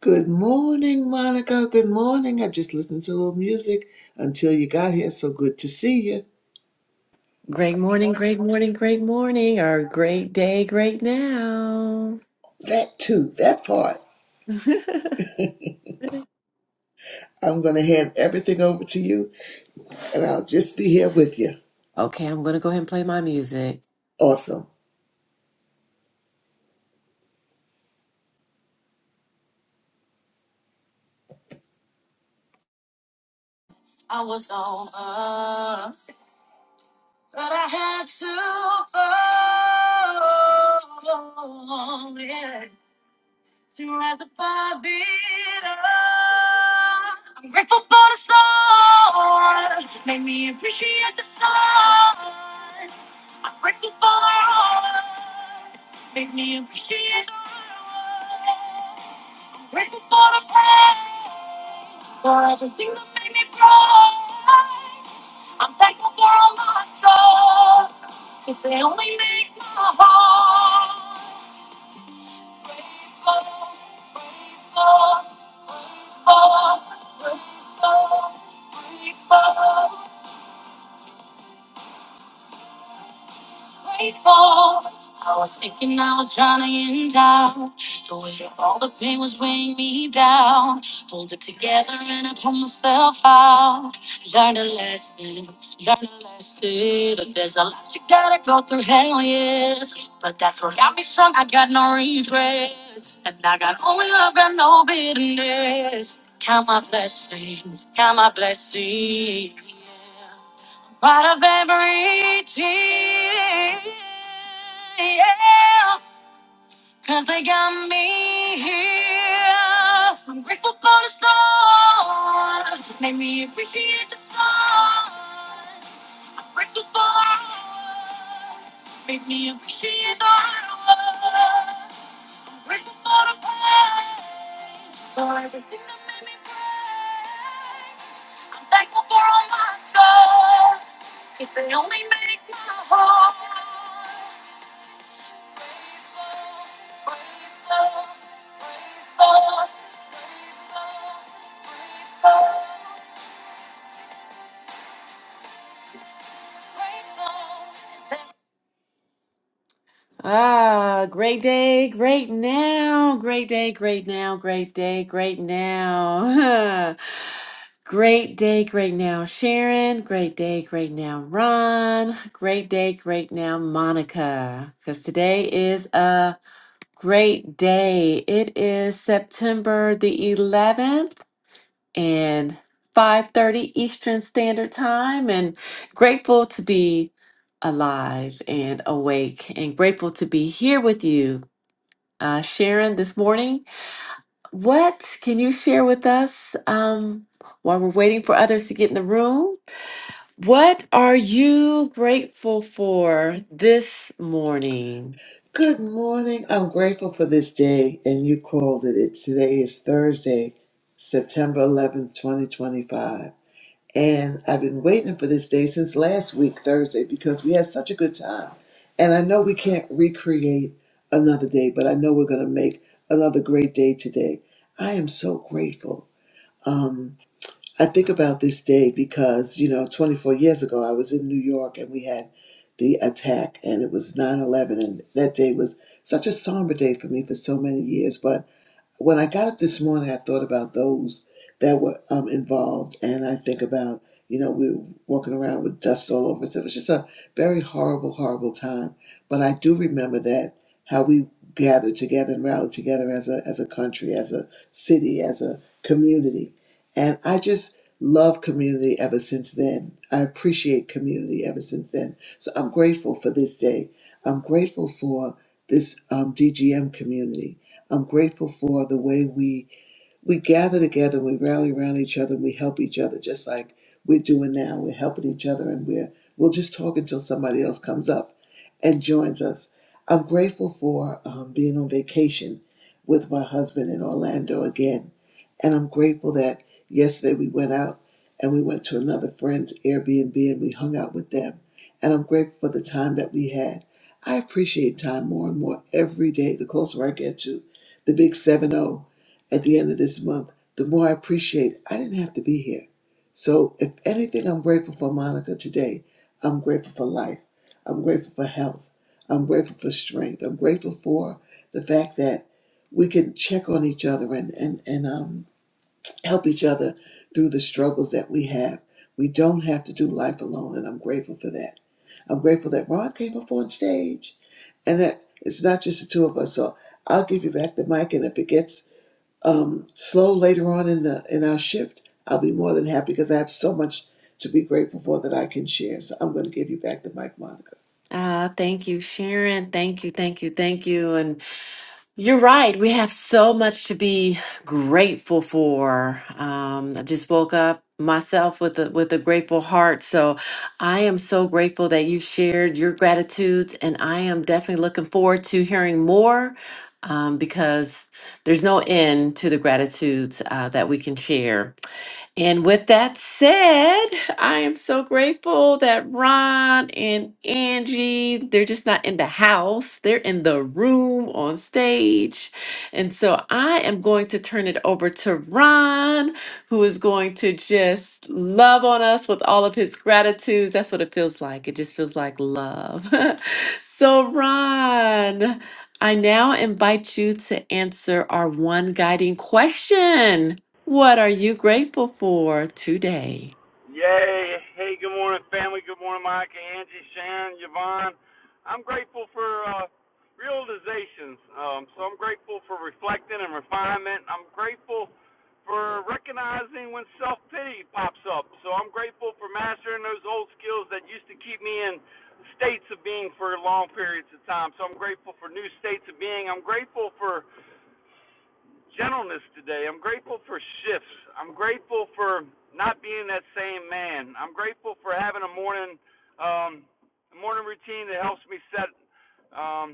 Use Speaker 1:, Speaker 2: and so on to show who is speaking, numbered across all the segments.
Speaker 1: Good morning, Monica. Good morning. I just listened to a little music until you got here. So good to see you.
Speaker 2: Great morning, great morning, great morning, or great day, great now.
Speaker 1: That too, that part. I'm going to hand everything over to you and I'll just be here with you.
Speaker 2: okay, I'm gonna go ahead and play my music.
Speaker 1: Awesome.
Speaker 2: I was over, but I had to fall. to rise above it all. I'm grateful for the sun, made me appreciate the sun. I'm grateful for the heart, made me appreciate the world. I'm grateful for the praise, for everything that made me grow. I'm thankful for all my scars, 'cause they only make my heart. Grateful, grateful, grateful, grateful. grateful. I was thinking I was drowning in doubt. The weight of all the pain was weighing me down. Pulled it together and I pulled myself out. Learned a lesson, learned a lesson. That there's a lot you gotta go through, hell yes. But that's what got me strong, I got no regrets. And I got only love, got no bitterness. Count my blessings, count my blessings. yeah. Out of every tear, yeah, cause they got me here. I'm grateful for the storm, made me appreciate the sun. I'm grateful for the made me appreciate the hard work. Grateful for the pain, for everything that made me break. I'm thankful for all my scars, if they only make my heart grateful, grateful, grateful, grateful, grateful. grateful. Ah, great day, great now, great day, great now, great day, great now. Great day, great now, Sharon. Great day, great now, Ron. Great day, great now, Monica. Because today is a great day. It is September the 11th and 5:30 Eastern Standard Time and grateful to be alive and awake and grateful to be here with you uh, Sharon this morning. What can you share with us um, while we're waiting for others to get in the room? What are you grateful for this morning?
Speaker 1: Good morning. I'm grateful for this day and you called it. it today is Thursday, September 11th, 2025. And I've been waiting for this day since last week, Thursday, because we had such a good time. And I know we can't recreate another day, but I know we're going to make another great day today. I am so grateful. Um, I think about this day because, you know, 24 years ago, I was in New York and we had the attack, and it was 9 11. And that day was such a somber day for me for so many years. But when I got up this morning, I thought about those that were um, involved, and I think about, you know, we were walking around with dust all over us. It was just a very horrible, horrible time. But I do remember that how we gathered together and rallied together as a as a country, as a city, as a community, and I just love community ever since then. I appreciate community ever since then. So I'm grateful for this day. I'm grateful for this um, DGM community. I'm grateful for the way we we gather together and we rally around each other and we help each other just like we're doing now. We're helping each other and we're we'll just talk until somebody else comes up and joins us. I'm grateful for um, being on vacation with my husband in Orlando again, and I'm grateful that yesterday we went out and we went to another friend's Airbnb and we hung out with them. And I'm grateful for the time that we had. I appreciate time more and more every day. The closer I get to the big Seven O at the end of this month, the more I appreciate I didn't have to be here. So, if anything, I'm grateful for Monica today. I'm grateful for life. I'm grateful for health. I'm grateful for strength. I'm grateful for the fact that we can check on each other and, and, and um, help each other through the struggles that we have. We don't have to do life alone, and I'm grateful for that. I'm grateful that Ron came up on stage and that it's not just the two of us. So I'll give you back the mic, and if it gets um, slow later on in the in our shift, I'll be more than happy because I have so much to be grateful for that I can share. So I'm going to give you back the mic, Monica.
Speaker 2: Uh, thank you, Sharon. Thank you, thank you, thank you. And You're right. We have so much to be grateful for. Um, I just woke up myself with a with a grateful heart. So I am so grateful that you shared your gratitudes, and I am definitely looking forward to hearing more um, because there's no end to the gratitudes uh, that we can share. And with that said, I am so grateful that Ron and Angie, they're just not in the house, they're in the room on stage. And so I am going to turn it over to Ron, who is going to just love on us with all of his gratitudes. That's what it feels like. It just feels like love. so, Ron, I now invite you to answer our one guiding question. What are you grateful for today?
Speaker 3: Yay. Hey, good morning, family. Good morning, Mike, Angie, Sharon, Yvonne. I'm grateful for uh, realizations. Um, so I'm grateful for reflecting and refinement. I'm grateful for recognizing when self pity pops up. So I'm grateful for mastering those old skills that used to keep me in states of being for long periods of time. So I'm grateful for new states of being. I'm grateful for gentleness today. I'm grateful for shifts. I'm grateful for not being that same man. I'm grateful for having a morning um, morning routine that helps me set um,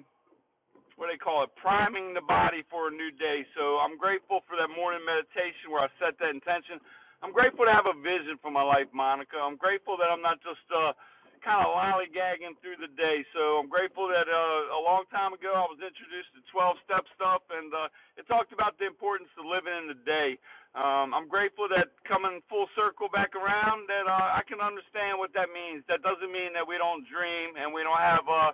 Speaker 3: what they call it, priming the body for a new day. So I'm grateful for that morning meditation where I set that intention. I'm grateful to have a vision for my life, Monica. I'm grateful that I'm not just uh, kind of lollygagging through the day. So I'm grateful that uh, a long time ago I was introduced to 12 step stuff and uh, it talked about the importance of living in the day. Um, I'm grateful that coming full circle back around that uh, I can understand what that means. That doesn't mean that we don't dream and we don't have. Uh,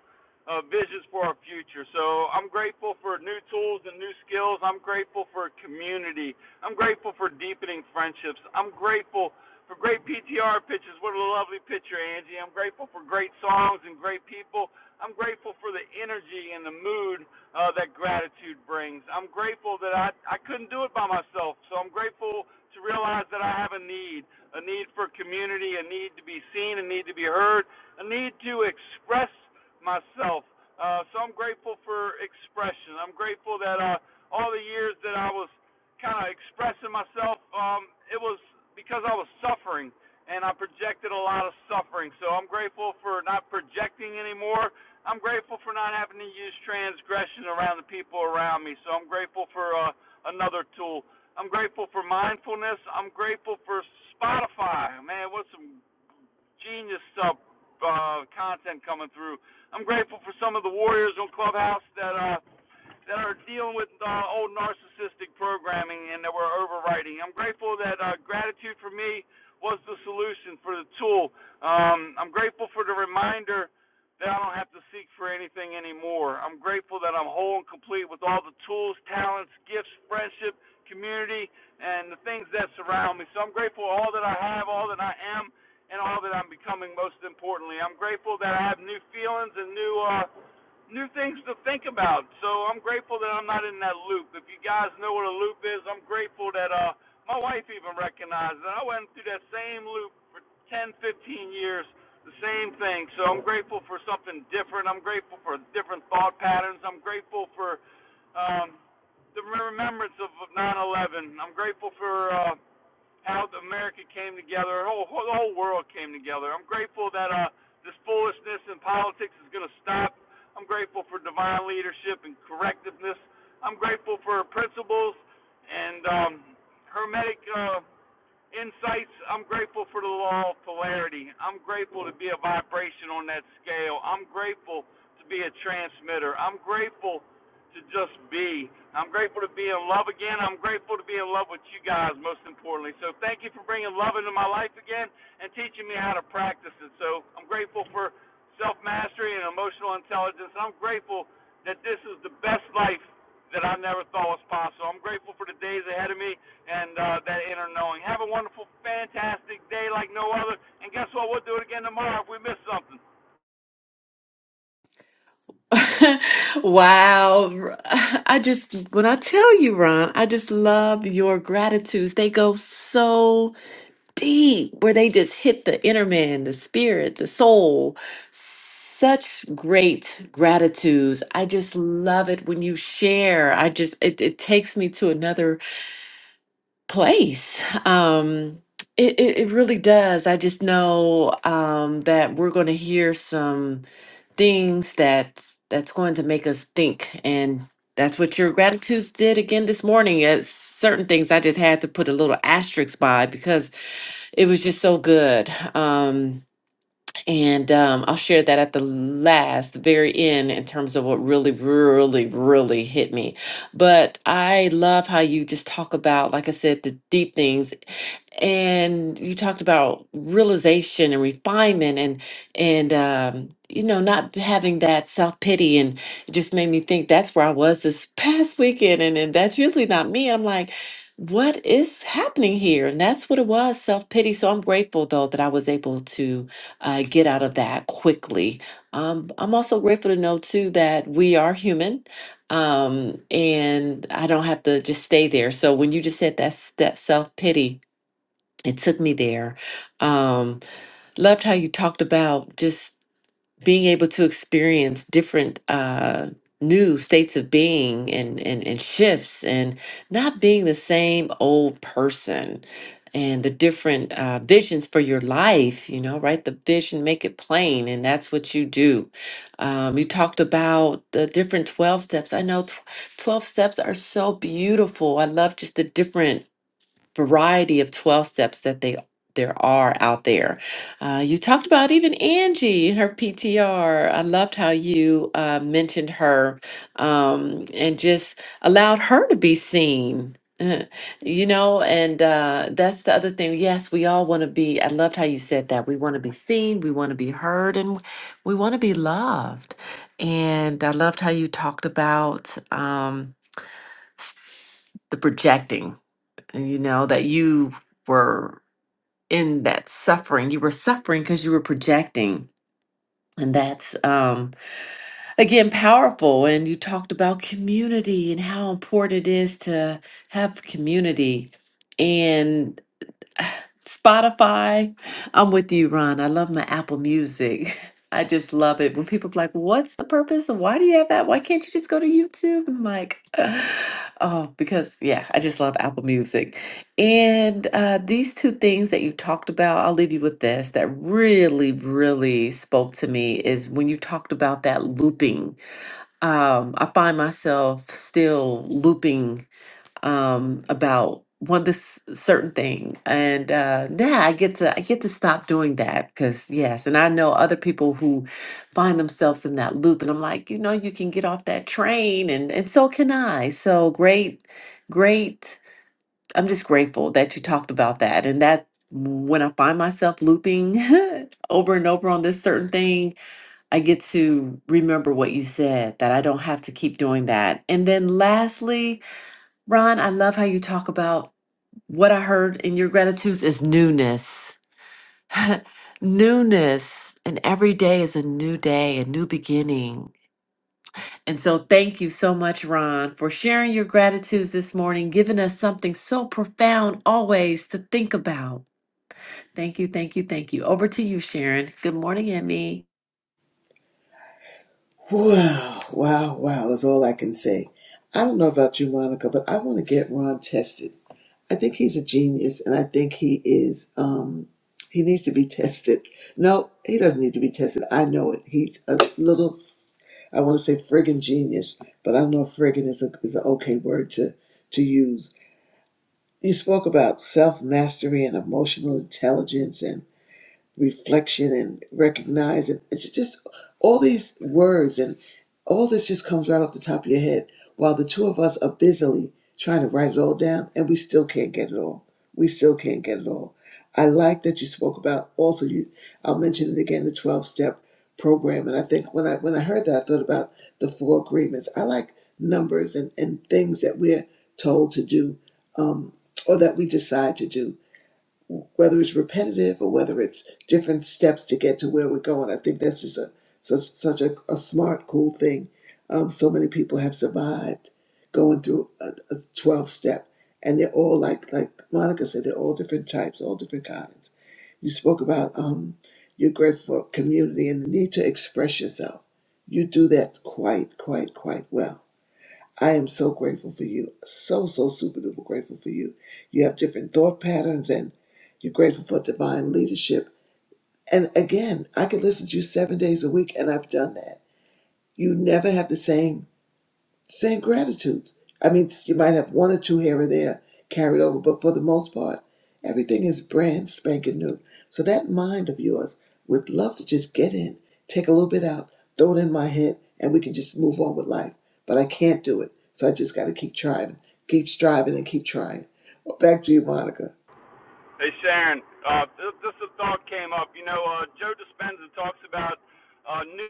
Speaker 3: uh, visions for our future. So I'm grateful for new tools and new skills. I'm grateful for community. I'm grateful for deepening friendships. I'm grateful for great PTR pictures. What a lovely picture, Angie. I'm grateful for great songs and great people. I'm grateful for the energy and the mood uh, that gratitude brings. I'm grateful that I, I couldn't do it by myself. So I'm grateful to realize that I have a need a need for community, a need to be seen, a need to be heard, a need to express myself. Uh, so I'm grateful for expression. I'm grateful that uh, all the years that I was kind of expressing myself, um, it was because I was suffering and I projected a lot of suffering. So I'm grateful for not projecting anymore. I'm grateful for not having to use transgression around the people around me. So I'm grateful for uh, another tool. I'm grateful for mindfulness. I'm grateful for Spotify. Man, what some genius stuff, uh, content coming through. I'm grateful for some of the warriors on Clubhouse that uh, that are dealing with uh, old narcissistic programming and that we're overwriting. I'm grateful that uh, gratitude for me was the solution for the tool. Um, I'm grateful for the reminder that I don't have to seek for anything anymore. I'm grateful that I'm whole and complete with all the tools, talents, gifts, friendship, community, and the things that surround me. So I'm grateful for all that I have, all that I am, and all that I'm becoming most importantly. I'm grateful that I have new feelings and new uh, new things to think about. So I'm grateful that I'm not in that loop. If you guys know what a loop is, I'm grateful that uh my wife even recognized that I went through that same loop for 10, 15 years, the same thing. So I'm grateful for something different. I'm grateful for different thought patterns. I'm grateful for um the remembrance of 9/11. I'm grateful for uh how America came together, the whole, the whole world came together. I'm grateful that uh, this foolishness in politics is going to stop. I'm grateful for divine leadership and correctiveness. I'm grateful for principles and um, hermetic uh, insights. I'm grateful for the law of polarity. I'm grateful to be a vibration on that scale. I'm grateful to be a transmitter. I'm grateful to just be. I'm grateful to be in love again. I'm grateful to be in love with you guys, most importantly. So thank you for bringing love into my life again and teaching me how to practice it. So I'm grateful for self mastery and emotional intelligence. I'm grateful that this is the best life that I never thought was possible. I'm grateful for the days ahead of me and uh, that inner knowing. Have a wonderful, fantastic day like no other. And guess what? We'll do it again tomorrow if we miss something.
Speaker 2: wow. I just, when I tell you, Ron, I just love your gratitudes. They go so deep where they just hit the inner man, the spirit, the soul. Such great gratitudes. I just love it when you share. I just, it, it takes me to another place. Um, it, it, it really does. I just know um, that we're going to hear some things that's that's going to make us think and that's what your gratitudes did again this morning it's certain things i just had to put a little asterisk by because it was just so good um and um, I'll share that at the last, the very end, in terms of what really, really, really hit me. But I love how you just talk about, like I said, the deep things, and you talked about realization and refinement, and and um, you know, not having that self pity, and it just made me think that's where I was this past weekend, and and that's usually not me. I'm like. What is happening here? And that's what it was, self pity. So I'm grateful though that I was able to uh, get out of that quickly. Um, I'm also grateful to know too that we are human, um, and I don't have to just stay there. So when you just said that s- that self pity, it took me there. Um, loved how you talked about just being able to experience different uh new states of being and and and shifts and not being the same old person and the different uh, visions for your life you know right the vision make it plain and that's what you do um, you talked about the different 12 steps i know tw- 12 steps are so beautiful i love just the different variety of 12 steps that they there are out there. Uh, you talked about even Angie, her PTR. I loved how you uh, mentioned her um, and just allowed her to be seen. Uh, You know, and uh, that's the other thing. Yes, we all want to be. I loved how you said that. We want to be seen, we want to be heard, and we want to be loved. And I loved how you talked about um, s- the projecting and you know that you were in that suffering you were suffering because you were projecting and that's um again powerful and you talked about community and how important it is to have community and Spotify. I'm with you, Ron. I love my Apple Music. I just love it. When people be like, what's the purpose? Why do you have that? Why can't you just go to YouTube? I'm like, oh, because yeah, I just love Apple Music. And uh, these two things that you talked about, I'll leave you with this that really, really spoke to me is when you talked about that looping. Um, I find myself still looping um, about one this certain thing, and uh, yeah, I get to I get to stop doing that because yes, and I know other people who find themselves in that loop, and I'm like, you know, you can get off that train, and and so can I. So great, great. I'm just grateful that you talked about that, and that when I find myself looping over and over on this certain thing, I get to remember what you said that I don't have to keep doing that. And then lastly Ron, I love how you talk about what I heard in your gratitudes is newness. newness. And every day is a new day, a new beginning. And so, thank you so much, Ron, for sharing your gratitudes this morning, giving us something so profound always to think about. Thank you, thank you, thank you. Over to you, Sharon. Good morning, Emmy.
Speaker 1: Wow, wow, wow is all I can say. I don't know about you, Monica, but I want to get Ron tested. I think he's a genius, and I think he is. Um, he needs to be tested. No, he doesn't need to be tested. I know it. He's a little. I want to say friggin' genius, but I don't know if friggin' is a is an okay word to to use You spoke about self mastery and emotional intelligence and reflection and recognize and it's just all these words and all this just comes right off the top of your head while the two of us are busily trying to write it all down and we still can't get it all we still can't get it all i like that you spoke about also you i'll mention it again the 12 step program and i think when i when i heard that i thought about the four agreements i like numbers and and things that we're told to do um or that we decide to do whether it's repetitive or whether it's different steps to get to where we're going. I think that's just a such such a, a smart, cool thing. Um, so many people have survived going through a, a twelve step, and they're all like like Monica said, they're all different types, all different kinds. You spoke about um, your grateful for community and the need to express yourself. You do that quite, quite, quite well I am so grateful for you. So, so super duper grateful for you. You have different thought patterns and you're grateful for divine leadership. And again, I could listen to you seven days a week, and I've done that. You never have the same same gratitudes. I mean, you might have one or two here or there carried over, but for the most part, everything is brand spanking new. So that mind of yours would love to just get in, take a little bit out, throw it in my head, and we can just move on with life. But I can't do it. So I just got to keep trying, keep striving, and keep trying. Back to you, Monica.
Speaker 3: Hey Sharon, uh, this, this thought came up. You know, uh, Joe Dispenza talks about uh, new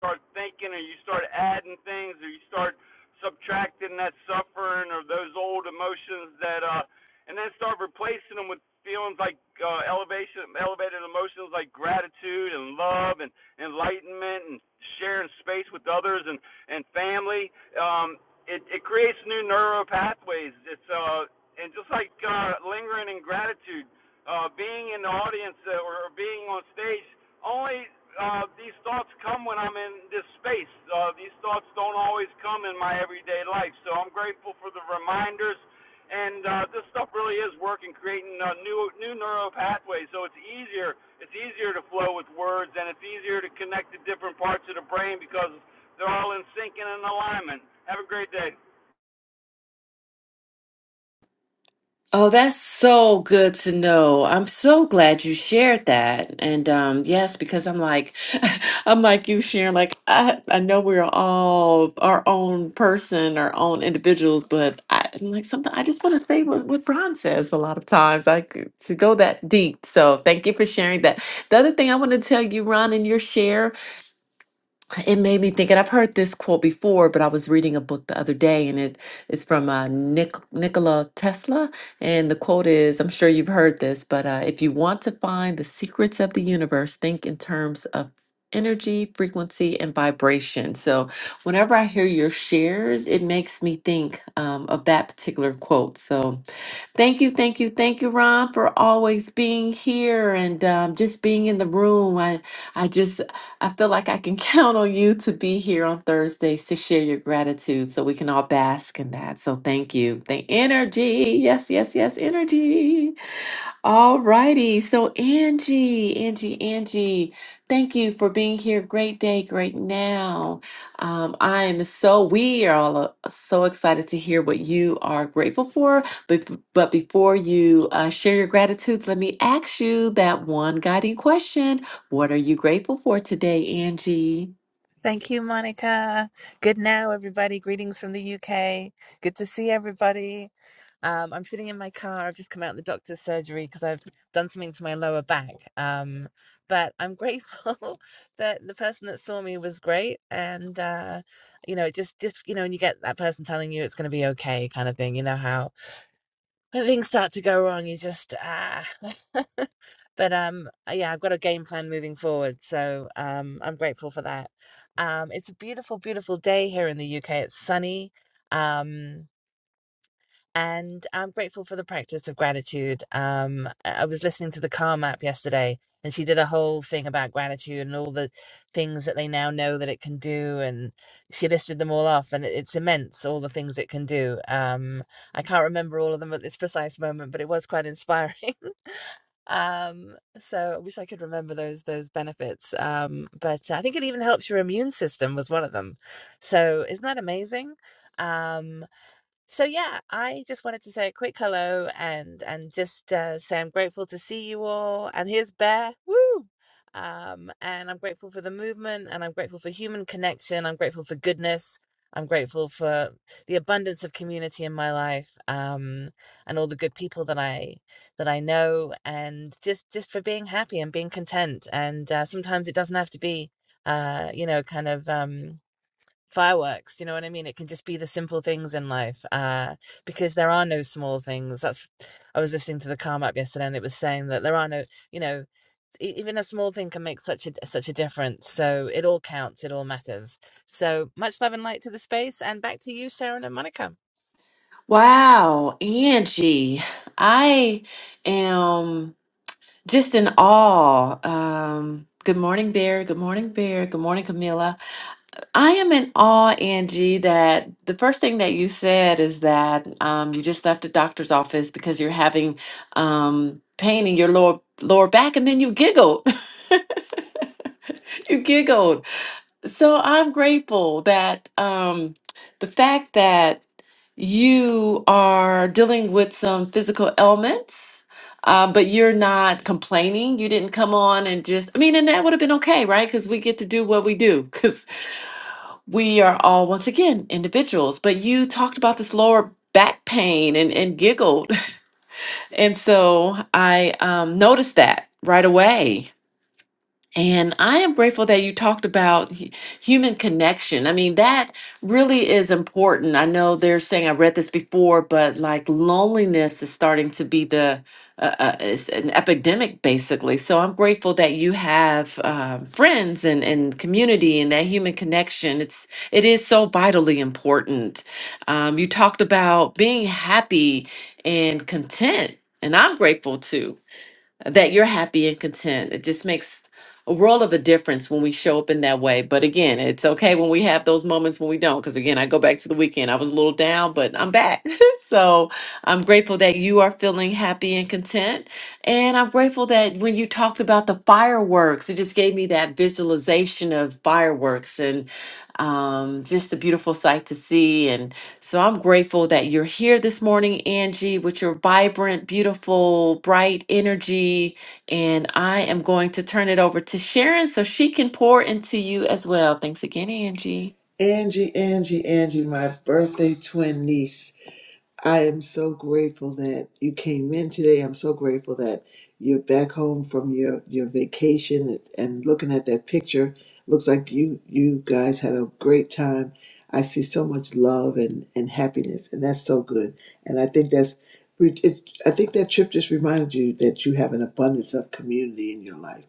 Speaker 3: start thinking or you start adding things or you start subtracting that suffering or those old emotions that uh and then start replacing them with feelings like uh elevation elevated emotions like gratitude and love and enlightenment and sharing space with others and and family um it it creates new neural pathways it's uh and just like uh lingering in gratitude uh being in the audience uh, or being on stage only uh, these thoughts come when I'm in this space. Uh, these thoughts don't always come in my everyday life. So I'm grateful for the reminders. And uh, this stuff really is working, creating uh, new new neural pathways. So it's easier it's easier to flow with words, and it's easier to connect the different parts of the brain because they're all in sync and in alignment. Have a great day.
Speaker 2: Oh, that's so good to know. I'm so glad you shared that. And um, yes, because I'm like, I'm like you sharing, like, I, I know we're all our own person, our own individuals, but I, I'm like something I just want to say what, what Ron says a lot of times, like to go that deep. So thank you for sharing that. The other thing I want to tell you, Ron, in your share it made me think, and I've heard this quote before, but I was reading a book the other day, and it it's from uh, Nic- Nikola Tesla, and the quote is, "I'm sure you've heard this, but uh, if you want to find the secrets of the universe, think in terms of." Energy, frequency, and vibration. So, whenever I hear your shares, it makes me think um, of that particular quote. So, Thank you, thank you, thank you, Ron, for always being here and um, just being in the room. I, I just, I feel like I can count on you to be here on Thursdays to share your gratitude, so we can all bask in that. So thank you, the energy. Yes, yes, yes, energy. All righty. So Angie, Angie, Angie, thank you for being here. Great day, great now. Um, I am so, we are all uh, so excited to hear what you are grateful for. But, but before you uh, share your gratitudes, let me ask you that one guiding question. What are you grateful for today, Angie?
Speaker 4: Thank you, Monica. Good now, everybody. Greetings from the UK. Good to see everybody. Um, I'm sitting in my car. I've just come out of the doctor's surgery because I've done something to my lower back. Um, but I'm grateful that the person that saw me was great, and uh, you know, it just just you know, when you get that person telling you it's going to be okay, kind of thing. You know how when things start to go wrong, you just ah. but um, uh, yeah, I've got a game plan moving forward, so um, I'm grateful for that. Um, it's a beautiful, beautiful day here in the UK. It's sunny. Um, and I'm grateful for the practice of gratitude. Um, I was listening to the Calm app yesterday, and she did a whole thing about gratitude and all the things that they now know that it can do, and she listed them all off, and it- it's immense all the things it can do. Um, I can't remember all of them at this precise moment, but it was quite inspiring. um, so I wish I could remember those those benefits. Um, but I think it even helps your immune system was one of them. So isn't that amazing? Um, so yeah, I just wanted to say a quick hello and and just uh, say I'm grateful to see you all. And here's Bear, woo! Um, and I'm grateful for the movement, and I'm grateful for human connection. I'm grateful for goodness. I'm grateful for the abundance of community in my life, um, and all the good people that I that I know, and just just for being happy and being content. And uh, sometimes it doesn't have to be, uh, you know, kind of. Um, fireworks you know what i mean it can just be the simple things in life uh because there are no small things that's i was listening to the calm up yesterday and it was saying that there are no you know e- even a small thing can make such a such a difference so it all counts it all matters so much love and light to the space and back to you sharon and monica
Speaker 2: Wow, Angie, I am. just in awe. Um, good morning, Bear. Good morning, Bear. Good morning, Camilla. I am in awe, Angie, that the first thing that you said is that um, you just left the doctor's office because you're having um, pain in your lower lower back, and then you giggled. you giggled. So I'm grateful that um, the fact that you are dealing with some physical ailments, uh, but you're not complaining. You didn't come on and just, I mean, and that would have been okay, right? Because we get to do what we do because we are all, once again, individuals. But you talked about this lower back pain and, and giggled. And so I um, noticed that right away and I am grateful that you talked about hu- human connection. I mean, that really is important. I know they're saying I read this before, but like loneliness is starting to be the uh, uh, it's an epidemic basically. So I'm grateful that you have um, friends and and community and that human connection. It's it is so vitally important. Um, you talked about being happy and content, and I'm grateful too that you're happy and content. It just makes a world of a difference when we show up in that way. But again, it's okay when we have those moments when we don't. Because again, I go back to the weekend. I was a little down, but I'm back. so I'm grateful that you are feeling happy and content. And I'm grateful that when you talked about the fireworks, it just gave me that visualization of fireworks and um, just a beautiful sight to see. So I'm grateful that you're here this morning, Angie, with your vibrant, beautiful, bright energy. And I am going to turn it over to Sharon so she can pour into you as well. Thanks again, Angie.
Speaker 1: Angie, Angie, Angie, my birthday twin niece. I am so grateful that you came in today. I'm so grateful that you're back home from your, your vacation and looking at that picture. Looks like you you guys had a great time. I see so much love and, and happiness, and that's so good. And I think that's it, I think that trip just reminded you that you have an abundance of community in your life.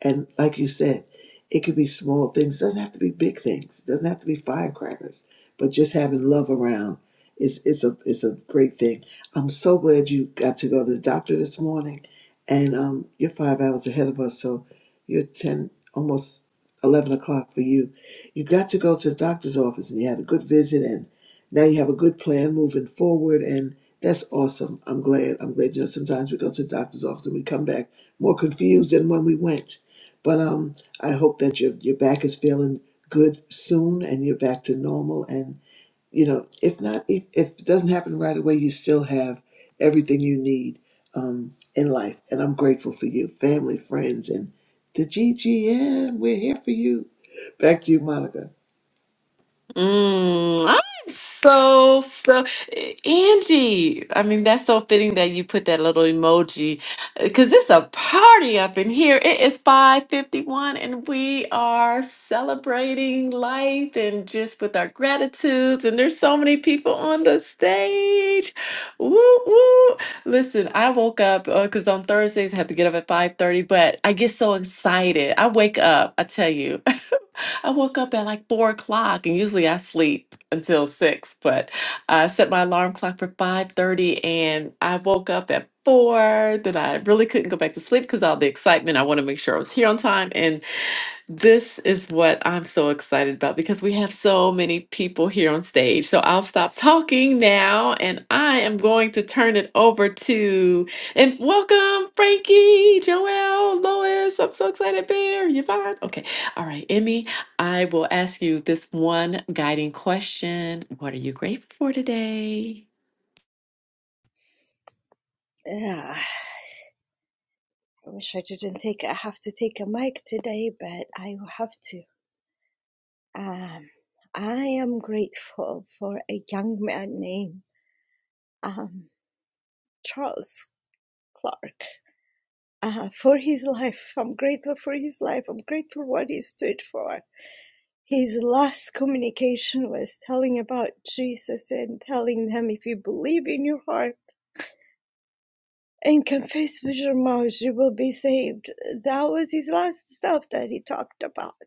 Speaker 1: And like you said, it could be small things. doesn't have to be big things. It doesn't have to be firecrackers, but just having love around it's it's a it's a great thing. I'm so glad you got to go to the doctor this morning, and um, you're five hours ahead of us, so you're ten almost eleven o'clock for you. You got to go to the doctor's office, and you had a good visit, and now you have a good plan moving forward, and that's awesome. I'm glad. I'm glad. You know, sometimes we go to the doctor's office and we come back more confused than when we went, but um, I hope that your your back is feeling good soon, and you're back to normal, and you know, if not, if, if it doesn't happen right away, you still have everything you need um, in life. And I'm grateful for you, family, friends, and the GGM. We're here for you. Back to you, Monica.
Speaker 2: Mm, I'm so so eh, Angie. I mean, that's so fitting that you put that little emoji because it's a party up in here. It is 5:51 and we are celebrating life and just with our gratitudes. And there's so many people on the stage. Woo woo. Listen, I woke up because on Thursdays I have to get up at 5:30, but I get so excited. I wake up, I tell you. I woke up at like four o'clock, and usually I sleep until six. But I set my alarm clock for five thirty, and I woke up at four. Then I really couldn't go back to sleep because all the excitement. I want to make sure I was here on time, and this is what I'm so excited about because we have so many people here on stage. So I'll stop talking now, and I am going to turn it over to and welcome Frankie, Joelle, Lois. I'm so excited, Bear, Yvonne. Okay, all right, Emmy. I will ask you this one guiding question. What are you grateful for today?
Speaker 5: Yeah, I wish I didn't take. I have to take a mic today, but I will have to. Um, I am grateful for a young man named um Charles Clark. Uh, for his life, I'm grateful for his life. I'm grateful for what he stood for. His last communication was telling about Jesus and telling them, if you believe in your heart and confess with your mouth, you will be saved. That was his last stuff that he talked about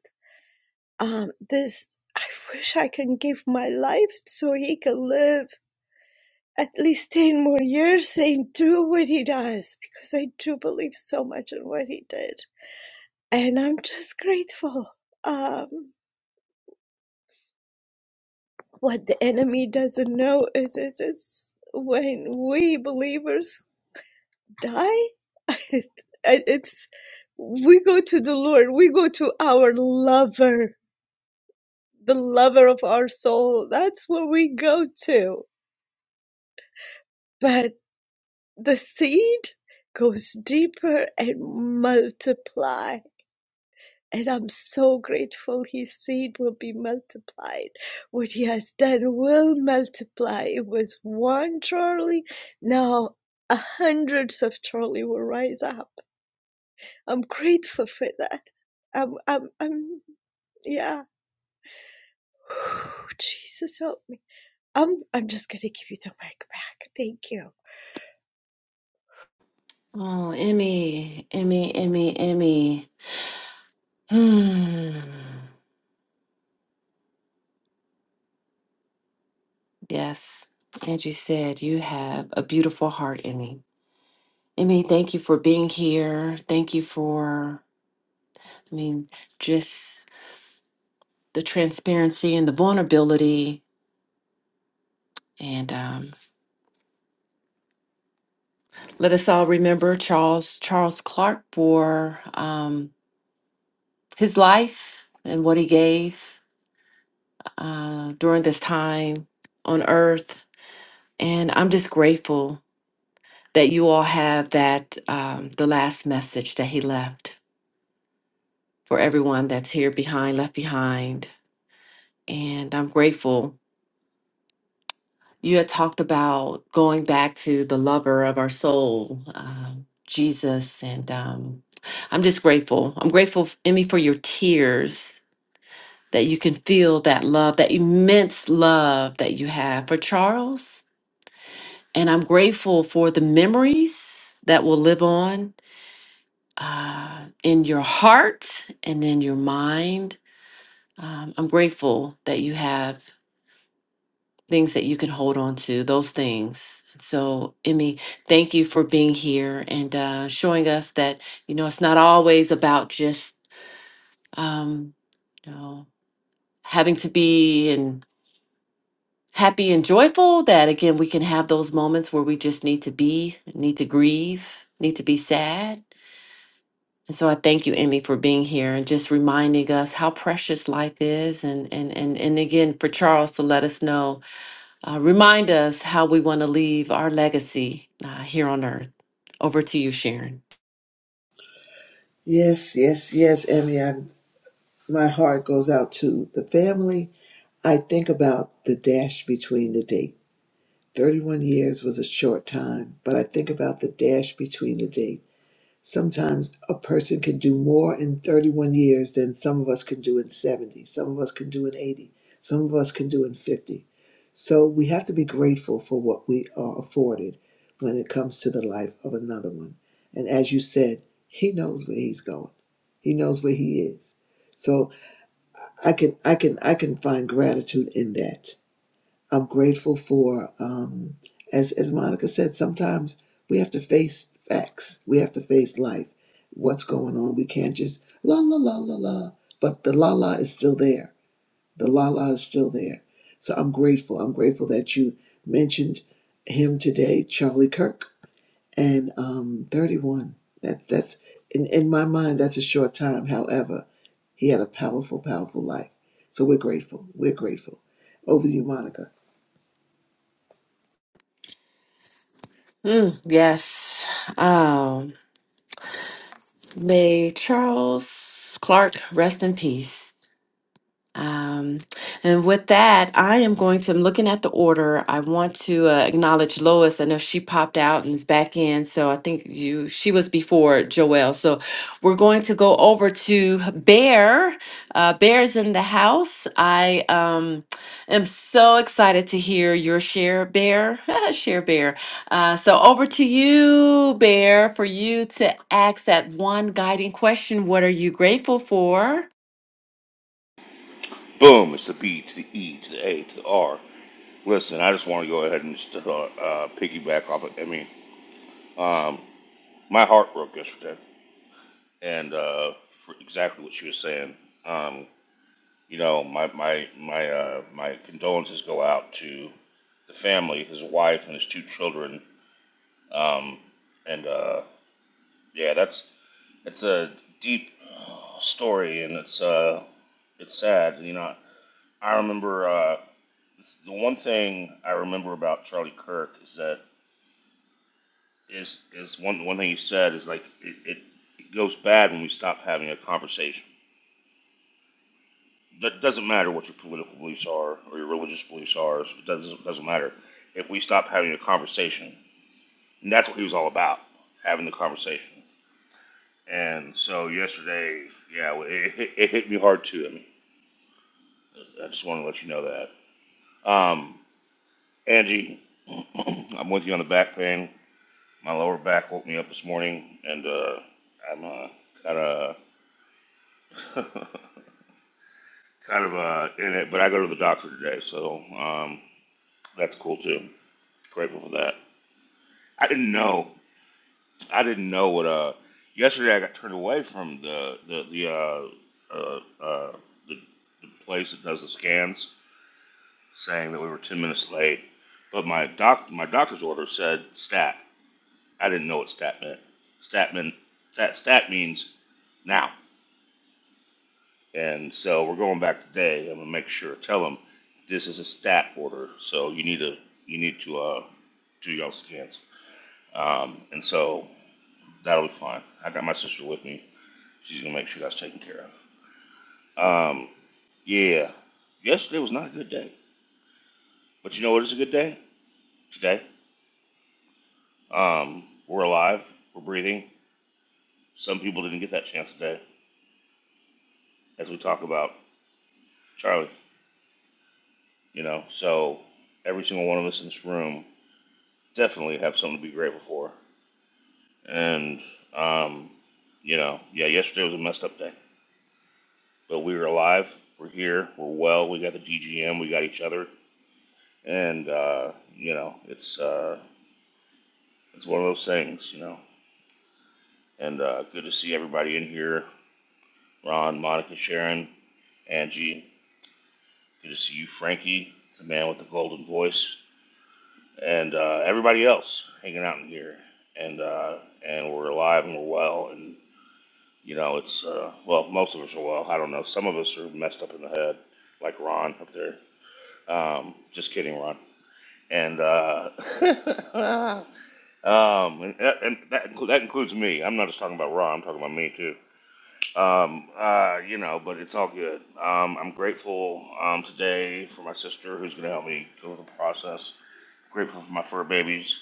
Speaker 5: Um, this, I wish I can give my life so he can live at least 10 more years and do what he does because I do believe so much in what he did. And I'm just grateful. Um, what the enemy doesn't know is, is, is when we believers die, it, it's we go to the Lord, we go to our lover, the lover of our soul. That's where we go to but. the seed goes deeper and multiply. And I'm so grateful his seed will be multiplied. What he has done will multiply. It was one trolley. Now hundreds of trolley will rise up. I'm grateful for that. I'm I'm I'm yeah. Jesus help me. I'm I'm just gonna give you the mic back. Thank you.
Speaker 2: Oh, Emmy, Emmy, Emmy, Emmy. Hmm. Yes, Angie said you have a beautiful heart, Emmy. Emmy, thank you for being here. Thank you for, I mean, just the transparency and the vulnerability. And um, let us all remember Charles Charles Clark for um, his life and what he gave uh, during this time on earth. And I'm just grateful that you all have that, um, the last message that he left for everyone that's here behind, left behind. And I'm grateful. You had talked about going back to the lover of our soul, um, Jesus. And um, I'm just grateful. I'm grateful, Emmy, for your tears that you can feel that love, that immense love that you have for Charles And I'm grateful for the memories that will live on uh, in your heart and in your mind. Um, I'm grateful that you have things that you can hold on to, those things. So, Emmy, thank you for being here and uh, showing us that, you know, it's not always about just, um, you know, having to be and happy and joyful that again we can have those moments where we just need to be need to grieve need to be sad And so I thank you, Emmy, for being here and just reminding us how precious life is. And and and and again for Charles to let us know, uh, remind us how we want to leave our legacy uh, here on earth. Over to you, Sharon.
Speaker 1: Yes, yes, yes, Emmy. I'm, my heart goes out to the family. I think about the dash between the date. 31 years was a short time, but I think about the dash between the date Sometimes a person can do more in 31 years than some of us can do in 70. Some of us can do in 80. Some of us can do in 50. So we have to be grateful for what we are afforded when it comes to the life of another one. And as you said, he knows where he's going. He knows where he is. So I can I can I can find gratitude in that I'm grateful for, um, as as Monica said, sometimes we have to face facts. We have to face life. What's going on? We can't just la la la la la. But the la la is still there. The la la is still there. So I'm grateful. I'm grateful that you mentioned him today, Charlie Kirk, and um, 31. That that's in in my mind. That's a short time. However, he had a powerful, powerful life. So we're grateful. We're grateful. Over to you, Monica.
Speaker 2: Mm, yes. Um, may Charles Clark rest in peace. Um, and with that, I am going to, I'm looking at the order. I want to uh, acknowledge Lois. I know she popped out and is back in. So I think you, she was before Joelle. So we're going to go over to Bear. Uh, Bear's in the house. I um, am so excited to hear your share, Bear. share, Bear. Uh, so over to you, Bear, for you to ask that one guiding question. What are you grateful for?
Speaker 6: Boom! It's the B to the E to the A to the R. Listen, I just want to go ahead and just, uh, uh, piggyback off it. I mean, um, my heart broke yesterday, and uh, for exactly what she was saying. Um, you know, my my my uh, my condolences go out to the family, his wife, and his two children. Um, and uh, yeah, that's that's a deep story, and it's uh, it's sad. You know, I remember. Uh, the one thing I remember about Charlie Kirk is that is is one one thing he said is like it, it, it goes bad when we stop having a conversation. That doesn't matter what your political beliefs are or your religious beliefs are. so It doesn't doesn't matter if we stop having a conversation. And that's what he was all about, having the conversation. And so yesterday, yeah, it, it, it hit me hard too. I mean, I just want to let you know that. Um, Angie, I'm with you on the back pain. My lower back woke me up this morning, and uh, I'm uh, kind of kind of uh, in it. But I go to the doctor today, so um, that's cool too. Grateful for that. I didn't know. I didn't know what. Uh, yesterday I got turned away from the the the uh, uh, uh, the, the place that does the scans, saying that we were ten minutes late. But my doc my doctor's order said stat. I didn't know what stat meant. Stat meant stat, stat means now. And so we're going back today. I'm gonna make sure tell them this is a stat order, so you need to you need to uh, do y'all scans. Um, and so that'll be fine. I got my sister with me. She's gonna make sure that's taken care of. Um, yeah, yesterday was not a good day, but you know what is a good day today? Um, we're alive. We're breathing. Some people didn't get that chance today, as we talk about Charlie. You know, so every single one of us in this room definitely have something to be grateful for And, um, you know, yeah, yesterday was a messed up day. But we were alive. We're here. We're well. We got the DGM. We got each other. And, uh, you know, it's, uh, it's one of those things, you know. And uh, good to see everybody in here Ron, Monica, Sharon, Angie. Good to see you, Frankie, the man with the golden voice. And uh, everybody else hanging out in here. And, uh, and we're alive and we're well. and. You know, it's uh, well, most of us are well. I don't know. Some of us are messed up in the head, like Ron up there. Um, just kidding, Ron. And uh, um, and, and that inclu- that includes me. I'm not just talking about Ron. I'm talking about me too. Um, uh, you know, but it's all good. Um, I'm grateful um, today for my sister who's going to help me go through the process. Grateful for my fur babies.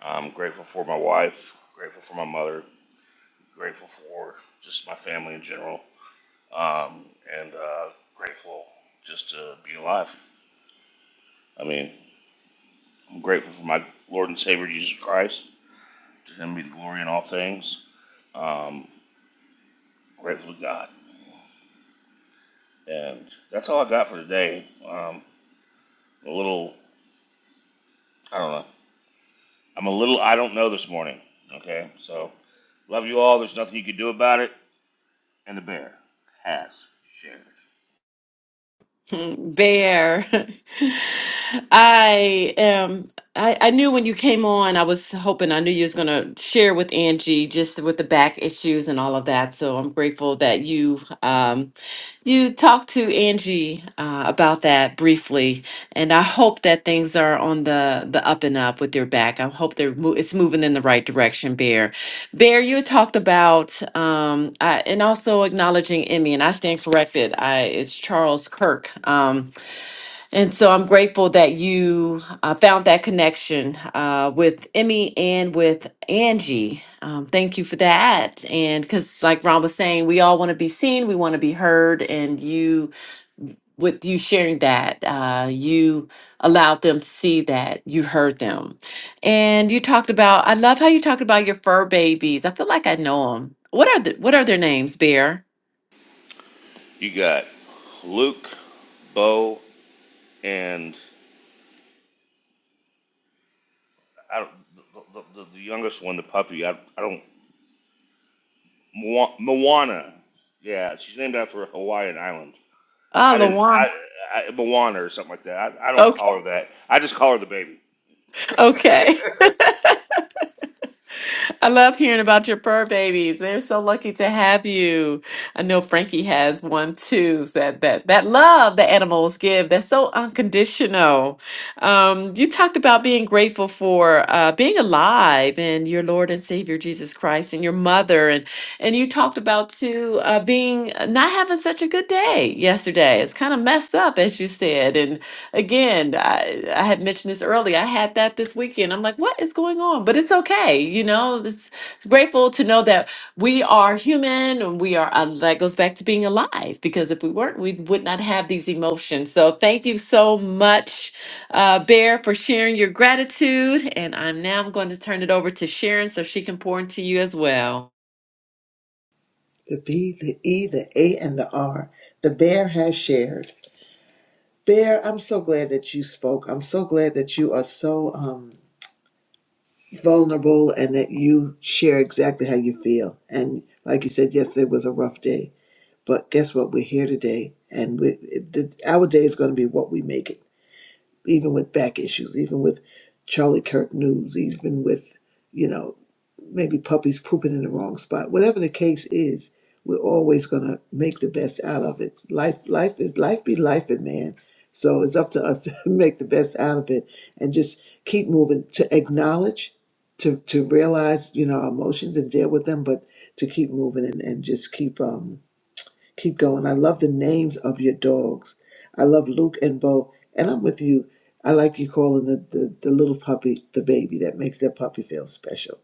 Speaker 6: I'm grateful for my wife. Grateful for my mother. Grateful for just my family in general um, and uh, grateful just to be alive. I mean, I'm grateful for my Lord and Savior Jesus Christ. To Him be the glory in all things. Um, grateful to God, and that's all I got for today. Um, a little, I don't know. I'm a little, I don't know this morning. Okay, so love you all. There's nothing you can do about it, and the bear has shared.
Speaker 2: Bear, I am. I, I knew when you came on, I was hoping I knew you was gonna share with Angie just with the back issues and all of that. So I'm grateful that you um, you talked to Angie uh, about that briefly. And I hope that things are on the the up and up with your back. I hope they're mo- it's moving in the right direction, Bear. Bear, you had talked about um, I, and also acknowledging Emmy, and I stand corrected. I, it's Charles Kirk, um, and so I'm grateful that you uh, found that connection uh, with Emmy and with Angie. Um, thank you for that. And because, like Ron was saying, we all want to be seen, we want to be heard, and you with you sharing that uh, you allowed them to see that you heard them and you talked about i love how you talked about your fur babies i feel like i know them what are the what are their names bear
Speaker 6: You got Luke, Bo, and I don't, the, the, the, the youngest one, the puppy. I, I don't. Mo- Moana. Yeah, she's named after a Hawaiian island.
Speaker 2: ah
Speaker 6: I didn't.
Speaker 2: lawan
Speaker 6: I, I Moana or something like that. I, I don't
Speaker 2: okay
Speaker 6: call her that. I just call her the baby.
Speaker 2: okay I love hearing about your fur babies. They're so lucky to have you. I know Frankie has one too. That that that love the animals give. That's so unconditional. Um, you talked about being grateful for uh, being alive and your Lord and Savior Jesus Christ and your mother and and you talked about too uh, being uh, not having such a good day yesterday. It's kind of messed up as you said Again, I, I had mentioned this earlier. I had that this weekend. I'm like, what is going on? But it's okay. You know, it's grateful to know that we are human and we are, uh, that goes back to being alive because if we weren't, we would not have these emotions. So thank you so much, uh, Bear, for sharing your gratitude. And I'm now going to turn it over to Sharon so she can pour into you as well.
Speaker 1: the B, the E, the A, and the R. The bear has shared. Bear, I'm so glad that you spoke. I'm so glad that you are so um, vulnerable and that you share exactly how you feel. And like you said, yesterday was a rough day, but guess what? We're here today, and we, it, the, our day is going to be what we make it. Even with back issues, even with Charlie Kirk news, even with you know maybe puppies pooping in the wrong spot. Whatever the case is, we're always gonna make the best out of it. Life, life is life be life, and man. So it's up to us to make the best out of it and just keep moving. To acknowledge, to to realize, you know, our emotions and deal with them, but to keep moving and, and just keep um keep going. I love the names of your dogs. I love Luke and Bo, and I'm with you. I like you calling the, the, the little puppy the baby that makes that puppy feel special.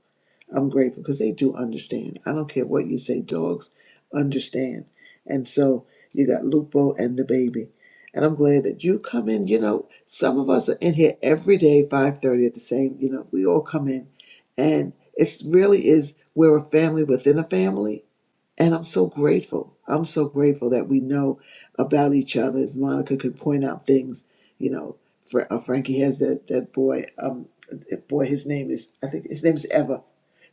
Speaker 1: I'm grateful because they do understand. I don't care what you say, dogs understand. And so you got Lupo and the baby. And I'm glad that you come in. You know, some of us are in here every day, 5.30 at the same, you know, we all come in. And it really is, we're a family within a family and I'm so grateful. I'm so grateful that we know about each other. As Monica could point out things, you know, Fra- uh, Frankie has that that boy. Um, that boy, his name is I think his name is Eva.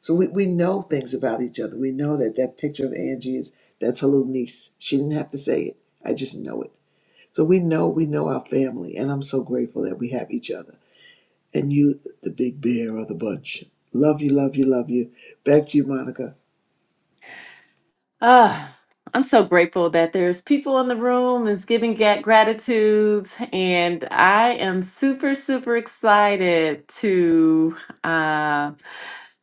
Speaker 1: So we, we know things about each other. We know that that picture of Angie is that's her little niece. She didn't have to say it. I just know it. So we know we know our family, and I'm so grateful that we have each other. And you, the big bear of the bunch. Love you, love you, love you. Back to you, Monica.
Speaker 2: Ah, I'm so grateful that there's people in the room that's giving ga- gratitudes, and I am super, super excited to uh,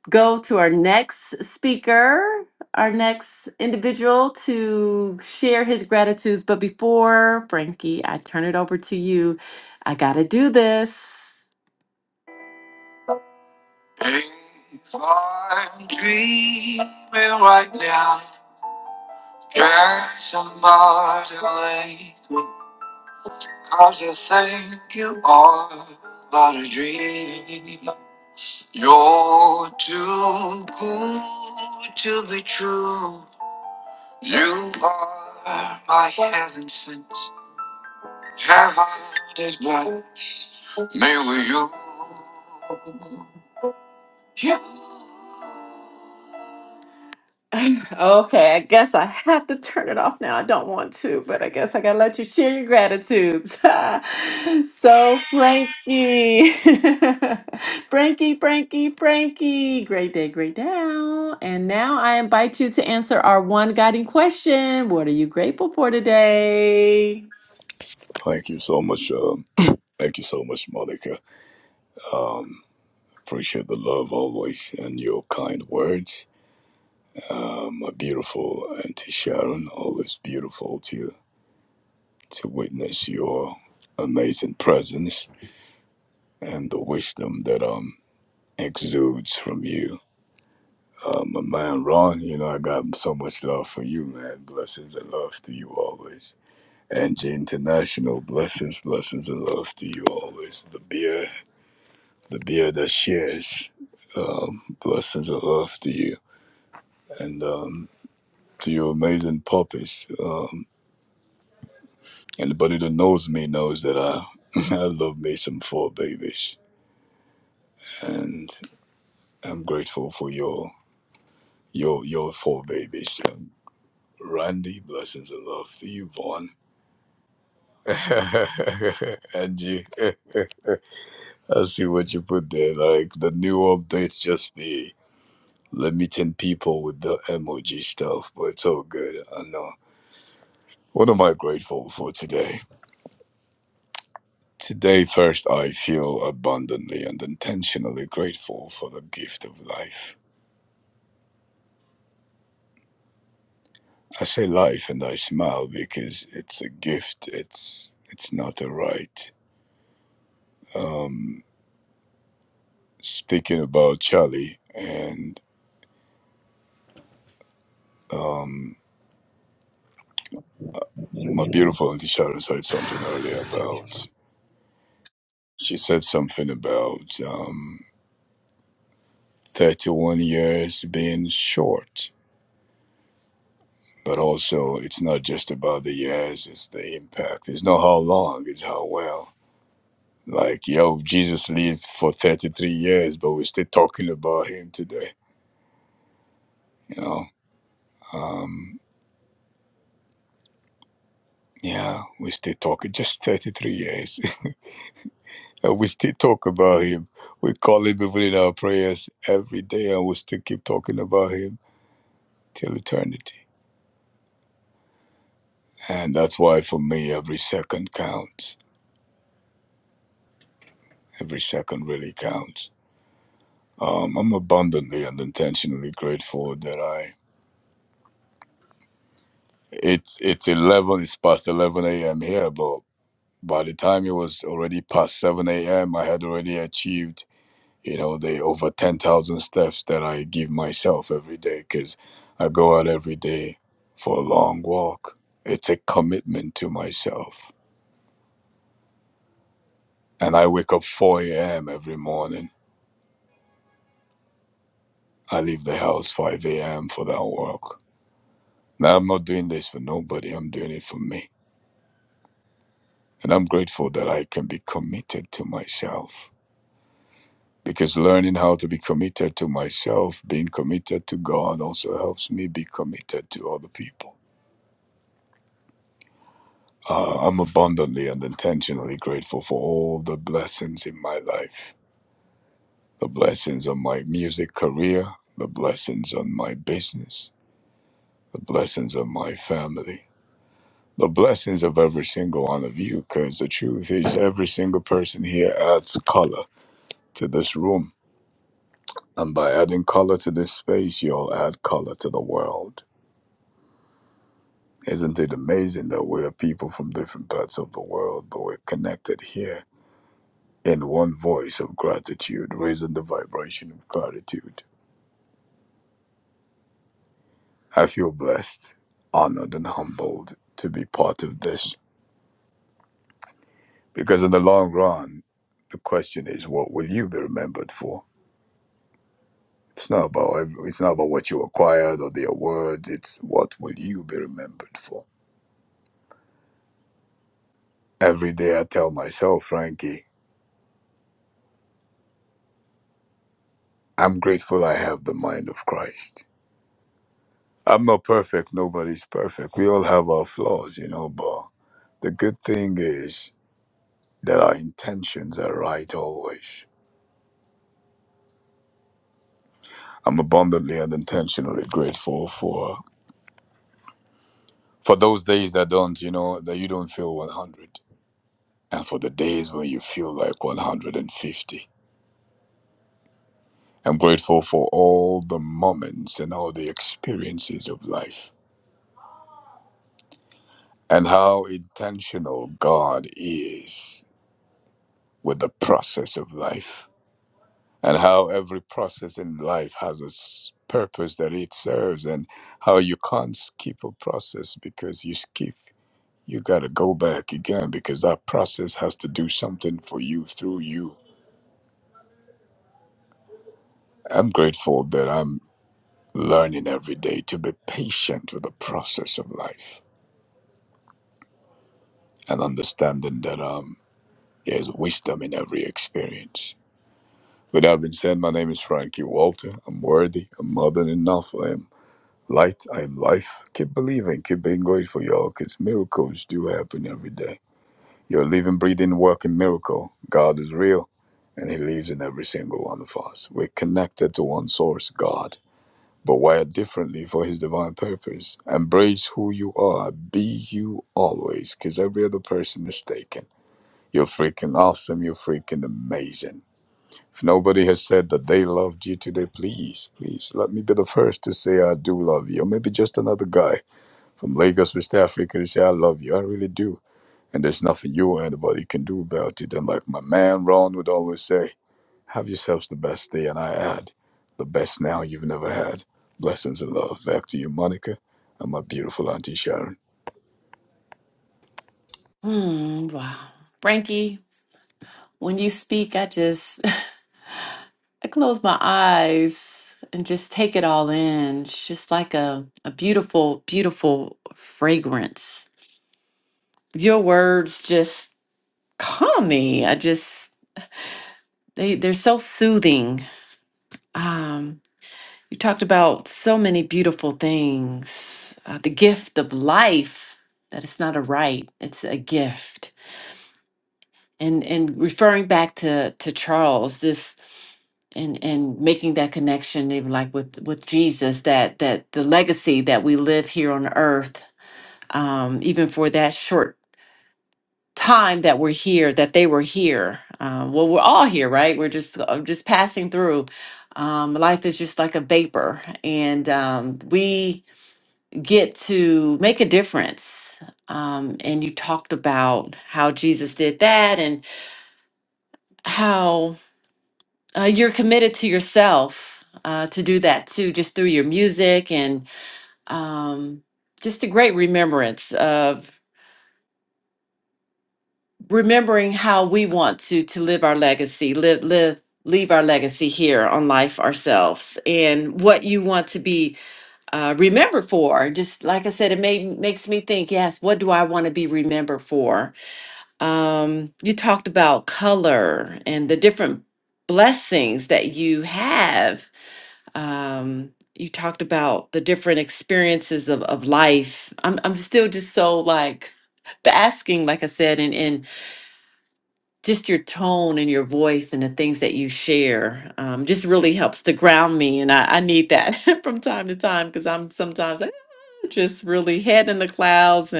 Speaker 2: go to our next speaker, our next individual to share his gratitudes. But before Frankie, I turn it over to you. I gotta do this. If I'm dreaming right now, there's somebody I just think you are but a dream. You're too good to be true. You are my heaven sent. Heaven is blessed. Me with you. You Okay, I guess I have to turn it off now. I don't want to, but I guess I gotta let you share your gratitudes. so, Frankie, Frankie, Frankie, Frankie, great day, great now. And now I invite you to answer our one guiding question What are you grateful for today?
Speaker 7: Thank you so much. Uh, thank you so much, Monica. Um, appreciate the love always and your kind words. Um, my beautiful Auntie Sharon, always beautiful to to witness your amazing presence and the wisdom that um exudes from you. Uh, my man Ron, you know I got so much love for you, man. Blessings and love to you always. Angie International, blessings, blessings and love to you always. The beer the beer that shares um, blessings of love to you and um, to your amazing puppies. Um, anybody that knows me knows that I, I love me some four babies, and I'm grateful for your your your four babies. Um, Randy, blessings of love to you, Vaughn. Angie, I see what you put there. Like the new updates just be limiting people with the emoji stuff, but it's all good. I know. What am I grateful for today? Today, first, I feel abundantly and intentionally grateful for the gift of life. I say life and I smile because it's a gift, it's, it's not a right. Um, speaking about Charlie and um, uh, my beautiful Auntie Sharon said something earlier about, she said something about um, 31 years being short but also it's not just about the years it's the impact it's not how long it's how well like yo jesus lived for 33 years but we're still talking about him today you know um yeah we still talking just 33 years and we still talk about him we call him even in our prayers every day and we still keep talking about him till eternity and that's why for me every second counts every second really counts Um, I'm abundantly and intentionally grateful that I. It's it's eleven. It's past eleven a.m. here, but by the time it was already past seven a.m., I had already achieved you know the over ten thousand steps that I give myself every day because I go out every day for a long walk. It's a commitment to myself, and I wake up four a.m. every morning. I leave the house five a.m. for that walk. Now I'm not doing this for nobody. I'm doing it for me And I'm grateful that I can be committed to myself because learning how to be committed to myself, being committed to God, also helps me be committed to other people. Uh, I'm abundantly and intentionally grateful for all the blessings in my life the blessings of my music career, the blessings on my business, the blessings of my family. The blessings of every single one of you, because the truth is, every single person here adds color to this room And by adding color to this space, you'll add color to the world. Isn't it amazing that we're people from different parts of the world, but we're connected here in one voice of gratitude, raising the vibration of gratitude? I feel blessed, honored, and humbled to be part of this. Because in the long run, the question is, what will you be remembered for? It's not about ev- it's not about what you acquired or the awards. It's what will you be remembered for. Every day I tell myself, Frankie. I'm grateful I have the mind of Christ. I'm not perfect. Nobody's perfect. We all have our flaws, you know, but the good thing is that our intentions are right always. I'm abundantly and intentionally grateful for for those days that don't, you know, that you don't feel 100 and for the days when you feel like 150. I'm grateful for all the moments and all the experiences of life and how intentional God is with the process of life and how every process in life has a s- purpose that it serves and how you can't skip a process because you skip you got to go back again because that process has to do something for you through you i'm grateful that i'm learning every day to be patient with the process of life and understanding that um there's wisdom in every experience with that being said my name is frankie walter i'm worthy i'm more than enough i am Light, I am life. Keep believing, keep being grateful, y'all, because miracles do happen every day. You're a living, breathing, working miracle. God is real, and He lives in every single one of us. We're connected to one source, God, but wired differently for His divine purpose. Embrace who you are, be you always, because every other person is taken. You're freaking awesome, you're freaking amazing. If nobody has said that they loved you today, please, please let me be the first to say I do love you. Or maybe just another guy from Lagos, West Africa, they say, I love you. I really do. And there's nothing you or anybody can do about it. And like my man Ron would always say, have yourselves the best day. And I add, the best now you've never had. Blessings and love. Back to you, Monica, and my beautiful Auntie Sharon.
Speaker 2: Hmm, wow. Frankie, when you speak, I just. I close my eyes and just take it all in. It's just like a, a beautiful, beautiful fragrance. Your words just calm me. I just they they're so soothing. Um, you talked about so many beautiful things. Uh, the gift of life that it's not a right; it's a gift. And and referring back to to Charles, and and making that connection even like with with jesus that that the legacy that we live here on earth um even for that short time that we're here that they were here um well we're all here right we're just uh, just passing through um life is just like a vapor and um we get to make a difference um and you talked about how jesus did that and how uh, you're committed to yourself uh, to do that too, just through your music and um, just a great remembrance of remembering how we want to to live our legacy, live live leave our legacy here on life ourselves, and what you want to be uh, remembered for. Just like I said, it made, makes me think. Yes, what do I want to be remembered for? Um, you talked about color and the different blessings that you have um you talked about the different experiences of, of life i'm i'm still just so like basking like i said and and just your tone and your voice and the things that you share um just really helps to ground me and i, I need that from time to time because i'm sometimes like, "Ah," just really head in the clouds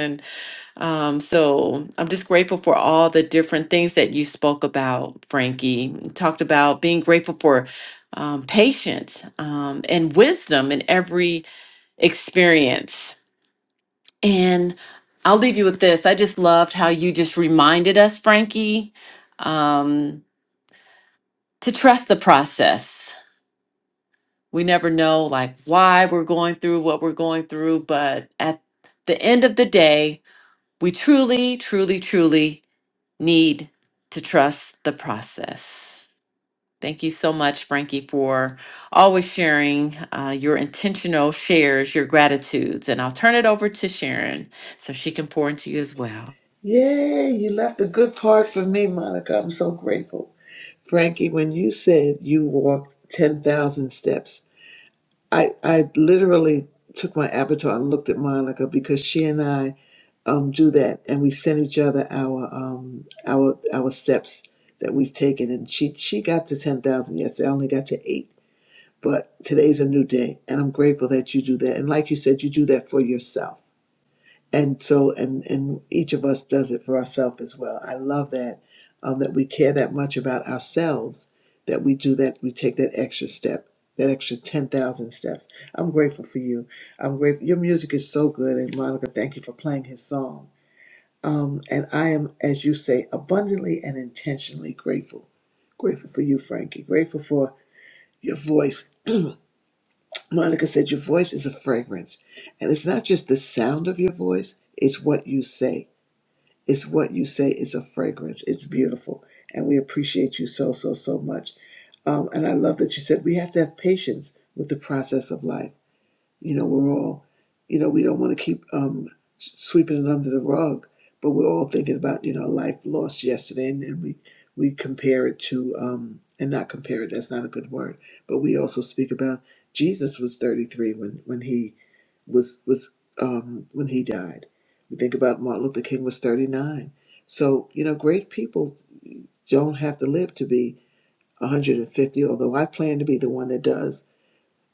Speaker 2: um, so I'm just grateful for all the different things that you spoke about, Frankie. You Talked about being grateful for um, patience um, and wisdom in every experience. And I'll leave you with this. I just loved how you just reminded us, Frankie, um, to trust the process. We never know like why we're going through what we're going through, but at the end of the day, we truly, truly, truly need to trust the process. Thank you so much, Frankie, for always sharing uh, your intentional shares, your gratitudes. And I'll turn it over to Sharon so she can pour into you as well.
Speaker 1: Yay, you left a good part for me, Monica. I'm so grateful. Frankie, when you said you walked 10,000 steps, I, I literally took my avatar and looked at Monica because she and I um, do that and we send each other our um, our our steps that we've taken and she she got to 10,000 yesterday. I only got to 8. But today's a new day and I'm grateful that you do that. And like you said, you do that for yourself and so and and each of us does it for ourselves as well i love that um, that we care that much about ourselves that we do that we take that extra step that extra 10,000 steps. I'm grateful for you. I'm grateful. Your music is so good. And Monica, thank you for playing his song. And I am, as you say, abundantly and intentionally grateful. Grateful for you, Frankie. Grateful for your voice. Monica said your voice is a fragrance. And it's not just the sound of your voice, it's what you say It's what you say. It's a fragrance. It's beautiful. And we appreciate you so, so, so much. Um, and I love that you said we have to have patience with the process of life. You know, we're all, you know, we don't want to keep um, sweeping it under the rug, but we're all thinking about, you know, life lost yesterday. And, and we, we compare it to, um, and not compare it, that's not a good word, but we also speak about Jesus was 33 when, when he was was um, when he died. We think about Martin Luther King was 39. So you know, great people don't have to live to be 150. Although I plan to be the one that does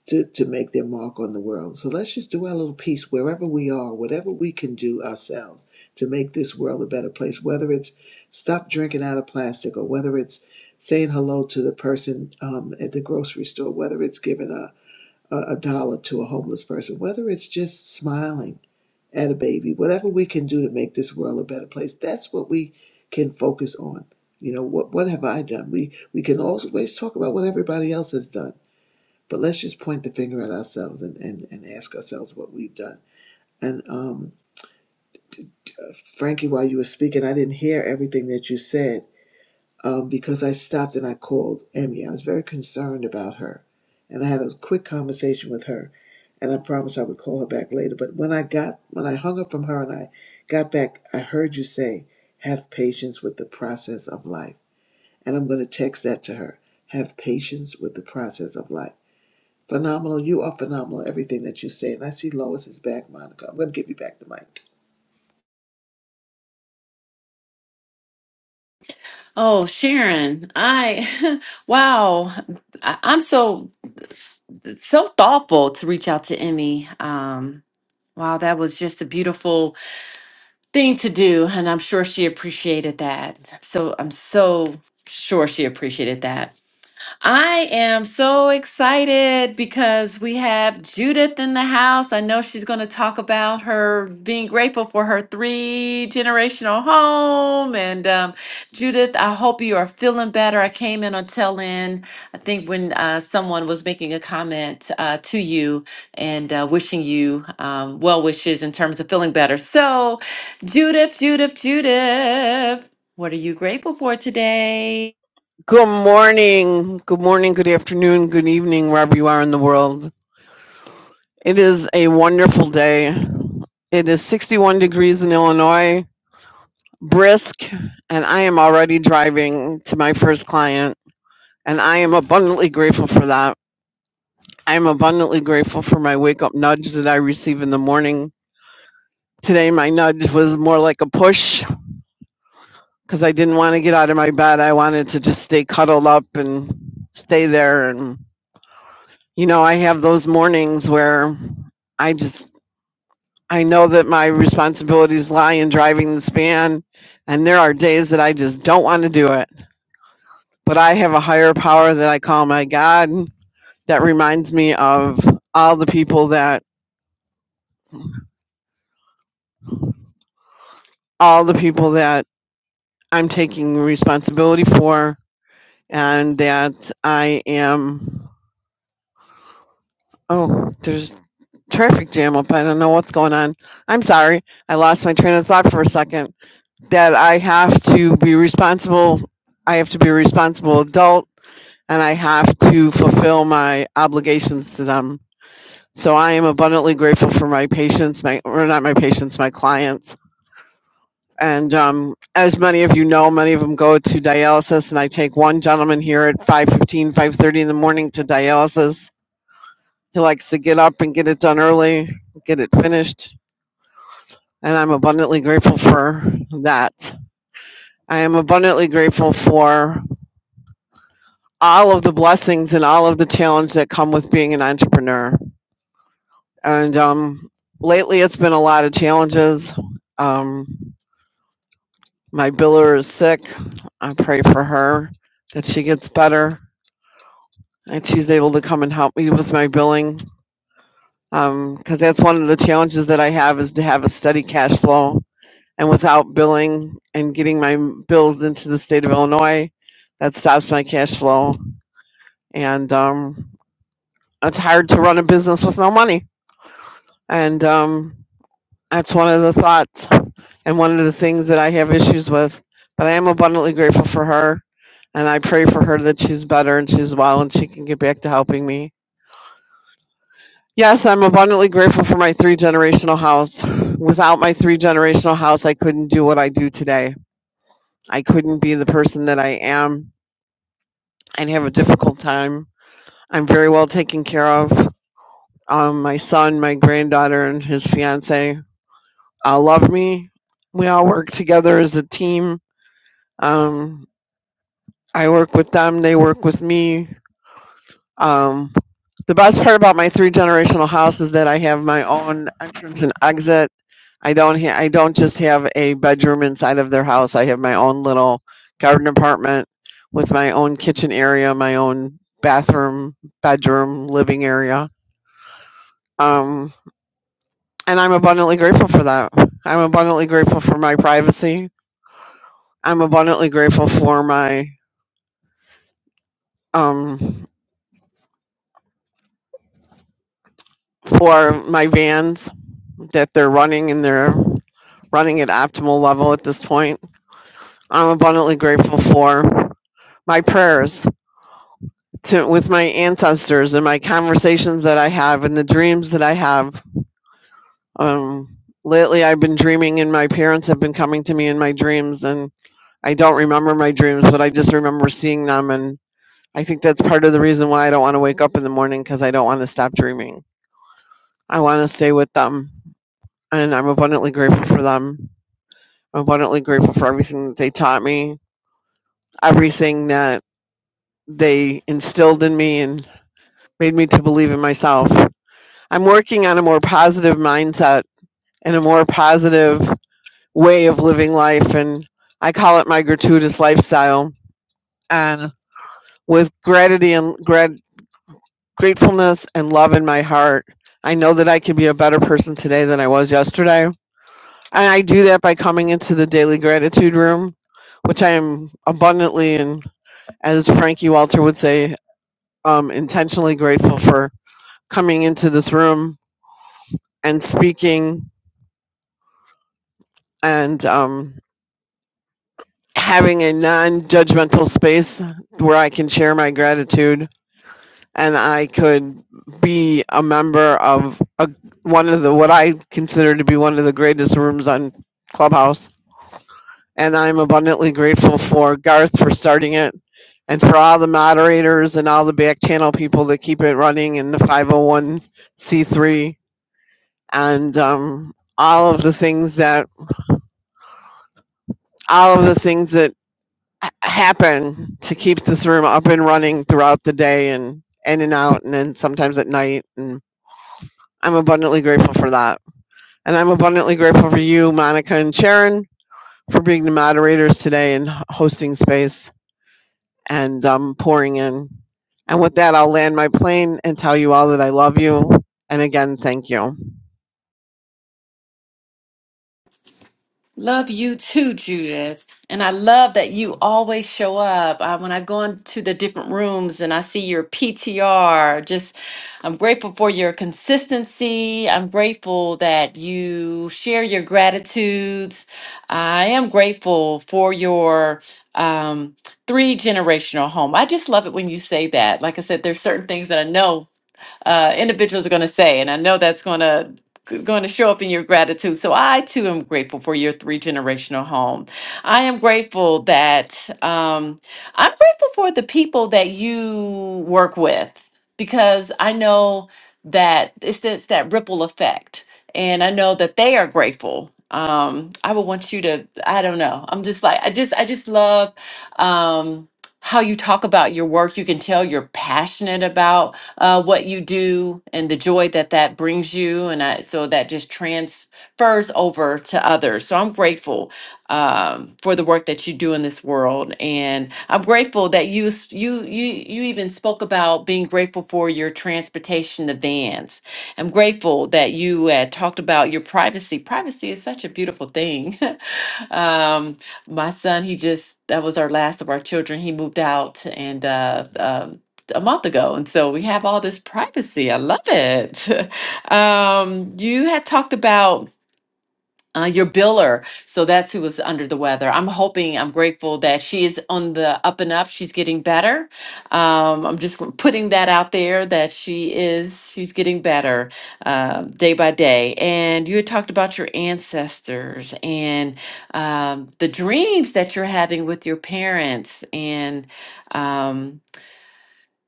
Speaker 1: to to make their mark on the world. So let's just do our little piece wherever we are, whatever we can do ourselves to make this world a better place. Whether it's stop drinking out of plastic, or whether it's saying hello to the person um, at the grocery store, whether it's giving a a, a dollar to a homeless person, whether it's just smiling and a baby, whatever we can do to make this world a better place, that's what we can focus on. You know, what what have I done? We we can always talk about what everybody else has done, but let's just point the finger at ourselves and and, and ask ourselves what we've done. And um, Frankie, while you were speaking, I didn't hear everything that you said, um, because I stopped and I called Emmy. I was very concerned about her, and I had a quick conversation with her, and I promised I would call her back later. But when I got when I hung up from her and I got back, I heard you say, "Have patience with the process of life," and I'm going to text that to her. Have patience with the process of life. Phenomenal, you are phenomenal. Everything that you say, and I see Lois is back, Monica. I'm going to give you back the mic.
Speaker 2: Oh, Sharon, I, wow, I, I'm so, so thoughtful to reach out to Emmy. Um, wow, that was just a beautiful thing to do. And I'm sure she appreciated that. So I'm so sure she appreciated that. I am so excited because we have Judith in the house. I know she's going to talk about her being grateful for her three generational home. And um, Judith, I hope you are feeling better. I came in on tell in, I think, when uh, someone was making a comment uh, to you and uh, wishing you um, well wishes in terms of feeling better. So, Judith, Judith, Judith, what are you grateful for today?
Speaker 8: Good morning, good morning, good afternoon, good evening, wherever you are in the world. It is a wonderful day. It is 61 degrees in Illinois, brisk, and I am already driving to my first client, and I am abundantly grateful for that. I am abundantly grateful for my wake up nudge that I receive in the morning. Today, my nudge was more like a push because I didn't want to get out of my bed. I wanted to just stay cuddled up and stay there. and. You know, I have those mornings where I just I know that my responsibilities lie in driving this van and there are days that I just don't want to do it. But I have a higher power that I call my God that reminds me of all the people that all the people that I'm taking responsibility for and that I am oh, there's traffic jam up. I don't know what's going on. I'm sorry. I lost my train of thought for a second. that I have to be responsible. I have to be a responsible adult and I have to fulfill my obligations to them. So I am abundantly grateful for my patients, my, or not my patients, my clients. And um, as many of you know, many of them go to dialysis and I take one gentleman here at 5.15, 5.30 in the morning to dialysis. He likes to get up and get it done early, get it finished. And I'm abundantly grateful for that. I am abundantly grateful for all of the blessings and all of the challenges that come with being an entrepreneur. And um, lately, it's been a lot of challenges. Um, my biller is sick. I pray for her that she gets better and she's able to come and help me with my billing. Um, 'cause Because that's one of the challenges that I have is to have a steady cash flow. And without billing and getting my bills into the state of Illinois, that stops my cash flow. And um, it's hard to run a business with no money and um, that's one of the thoughts and one of the things that I have issues with. But I am abundantly grateful for her, and I pray for her that she's better and she's well and she can get back to helping me. Yes, I'm abundantly grateful for my three generational house. Without my three generational house, I couldn't do what I do today. I couldn't be the person that I am. I'd have a difficult time. I'm very well taken care of. Um, my son, my granddaughter, and his fiance uh, love me. We all work together as a team. Um, I work with them, they work with me. Um, the best part about my three generational house is that I have my own entrance and exit. I don't ha- I don't just have a bedroom inside of their house. I have my own little garden apartment with my own kitchen area, my own bathroom, bedroom, living area. Um, and I'm abundantly grateful for that. I'm abundantly grateful for my privacy. I'm abundantly grateful for my um for my vans that they're running and they're running at optimal level at this point. I'm abundantly grateful for my prayers to with my ancestors and my conversations that I have and the dreams that I have. Um lately I've been dreaming and my parents have been coming to me in my dreams and I don't remember my dreams, but I just remember seeing them and I think that's part of the reason why I don't want to wake up in the morning because I don't want to stop dreaming I want to stay with them. And I'm abundantly grateful for them. I'm abundantly grateful for everything that they taught me, everything that they instilled in me and made me to believe in myself. I'm working on a more positive mindset and a more positive way of living life. And I call it my gratuitous lifestyle. And with gratitude and grat- gratefulness and love in my heart, I know that I can be a better person today than I was yesterday And I do that by coming into the daily gratitude room, which I am abundantly and, as Frankie Walter would say, um, intentionally grateful for coming into this room and speaking and um, having a non judgmental space where I can share my gratitude and I could be a member of a, one of the what I consider to be one of the greatest rooms on Clubhouse And I'm abundantly grateful for Garth for starting it and for all the moderators and all the back channel people that keep it running and the 501c3 and um, all of the things that all of the things that ha- happen to keep this room up and running throughout the day and in and out and then sometimes at night and i'm abundantly grateful for that and i'm abundantly grateful for you monica and sharon for being the moderators today and h- hosting space and um, pouring in. And with that, I'll land my plane and tell you all that I love you. And again, thank you.
Speaker 2: Love you too, Judith. And I love that you always show up. Uh, when I go into the different rooms and I see your PTR, just I'm grateful for your consistency. I'm grateful that you share your gratitudes. I am grateful for your um, three generational home. I just love it when you say that. Like I said, there's certain things that I know uh, individuals are going to say, and I know that's going to going to show up in your gratitude. So I too am grateful for your three generational home. I am grateful that um, I'm grateful for the people that you work with because I know that it's, it's that ripple effect, and I know that they are grateful. Um, I would want you to. I don't know. I'm just like I just I just love. Um, how you talk about your work. You can tell you're passionate about uh, what you do and the joy that that brings you. And I, so that just transfers over to others. So I'm grateful um, for the work that you do in this world. And I'm grateful that you, s- you, you, you even spoke about being grateful for your transportation, the vans. I'm grateful that you uh, talked about your privacy. Privacy is such a beautiful thing. um, my son, he just, that was our last of our children. He moved out and uh, um, a month ago. And so we have all this privacy. I love it. um, you had talked about uh, your biller. So that's who was under the weather. I'm hoping, I'm grateful that she is on the up and up. She's getting better. Um, I'm just putting that out there that she is, she's getting better uh, day by day. And you had talked about your ancestors and um, the dreams that you're having with your parents and, um,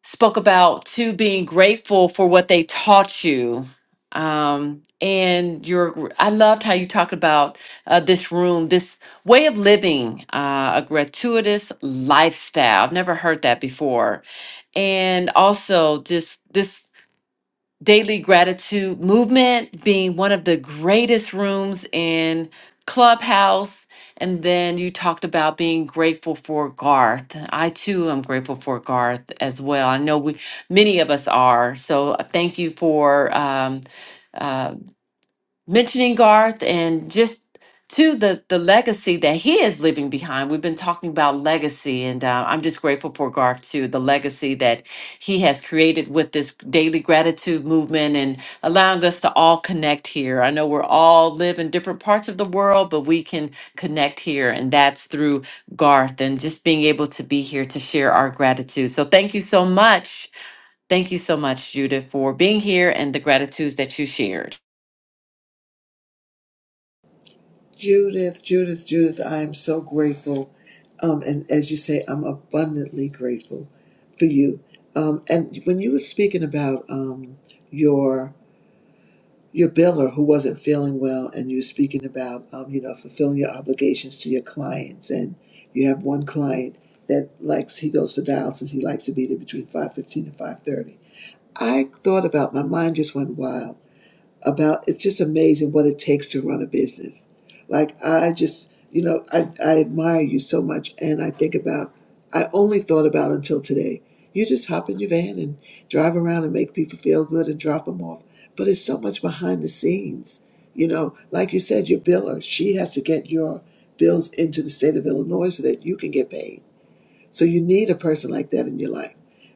Speaker 2: spoke about too being grateful for what they taught you um and your i loved how you talked about uh, this room this way of living uh, a gratuitous lifestyle i've never heard that before and also just this Daily Gratitude Movement being one of the greatest rooms in Clubhouse. And then you talked about being grateful for Garth. I too am grateful for Garth as well. I know we many of us are. So uh, thank you for um, uh, mentioning Garth and just to the the legacy that he is leaving behind. We've been talking about legacy, and uh, I'm just grateful for Garth too, the legacy that he has created with this daily gratitude movement and allowing us to all connect here. I know we're all live in different parts of the world, but we can connect here, and that's through Garth and just being able to be here to share our gratitude. So thank you so much. Thank you so much, Judith, for being here and the gratitudes that you shared.
Speaker 1: Judith, Judith, Judith, I am so grateful. Um, and as you say, I'm abundantly grateful for you. Um, and when you were speaking about um, your your biller who wasn't feeling well, and you were speaking about um, you know fulfilling your obligations to your clients, and you have one client that likes he goes for dialysis, he likes to be there between five fifteen and five thirty. I thought about my mind just went wild about it's just amazing what it takes to run a business. Like I just, you know, I, I admire you so much and I think about I only thought about until today. You just hop in your van and drive around and make people feel good and drop them off. But it's so much behind the scenes. You know, like you said, your biller, she has to get your bills into the state of Illinois so that you can get paid so you need a person like that in your life,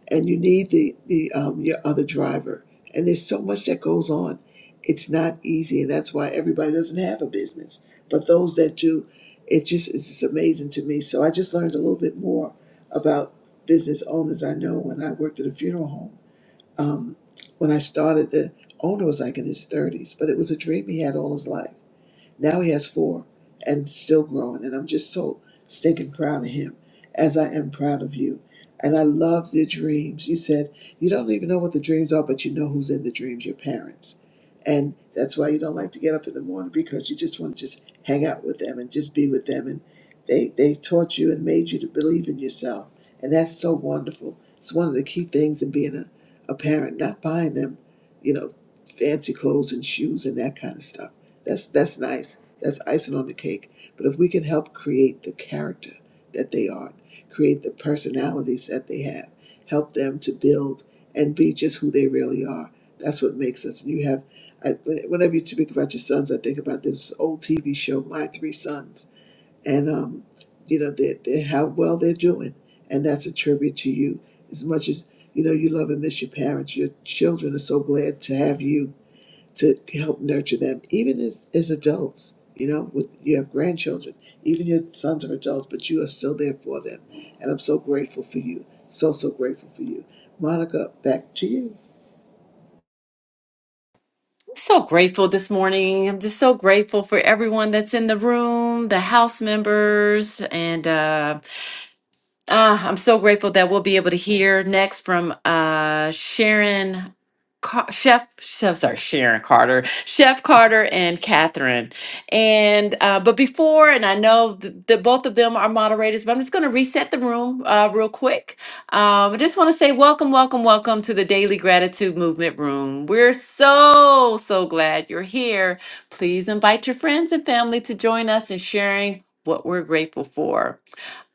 Speaker 1: and you need the the um, your other driver. And there's so much that goes on. It's not easy, and that's why everybody doesn't have a business. But those that do, it just it's just amazing to me. So I just learned a little bit more about business owners. I know when I worked at a funeral home, um, when I started, the owner was like in his 30s, but it was a dream he had all his life now he has four and still growing. And I'm just so stinking proud of him as I am proud of you. And I love the dreams. You said you don't even know what the dreams are, but you know who's in the dreams, your parents. And that's why you don't like to get up in the morning because you just want to just hang out with them and just be with them. And they, they taught you and made you to believe in yourself. And that's so wonderful. It's one of the key things in being a, a parent, not buying them, you know, fancy clothes and shoes and that kind of stuff that's that's nice. That's icing on the cake. But if we can help create the character that they are, create the personalities that they have, help them to build and be just who they really are. That's what makes us. And you have, I, whenever you speak about your sons, I think about this old TV show, My Three Sons, and um, you know, they they how well they're doing, and that's a tribute to you. As much as you know, you love and miss your parents. Your children are so glad to have you to help nurture them, even as, as adults. You know, with you have grandchildren, even your sons are adults, but you are still there for them. And I'm so grateful for you. So, so grateful for you. Monica, back to you.
Speaker 2: So grateful this morning. I'm just so grateful for everyone that's in the room, the house members, and uh, Ah, I'm so grateful that we'll be able to hear next from uh, Sharon, Car- Chef, Chef, sorry, Sharon Carter, Chef Carter, and Catherine. And uh, but before, and I know th- that both of them are moderators, but I'm just going to reset the room uh, real quick. Um, I just want to say welcome, welcome, welcome to the Daily Gratitude Movement Room. We're so so glad you're here. Please invite your friends and family to join us in sharing what we're grateful for.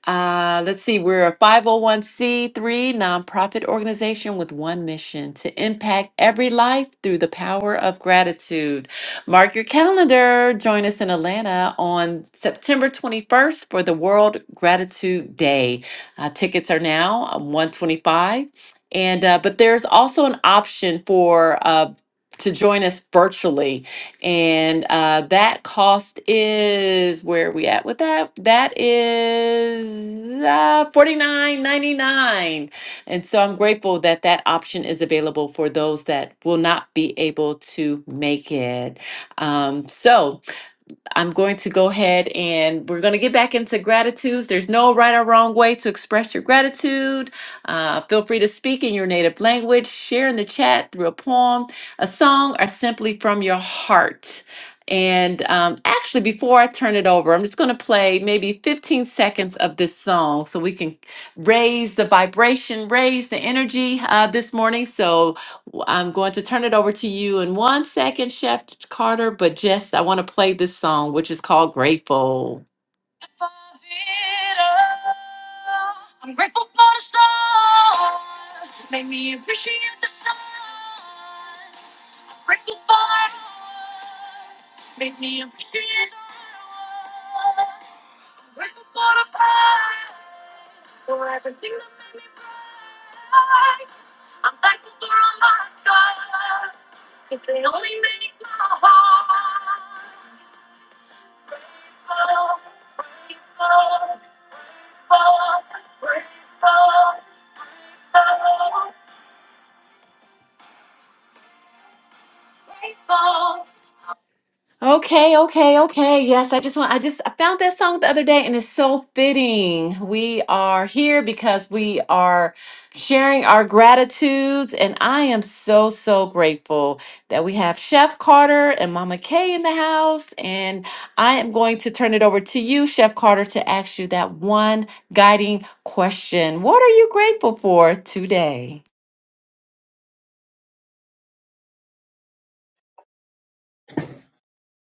Speaker 2: Uh, let's see, we're a 501c3 nonprofit organization with one mission to impact every life through the power of gratitude. Mark your calendar. Join us in Atlanta on September 21st for the World Gratitude Day. Uh, tickets are now um, 125 and uh, but there's also an option for uh, to join us virtually and uh, that cost is where are we at with that? That is uh, forty nine ninety nine. And so I'm grateful that that option is available for those that will not be able to make it. Um, so I'm going to go ahead and we're going to get back into gratitudes. There's no right or wrong way to express your gratitude. Uh, feel free to speak in your native language, share in the chat through a poem, a song, or simply from your heart. And um, actually, before I turn it over, I'm just going to play maybe 15 seconds of this song so we can raise the vibration, raise the energy uh, this morning. So, i I'm going to turn it over to you in one second, Chef Carter, but just I want to play this song, which is called Grateful. For it all. I'm grateful for the stars, made me appreciate the sun. Grateful for it, all. made me appreciate the world. Grateful for the power. Okay, okay, okay. Yes, I just want I just I found that song the other day and it's so fitting. We are here because we are sharing our gratitudes and I am so so grateful that we have Chef Carter and Mama Kay in the house and I am going to turn it over to you Chef Carter to ask you that one guiding question. What are you grateful for today?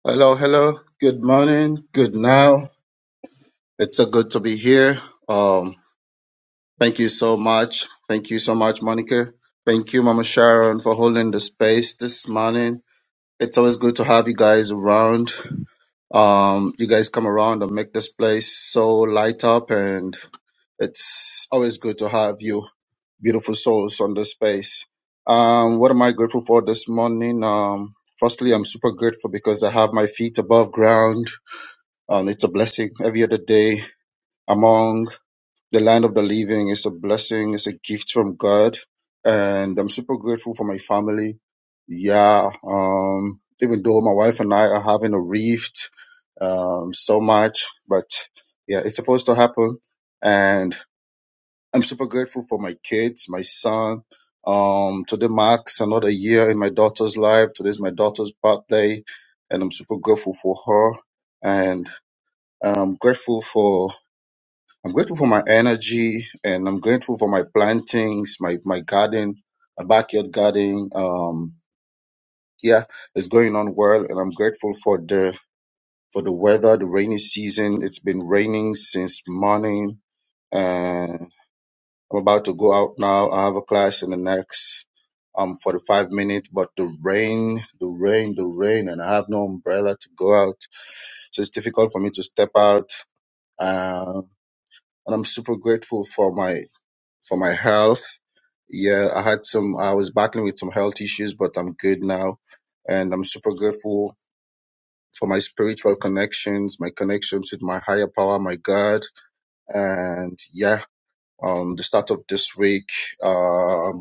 Speaker 9: Hello, hello. Good morning. Good now. It's so good to be here. Um, thank you so much. Thank you so much, Monica. Thank you, Mama Sharon, for holding the space this morning. It's always good to have you guys around. Um, you guys come around and make this place so light up, and it's always good to have you, beautiful souls, on this space. Um, what am I grateful for this morning? Um, firstly, I'm super grateful because I have my feet above ground. and it's a blessing every other day among the land of the living it's a blessing it's a gift from god and i'm super grateful for my family yeah um even though my wife and i are having a rift um so much but yeah it's supposed to happen and i'm super grateful for my kids my son um today marks another year in my daughter's life today's my daughter's birthday and i'm super grateful for her and I'm grateful for I'm grateful for my energy and I'm grateful for my plantings, my, my garden, my backyard garden. Um, yeah, it's going on well and I'm grateful for the, for the weather, the rainy season. It's been raining since morning and I'm about to go out now. I have a class in the next, um, 45 minutes, but the rain, the rain, the rain, and I have no umbrella to go out. So it's difficult for me to step out. Um, and I'm super grateful for my for my health. Yeah, I had some, I was battling with some health issues, but I'm good now. And I'm super grateful for my spiritual connections, my connections with my higher power, my God. And yeah, um, the start of this week, um.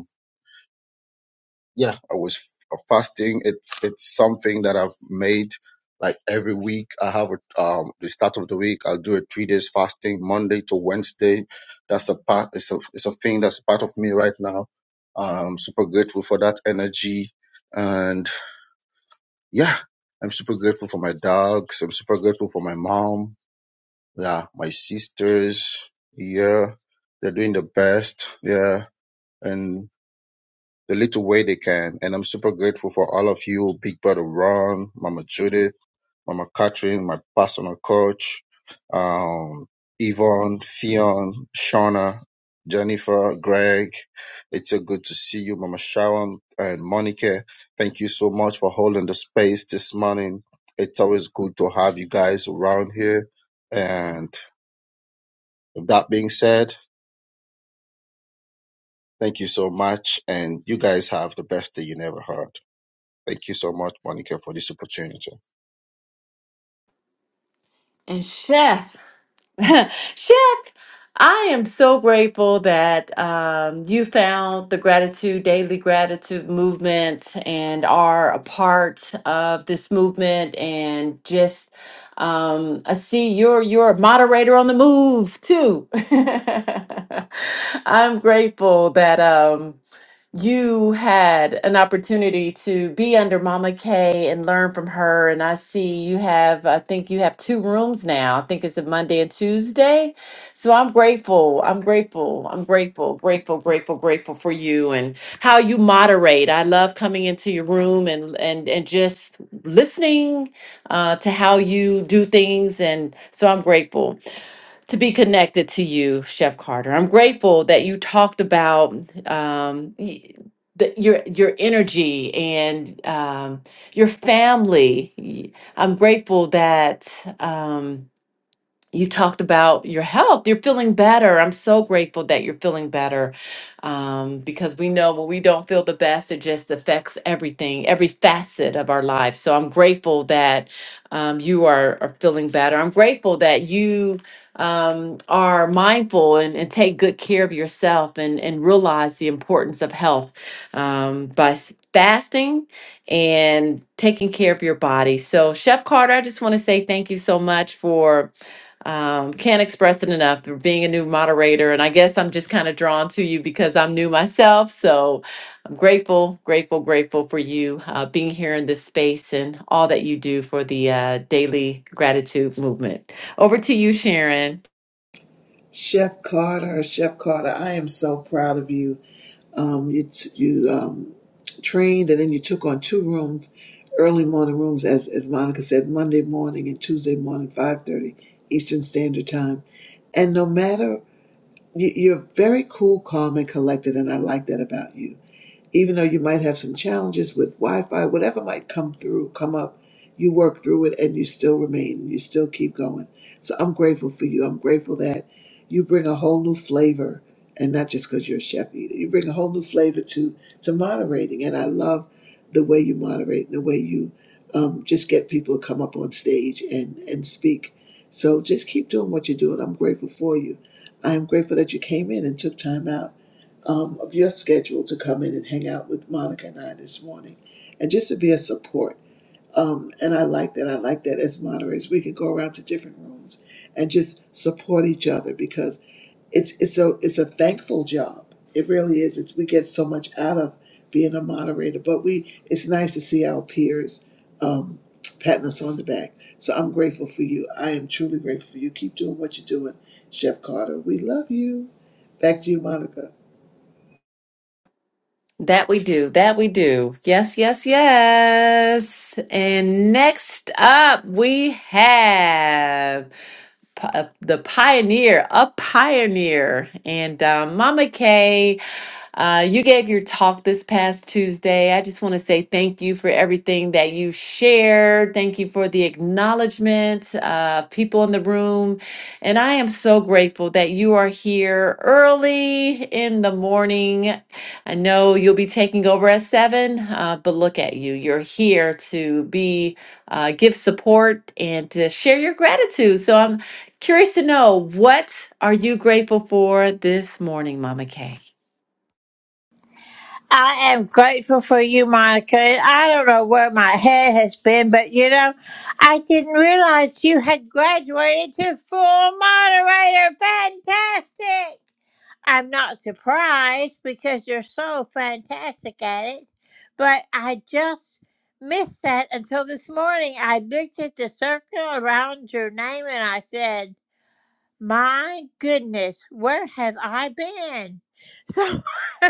Speaker 9: yeah, I was f- fasting. It's it's something that I've made like every week. I have a, um the start of the week. I'll do a three days fasting Monday to Wednesday. That's a part. It's a it's a thing that's part of me right now. I'm super grateful for that energy, and yeah, I'm super grateful for my dogs. I'm super grateful for my mom. Yeah, my sisters. Yeah, they're doing the best. Yeah, and the little way they can. And I'm super grateful for all of you, Big Brother Ron, Mama Judith, Mama Catherine, my personal coach, um, Yvonne, Fion, Shauna, Jennifer, Greg. It's so good to see you, Mama Sharon and Monica. Thank you so much for holding the space this morning. It's always good to have you guys around here. And with that being said, thank you so much. And you guys have the best day you never had. Thank you so much, Monica, for this opportunity.
Speaker 2: And chef, Chef, I am so grateful that um, you found the gratitude, daily gratitude movement, and are a part of this movement. And just, um, I see you're you're a moderator on the move too. I'm grateful that. Um, you had an opportunity to be under Mama Kay and learn from her. And I see you have, I think you have two rooms now. I think it's a Monday and Tuesday. So I'm grateful. I'm grateful. I'm grateful, grateful, grateful, grateful for you and how you moderate. I love coming into your room and and and just listening uh, to how you do things. And so I'm grateful to be connected to you, Chef Carter. I'm grateful that you talked about um, y- the, your your energy and um, your family. Y- I'm grateful that. Um, you talked about your health. You're feeling better. I'm so grateful that you're feeling better um, because we know when we don't feel the best, it just affects everything, every facet of our life. So I'm grateful that um, you are, are feeling better. I'm grateful that you um, are mindful and, and take good care of yourself and, and realize the importance of health um, by s- fasting and taking care of your body. So, Chef Carter, I just want to say thank you so much for um, can't express it enough for being a new moderator. And I guess I'm just kind of drawn to you because I'm new myself. So I'm grateful, grateful, grateful for you uh, being here in this space and all that you do for the uh, daily gratitude movement. Over to you, Sharon.
Speaker 1: Chef Carter, Chef Carter, I am so proud of you. Um, you t- you um, trained and then you took on two rooms, early morning rooms, as, as Monica said, Monday morning and Tuesday morning, 5.30 Eastern Standard Time. And no matter You, you're very cool, calm, and collected, and I like that about you even though you might have some challenges with Wi-Fi, whatever might come through, come up, you work through it and you still remain, you still keep going. So I'm grateful for you. I'm grateful that you bring a whole new flavor, and not just because you're a chef either. You bring a whole new flavor to to moderating, and I love the way you moderate and the way you um, just get people to come up on stage and and speak. So just keep doing what you're doing. I'm grateful for you. I am grateful that you came in and took time out um, of your schedule to come in and hang out with Monica and I this morning and just to be a support. Um, and I like that. I like that as moderators, we could go around to different rooms and just support each other because it's it's a it's a thankful job. It really is. It's we get so much out of being a moderator, but we it's nice to see our peers um, patting us on the back. So I'm grateful for you. I am truly grateful for you. Keep doing what you're doing, Chef Carter. We love you. Back to you, Monica.
Speaker 2: That we do. That we do. Yes, yes, yes. And next up, we have. p- uh, the pioneer, a pioneer. And um, Mama Kay, uh, you gave your talk this past Tuesday. I just want to say thank you for everything that you shared. Thank you for the acknowledgement, uh, people in the room. And I am so grateful that you are here early in the morning. I know you'll be taking over at seven, uh, but look at you. You're here to be, uh, give support and to share your gratitude. So I'm. Curious to know what are you grateful for this morning, Mama Kay?
Speaker 10: I am grateful for you, Monica. And I don't know where my head has been, but you know, I didn't realize you had graduated to full moderator. Fantastic! I'm not surprised because you're so fantastic at it, but I just missed that until this morning. I looked at the circle around your name and I said, My goodness, where have I been? So.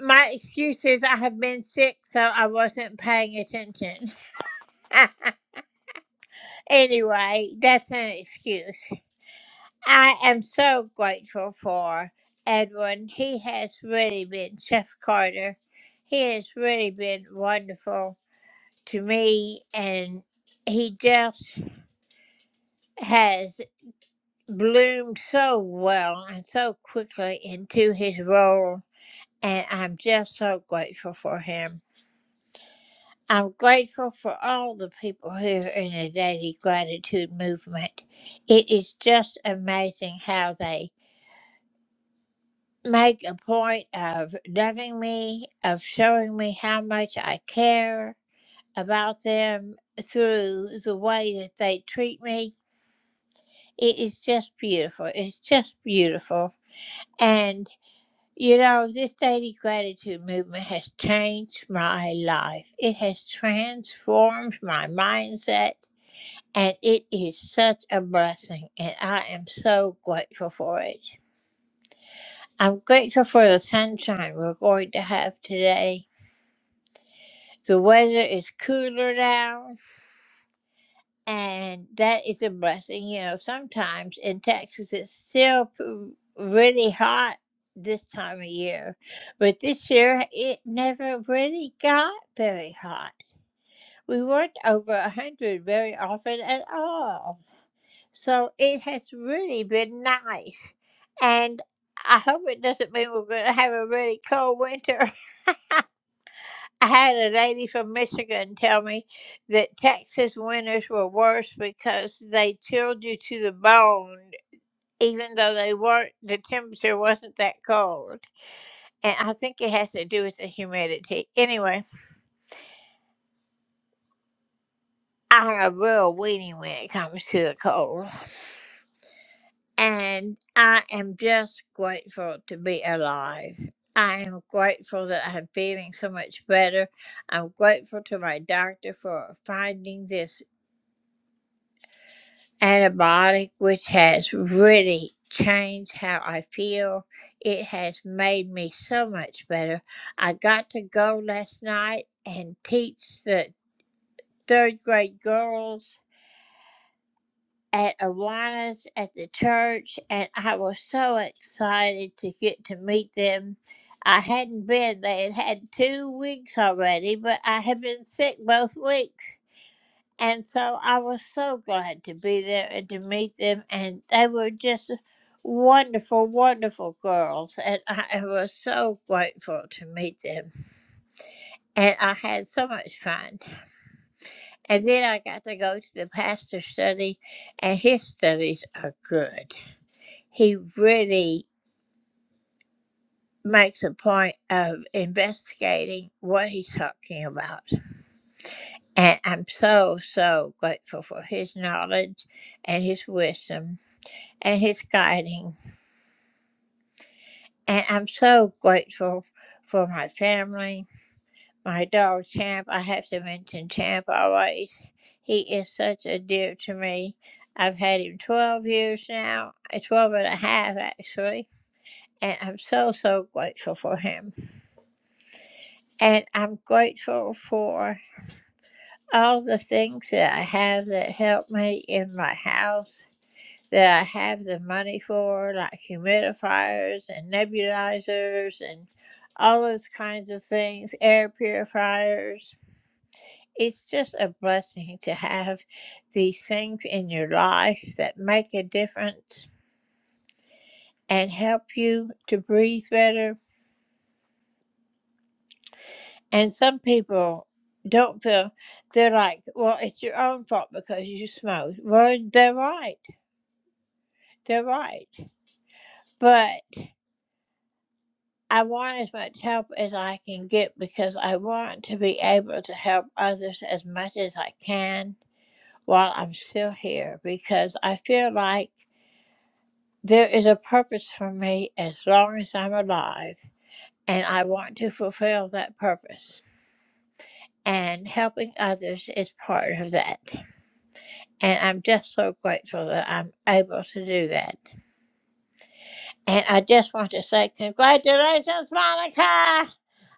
Speaker 10: My excuse is I have been sick, so I wasn't paying attention. anyway, that's an excuse. I am so grateful for Edwin. He has really been Chef Carter. He has really been wonderful to me, and he just has bloomed so well and so quickly into his role. And I'm just so grateful for him. I'm grateful for all the people here in the Daily Gratitude Movement. It is just amazing how they make a point of loving me, of showing me how much I care about them through the way that they treat me. It is just beautiful. It's just beautiful. And you know, this daily gratitude movement has changed my life. It has transformed my mindset And it is such a blessing, and I am so grateful for it. I'm grateful for the sunshine we're going to have today. The weather is cooler now, and that is a blessing. You know, sometimes in Texas it's still p- really hot this time of year, but this year it never really got very hot. We weren't over 100 very often at all. So it has really been nice. And I hope it doesn't mean we're going to have a really cold winter. I had a lady from Michigan tell me that Texas winters were worse because they chilled you to the bone, even though they weren't, the temperature wasn't that cold. And I think it has to do with the humidity. Anyway, I'm a real weenie when it comes to the cold. And I am just grateful to be alive. I am grateful that I'm feeling so much better. I'm grateful to my doctor for finding this antibiotic, which has really changed how I feel. It has made me so much better. I got to go last night and teach the third grade girls at Awana's at the church, and I was so excited to get to meet them. I hadn't been, they had had two weeks already, but I had been sick both weeks. And so I was so glad to be there and to meet them, and they were just wonderful, wonderful girls, and I was so grateful to meet them. And I had so much fun. And then I got to go to the pastor's study, and his studies are good. he really makes a point of investigating what he's talking about. And I'm so, so grateful for his knowledge and his wisdom and his guiding. And I'm so grateful for my family, my dog Champ. I have to mention Champ always. He is such a dear to me. I've had him 12 years now, uh, 12 and a half actually. And I'm so, so grateful for him. And I'm grateful for all the things that I have that help me in my house, that I have the money for, like humidifiers and nebulizers and all those kinds of things, air purifiers. It's just a blessing to have these things in your life that make a difference and help you to breathe better And some people don't feel they're like, well, it's your own fault because you smoked. Well, they're right. They're right. But I want as much help as I can get because I want to be able to help others as much as I can while I'm still here because I feel like there is a purpose for me as long as I'm alive and I want to fulfill that purpose. And helping others is part of that. And I'm just so grateful that I'm able to do that. And I just want to say, congratulations, Monica!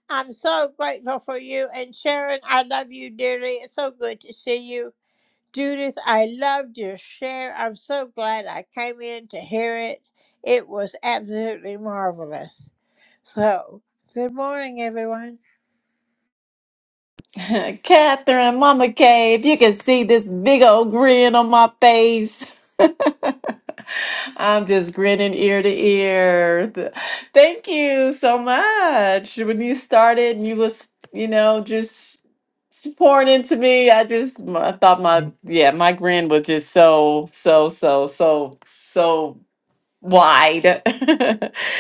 Speaker 10: I'm so grateful for you. And Sharon, I love you dearly. It's so good to see you. Judith, I loved your share. I'm so glad I came in to hear it. It was absolutely marvelous. So, good morning, everyone.
Speaker 2: Catherine, Mama K, if you can see this big old grin on my face. I'm just grinning ear to ear. Th- Thank you so much. When you started and you was, you know, just s- pouring into me, I just I thought my yeah, my grin was just so so so so so. wide.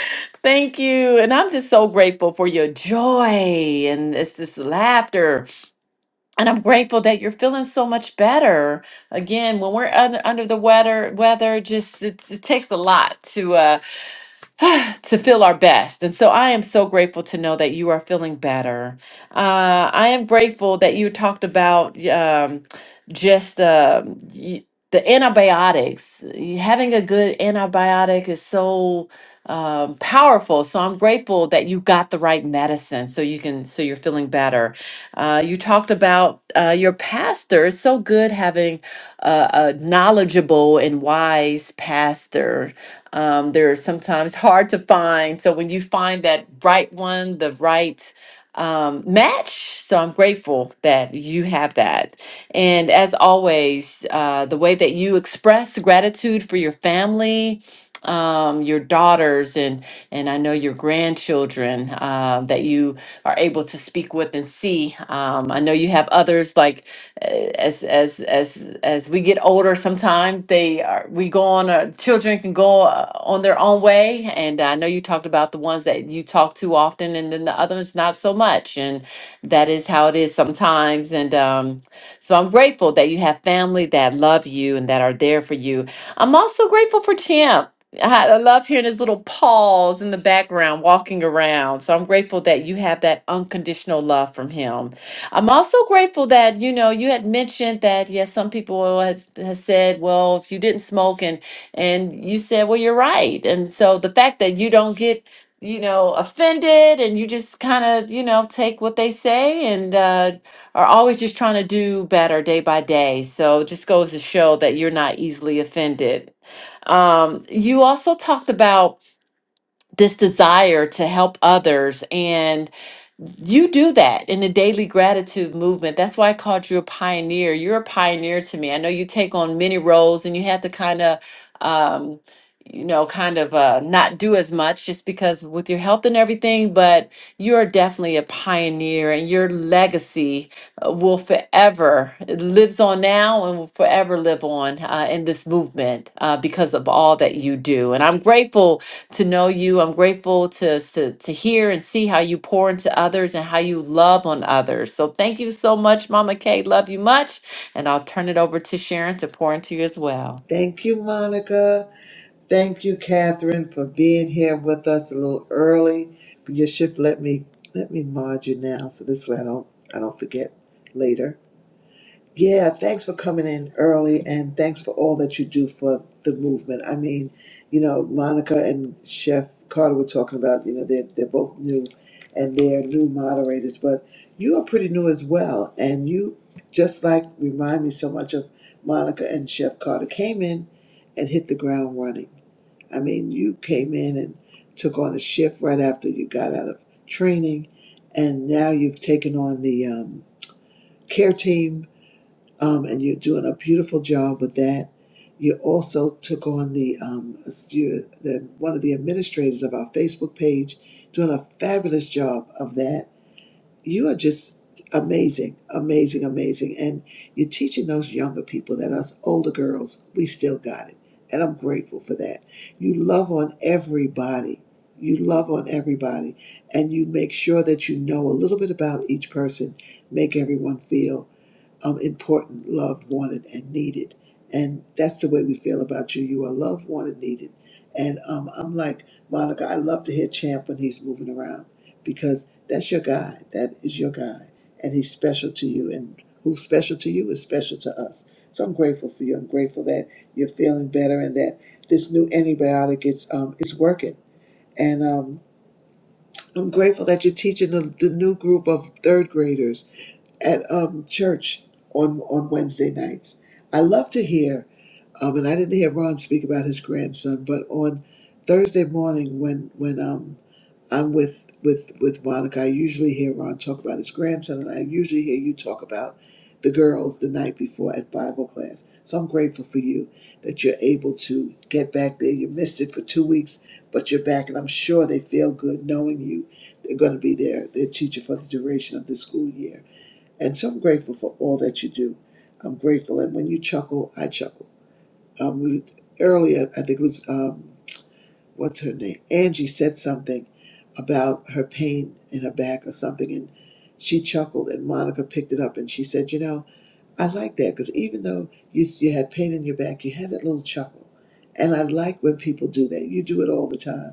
Speaker 2: Thank you. And I'm just so grateful for your joy and it's this laughter. And I'm grateful that you're feeling so much better. Again, when we're under, under the weather, weather just it, it takes a lot to uh to feel our best. And so I am so grateful to know that you are feeling better. Uh, I am grateful that you talked about um, just the. y- the antibiotics, Y- having a good antibiotic is so um, powerful. So I'm grateful that you got the right medicine, so you can, so you're feeling better. Uh, you talked about uh, your pastor. It's so good having a, a knowledgeable and wise pastor um, they're sometimes hard to find. So when you find that right one, the right um, match, so I'm grateful that you have that. And as always, uh, the way that you express gratitude for your family, um, your daughters, and and I know your grandchildren, uh, that you are able to to speak with and see. Um, I know you have others like uh, as as as as we get older, sometimes they are we go on. Uh, children can go uh, on their own way, and I know you talked about the ones that you talk to often, and then the others not so much, and that is how it is sometimes. And um, so I'm grateful that you have family that love you and that are there for you. I'm also grateful for Champ. I, had- I love hearing his little paws in the background walking around. So I'm grateful that you have that unconditional love from him. I'm also grateful that, you know, you had mentioned that, yes, some people has, has said, well, if you didn't smoke and, and you said, well, you're right. And so the fact that you don't get, you know, offended and you just kind of, you know, take what they say and uh, are always just trying to do better day by day. So it just goes to show that you're not easily offended um, you also talked about this desire to help others and you do that in the daily gratitude movement. That's why I called you a pioneer. You're a pioneer to me. I know you take on many roles and you have to kind of, um, you know, kind of uh, not do as much just because with your health and everything, but you're definitely a pioneer and your legacy uh, will forever, it lives on now and will forever live on uh, in this movement uh, because of all that you do. And I'm grateful to know you. I'm grateful to, to, to hear and see how you pour into others and how you love on others. So thank you so much, Mama Kay. Love you much. And I'll turn it over to Sharon to pour into you as well.
Speaker 1: Thank you, Monica. Thank you, Catherine, for being here with us a little early. You should let me let me mod you now, so this way I don't I don't forget later. Yeah, thanks for coming in early and thanks for all that you do for the movement. I mean, you know, Monica and Chef Carter were talking about, you know, they're, they're both new and they're new moderators, but you are pretty new as well. And you just like remind me so much of Monica and Chef Carter came in and hit the ground running. I mean, you came in and took on a shift right after you got out of training, and now you've taken on the um, care team um, and you're doing a beautiful job with that. You also took on the, um, you, the one of the administrators of our Facebook page, doing a fabulous job of that. You are just amazing, amazing, amazing, and you're teaching those younger people that us older girls we still got it, and I'm grateful for that. You love on everybody. You love on everybody, and you make sure that you know a little bit about each person, make everyone feel um, important, loved, wanted, and needed. And that's the way we feel about you. You are loved, wanted, needed. And um, I'm like, Monica, I love to hear Champ when he's moving around because that's your guy. That is your guy. And he's special to you. And who's special to you is special to us. So I'm grateful for you. I'm grateful that you're feeling better and that this new antibiotic it's um, is working. And um, I'm grateful that you're teaching the, the new group of third graders at um, church on on Wednesday nights. I love to hear, um, and I didn't hear Ron speak about his grandson, but on Thursday morning when when um, I'm with with with Monica, I usually hear Ron talk about his grandson, and I usually hear you talk about the girls the night before at Bible class. So I'm grateful for you that you're able to get back there. You missed it for two weeks, but you're back, and I'm sure they feel good knowing you. They're going to be their their teacher for the duration of the school year and so I'm grateful for all that you do. I'm grateful. And when you chuckle, I chuckle. Um, we, earlier, I think it was, um, what's her name? Angie said something about her pain in her back or something. And she chuckled, and Monica picked it up and she said, You know, I like that because even though you, you had pain in your back, you had that little chuckle. And I like when people do that. You do it all the time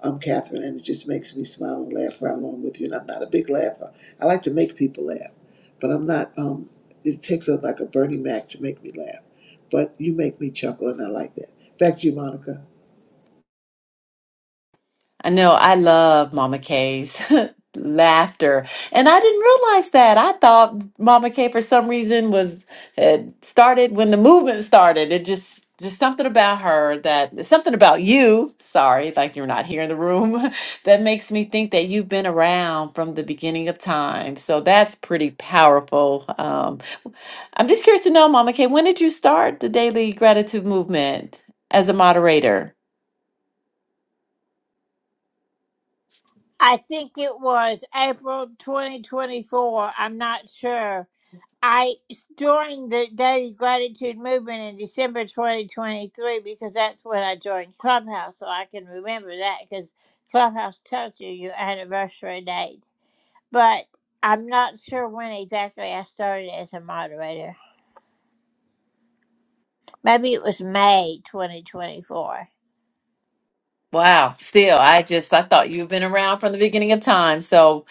Speaker 1: I'm Catherine, and it just makes me smile and laugh right along with you. And I'm not a big laugher. I like to make people laugh, but I'm not. Um, it takes a, like a Bernie Mac to make me laugh, but you make me chuckle, and I like that. Back to you, Monica.
Speaker 2: I know I love Mama K's laughter. And I didn't realize that. I thought Mama K for some reason was had started when the movement started. It just just something about her that something about you, sorry, like you're not here in the room, that makes me think that you've been around from the beginning of time. So that's pretty powerful. Um, I'm just curious to know, Mama K, when did you start the Daily Gratitude Movement as a moderator?
Speaker 10: I think it was April 2024. I'm not sure I joined the Daily Gratitude Movement in December 2023 because that's when I joined Clubhouse, so I can remember that because Clubhouse tells you your anniversary date. But I'm not sure when exactly I started as a moderator. Maybe it was May 2024.
Speaker 2: Wow. Still, I just I thought you've been around from the beginning of time. So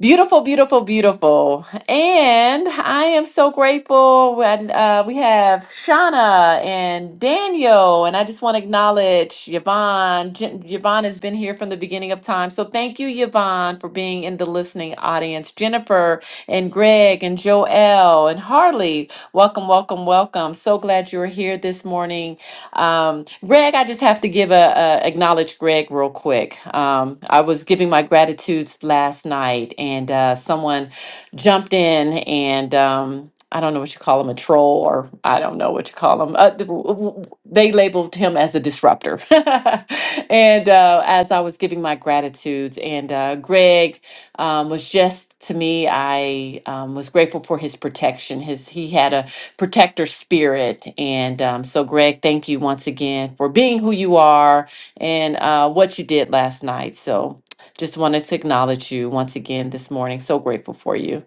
Speaker 2: beautiful, beautiful, beautiful. And I am so grateful when uh, we have Shauna and Daniel. And I just want to acknowledge Yvonne. Jen- Yvonne has been here from the beginning of time. So thank you, Yvonne, for being in the listening audience. Jennifer and Greg and Joel and Harley, welcome, welcome, welcome. So glad you're here this morning. Um, Greg, I just have to give a, a acknowledge Greg real quick. Um, I was giving my gratitudes last night, and uh, someone jumped in, and um, I don't know what you call him, a troll, or I don't know what you call him. Uh, the- w- w- they labeled him as a disruptor. and uh, as I was giving my gratitudes, and uh, Greg um, was just to me, I um, was grateful for his protection. His he had a protector spirit. And um, so, Greg, thank you once again for being who you are and uh, what you did last night. So, just wanted to acknowledge you once again this morning. So grateful for you.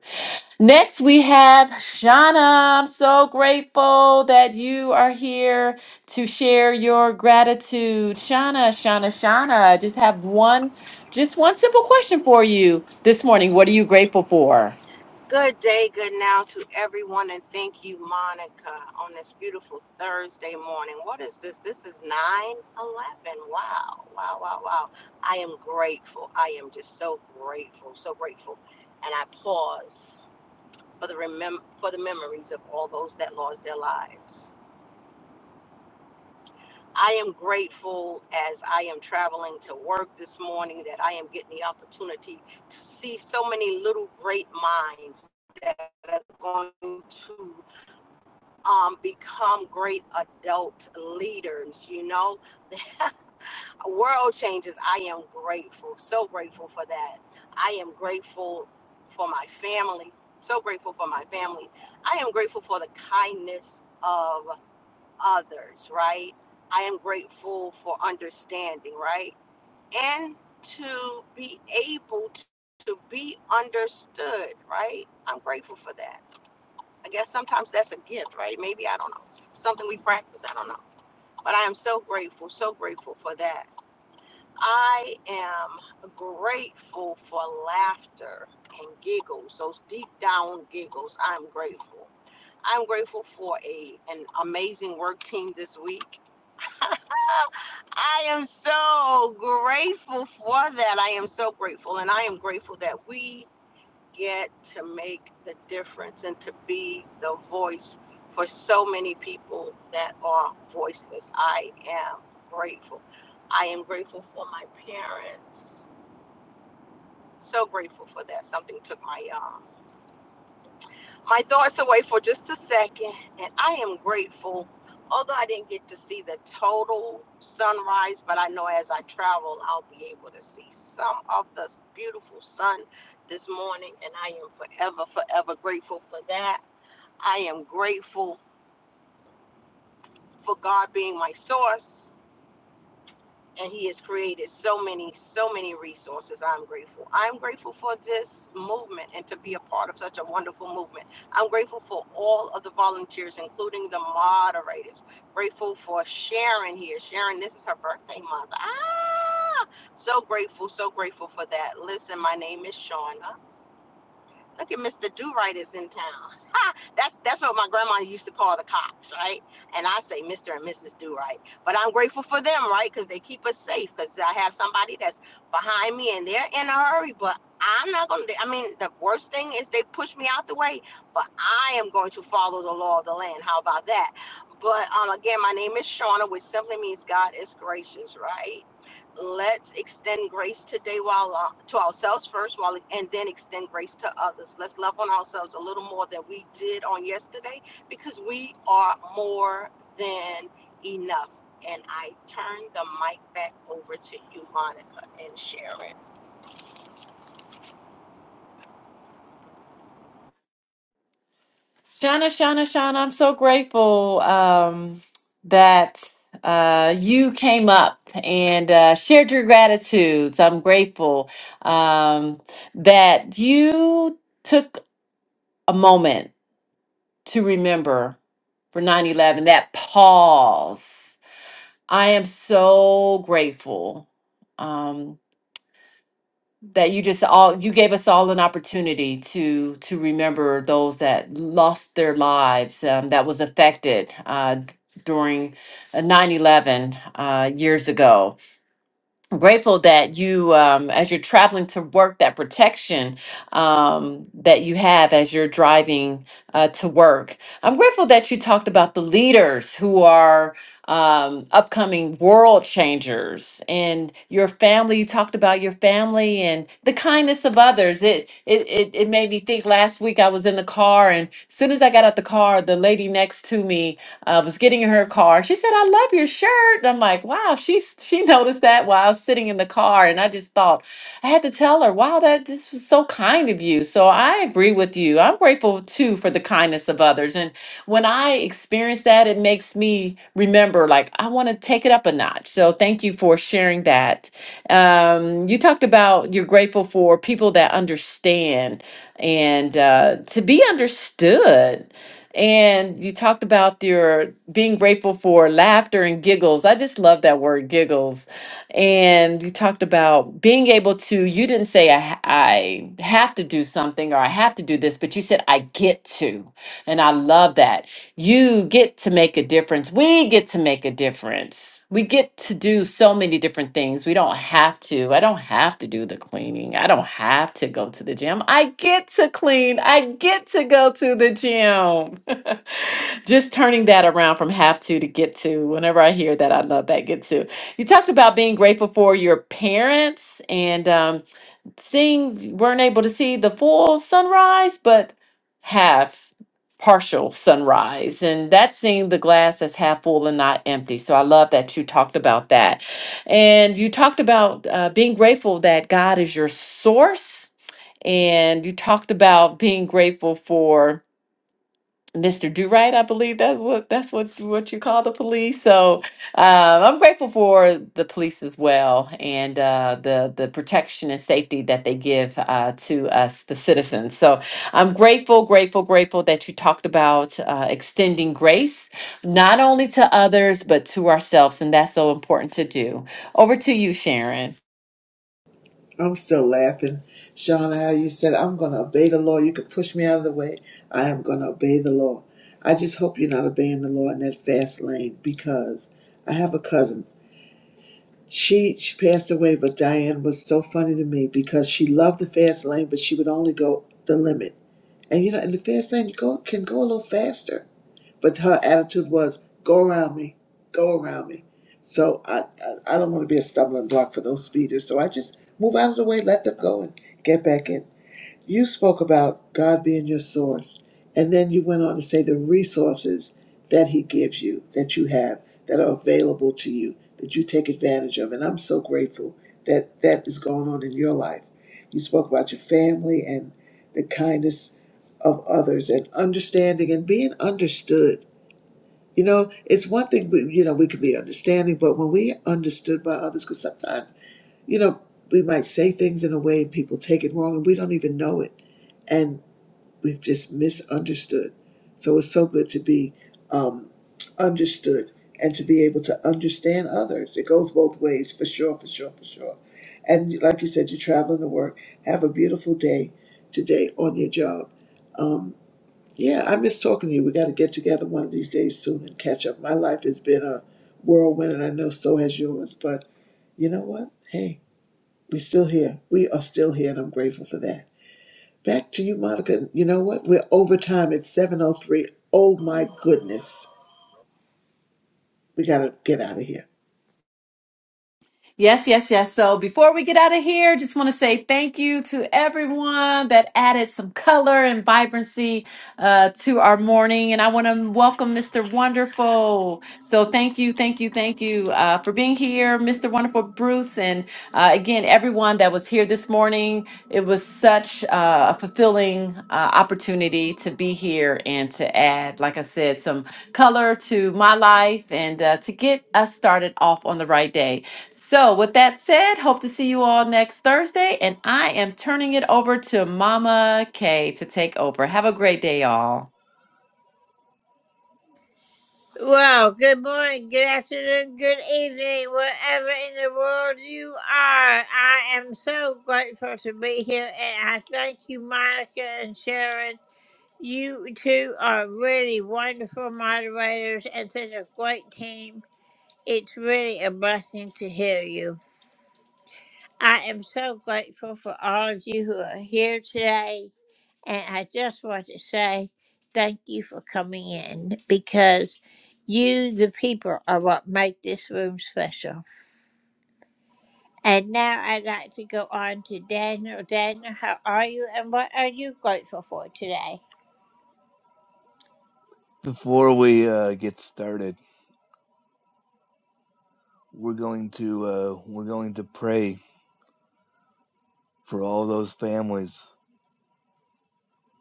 Speaker 2: Next, we have Shauna. I'm so grateful that you are here to share your gratitude. Shauna, Shauna, Shauna, I just have one, just one simple question for you this morning. What are you grateful for?
Speaker 11: Good day, good now to everyone, and thank you, Monica, on this beautiful Thursday morning. What is this? This is 9 11. Wow, wow, wow, wow. I am grateful. I am just so grateful, so grateful. And I pause for the, remem- for the memories of all those that lost their lives. I am grateful as I am traveling to work this morning that I am getting the opportunity to see so many little great minds that are going to um, become great adult leaders. You know, world changes. I am grateful, so grateful for that. I am grateful for my family, so grateful for my family. I am grateful for the kindness of others, right? I am grateful for understanding, right? And to be able to, to be understood, right? I'm grateful for that. I guess sometimes that's a gift, right? Maybe I don't know. Something we practice, I don't know. But I am so grateful, so grateful for that. I am grateful for laughter and giggles, those deep down giggles. I'm grateful. I'm grateful for a an amazing work team this week. I am so grateful for that. I am so grateful and I am grateful that we get to make the difference and to be the voice for so many people that are voiceless. I am grateful. I am grateful for my parents. So grateful for that. Something took my um my thoughts away for just a second, and I am grateful. Although I didn't get to see the total sunrise, but I know as I travel, I'll be able to see some of the beautiful sun this morning, and I am forever, forever grateful for that. I am grateful for God being my source, and He has created so many, so many resources. I'm grateful. I'm grateful for this movement and to be a part of such a wonderful movement. I'm grateful for all of the volunteers, including the moderators. Grateful for Sharon here. Sharon, this is her birthday month. Ah! So grateful, so grateful for that. Listen, my name is Shauna. Look at Mr. Do Right is in town. Ha! that's that's what my grandma used to call the cops, right? And I say Mr. and Mrs. Do Right. But I'm grateful for them, right? Because they keep us safe. Because I have somebody that's behind me and they're in a hurry, but I'm not gonna. I mean, the worst thing is they push me out the way, but I am going to follow the law of the land. How about that? But um, again, my name is Shauna, which simply means God is gracious, right? let's extend grace today while uh, to ourselves first while and then extend grace to others let's love on ourselves a little more than we did on yesterday because we are more than enough and i turn the mic back over to you monica and sharon
Speaker 2: Shauna, Shauna, Shauna, I'm so grateful um, that uh, you came up and uh, shared your gratitudes. I'm grateful um, that you took a moment to remember for 9 11, that pause. I am so grateful. um, that you just all you gave us all an opportunity to to remember those that lost their lives um, that was affected uh, during uh, 9 eleven uh, years ago I'm grateful that you um, as you're traveling to work that protection um, that you have as you're driving uh, to work i'm grateful that you talked about the leaders who are um, upcoming world changers and your family you talked about your family and the kindness of others it it, it it made me think last week i was in the car and as soon as i got out the car the lady next to me I was getting in her car. She said, "I love your shirt." And I'm like, "Wow!" She she noticed that while I was sitting in the car, and I just thought I had to tell her, "Wow, that this was so kind of you." So I agree with you. I'm grateful too for the kindness of others, and when I experience that, it makes me remember, like I want to take it up a notch. So thank you for sharing that. Um, you talked about you're grateful for people that understand and uh, to be understood and you talked about your being grateful for laughter and giggles. I just love that word, giggles. And you talked about being able to, you didn't say, I, ha- I have to do something or I have to do this, but you said, I get to. And I love that. You get to make a difference. We get to make a difference. We get to do so many different things. We don't have to. I don't have to do the cleaning. I don't have to go to the gym. I get to clean. I get to go to the gym. Just turning that around from have to to get to. Whenever I hear that, I love that get to. You talked about being grateful for your parents and um, seeing weren't able to see the full sunrise, but have partial sunrise and that's seeing the glass as half full and not empty so i love that you talked about that and you talked about uh, being grateful that god is your source and you talked about being grateful for Mr. Do Right, I believe that's what that's what what you call the police. So um, I'm grateful for the police as well and uh, the the protection and safety that they give uh, to us, the citizens. So I'm grateful, grateful, grateful that you talked about uh, extending grace not only to others but to ourselves, and that's so important to do. Over to you, Sharon.
Speaker 1: I'm still laughing, Sean. How you said I'm going to obey the law. You can push me out of the way. I am going to obey the law. I just hope you're not obeying the law in that fast lane because I have a cousin She she passed away, but Diane was so funny to me because she loved the fast lane, but she would only go the limit. And you know, and the fast lane go can go a little faster. But her attitude was, "Go around me, go around me." So I I, I don't want to be a stumbling block for those speeders. So I just move out of the way, let them go, and get back in. You spoke about God being your source, and then you went on to say the resources that He gives you, that you have, that are available to you, that you take advantage of. And I'm so grateful that that is going on in your life. You spoke about your family and the kindness of others and understanding and being understood. You know, it's one thing, we, you know, we can be understanding, but when we understood by others, because sometimes, you know, we might say things in a way and people take it wrong and we don't even know it we've just misunderstood. So it's so good to be um, understood and to be able to understand others. It goes both ways, for sure, for sure, for sure. And like you said, you're traveling to work. Have a beautiful day today on your job. Um, yeah, I miss talking to you. We got to get together one of these days soon and catch up. My life has been a whirlwind, and I know so has yours. But you know what? Hey, we're still here. We are still here, and I'm grateful for that. Back to you, Monica. You know what? We're overtime at 7.03. Oh three. Oh, my goodness. We got to get out of here.
Speaker 2: Yes, yes, yes. So before we get out of here, just want to say thank you to everyone that added some color and vibrancy uh, to our morning. And I want to welcome Mr. Wonderful. So thank you, thank you, thank you uh, for being here, Mr. Wonderful Bruce. And uh, again, everyone that was here this morning, it was such uh, a fulfilling uh, opportunity to be here and to add, like I said, some color to my life and uh, to get us started off on the right day. So, with that said, hope to see you all next Thursday. And I am turning it over to Mama Kay to take over. Have a great day, y'all.
Speaker 10: Well, good morning, good afternoon, good evening, wherever in the world you are. I am so grateful to be here, and I thank you, Monica and Sharon. You two are really wonderful moderators and such a great team. It's really a blessing to hear you. I am so grateful for all of you who are here today. And I just want to say thank you for coming in because you, the people, are what make this room special. And now I'd like to go on to Daniel. Daniel, how are you and what are you grateful for today?
Speaker 12: Before we uh, get started, we're going to uh, we're going to pray for all those families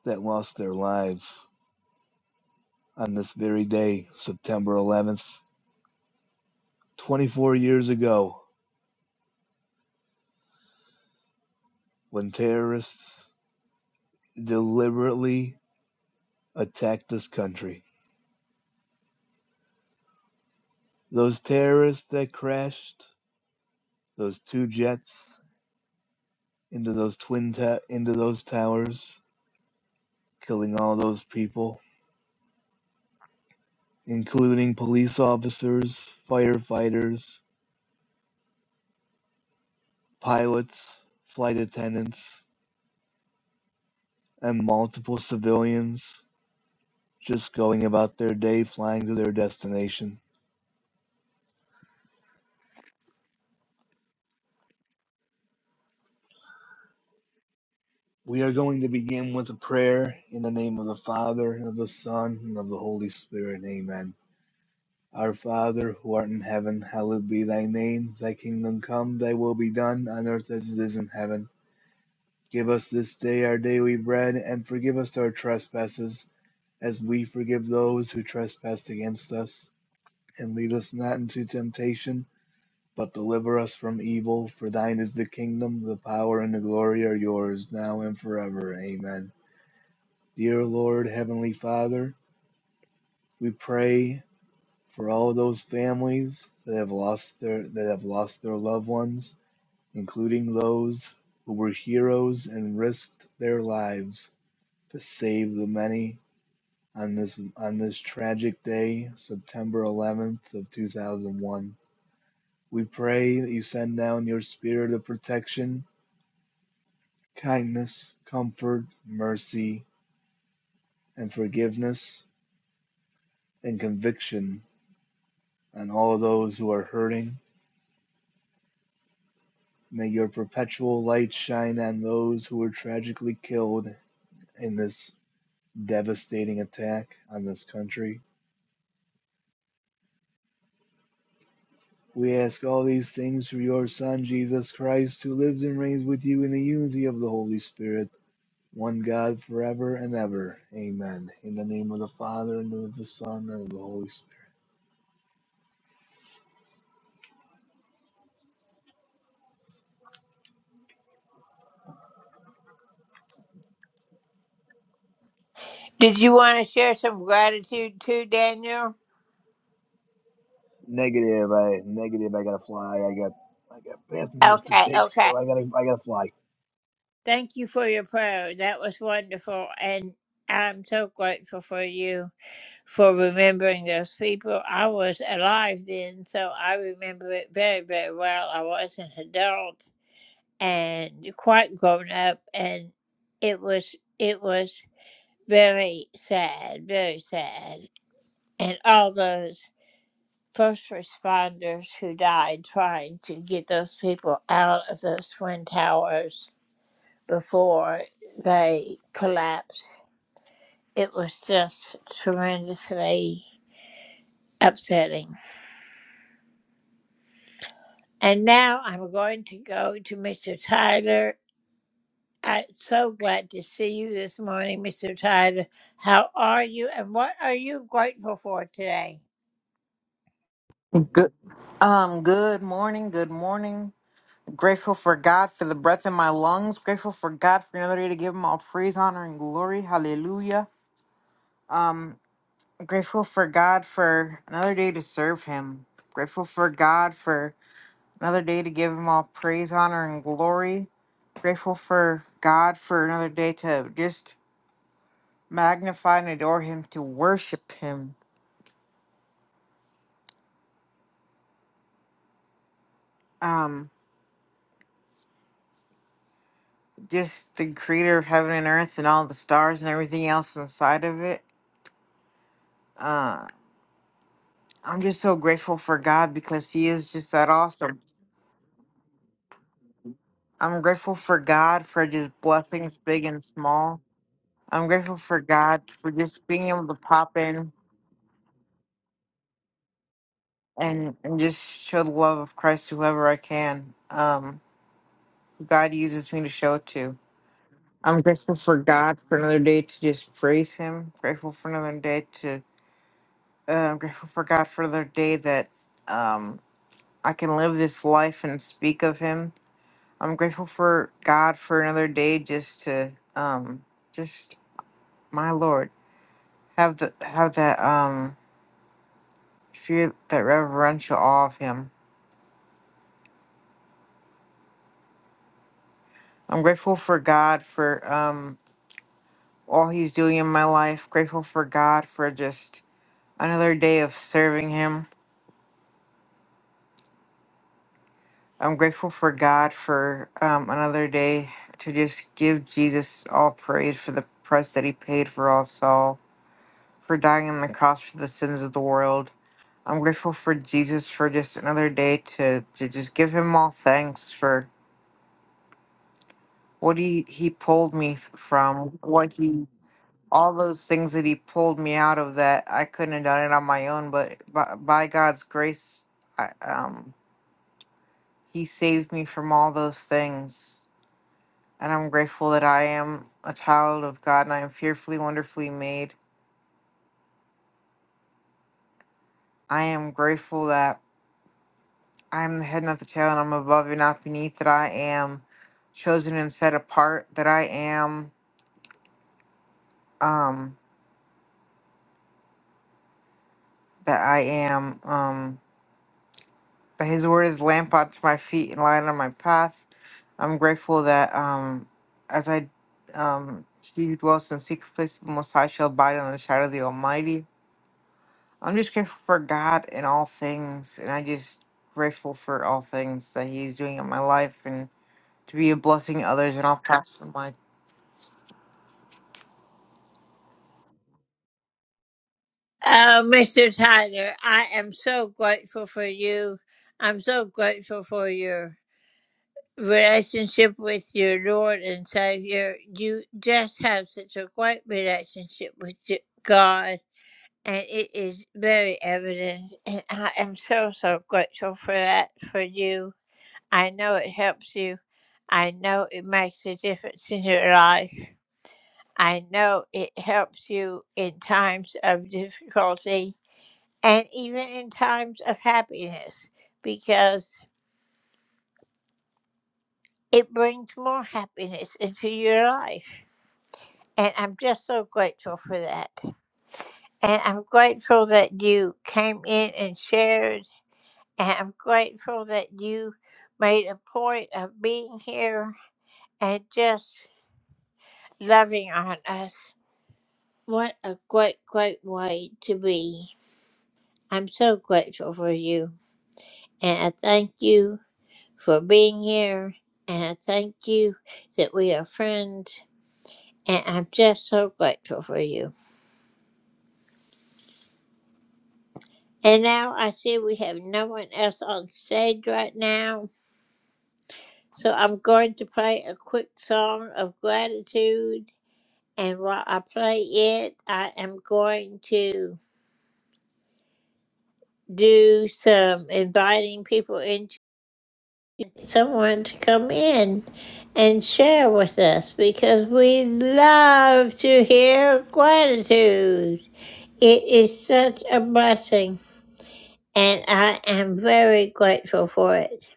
Speaker 12: that lost their lives on this very day, September 11th, 24 years ago, when terrorists deliberately attacked this country. Those terrorists that crashed those two jets into those twin ta- into those towers, killing all those people, including police officers, firefighters, Pilots, flight attendants, and multiple civilians just going about their day flying to their destination. We are going to begin with a prayer in the name of the Father, and of the Son, and of the Holy Spirit. Amen. Our Father, who art in heaven, hallowed be thy name. Thy kingdom come, thy will be done, on earth as it is in heaven. Give us this day our daily bread, and forgive us our trespasses, as we forgive those who trespass against us And lead us not into temptation, but deliver us from evil. For thine is the kingdom, the power, and the glory are yours, now and forever. Amen. Dear Lord, Heavenly Father, we pray for all those families that have lost their that have lost their loved ones, including those who were heroes and risked their lives to save the many on this on this tragic day, September 11th of 2001. We pray that you send down your spirit of protection, kindness, comfort, mercy, and forgiveness and conviction on all those who are hurting. May your perpetual light shine on those who were tragically killed in this devastating attack on this country. We ask all these things through your Son, Jesus Christ, who lives and reigns with you in the unity of the Holy Spirit, one God forever and ever. Amen. In the name of the Father and of the Son and of the Holy Spirit.
Speaker 10: Did you want to share some gratitude too, Daniel?
Speaker 12: Negative. I negative. I gotta fly. I got I got passengers to
Speaker 10: Okay,
Speaker 12: take,
Speaker 10: okay.
Speaker 12: so I gotta I gotta fly.
Speaker 10: Thank you for your prayer. That was wonderful. And I'm so grateful for you for remembering those people. I was alive then, so I remember it very, very well. I was an adult and quite grown up and it was it was very sad, very sad. And all those first responders who died trying to get those people out of those twin towers before they collapsed. It was just tremendously upsetting. And now I'm going to go to Mr. Tyler. I'm so glad to see you this morning, Mr. Tyler. How are you and what are you grateful for today?
Speaker 13: Good. Um, good morning. Good morning. Grateful for God for the breath in my lungs. Grateful for God for another day to give him all praise, honor, and glory. Hallelujah. Grateful for God for another day to serve him. Grateful for God for another day to give him all praise, honor, and glory. Grateful for God for another day to just magnify and adore him, to worship him. Um, just the creator of heaven and earth and all the stars and everything else inside of it. Uh, I'm just so grateful for God because He is just that awesome. I'm grateful for God for just blessings big and small. I'm grateful for God for just being able to pop in and, and just show the love of Christ to whoever I can. Um, God uses me to show it to. I'm grateful for God for another day to just praise Him. Grateful for another day to. Uh, I'm grateful for God for another day that um, I can live this life and speak of Him I'm grateful for God for another day just to um just my Lord have the have that um fear that reverential awe of him. I'm grateful for God for um all he's doing in my life. Grateful for God for just another day of serving him. I'm grateful for God for um another day to just give Jesus all praise for the price that he paid for us all, for dying on the cross for the sins of the world I'm grateful for Jesus for just another day to, to just give him all thanks for what he, he pulled me f- from, what he, all those things that he pulled me out of that I couldn't have done it on my own, but by, by God's grace, I, um, he saved me from all those things. And I'm grateful that I am a child of God and I am fearfully, wonderfully made. I am grateful that I am the head, not the tail, and I'm above and not beneath. That I am chosen and set apart. That I am, um, that I am, um, that His word is lamp unto my feet and light on my path. I'm grateful that, um, as I, um, he who dwells in the secret place of the Most High shall abide in the shadow of the Almighty. I'm just grateful for God in all things, and I just grateful for all things that He's doing in my life and to be a blessing to others. And I'll pass the mic.
Speaker 10: Oh, Mr. Tyler, I am so grateful for you. I'm so grateful for your. relationship with your Lord and Savior. You just have such a great relationship with y- God, and it is very evident. And I am so, so grateful for that for you. I know it helps you. I know it makes a difference in your life. I know it helps you in times of difficulty and even in times of happiness because it brings more happiness into your life. And I'm just so grateful for that. And I'm grateful that you came in and shared. And I'm grateful that you made a point of being here and just loving on us. What a great, great way to be. I'm so grateful for you. And I thank you for being here. And I thank you that we are friends. And I'm just so grateful for you. And now I see we have no one else on stage right now. So I'm going to play a quick song of gratitude. And while I play it, I am going to do some inviting people into someone to come in and share with us because we love to hear gratitude. It is such a blessing, and I am very grateful for it.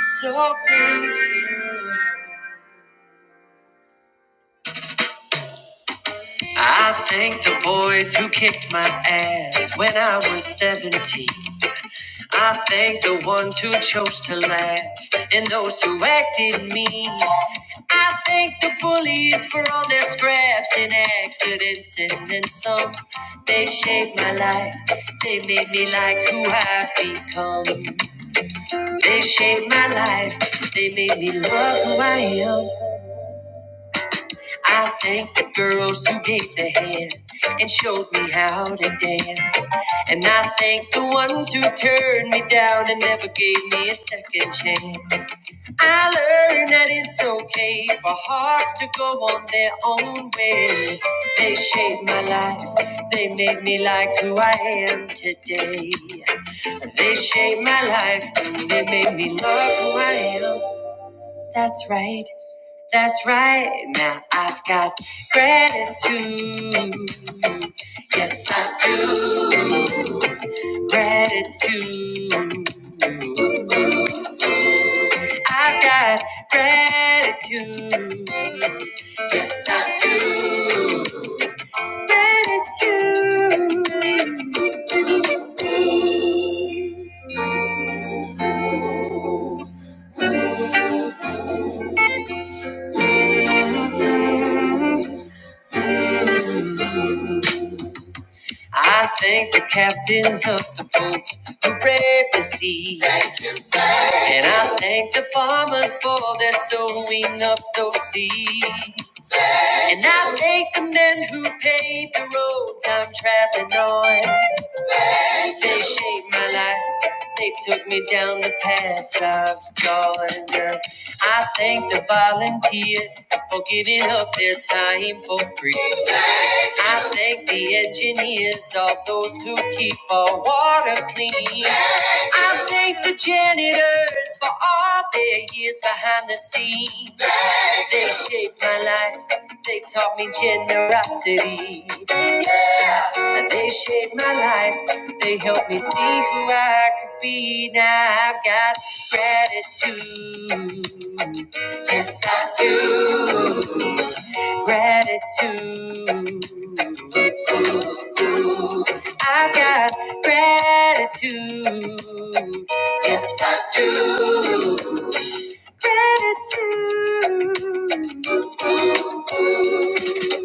Speaker 10: So I thank the boys who kicked my ass when I was 17. I thank the ones who chose to laugh and those who acted mean. I thank the bullies for all their scraps and accidents and then some. They shaped my life. They made me like who I've become. They shaped my life. They made me love who I am. I thank the girls who gave the hand and showed me how to dance. And I thank the ones who turned me down and never gave me a second chance. I learned that it's okay for hearts to go on their own way. They shaped my life, they made me like who I am today. They shaped my life, they made me love who I am. That's right. That's right. Now I've got gratitude. Yes, I do. Gratitude. I've got gratitude. Yes, I do. Gratitude. I thank the captains of the boats who brave the sea. And I thank the farmers for their sowing of those seeds. And I thank the men who paved the roads I'm traveling on. They shaped my life. They took me down the paths I've gone. I thank the volunteers for giving up their time for free. I thank the engineers, all those who keep our water clean. I thank the janitors for all their years behind the scenes. They shaped my life. They taught me generosity. They shaped my life. They helped me see who I could be. Now I've got gratitude. Yes, I do. Gratitude. I've got gratitude. Yes, I do. Gratitude.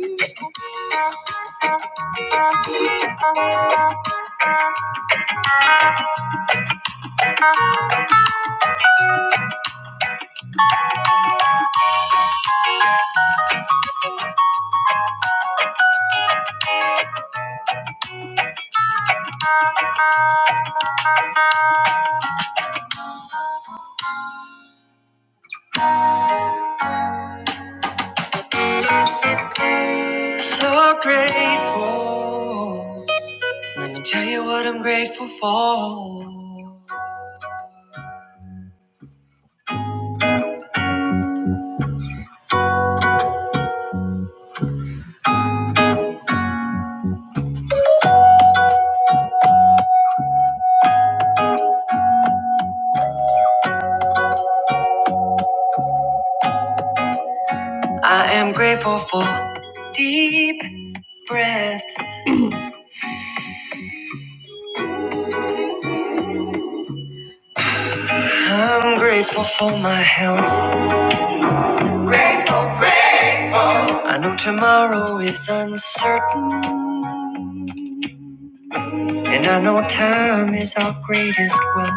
Speaker 10: So grateful. Let me tell you what I'm grateful for. I am grateful for deep breaths. I'm grateful for my health. I know tomorrow is uncertain, and I know time is our greatest wealth.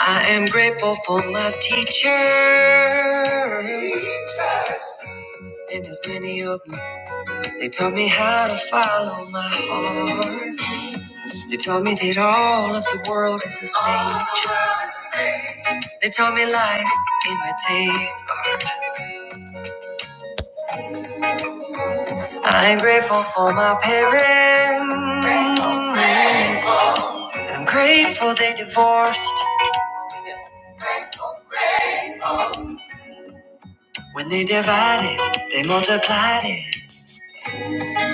Speaker 10: I am grateful for my teachers. And there's many of them. They taught me how to follow my heart. They told me that all of the world is a stage. They told me life imitates art. I'm grateful for my parents. I'm grateful they divorced. When they divided, they multiplied it.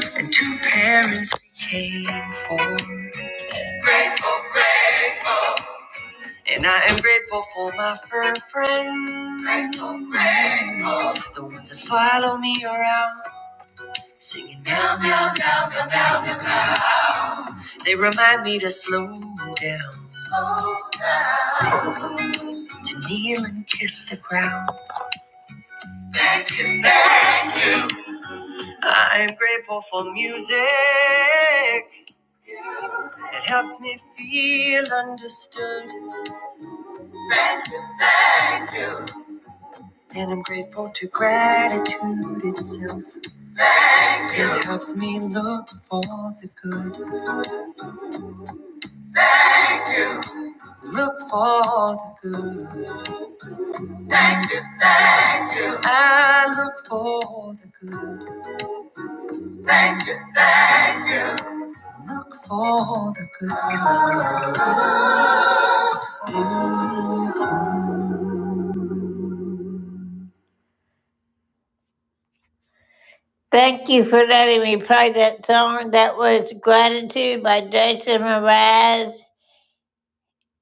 Speaker 10: And two parents became four. And I am grateful for my fur friends. The ones that follow me around. Singing meow meow meow meow meow meow They remind me to slow down, to kneel and kiss the ground. I'm grateful for music that helps me feel understood. And I'm grateful to gratitude itself. It helps me look for the good, look for the good. I look for the good, look for the good. Thank you for letting me play that song. That was Gratitude by Jason Mraz.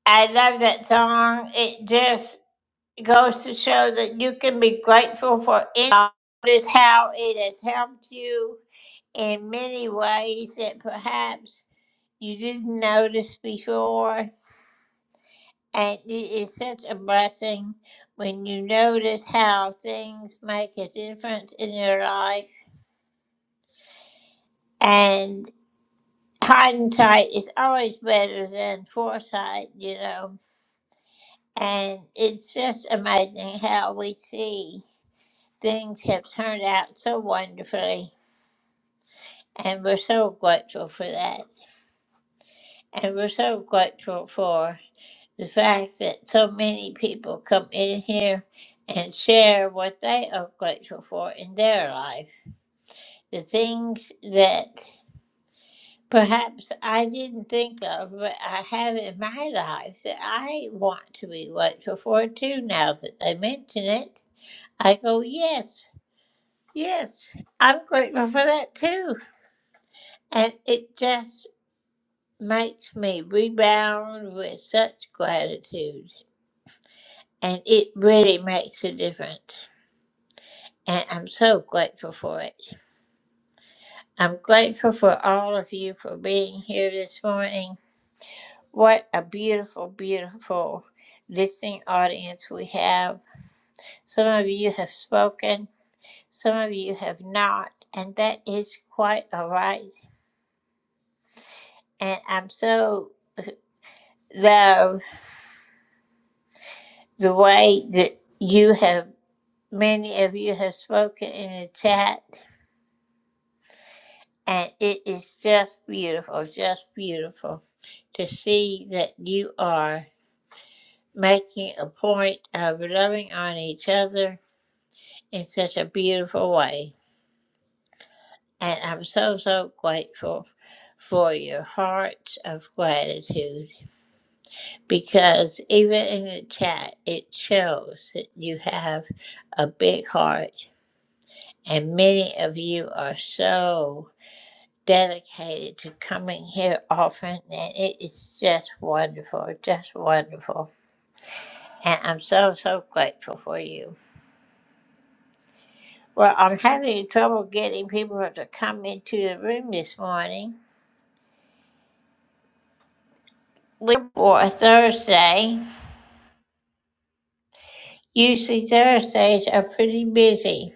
Speaker 10: I love that song. It just goes to show that you can be grateful for any notice how it has helped you in many ways that perhaps you didn't notice before. And it is such a blessing when you notice how things make a difference in your life. And hindsight is always better than foresight, you know. And it's just amazing how we see things have turned out so wonderfully. And we're so grateful for that. And we're so grateful for the fact that so many people come in here and share what they are grateful for in their life. The things that perhaps I didn't think of, but I have in my life that I want to be grateful for too. Now that they mention it, I go, yes, yes, I'm grateful for that too. And it just makes me rebound with such gratitude. And it really makes a difference. And I'm so grateful for it. I'm grateful for all of you for being here this morning. What a beautiful, beautiful listening audience we have. Some of you have spoken, some of you have not, and that is quite all right. And I'm so love the way that you have, many of you have spoken in the chat, and it is just beautiful, just beautiful to see that you are making a point of loving on each other in such a beautiful way. And I'm so, so grateful for your hearts of gratitude because even in the chat, it shows that you have a big heart. And many of you are so dedicated to coming here often. And it is just wonderful, just wonderful. And I'm so, so grateful for you. Well, I'm having trouble getting people to come into the room this morning. We're for Thursday. Usually Thursdays are pretty busy.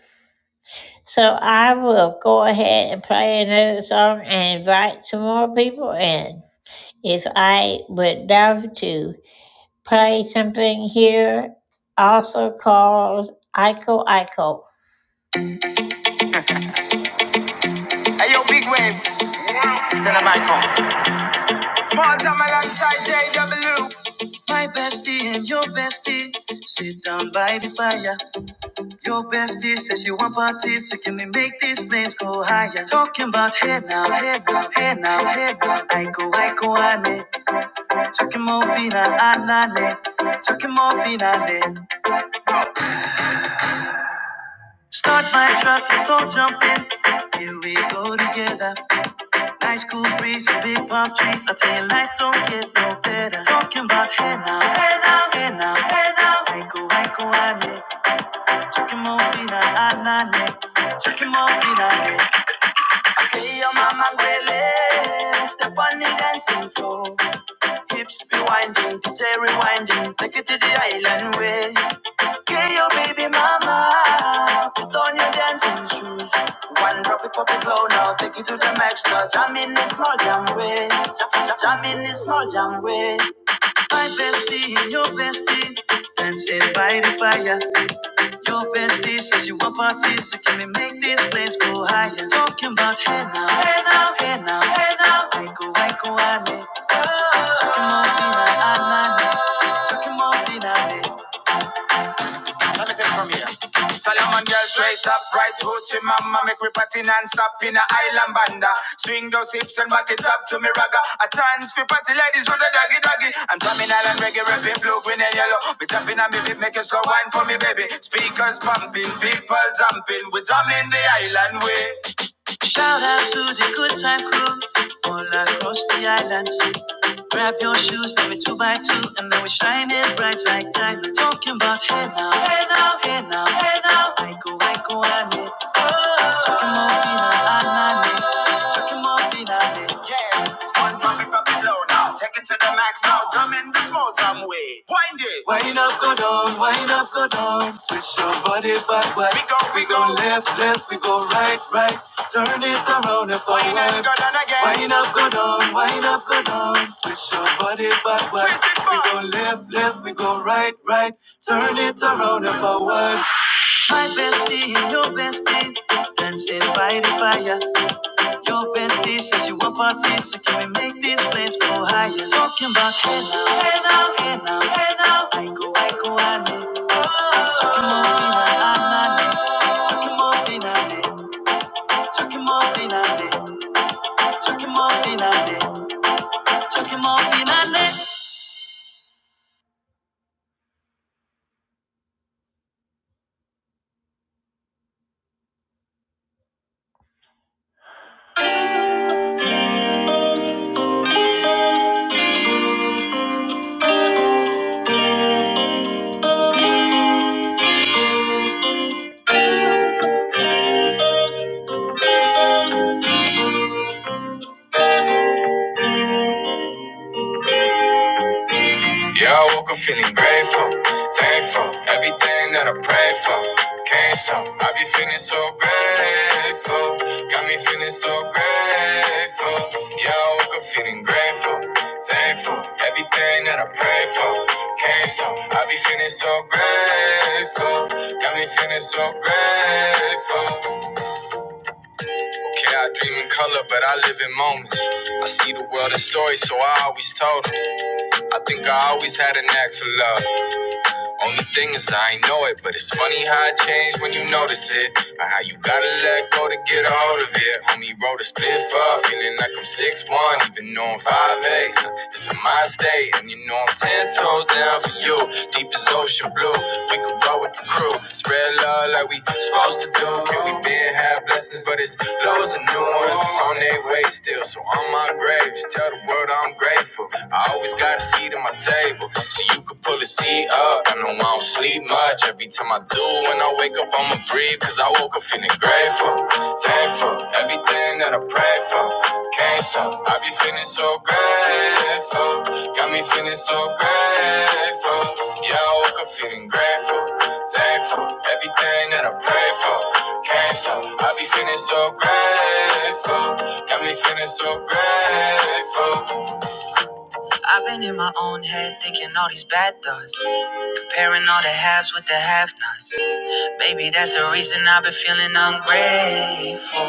Speaker 10: So I will go ahead and play another song and invite some more people in. If I would love to play something here, also called Ico Ico. Hey, yo, big wave. Tell 'em Ico. Small time alongside JW. My bestie and your bestie sit down by the fire. Your bestie says you want parties, so can we make these flames go higher? Talking about head now, head now, head now, head now. I go, I go, ane. Chucking more fina, anane. Chucking more fina, ne. Start my truck, let's all jump in. Here we go together. Nice cool breeze, and big palm trees. I tell you, life don't get no better. Talking about head now, head now, head now, head now. I go, I go, ane. Chucking more fina, anane. Chucking more fina, ne. Hey, your mama Gwele, step on the dancing floor. Hips be winding, kitty rewinding, take it to the island way. Hey, your baby mama, put on your dancing shoes. One drop it, pop it low now, take it to the max now. Jam in the small jam way, jam, jam, jam in the small jam way. My bestie, your bestie, dancing by the fire. Your bestie says you want parties, so can we make these flames go higher? Talking about hey now, hey now, hey now, hey now. Aiko, aiko, ane. Chucky monkey na anane. Chucky monkey na Solomon girl straight up, right hoochie mama, make we party non-stop in a island banda. Swing those hips and back it up to me ragga. A chance for party ladies do the doggy doggy. I'm drumming island reggae, rapping blue, green and yellow. We tapping on me beat, make a slow wine for me baby. Speakers pumping, people jumping, we drumming the island way. Shout out to the good time crew all across the island sea. Grab your shoes, let me two by two, and then we shine it bright like diamonds. Talking about hey now, hey now, hey now, hey now. I go, I go, I need. Talking about hey now, I Check him out finally. Yes. One time it pop it low now. Take it to the max now. Jump in the small time way. Wind it. Wind up, go down. Wind up, go down. Twist your body back, back. We go, we, we go. go left, left. We go right, right. Turn it around and forward. Wind up, go down again. Wind up, go down. Wind up, go down. Twist your body back, back. Twist it back. We go left, left. We go right, right. Turn it around and forward. My bestie, your bestie, dancing by the fire. Your bestie says you want parties, so can we make these flames go higher? Talking about hey now, hey now, hey now, hey now. I go, I go, I need. Talking more than I need. Talking more than I need. Talking more than I need. Talking more than I need. Talking more than I need. so grateful. Yeah, I woke up feeling grateful, thankful. Everything that I pray for came so. I be feeling so grateful, got me feeling so grateful. Okay, I dream in color, but I live in moments. I see the world in stories, so I always told 'em. I think I always had a knack for love. Only thing is I ain't know it, but it's funny how it changed when you notice it. Or how you gotta let go to get a hold of it. Homie wrote a split for feeling like I'm six one, even though I'm five eight. It's a mind state, and you know I'm 10 toes down for you. Deep as ocean blue, we could roll with the crew. Spread love like we supposed to do. Can we been have blessings, but it's loads of new ones. It's on their way still, so on my grave, just tell the world I'm grateful. I always got a seat in my table. So you could pull a seat up. I know I don't sleep much. Every time I do, when I wake up, I'ma breathe. Cause I woke up feeling grateful, thankful. Everything that I pray for came so. I be feeling so grateful. Got me feeling so grateful. Yeah, I woke up feeling grateful, thankful. Everything that I pray for came so. I be feeling so grateful. Got me feeling so grateful. I've been in my own head thinking all these bad thoughts. Comparing all the halves with the have nots. Maybe that's the reason I've been feeling ungrateful.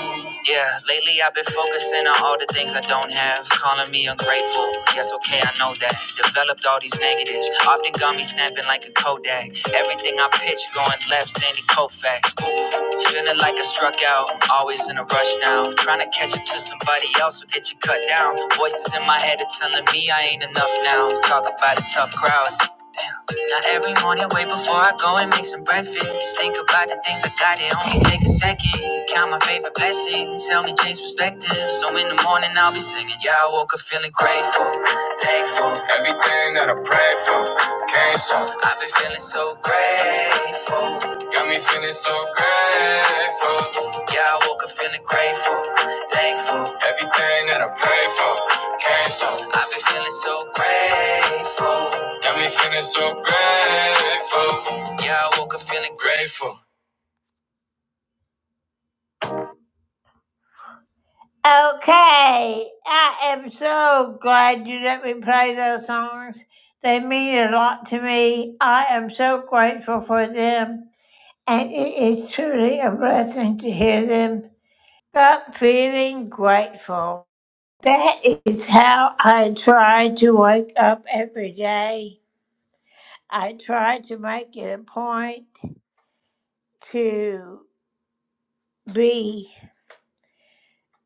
Speaker 10: Yeah, lately I've been focusing on all the things I don't have. Calling me ungrateful. Yes, okay, I know that. Developed all these negatives. Often got me snapping like a Kodak. Everything I pitch going left, Sandy Koufax. Ooh, Feeling like I struck out, always in a rush now. Trying to catch up to somebody else will get you cut down. Voices in my head are telling me I ain't enough now. Talk about a tough crowd. Damn. Now every morning, wait before I go and make some breakfast. Think about the things I got, it only takes a second. Count my favorite blessings, help me change perspective. So in the morning, I'll be singing. Yeah, I woke up feeling grateful, thankful. I've been feeling so grateful. Got my ass. Yeah, I woke up feeling grateful, thankful. Everything that I pray for came so. I've been feeling so grateful. Got me feeling so grateful. Yeah, I woke up feeling grateful. Okay, I am so glad you let me play those songs. They mean a lot to me. I am so grateful for them, and it is truly a blessing to hear them. But feeling grateful. That is how I try to wake up every day. I try to make it a point to be.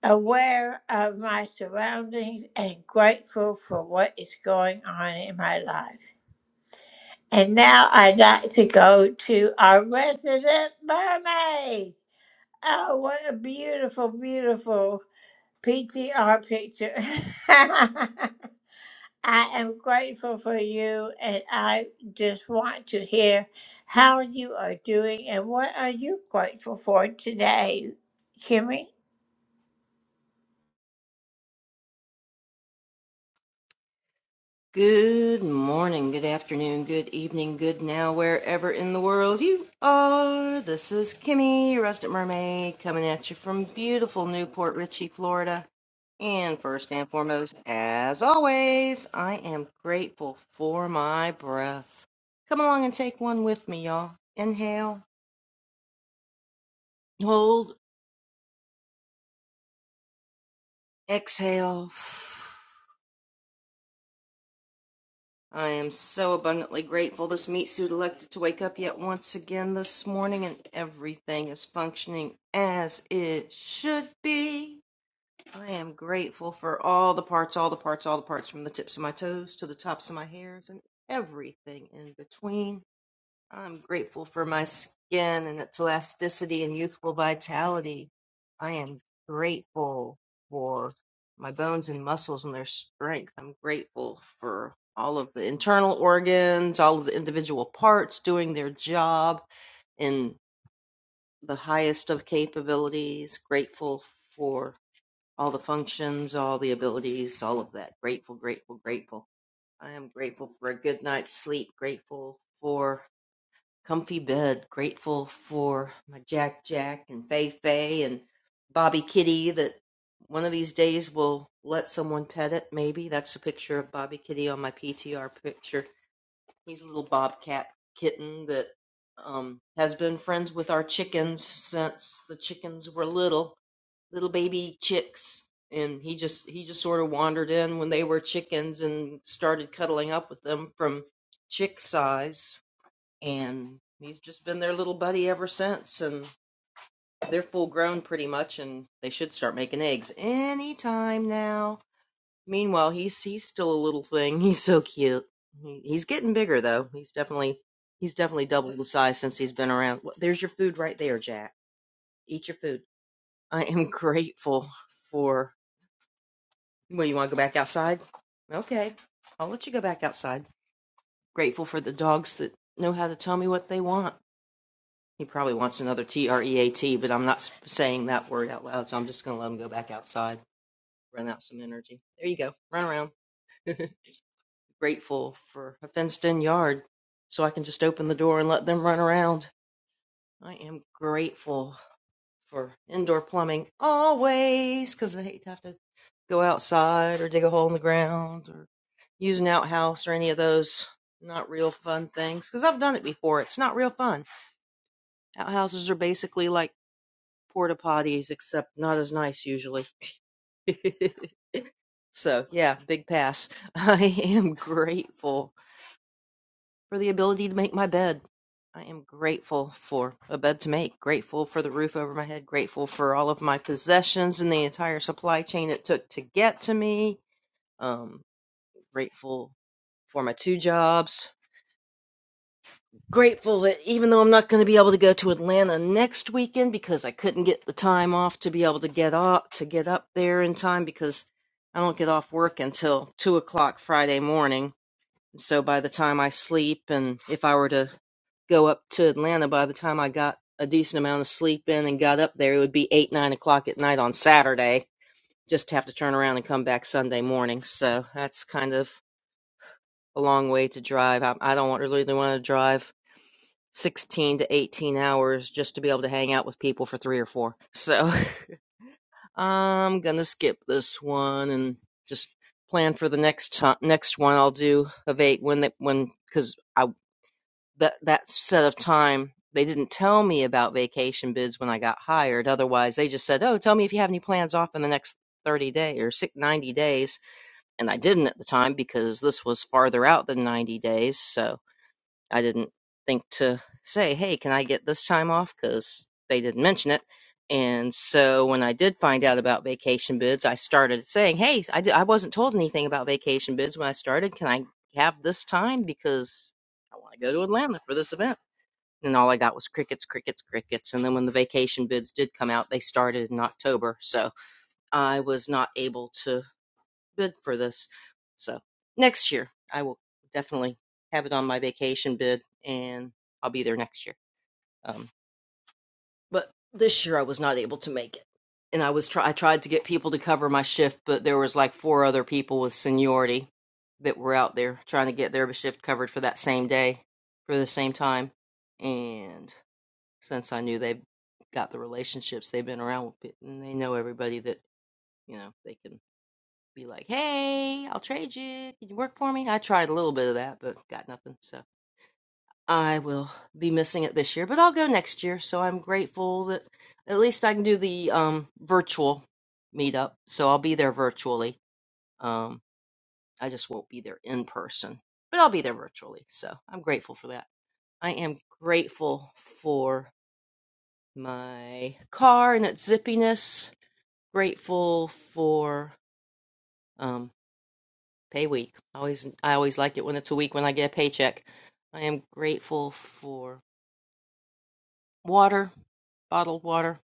Speaker 10: aware of my surroundings and grateful for what is going on in my life. And now I'd like to go to our resident mermaid. Oh, what a beautiful, beautiful PTR picture. I am grateful for you, and I just want to hear how you are doing and what are you grateful for today, Kimmy?
Speaker 14: Good morning, good afternoon, good evening, good now, wherever in the world you are. This is Kimmy, your Rusted Mermaid, coming at you from beautiful Newport Richey, Florida. And first and foremost, as always, I am grateful for my breath. Come along and take one with me, y'all. Inhale, hold, exhale. I am so abundantly grateful this meat suit elected to wake up yet once again this morning and everything is functioning as it should be. I am grateful for all the parts, all the parts, all the parts from the tips of my toes to the tops of my hairs and everything in between. I'm grateful for my skin and its elasticity and youthful vitality. I am grateful for my bones and muscles and their strength. I'm grateful for all of the internal organs, all of the individual parts doing their job in the highest of capabilities. Grateful for all the functions, all the abilities, all of that. Grateful, grateful, grateful. I am grateful for a good night's sleep. Grateful for comfy bed, grateful for my Jack Jack and Fei Fei and Bobby Kitty that one of these days will let someone pet it, maybe. That's a picture of Bobby Kitty on my PTR picture. He's a little bobcat kitten that um, has been friends with our chickens since the chickens were little, little baby chicks. And he just he just sort of wandered in when they were chickens and started cuddling up with them from chick size and he's just been their little buddy ever since and they're full grown pretty much and they should start making eggs any time now meanwhile he's he's still a little thing he's so cute he, he's getting bigger though he's definitely he's definitely doubled the size since he's been around Wha- there's your food right there jack eat your food i am grateful for well you want to go back outside okay i'll let you go back outside grateful for the dogs that know how to tell me what they want He probably wants another T R E A T, but I'm not saying that word out loud, so I'm just going to let him go back outside, run out some energy. There you go, run around. Grateful for a fenced in yard, so I can just open the door and let them run around. I am grateful for indoor plumbing always, 'cause I hate to have to go outside or dig a hole in the ground or use an outhouse or any of those not real fun things because I've done it before. It's not real fun. Outhouses are basically like porta potties, except not as nice usually. so yeah, big pass. I am grateful for the ability to make my bed. I am grateful for a bed to make, grateful for the roof over my head, grateful for all of my possessions and the entire supply chain it took to get to me. Um, grateful for my two jobs, grateful that even though I'm not going to be able to go to Atlanta next weekend because I couldn't get the time off to be able to get up to get up there in time because I don't get off work until two o'clock Friday morning. So by the time I sleep and if I were to go up to Atlanta, by the time I got a decent amount of sleep in and got up there, it would be eight nine o'clock at night on Saturday. Just have to turn around and come back Sunday morning. So that's kind of a long way to drive. I, I don't want, really want to drive 16 to 18 hours just to be able to hang out with people for three or four. So I'm gonna skip this one and just plan for the next time. Next one I'll do of eight when they, when because I that that set of time they didn't tell me about vacation bids when I got hired. Otherwise, they just said, "Oh, tell me if you have any plans off in the next." 30 days or six, 90 days and i didn't at the time because this was farther out than 90 days so I didn't think to say, hey, can I get this time off? Because they didn't mention it. And so when I did find out about vacation bids, I started saying, hey, I, di- I wasn't told anything about vacation bids when I started. Can I have this time? Because I want to go to Atlanta for this event. And all I got was crickets, crickets, crickets. And then when the vacation bids did come out, they started in October. So I was not able to Bid for this. So next year, I will definitely have it on my vacation bid, and I'll be there next year. Um, but this year, I was not able to make it, and I was try I tried to get people to cover my shift, but there was like four other people with seniority that were out there trying to get their shift covered for that same day, for the same time, and since I knew they have got the relationships they've been around with, pe- and they know everybody that you know they can be like, hey, I'll trade you. Can you work for me? I tried a little bit of that, but got nothing. So I will be missing it this year, but I'll go next year. So I'm grateful that at least I can do the um, virtual meetup. So I'll be there virtually. Um, I just won't be there in person, but I'll be there virtually. So I'm grateful for that. I am grateful for my car and its zippiness. Grateful for. um, Pay week. Always, I always like it when it's a week when I get a paycheck. I am grateful for water, bottled water.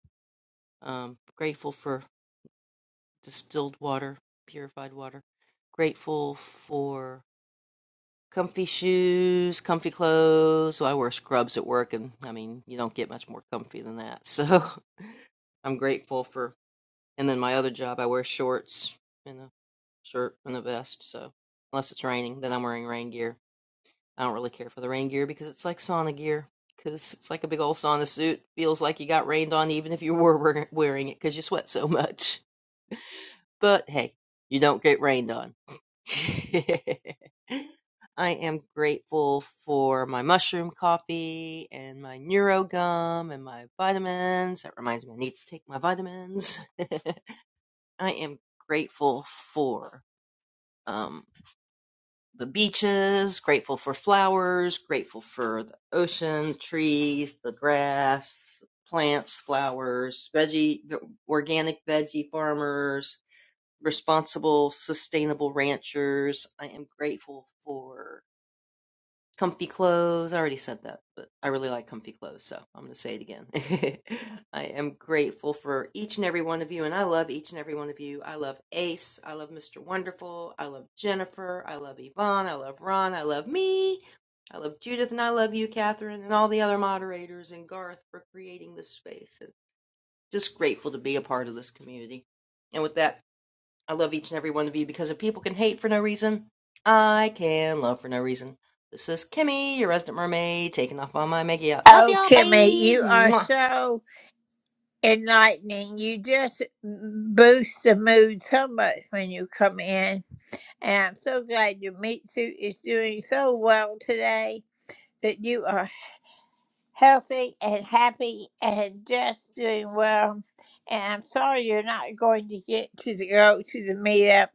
Speaker 14: Um, grateful for distilled water, purified water. Grateful for comfy shoes, comfy clothes. So I wear scrubs at work, and I mean, you don't get much more comfy than that. So I'm grateful for. And then my other job, I wear shorts and a shirt and a vest. So unless it's raining, then I'm wearing rain gear. I don't really care for the rain gear because it's like sauna gear. Because it's like a big old sauna suit. Feels like you got rained on even if you were wearing it because you sweat so much. But hey, you don't get rained on. I am grateful for my mushroom coffee and my neuro gum and my vitamins. That reminds me, I need to take my vitamins. I am grateful for. um, the beaches, grateful for flowers, grateful for the ocean, trees, the grass, plants, flowers, veggie, organic veggie farmers, responsible, sustainable ranchers. I am grateful for Comfy clothes. I already said that, but I really like comfy clothes, so I'm going to say it again. I am grateful for each and every one of you, and I love each and every one of you. I love Ace. I love Mr. Wonderful. I love Jennifer. I love Yvonne. I love Ron. I love me. I love Judith, and I love you, Catherine, and all the other moderators, and Garth for creating this space. And just grateful to be a part of this community. And with that, I love each and every one of you because if people can hate for no reason, I can love for no reason. This is Kimmy, your resident mermaid, taking off on my mega yacht. Love
Speaker 10: Oh,
Speaker 14: y'all.
Speaker 10: Kimmy,
Speaker 14: Bye.
Speaker 10: you are
Speaker 14: Mwah.
Speaker 10: so enlightening. You just boost the mood so much when you come in. And I'm so glad your meat suit is doing so well today that you are healthy and happy and just doing well. And I'm sorry you're not going to get to the go to the meetup.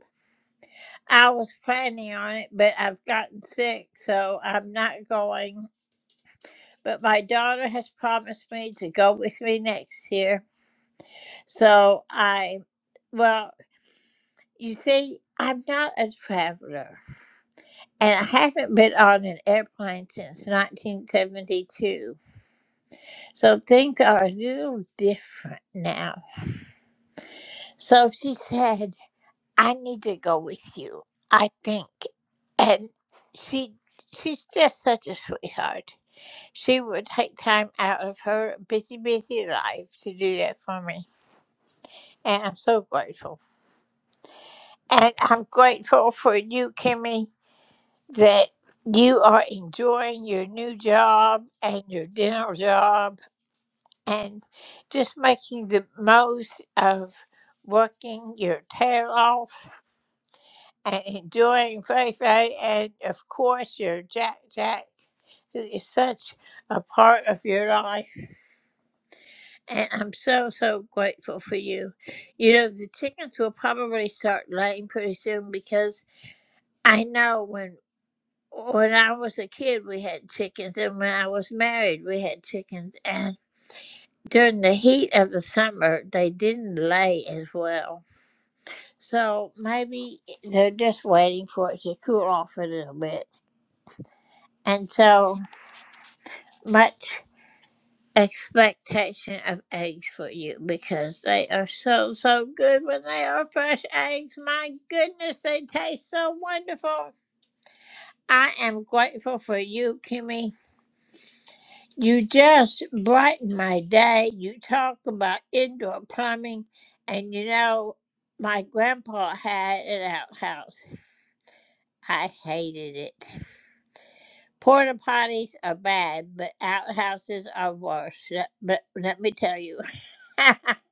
Speaker 10: I was planning on it, but I've gotten sick, so I'm not going. But my daughter has promised me to go with me next year. So I well. You see, I'm not a traveler, and I haven't been on an airplane since 1972. So things are a little different now. So she said, I need to go with you, I think. And she she's just such a sweetheart. She would take time out of her busy, busy life to do that for me. And I'm so grateful. And I'm grateful for you, Kimmy that you are enjoying your new job and your dinner job and just making the most of working your tail off and enjoying Fei Fei and of course your Jack Jack who is such a part of your life and I'm so so grateful for you. You know the chickens will probably start laying pretty soon because I know when when I was a kid, we had chickens, and when I was married, we had chickens. And during the heat of the summer, they didn't lay as well. So maybe they're just waiting for it to cool off a little bit. And so much expectation of eggs for you because they are so, so good when they are fresh eggs. My goodness, they taste so wonderful. I am grateful for you, Kimmy. You just brighten my day. You talk about indoor plumbing, and you know, my grandpa had an outhouse. I hated it. Porta potties are bad, but outhouses are worse. Let- But let me tell you.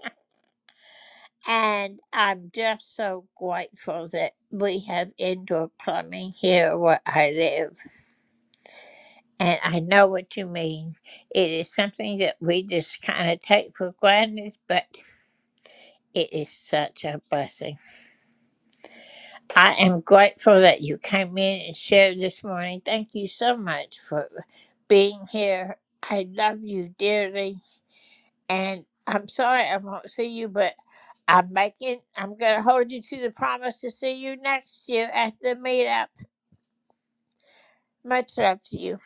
Speaker 10: and I'm just so grateful that we have indoor plumbing here where I live. And I know what you mean. It is something that we just kind of take for granted, but It is such a blessing. I am grateful that you came in and shared this morning. Thank you so much for being here. I love you dearly. And I'm sorry I won't see you, but I'm making, I'm going to hold you to the promise to see you next year at the meetup. Much love to you.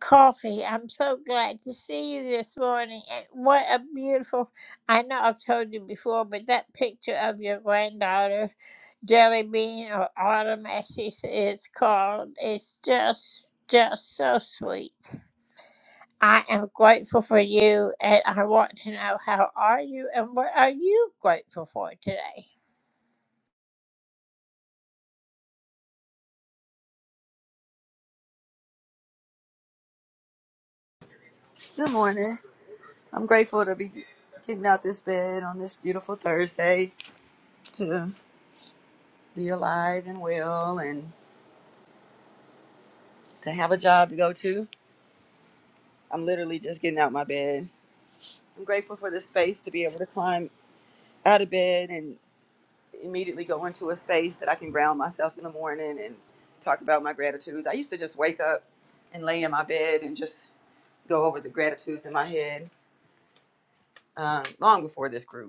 Speaker 10: Coffee, I'm so glad to see you this morning. And what a beautiful, I know I've told you before, but that picture of your granddaughter, Jelly Bean, or Autumn as she is called, is just, just so sweet. I am grateful for you, and I want to know how are you and what are you grateful for today?
Speaker 15: Good morning. I'm grateful to be getting out this bed on this beautiful Thursday to be alive and well and to have a job to go to. I'm literally just getting out my bed. I'm grateful for the space to be able to climb out of bed and immediately go into a space that I can ground myself in the morning and talk about my gratitudes. I used to just wake up and lay in my bed and just go over the gratitudes in my head um, long before this group.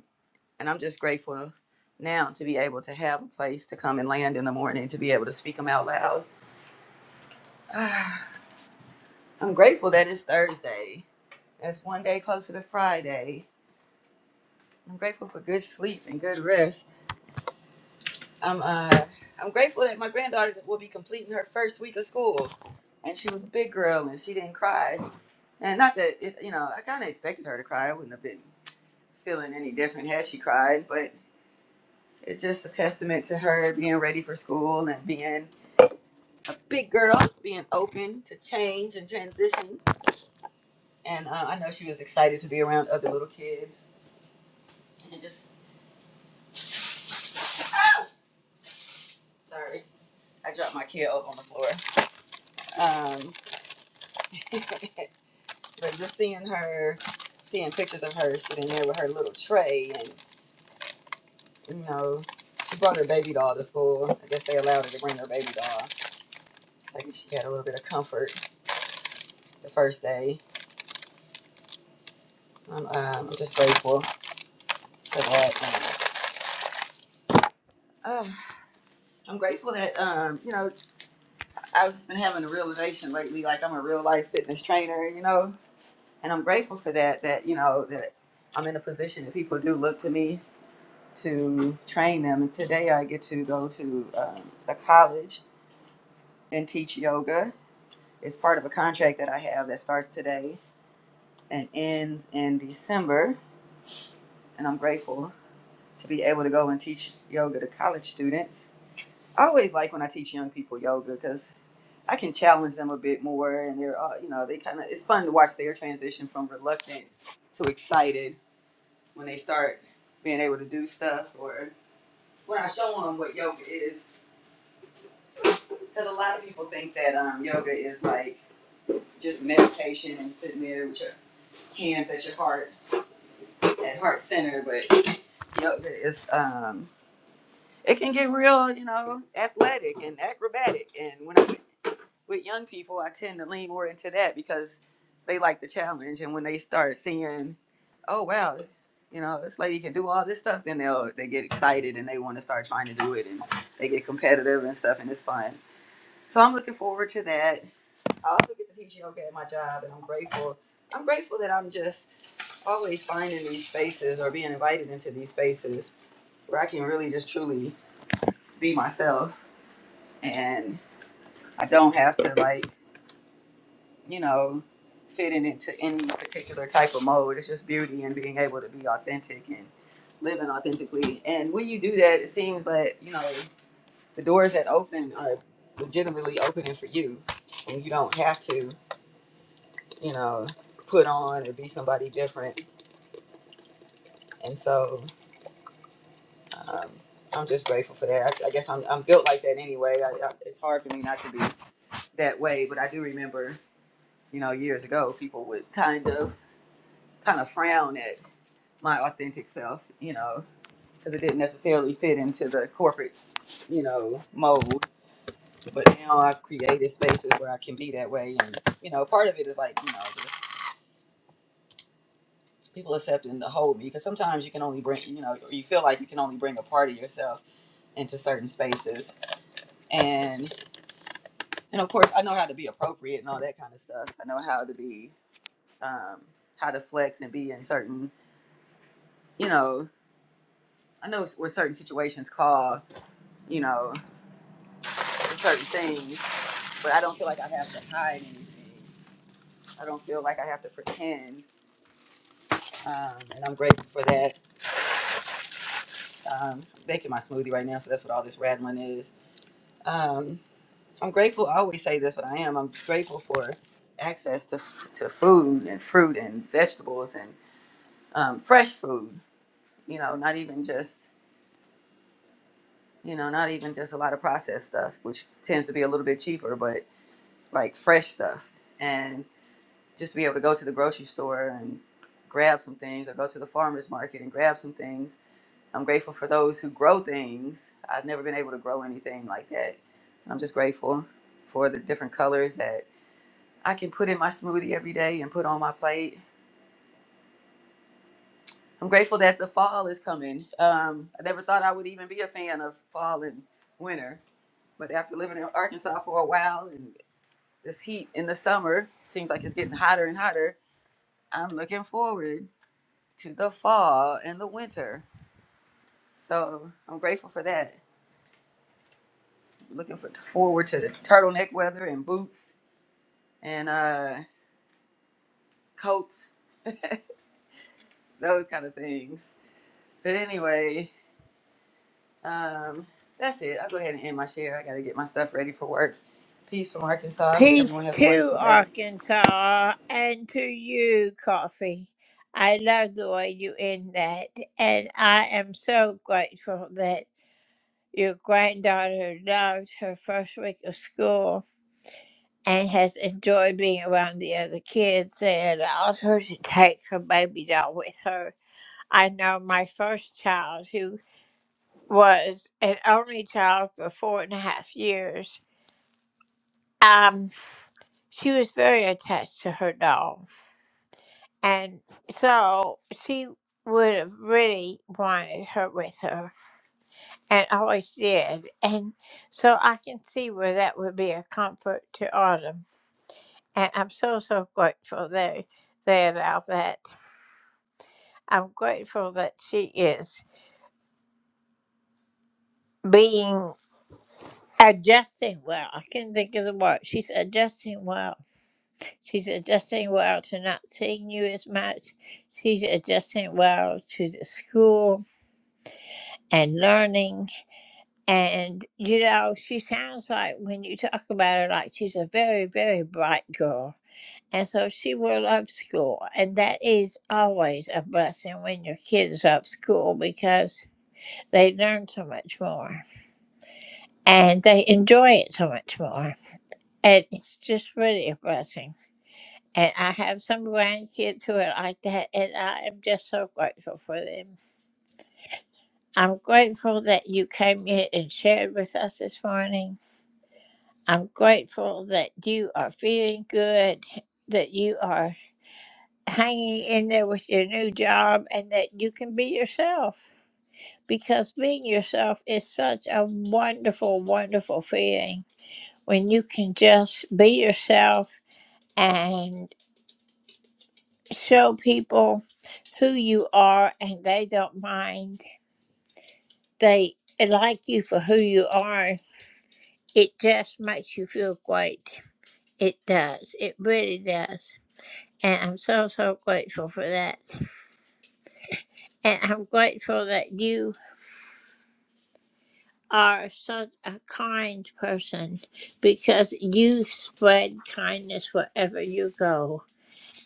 Speaker 15: and I'm just grateful now to be able to have a place to come and land in the morning to be able to speak them out loud. I'm grateful that it's Thursday. That's one day closer to Friday. I'm grateful for good sleep and good rest. I'm uh I'm grateful that my granddaughter will be completing her first week of school. And she was a big girl and she didn't cry. And not that it, you know, I kind of expected her to cry. I wouldn't have been feeling any different had she cried, but it's just a testament to her being ready for school and being a big girl being open to change and transitions. And uh, I know she was excited to be around other little kids. And just, sorry, I dropped my kid over on the floor. Um, but just seeing her, seeing pictures of her sitting there with her little tray and, you know, she brought her baby doll to school. I guess they allowed her to bring her baby doll. So she had a little bit of comfort the first day. I'm um, I'm just grateful for that. And, uh, I'm grateful that um, you know I've just been having a realization lately, like I'm a real life fitness trainer, you know, and I'm grateful for that. That you know that I'm in a position that people do look to me to train them. And today I get to go to um, a college and teach yoga. It's part of a contract that I have that starts today and ends in December, and I'm grateful to be able to go and teach yoga to college students. I always like when I teach young people yoga because. I can challenge them a bit more, and they're uh, you know they kind of it's fun to watch their transition from reluctant to excited when they start being able to do stuff or when I show them what yoga is because a lot of people think that um, yoga is like just meditation and sitting there with your hands at your heart at heart center, but yoga is um, it can get real you know athletic and acrobatic, and when I with young people, I tend to lean more into that because they like the challenge. And when they start seeing, oh wow, you know, this lady can do all this stuff, then they'll they get excited and they want to start trying to do it and they get competitive and stuff and it's fun. So I'm looking forward to that. I also get to teach yoga at my job and I'm grateful. I'm grateful that I'm just always finding these spaces or being invited into these spaces where I can really just truly be myself and I don't have to like you know, fitting into any particular type of mode. It's just beauty and being able to be authentic and living authentically. And when you do that, it seems like, you know, the doors that open are legitimately opening for you. And you don't have to, you know, put on or be somebody different. And so, um, I'm just grateful for that. I, I guess I'm, I'm built like that anyway. I, I, it's hard for me not to be that way, but I do remember, you know, years ago, people would kind of kind of frown at my authentic self, you know, because it didn't necessarily fit into the corporate, you know, mold. But now I've created spaces where I can be that way, and you know, part of it is like you know just people accepting the whole me because sometimes you can only bring you know or you feel like you can only bring a part of yourself into certain spaces and and of course i know how to be appropriate and all that kind of stuff i know how to be um how to flex and be in certain you know i know what certain situations call you know for certain things but I don't feel like I have to hide anything. I don't feel like I have to pretend, um, and I'm grateful for that. Um, I'm making my smoothie right now, so that's what all this rattling is. Um, I'm grateful. I always say this, but I am. I'm grateful for access to to food and fruit and vegetables and um, fresh food. You know, not even just you know, not even just a lot of processed stuff, which tends to be a little bit cheaper, but like fresh stuff just to be able to go to the grocery store and grab some things or go to the farmers market and grab some things. I'm grateful for those who grow things. I've never been able to grow anything like that. I'm just grateful for the different colors that I can put in my smoothie every day and put on my plate. I'm grateful that the fall is coming. Um, I never thought I would even be a fan of fall and winter, but after living in Arkansas for a while and this heat in the summer seems like it's getting hotter and hotter, I'm looking forward to the fall and the winter. So I'm grateful for that. Looking for, forward to the turtleneck weather and boots and uh, coats, those kind of things. But anyway, um, that's it. I'll go ahead and end my share. I got to get my stuff ready for work. Peace from Arkansas. I hope
Speaker 10: Peace
Speaker 15: everyone has a
Speaker 10: to
Speaker 15: wonderful day.
Speaker 10: Arkansas and to you, Coffee. I love the way you end that, and I am so grateful that. Your granddaughter loved her first week of school and has enjoyed being around the other kids. They allowed her to take her baby doll with her. I know my first child, who was an only child for four and a half years, um, she was very attached to her doll. And so she would have really wanted her with her and always did. And so I can see where that would be a comfort to Autumn. And I'm so, so grateful they, they allow that. I'm grateful that she is being adjusting well. I can't think of the word. She's adjusting well. She's adjusting well to not seeing you as much. She's adjusting well to the school and learning. And, you know, she sounds like when you talk about her, like she's a very, very bright girl And so she will love school. And that is always a blessing when your kids love school because they learn so much more and they enjoy it so much more. And it's just really a blessing. And I have some grandkids who are like that, and I am just so grateful for them. I'm grateful that you came in and shared with us this morning. I'm grateful that you are feeling good, that you are hanging in there with your new job and that you can be yourself because being yourself is such a wonderful, wonderful feeling when you can just be yourself and show people who you are and they don't mind. They like you for who you are. It just makes you feel great. It does. It really does. And I'm so, so grateful for that. And I'm grateful that you are such a kind person because you spread kindness wherever you go.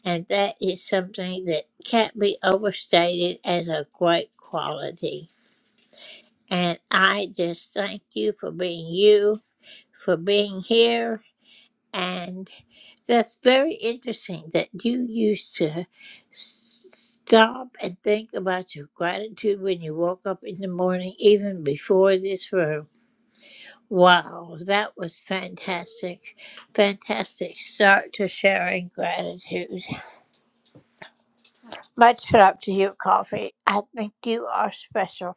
Speaker 10: And that is something that can't be overstated as a great quality. And I just thank you for being you, for being here. And that's very interesting that you used to s- stop and think about your gratitude when you woke up in the morning, even before this room. Wow, that was fantastic. Fantastic start to sharing gratitude. Much love to you, Coffee. I think you are special.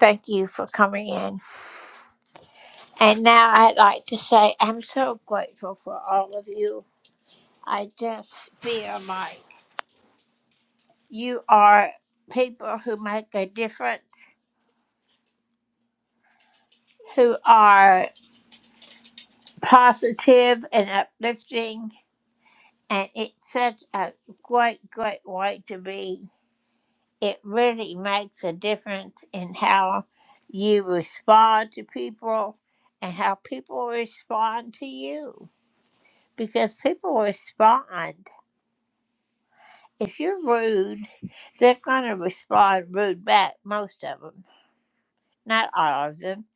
Speaker 10: Thank you for coming in. And now I'd like to say I'm so grateful for all of you. I just feel like you are people who make a difference, who are positive and uplifting, and it's such a great, great way to be. it really makes a difference in how you respond to people and how people respond to you. Because people respond. If you're rude, they're going to respond rude back, most of them. Not all of them,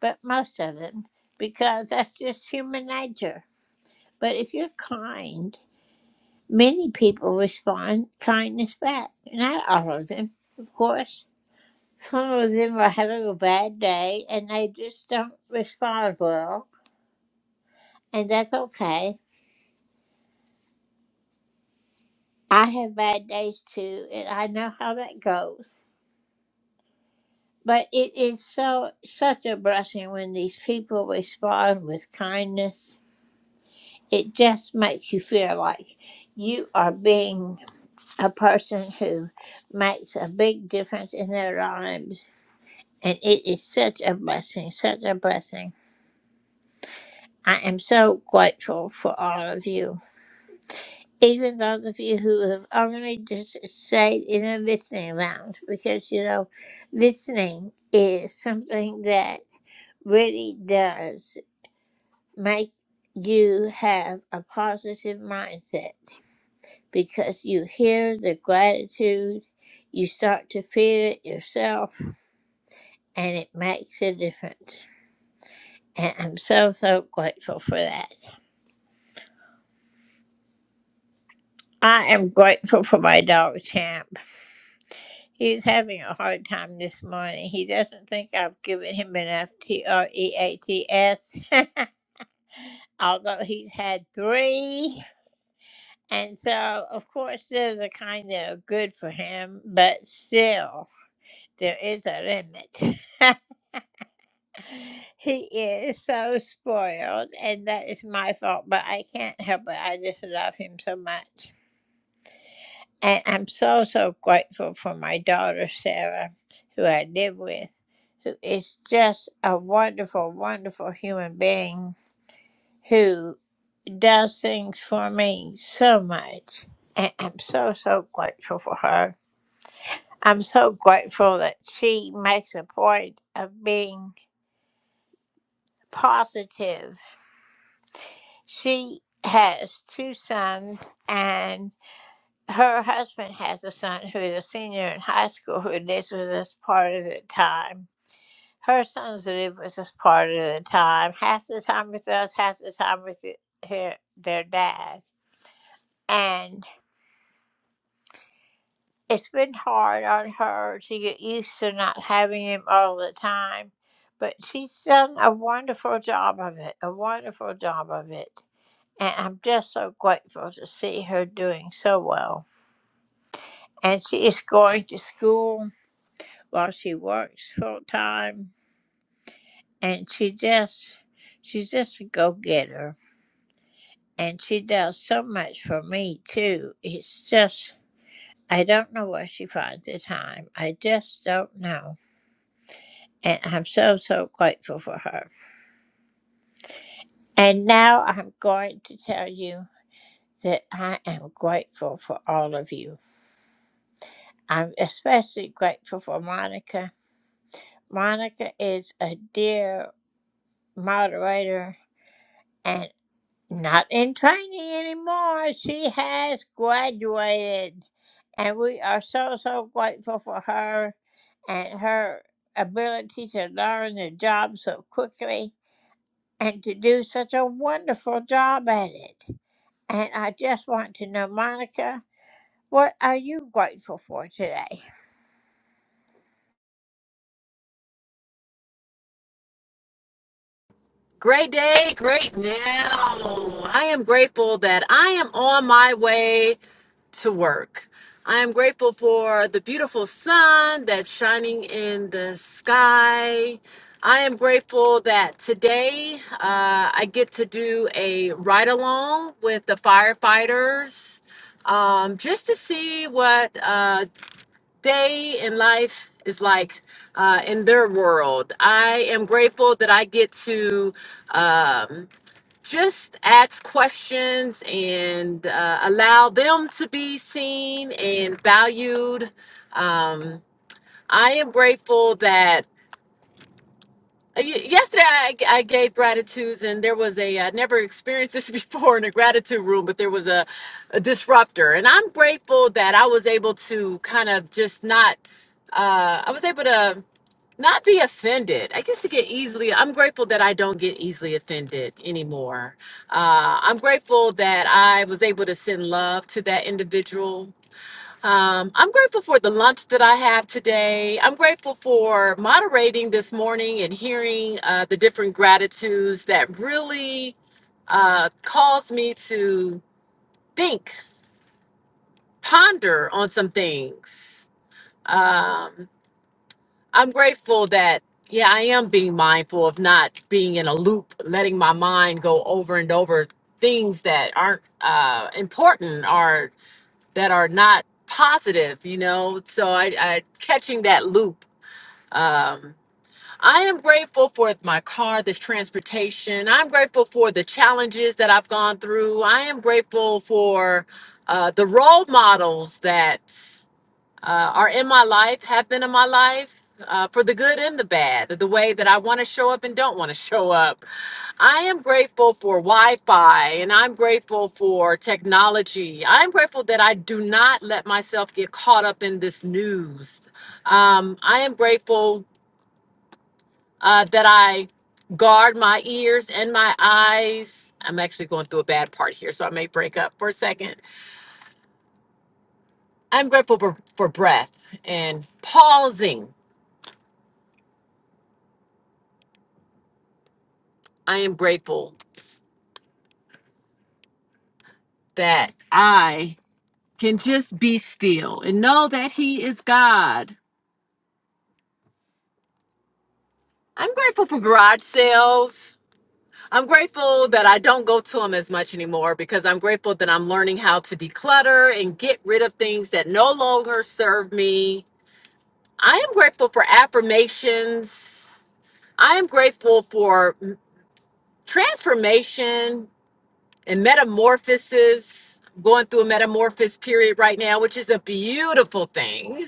Speaker 10: but most of them, because that's just human nature. But if you're kind, many people respond kindness back. Not all of them, of course Some of them are having a bad day and they just don't respond well, and that's okay. I have bad days too, and I know how that goes. But it is so such a blessing when these people respond with kindness. It just makes you feel like you are being a person who makes a big difference in their lives. And it is such a blessing, such a blessing. I am so grateful for all of you. even those of you who have only just stayed in a listening lounge, because you know, listening is something that really does make you have a positive mindset because you hear the gratitude, you start to feel it yourself, and it makes a difference. And I'm so, so grateful for that. I am grateful for my dog, Champ. He's having a hard time this morning. He doesn't think I've given him enough T R E A T S, although he's had three. And so, of course, there's a kind that are good for him, but still, there is a limit. he is so spoiled, and that is my fault, but I can't help it. I just love him so much. And I'm so, so grateful for my daughter, Sarah, who I live with, who is just a wonderful, wonderful human being who does things for me so much. And I'm so, so grateful for her. I'm so grateful that she makes a point of being positive. She has two sons, and. her husband has a son who is a senior in high school who lives with us part of the time. Her sons live with us part of the time, half the time with us, half the time with the, her, their dad. And it's been hard on her to get used to not having him all the time, but she's done a wonderful job of it, a wonderful job of it. And I'm just so grateful to see her doing so well. And she is going to school while she works full time and she just she's just a go getter and she does so much for me too. It's just I don't know where she finds the time. I just don't know. And I'm so so grateful for her. And now I'm going to tell you that I am grateful for all of you. I'm especially grateful for Monica. Monica is a dear moderator and. not in training anymore. She has graduated, and we are so, so grateful for her and her ability to learn the job so quickly and to do such a wonderful job at it. And I just want to know, Monica, what are you grateful for today?
Speaker 2: Great day, great now. I am grateful that I am on my way to work. I am grateful for the beautiful sun that's shining in the sky. I am grateful that today uh, I get to do a ride along with the firefighters um, just to see what uh, day in life is like uh, in their world. I am grateful that I get to um, just ask questions and uh, allow them to be seen and valued. Um, I am grateful that Y- Yesterday, I, I gave gratitudes, and there was a I never experienced this before in a gratitude room, but there was a, a disruptor, and I'm grateful that I was able to kind of just not, uh, I was able to not be offended. I used to get easily. I'm grateful that I don't get easily offended anymore. Uh, I'm grateful that I was able to send love to that individual um, I'm grateful for the lunch that I have today. I'm grateful for moderating this morning and hearing uh, the different gratitudes that really uh, caused me to think, ponder on some things. Um, I'm grateful that, yeah, I am being mindful of not being in a loop, letting my mind go over and over things that aren't uh, important or that are not positive, you know. So I, I catching that loop. Um, I am grateful for my car, this transportation. I'm grateful for the challenges that I've gone through. I am grateful for uh, the role models that uh, are in my life, have been in my life, uh, for the good and the bad, the way that I want to show up and don't want to show up. I am grateful for Wi Fi and I'm grateful for technology. I'm grateful that I do not let myself get caught up in this news. Um, I am grateful uh, that I guard my ears and my eyes. I'm actually going through a bad part here, so I may break up for a second. I'm grateful for, for breath and pausing I am grateful that I can just be still and know that He is God. I'm grateful for garage sales. I'm grateful that I don't go to them as much anymore because I'm grateful that I'm learning how to declutter and get rid of things that no longer serve me. I am grateful for affirmations. I am grateful for transformation and metamorphosis. going through a metamorphosis period right now, which is a beautiful thing.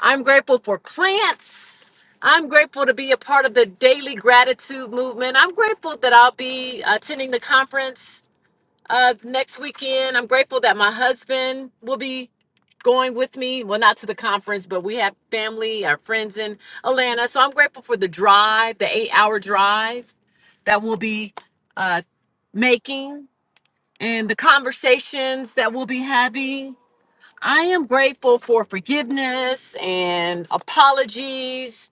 Speaker 2: I'm grateful for plants. I'm grateful to be a part of the daily gratitude movement. I'm grateful that I'll be attending the conference uh, next weekend. I'm grateful that my husband will be going with me. Well, not to the conference, but we have family, our friends in Atlanta. So I'm grateful for the drive, the eight hour drive that we'll be uh, making and the conversations that we'll be having I am grateful for forgiveness and apologies.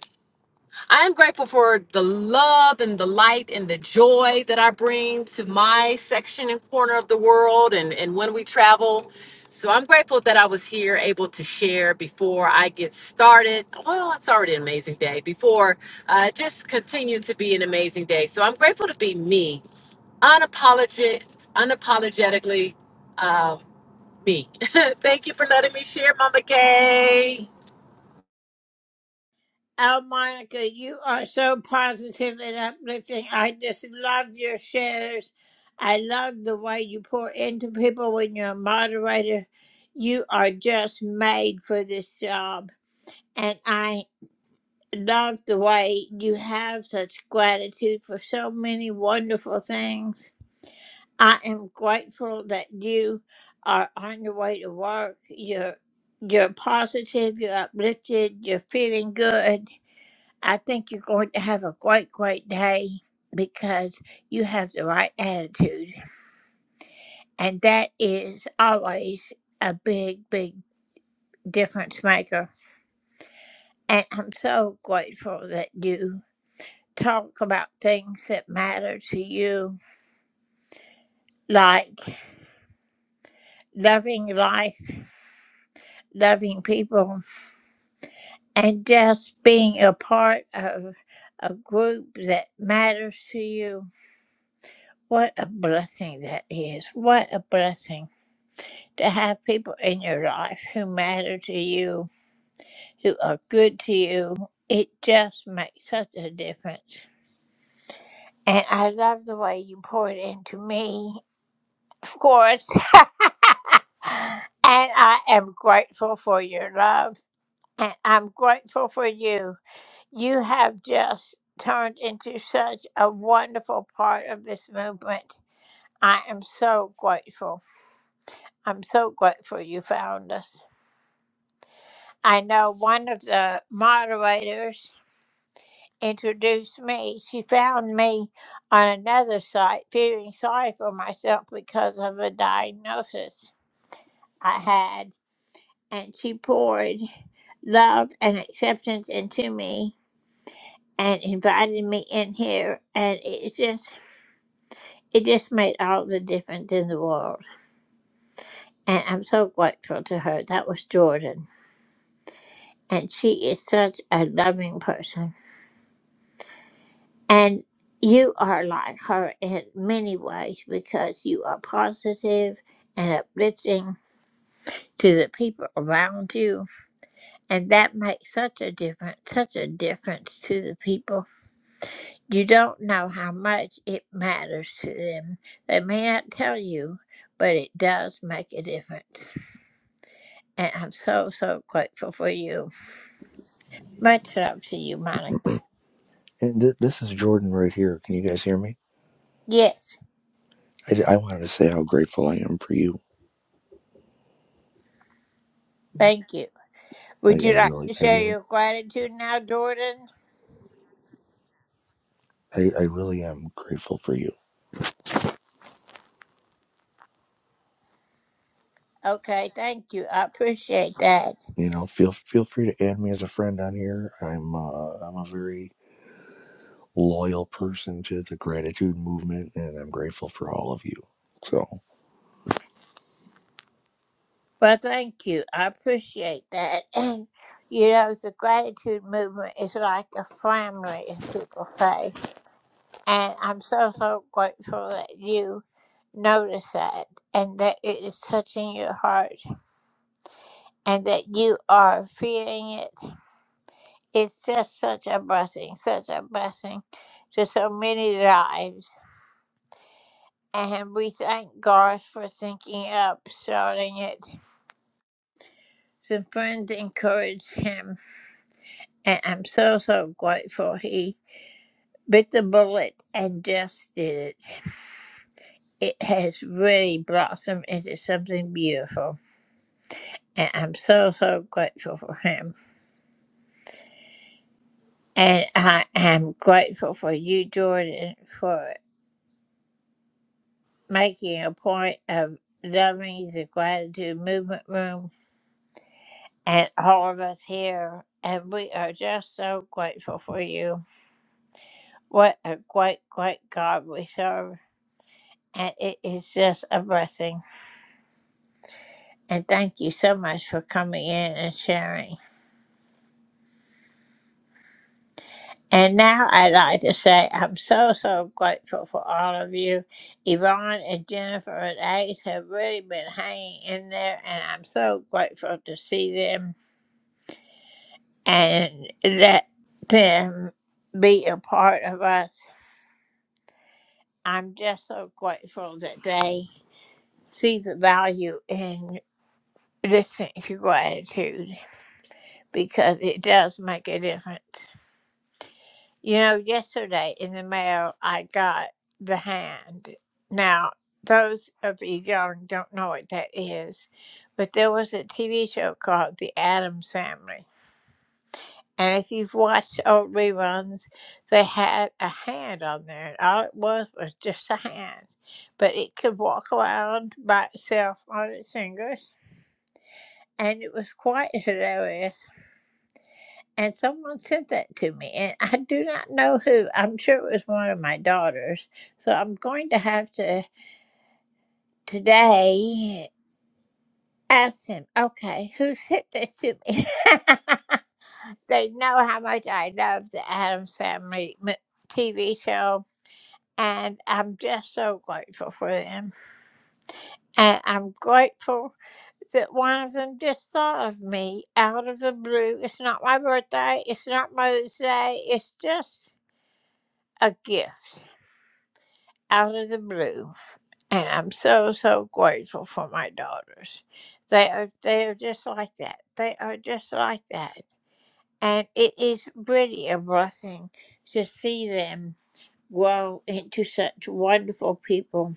Speaker 2: I am grateful for the love and the light and the joy that I bring to my section and corner of the world and, and when we travel. So I'm grateful that I was here able to share before I get started. Well, it's already an amazing day. Before uh, it just continue to be an amazing day. So I'm grateful to be me, unapologetic, unapologetically. um, me. Thank you for letting me share, Mama Kay.
Speaker 10: Oh, Monica, you are so positive and uplifting. I just love your shares. I love the way you pour into people when you're a moderator. You are just made for this job. And I love the way you have such gratitude for so many wonderful things. I am grateful that you are on your way to work. You're you're positive, you're uplifted, you're feeling good I think you're going to have a great, great day because you have the right attitude. And that is always a big, big difference maker. And I'm so grateful that you talk about things that matter to you, like loving life, loving people, and just being a part of a group that matters to you. What a blessing that is. What a blessing. to have people in your life who matter to you, who are good to you. It just makes such a difference. And I love the way you poured into me, of course. and I am grateful for your love. And I'm grateful for you. You have just turned into such a wonderful part of this movement. I am so grateful. I'm so grateful you found us. I know one of the moderators introduced me. She found me on another site feeling sorry for myself because of a diagnosis I had. And she poured love and acceptance into me and invited me in here. And it just, it just made all the difference in the world. And I'm so grateful to her. That was Jordan. And she is such a loving person. And you are like her in many ways because you are positive and uplifting to the people around you. And that makes such a difference, such a difference to the people. You don't know how much it matters to them. They may not tell you, but it does make a difference. And I'm so, so grateful for you. Much love to you, Monica.
Speaker 16: And th- this is Jordan right here. Can you guys hear me?
Speaker 10: Yes,
Speaker 16: I, I wanted to say how grateful I am for you.
Speaker 10: thank you.
Speaker 16: I,
Speaker 10: Would
Speaker 16: I
Speaker 10: you like
Speaker 16: really,
Speaker 10: to
Speaker 16: I
Speaker 10: share
Speaker 16: really,
Speaker 10: your gratitude now, Jordan?
Speaker 16: I, I really am grateful for you.
Speaker 10: Okay, thank you. I appreciate that.
Speaker 16: You know, feel feel free to add me as a friend on here. I'm uh, I'm a very loyal person to the gratitude movement, and I'm grateful for all of you. So,
Speaker 10: Well, thank you. I appreciate that. And, you know, the gratitude movement is like a family, as people say. And I'm so, so grateful that you notice that and that it is touching your heart and that you are feeling it. It's just such a blessing, such a blessing to so many lives. And we thank God for thinking up starting it. So friends encouraged him, and I'm so so grateful he bit the bullet and just did it. It has really blossomed into something beautiful, and I'm so so grateful for him. And I am grateful for you, Jordan, for making a point of loving the gratitude movement room and all of us here. And we are just so grateful for you. What a great, great God we serve. And it is just a blessing. And thank you so much for coming in and sharing. And now I'd like to say I'm so, so grateful for all of you. Yvonne and Jennifer and Ace have really been hanging in there, and I'm so grateful to see them and let them be a part of us. I'm just so grateful that they see the value in listening to gratitude because it does make a difference. You know, yesterday in the mail, I got the hand. Now, those of you young don't know what that is, but there was a TV show called The Addams Family. And if you've watched old reruns, they had a hand on there, and all it was was just a hand. But it could walk around by itself on its fingers, and it was quite hilarious. And someone sent that to me, and I do not know who. I'm sure it was one of my daughters. So I'm going to have to today ask him, okay, who sent this to me? they know how much I love the Adams Family m- TV show, and I'm just so grateful for them. And I'm grateful that one of them just thought of me out of the blue. It's not my birthday, it's not Mother's Day, it's just a gift. out of the blue and i'm so so grateful for my daughters they are they are just like that they are just like that and it is really a blessing to see them grow into such wonderful people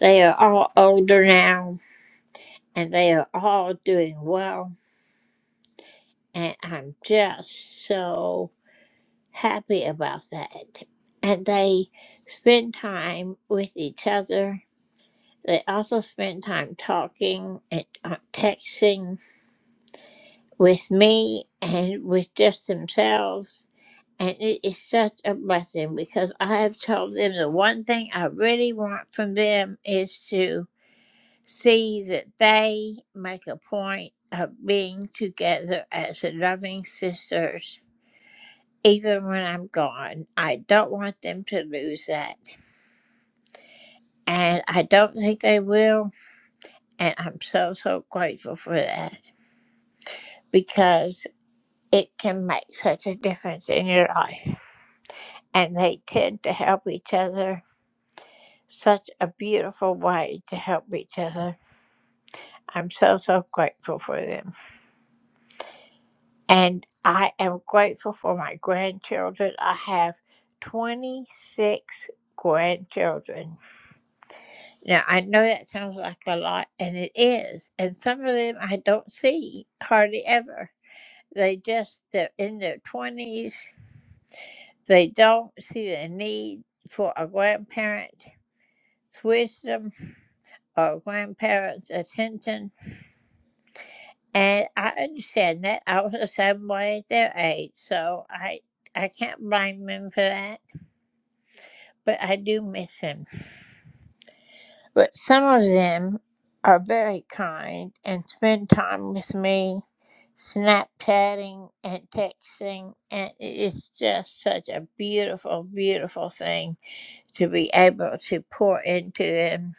Speaker 10: they are all older now and they are all doing well and i'm just so happy about that and they spend time with each other They also spend time talking and uh, texting with me and with just themselves. And it is such a blessing because I have told them the one thing I really want from them is to see that they make a point of being together as loving sisters, even when I'm gone. I don't want them to lose that. And I don't think they will. And I'm so, so grateful for that. because it can make such a difference in your life. And they tend to help each other. Such a beautiful way to help each other. I'm so, so grateful for them. And I am grateful for my grandchildren. I have 26 grandchildren. Now, I know that sounds like a lot, and it is. And some of them I don't see hardly ever. They just, they're in their 20s They don't see the need for a grandparent's wisdom or a grandparent's attention. And I understand that. I was the same way at their age, so I I can't blame them for that. But I do miss them. But some of them are very kind and spend time with me, Snapchatting and texting, and it is just such a beautiful, beautiful thing to be able to pour into them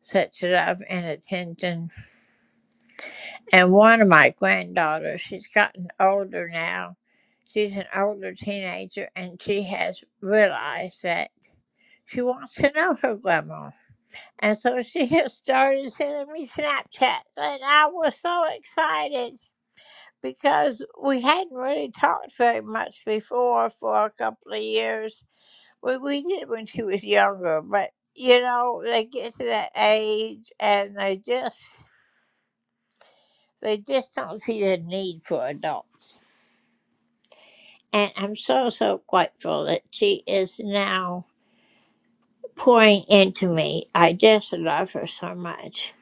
Speaker 10: such love and attention. And one of my granddaughters, she's gotten older now. She's an older teenager and she has realized that she wants to know her grandma. And so she has started sending me Snapchats, and I was so excited because we hadn't really talked very much before for a couple of years we, we did when she was younger, but you know, they get to that age and they just they just don't see the need for adults. And I'm so so grateful that she is now pouring into me. I just love her so much.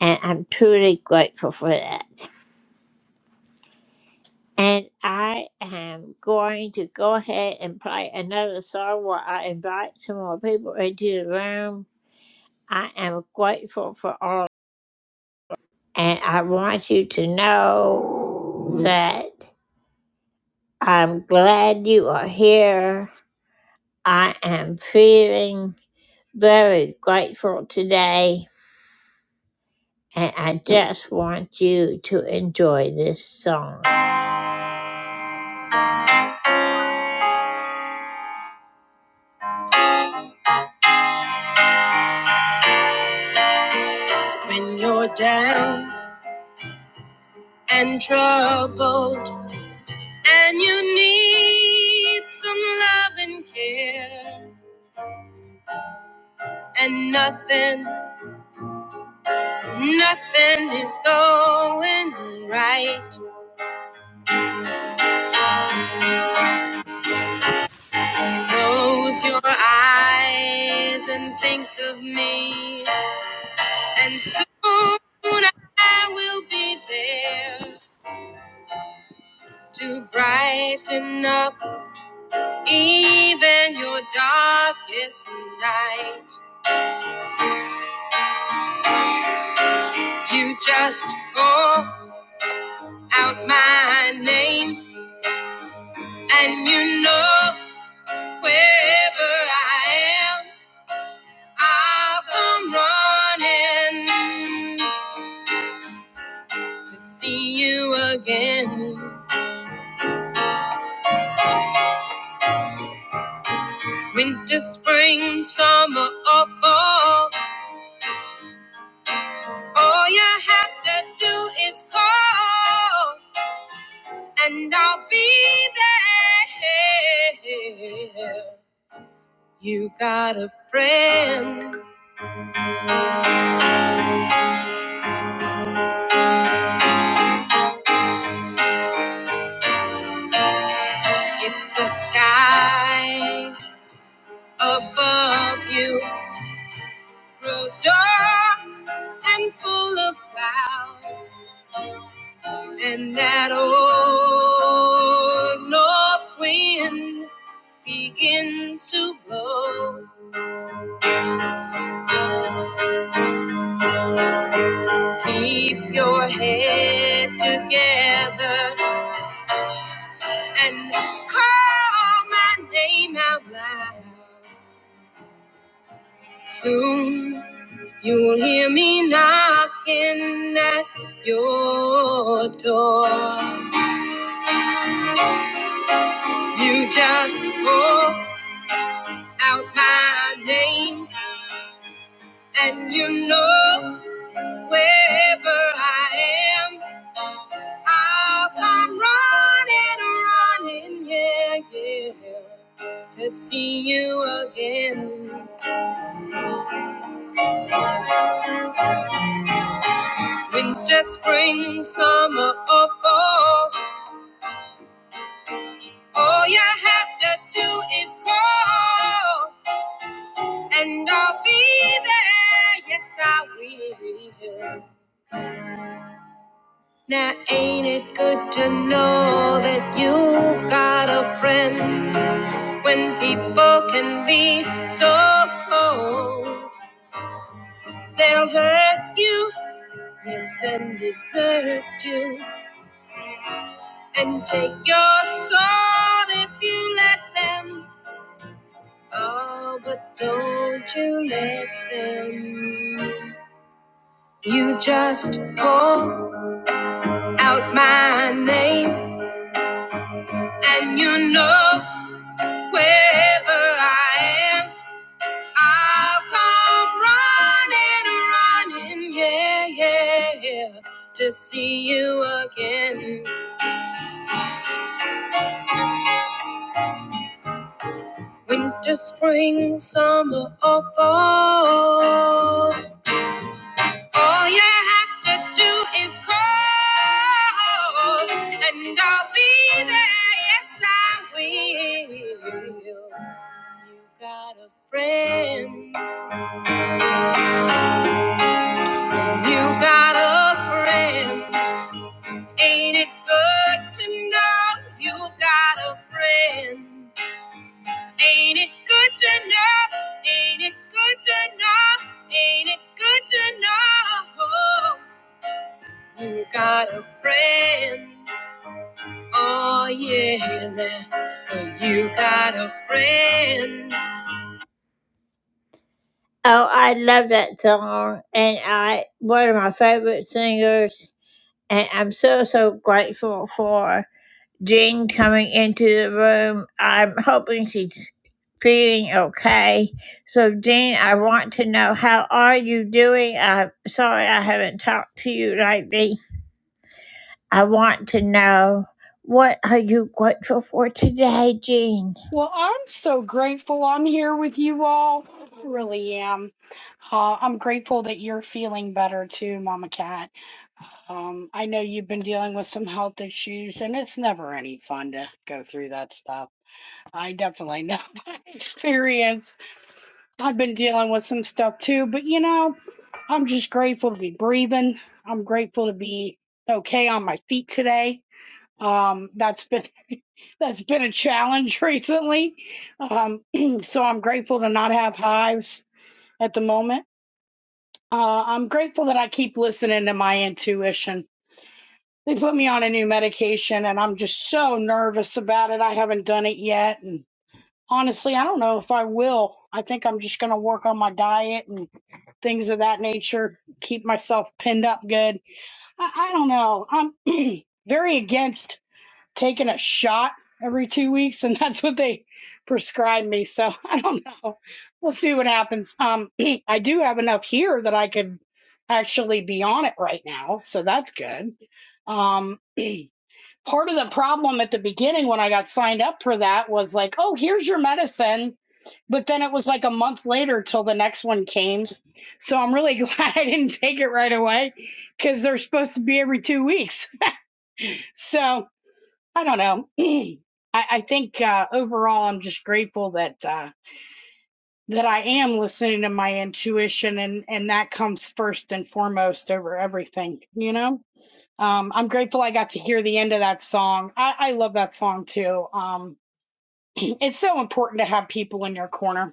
Speaker 10: And I'm truly grateful for that. And I am going to go ahead and play another song while I invite some more people into the room. I am grateful for all. And I want you to know that I'm glad you are here. I am feeling very grateful today. And I just want you to enjoy this song. When you're down and troubled, and you need some love and care, and nothing, nothing is going right. Close your eyes and think of me, and soon I will be there to brighten up even your darkest night. You just call out my name, and you know wherever I am, I'll come running to see you again. Winter, spring, summer, or fall. All you have to do is call, and I'll be there. You've got a friend. If the sky above you grows dark and full of clouds, and that old north wind begins to blow. Keep your head together and call my name out loud. Soon you'll hear me knocking at your door. You just call out my name and you know wherever I am. I'll come running, running, yeah, yeah, to see you again. Winter, spring, summer, or fall, all you have to do is call, and I'll be there. Yes, I will. Now, ain't it good to know that you've got a friend when people can be so cold? They'll hurt you, yes, and desert you, and take your soul if you let them. Oh, but don't you let them. You just call out my name, and you know wherever I am, I'll come running, running, yeah, yeah, yeah, to see you again. Winter, spring, summer, or fall. All you have to do is call, and I'll be there. Yes, I will. You've got a friend. You've got a friend. Ain't it good to know you've got a friend? Ain't it good to know? Ain't it good to know? Ain't it good to know? You got a friend. Oh, yeah. You got a friend. Oh, I love that song. And I, one of my favorite singers. And I'm so, so grateful for. Jean coming into the room. I'm hoping she's feeling okay. So, Jean, I want to know how are you doing? I'm sorry I haven't talked to you lately. I want to know what are you grateful for today, Jean?
Speaker 17: Well, I'm so grateful I'm here with you all. I Really am. Uh, I'm grateful that you're feeling better too, Mama Cat. Um, I know you've been dealing with some health issues, and it's never any fun to go through that stuff. I definitely know by experience. I've been dealing with some stuff too, but you know, I'm just grateful to be breathing. I'm grateful to be okay on my feet today. Um, that's been that's been a challenge recently. Um, so I'm grateful to not have hives at the moment. Uh, I'm grateful that I keep listening to my intuition. They put me on a new medication and I'm just so nervous about it. I haven't done it yet. And honestly, I don't know if I will. I think I'm just going to work on my diet and things of that nature, keep myself pinned up good. I, I don't know. I'm very against taking a shot every two weeks, and that's what they prescribed me. So I don't know. We'll see what happens. Um, I do have enough here that I could actually be on it right now, so that's good. Um, part of the problem at the beginning when I got signed up for that was like, oh, here's your medicine. But then it was like a month later till the next one came. So I'm really glad I didn't take it right away because they're supposed to be every two weeks. So, I don't know. I, I think uh, overall, I'm just grateful that uh, that I am listening to my intuition, and and that comes first and foremost over everything. You know, um, I'm grateful I got to hear the end of that song. I, I love that song too. Um, it's so important to have people in your corner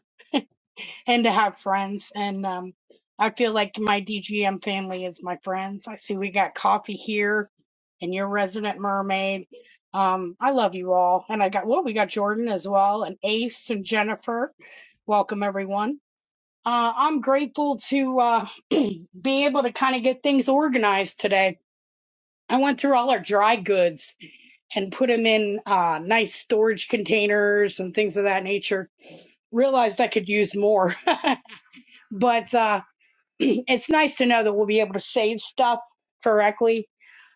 Speaker 17: and to have friends. And um, I feel like my DGM family is my friends. I see we got coffee here, and your resident mermaid. Um, I love you all, and I got well, we got Jordan as well, and Ace and Jennifer. Welcome everyone. Uh, I'm grateful to uh, be able to kind of get things organized today. I went through all our dry goods and put them in uh, nice storage containers and things of that nature. Realized I could use more. but uh, it's nice to know that we'll be able to save stuff correctly.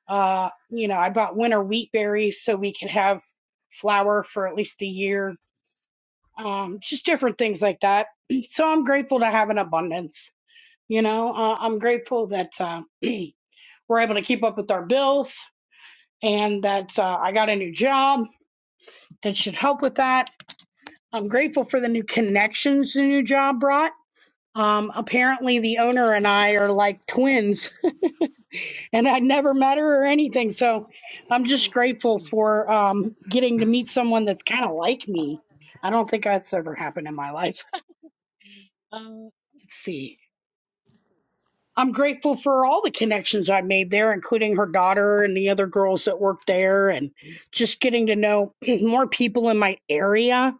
Speaker 17: Uh, you know, I bought winter wheat berries so we could have flour for at least a year. Um, just different things like that. So I'm grateful to have an abundance. You know, uh, I'm grateful that uh, we're able to keep up with our bills and that uh, I got a new job that should help with that. I'm grateful for the new connections the new job brought. Um, apparently, the owner and I are like twins and I never met her or anything. So I'm just grateful for um, getting to meet someone that's kind of like me. I don't think that's ever happened in my life. Uh, let's see. I'm grateful for all the connections I made there, including her daughter and the other girls that worked there, and just getting to know more people in my area.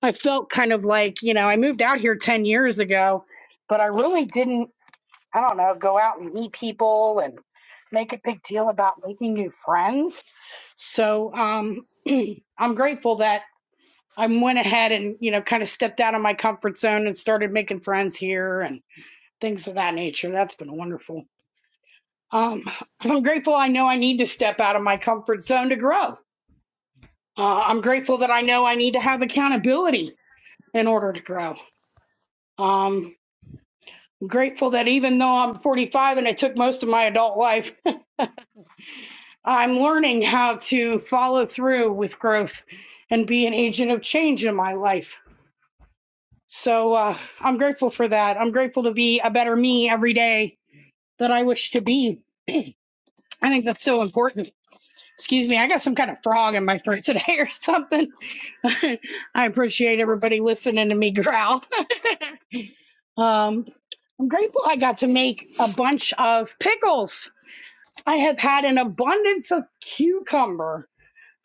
Speaker 17: I felt kind of like, you know, I moved out here 10 years ago, but I really didn't. I don't know, go out and meet people and make a big deal about making new friends. So um, I'm grateful that I went ahead and, you know, kind of stepped out of my comfort zone and started making friends here and things of that nature. That's been wonderful. Um, I'm grateful I know I need to step out of my comfort zone to grow. Uh, I'm grateful that I know I need to have accountability in order to grow. Um, I'm grateful that even though I'm 45 and I took most of my adult life I'm learning how to follow through with growth and be an agent of change in my life. So uh, I'm grateful for that. I'm grateful to be a better me every day that I wish to be. I think that's so important. Excuse me, I got some kind of frog in my throat today or something. I appreciate everybody listening to me growl. Um, I'm grateful I got to make a bunch of pickles. I have had an abundance of cucumber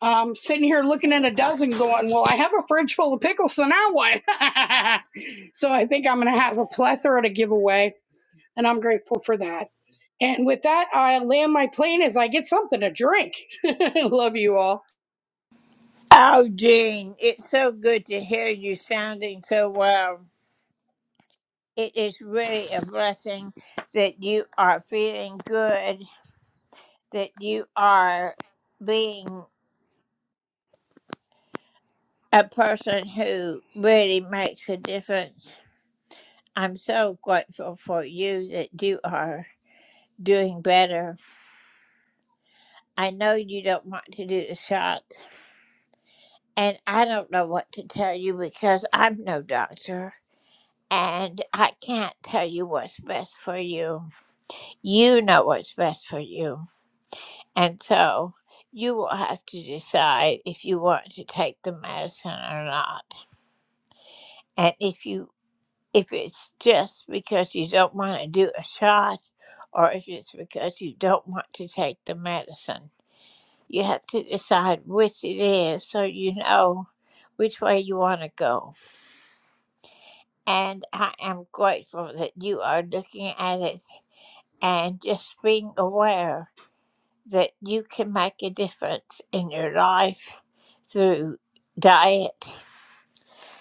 Speaker 17: um, sitting here looking at a dozen going, well, I have a fridge full of pickles, so now what? so I think I'm going to have a plethora to give away, and I'm grateful for that. And with that, I land my plane as I get something to drink. Love you all.
Speaker 10: Oh, Jean, it's so good to hear you sounding so well. It is really a blessing that you are feeling good, that you are being a person who really makes a difference. I'm so grateful for you that you are doing better. I know you don't want to do the shot, and I don't know what to tell you because I'm no doctor and I can't tell you what's best for you. You know what's best for you, and so you will have to decide if you want to take the medicine or not. And if you if it's just because you don't want to do a shot or if it's because you don't want to take the medicine. You have to decide which it is so you know which way you want to go. And I am grateful that you are looking at it and just being aware that you can make a difference in your life through diet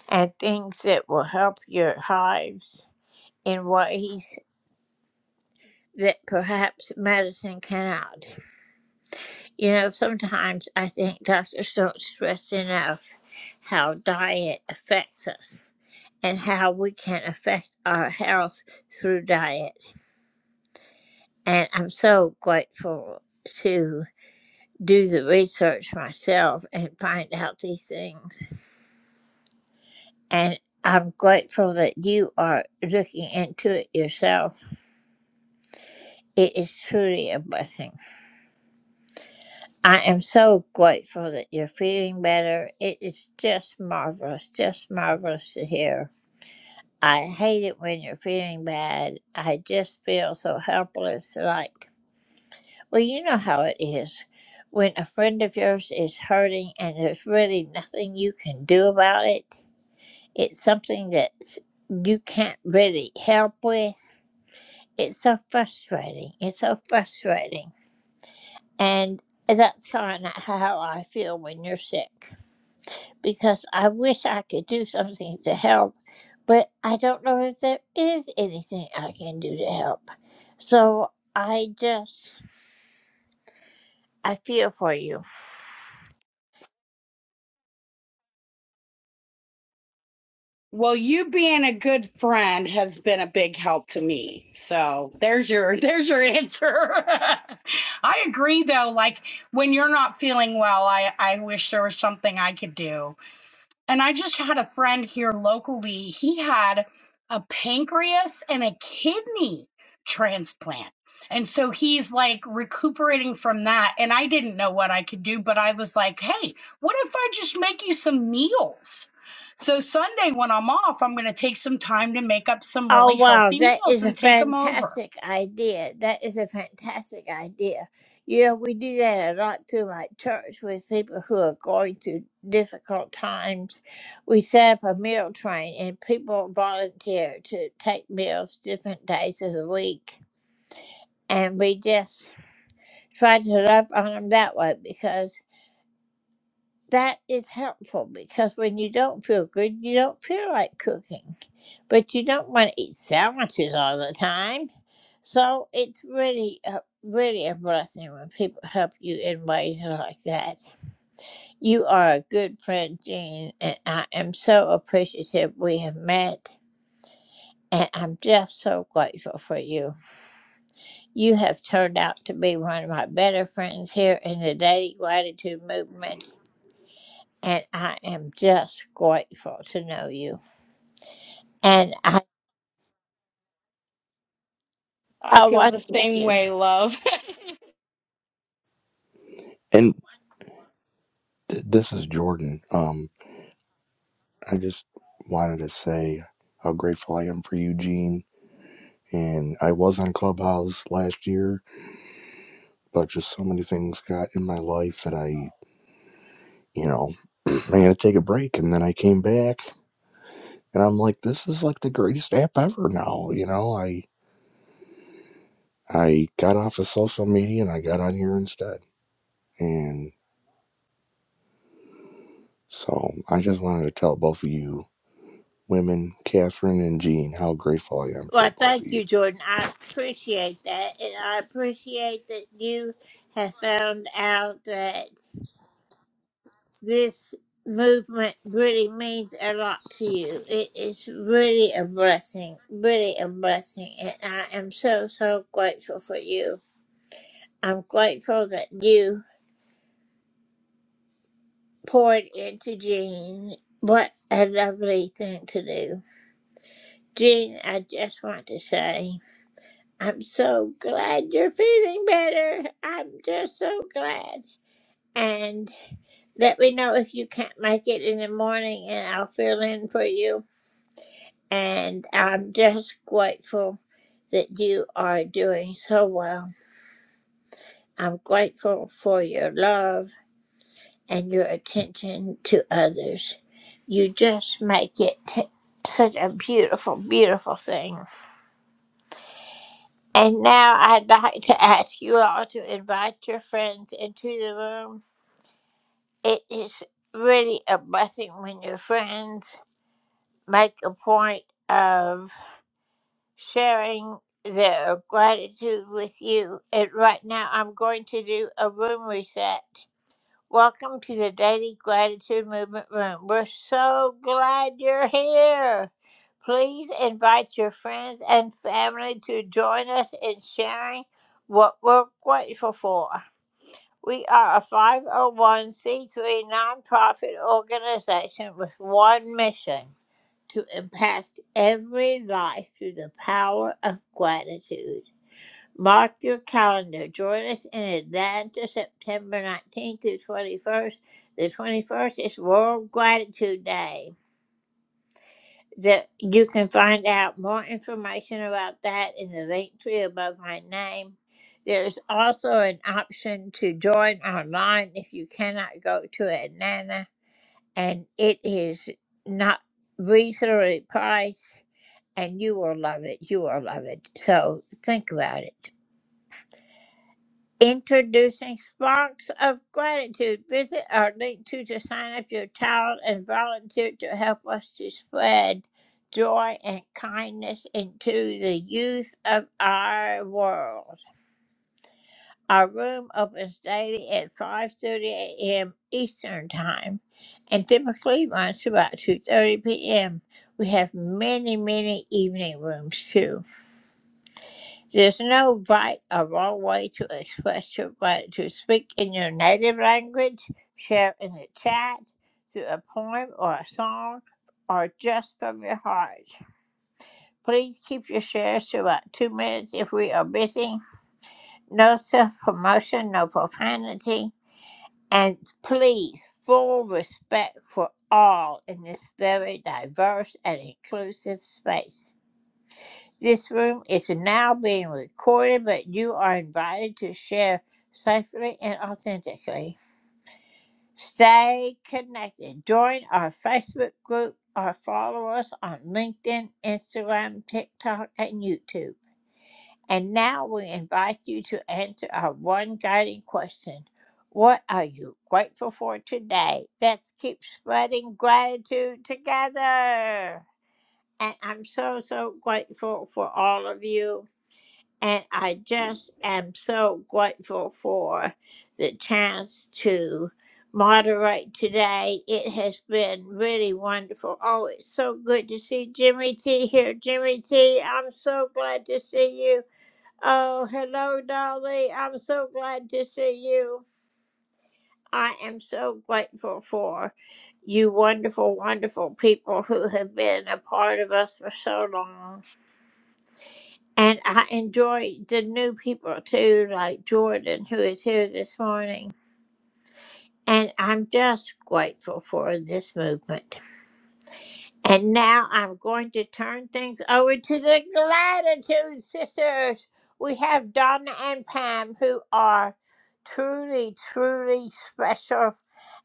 Speaker 10: and things that will help your hives in ways that perhaps medicine cannot. You know, sometimes I think doctors don't stress enough how diet affects us and how we can affect our health through diet. And I'm so grateful to do the research myself and find out these things. And I'm grateful that you are looking into it yourself. It is truly a blessing. I am so grateful that you're feeling better. It is just marvelous, just marvelous to hear. I hate it when you're feeling bad. I just feel so helpless. Like, well, you know how it is when a friend of yours is hurting and there's really nothing you can do about it. It's something that you can't really help with. It's so frustrating. It's so frustrating. And that's kind of how I feel when you're sick. because I wish I could do something to help, but I don't know if there is anything I can do to help. So I just, I feel for you.
Speaker 17: Well, you being a good friend has been a big help to me. So there's your there's your answer. I agree though, like when you're not feeling well, I, I wish there was something I could do And I just had a friend here locally. He had a pancreas and a kidney transplant. And so he's like recuperating from that. And I didn't know what I could do, but I was like, hey, what if I just make you some meals? So Sunday, when I'm off, I'm going to take some time to make up some
Speaker 10: Oh,
Speaker 17: really
Speaker 10: wow,
Speaker 17: healthy
Speaker 10: that
Speaker 17: meals
Speaker 10: is a
Speaker 17: and take them over.
Speaker 10: fantastic idea. That is a fantastic idea. You know, we do that a lot through my church with people who are going through difficult times. We set up a meal train and people volunteer to take meals different days of the week. And we just try to love on them that way because that is helpful because when you don't feel good you don't feel like cooking but you don't want to eat sandwiches all the time so it's really a, really a blessing when people help you in ways like that you are a good friend jean and i am so appreciative we have met and i'm just so grateful for you you have turned out to be one of my better friends here in the daily gratitude movement and I am just grateful to know you. And I,
Speaker 17: I
Speaker 10: oh,
Speaker 17: feel
Speaker 10: well,
Speaker 17: the
Speaker 10: thank
Speaker 17: same way.
Speaker 10: you.
Speaker 16: and th- this is Jordan. Um, I just wanted to say how grateful I am for you, Gene. And I was on Clubhouse last year, but just so many things got in my life that I you know, I had to take a break. And then I came back and I'm like, this is like the greatest app ever now. You know, I I got off of social media and I got on here instead. And so I just wanted to tell both of you women, Catherine and Jean, how grateful I am for the
Speaker 10: Well,
Speaker 16: both of
Speaker 10: thank
Speaker 16: you.
Speaker 10: you, Jordan. I appreciate that. And I appreciate that you have found out that this movement really means a lot to you. It is really a blessing, really a blessing. And I am so, so grateful for you. I'm grateful that you poured into Jean. What a lovely thing to do. Jean, I just want to say I'm so glad you're feeling better. I'm just so glad. And let me know if you can't make it in the morning and I'll fill in for you. And I'm just grateful that you are doing so well. I'm grateful for your love and your attention to others. You just make it such a beautiful, beautiful thing. And now I'd like to ask you all to invite your friends into the room. It is really a blessing when your friends make a point of sharing their gratitude with you. And right now I'm going to do a room reset. Welcome to the Daily Gratitude Movement Room. We're so glad you're here. Please invite your friends and family to join us in sharing what we're grateful for. We are a 501c3 nonprofit organization with one mission to impact every life through the power of gratitude. Mark your calendar. Join us in Atlanta, September 19th through 21st. The 21st is World Gratitude Day. That you can find out more information about that in the link tree above my name. There's also an option to join online if you cannot go to Atlanta, and it is not reasonably priced, and you will love it. You will love it. So think about it. Introducing Sparks of Gratitude. Visit our link to, to sign up your child and volunteer to help us to spread joy and kindness into the youth of our world. Our room opens daily at 5.30 a.m. Eastern Time and typically runs to about 2.30 p.m. We have many, many evening rooms too. There's no right or wrong way to express your gratitude. Speak in your native language, share in the chat, through a poem or a song, or just from your heart. Please keep your shares to about two minutes if we are busy. No self promotion, no profanity, and please, full respect for all in this very diverse and inclusive space. This room is now being recorded, but you are invited to share safely and authentically. Stay connected. Join our Facebook group or follow us on LinkedIn, Instagram, TikTok, and YouTube. And now we invite you to answer our one guiding question What are you grateful for today? Let's keep spreading gratitude together. And I'm so, so grateful for all of you. And I just am so grateful for the chance to moderate today. It has been really wonderful. Oh, it's so good to see Jimmy T here. Jimmy T, I'm so glad to see you. Oh, hello, Dolly. I'm so glad to see you. I am so grateful for you, wonderful, wonderful people who have been a part of us for so long. And I enjoy the new people too, like Jordan, who is here this morning. And I'm just grateful for this movement. And now I'm going to turn things over to the Gratitude Sisters. We have Donna and Pam, who are truly, truly special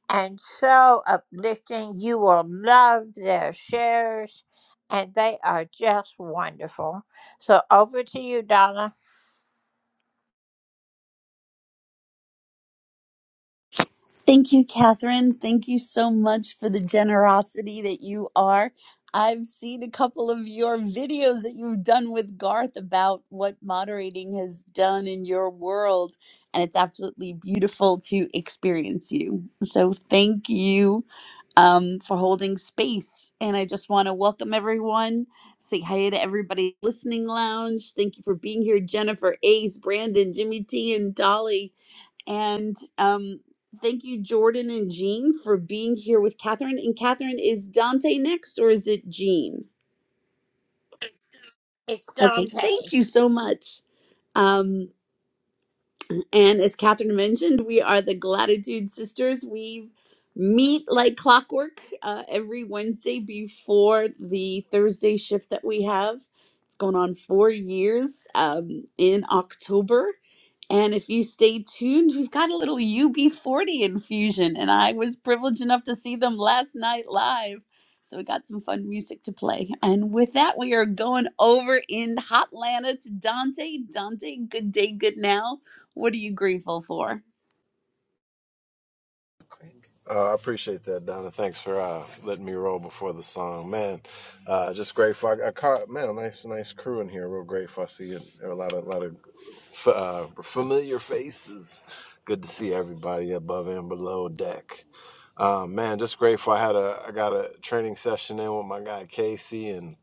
Speaker 10: and so uplifting. You will love their shares, and they are just wonderful. So over to you, Donna.
Speaker 18: Thank you, Catherine. Thank you so much for the generosity that you are. I've seen a couple of your videos that you've done with Garth about what moderating has done in your world, and it's absolutely beautiful to experience you. So, thank you um, for holding space. And I just want to welcome everyone, say hi to everybody listening lounge. Thank you for being here, Jennifer, Ace, Brandon, Jimmy T, and Dolly. And um, thank you, Jordan and Jean, for being here with Catherine. And Catherine, is Dante next or is it Jean?
Speaker 10: It's
Speaker 18: Okay,
Speaker 10: Dante.
Speaker 18: thank you so much. Um, And as Catherine mentioned, we are the Gratitude Sisters. We meet like clockwork uh, every Wednesday before the Thursday shift that we have. It's going on four years um, in October. And if you stay tuned, we've got a little UB40 infusion. And I was privileged enough to see them last night live. So we got some fun music to play. And with that, we are going over in Hotlanta to Dante. Dante, good day, good now what are you grateful for?
Speaker 19: Uh, I appreciate that, Donna. Thanks for uh, letting me roll before the song, man. Uh, just grateful. I, I caught man, a nice, nice crew in here. Real grateful. I see it. a lot of, lot of f- uh, familiar faces. Good to see everybody above and below deck. Uh, man, just grateful. I had a, I got a training session in with my guy Casey, and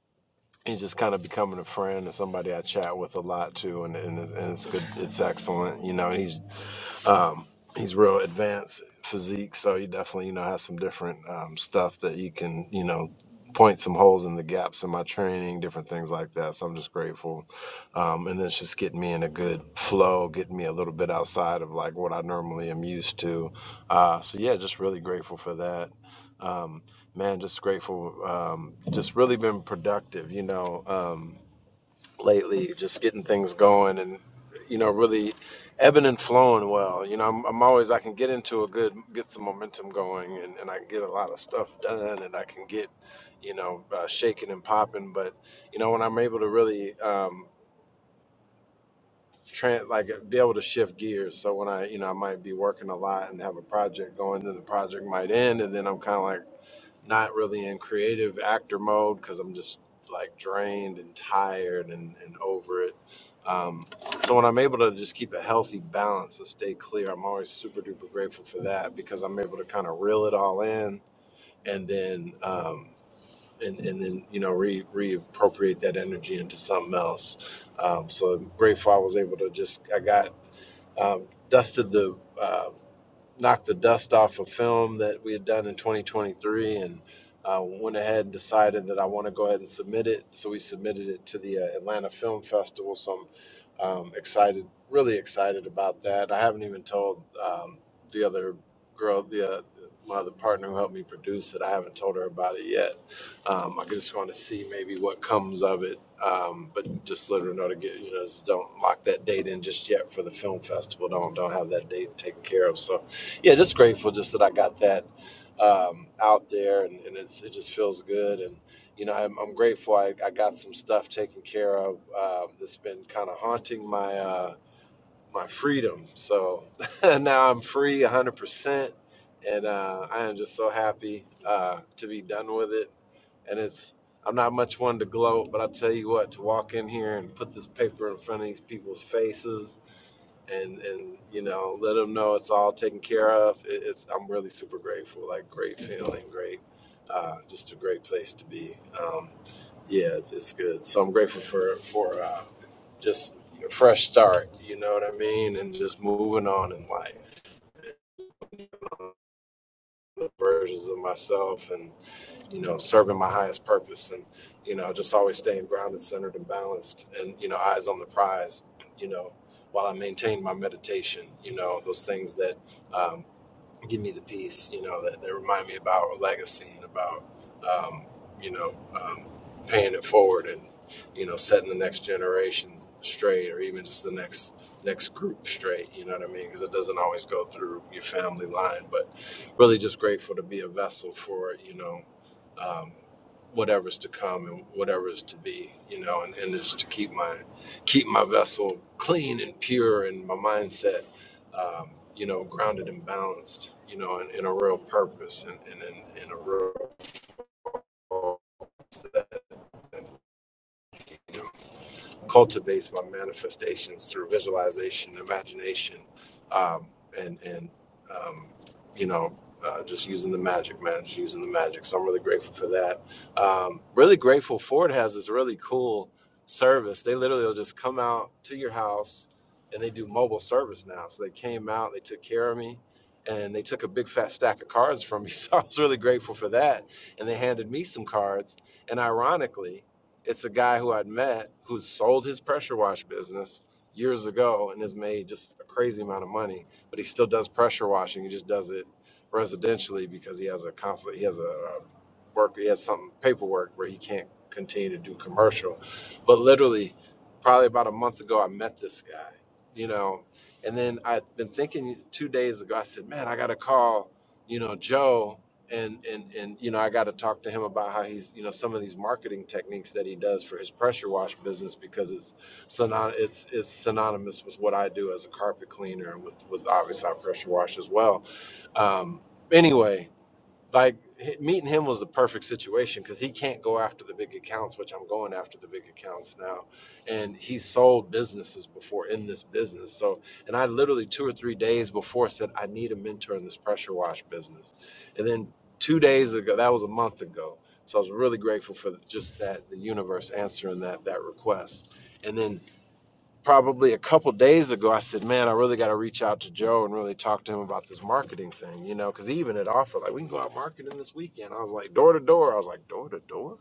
Speaker 19: he's just kind of becoming a friend and somebody I chat with a lot too, and, and, it's, and it's good. It's excellent. You know, he's um, he's real advanced physique, so he definitely you know has some different um, stuff that he can you know point some holes in the gaps in my training, different things like that. So I'm just grateful, um, and then it's just getting me in a good flow, getting me a little bit outside of like what I normally am used to. Uh, so yeah, just really grateful for that. Um, man, just grateful. Um, just really been productive, you know. Um, lately, just getting things going and you know really ebbing and flowing well. You know, I'm, I'm always I can get into a good get some momentum going and, and I can get a lot of stuff done and I can get you know uh, shaking and popping. But you know when I'm able to really um, tran like be able to shift gears. So when I you know I might be working a lot and have a project going, then the project might end, and then I'm kind of like not really in creative actor mode because I'm just like drained and tired and, and over it. Um, so when I'm able to just keep a healthy balance and stay clear, I'm always super duper grateful for that because I'm able to kind of reel it all in and then um, and, and then you know re reappropriate that energy into something else. Um, so I'm grateful I was able to just I got um, dusted the. um, knocked the dust off a film that we had done in 2023 and uh, went ahead and decided that I want to go ahead and submit it. So we submitted it to the uh, Atlanta Film Festival. So I'm um, excited, really excited about that. I haven't even told um, the other girl, the uh, my other partner who helped me produce it. I haven't told her about it yet. Um, I just want to see maybe what comes of it. Um, but just let her know to get you know just don't lock that date in just yet for the film festival. Don't don't have that date taken care of. So yeah, just grateful just that I got that um, out there, and, and it's it just feels good. And you know, I'm, I'm grateful I, I got some stuff taken care of uh, that's been kind of haunting my uh, my freedom. So now I'm free 100, percent and uh, I am just so happy uh, to be done with it. And it's I'm not much one to gloat, but I tell you what, to walk in here and put this paper in front of these people's faces and and you know let them know it's all taken care of it, it's i'm really super grateful like great feeling great uh, just a great place to be um, yeah it's, it's good so i'm grateful for for uh, just a fresh start you know what i mean and just moving on in life versions of myself and you know serving my highest purpose and you know just always staying grounded centered and balanced and you know eyes on the prize you know while i maintain my meditation you know those things that um, give me the peace, you know, that, that remind me about a legacy and about, um, you know, um, paying it forward and, you know, setting the next generation straight or even just the next next group straight, you know what I mean? Because it doesn't always go through your family line, but really just grateful to be a vessel for, you know, um, whatever's to come and whatever's to be, you know, and, and just to keep my keep my vessel clean and pure and my mindset um, you know, grounded and balanced, you know, in, in a real purpose and, and in, in a real cultivates my manifestations through visualization, imagination, um, and and um, you know, uh, just using the magic, man, just using the magic. So I'm really grateful for that. Um, really grateful. Ford has this really cool service. They literally will just come out to your house, and they do mobile service now. So they came out, they took care of me. And they took a big fat stack of cards from me, so I was really grateful for that. And they handed me some cards, and ironically, it's a guy who I'd met who sold his pressure wash business years ago and has made just a crazy amount of money, but he still does pressure washing. He just does it residentially because he has a conflict. He has a, a work. He has some paperwork where he can't continue to do commercial. But literally, probably about a month ago, I met this guy. You know, and then I've been thinking two days ago. I said, "Man, I got to call." You know, Joe and and and you know i got to talk to him about how he's you know some of these marketing techniques that he does for his pressure wash business because it's synony- it's it's synonymous with what i do as a carpet cleaner and with with obviously I pressure wash as well um anyway like h- meeting him was the perfect situation because he can't go after the big accounts, which I'm going after the big accounts now. And he sold businesses before in this business. So, and I literally two or three days before said, I need a mentor in this pressure wash business. And then two days ago, that was a month ago. So I was really grateful for just that, the universe answering that, that request. And then probably a couple days ago, I said, "Man, I really got to reach out to Joe and really talk to him about this marketing thing." You know, because he even had offered like we can go out marketing this weekend. I was like door to door. I was like door to door.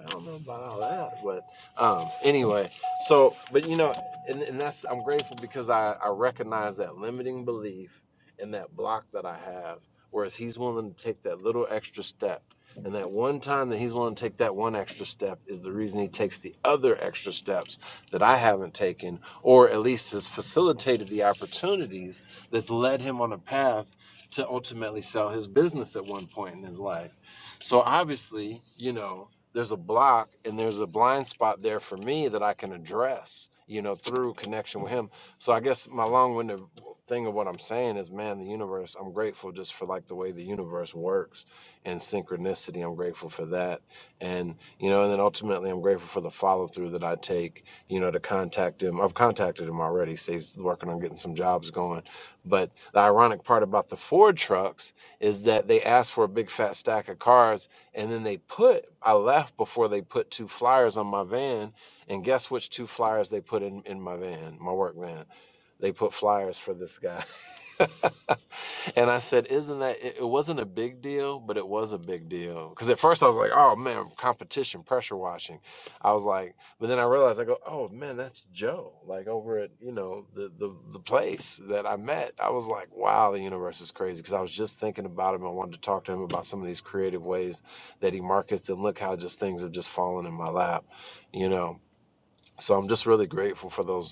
Speaker 19: I don't know about all that, but um, anyway, so but you know, and, and that's I'm grateful because I I recognize that limiting belief and that block that I have, whereas he's willing to take that little extra step, and that one time that he's willing to take that one extra step is the reason he takes the other extra steps that I haven't taken, or at least has facilitated the opportunities that's led him on a path to ultimately sell his business at one point in his life so obviously, you know, there's a block and there's a blind spot there for me that I can address, you know, through connection with him. So I guess my long-winded thing of what I'm saying is, man, the universe, I'm grateful just for like the way the universe works and synchronicity. I'm grateful for that. And, you know, and then ultimately I'm grateful for the follow through that I take, you know, to contact him. I've contacted him already. So he's working on getting some jobs going. But the ironic part about the Ford trucks is that they asked for a big fat stack of cars, and then they put, I left before they put two flyers on my van. And guess which two flyers they put in, in my van, my work van? They put flyers for this guy. And I said, "Isn't that it, it? Wasn't a big deal, but it was a big deal because at first I was like, oh man, competition, pressure washing. I was like, but then I realized I go, oh man, that's Joe, like over at you know the the the place that I met. I was like, wow, the universe is crazy because I was just thinking about him. I wanted to talk to him about some of these creative ways that he markets, and look how just things have just fallen in my lap, you know. So I'm just really grateful for those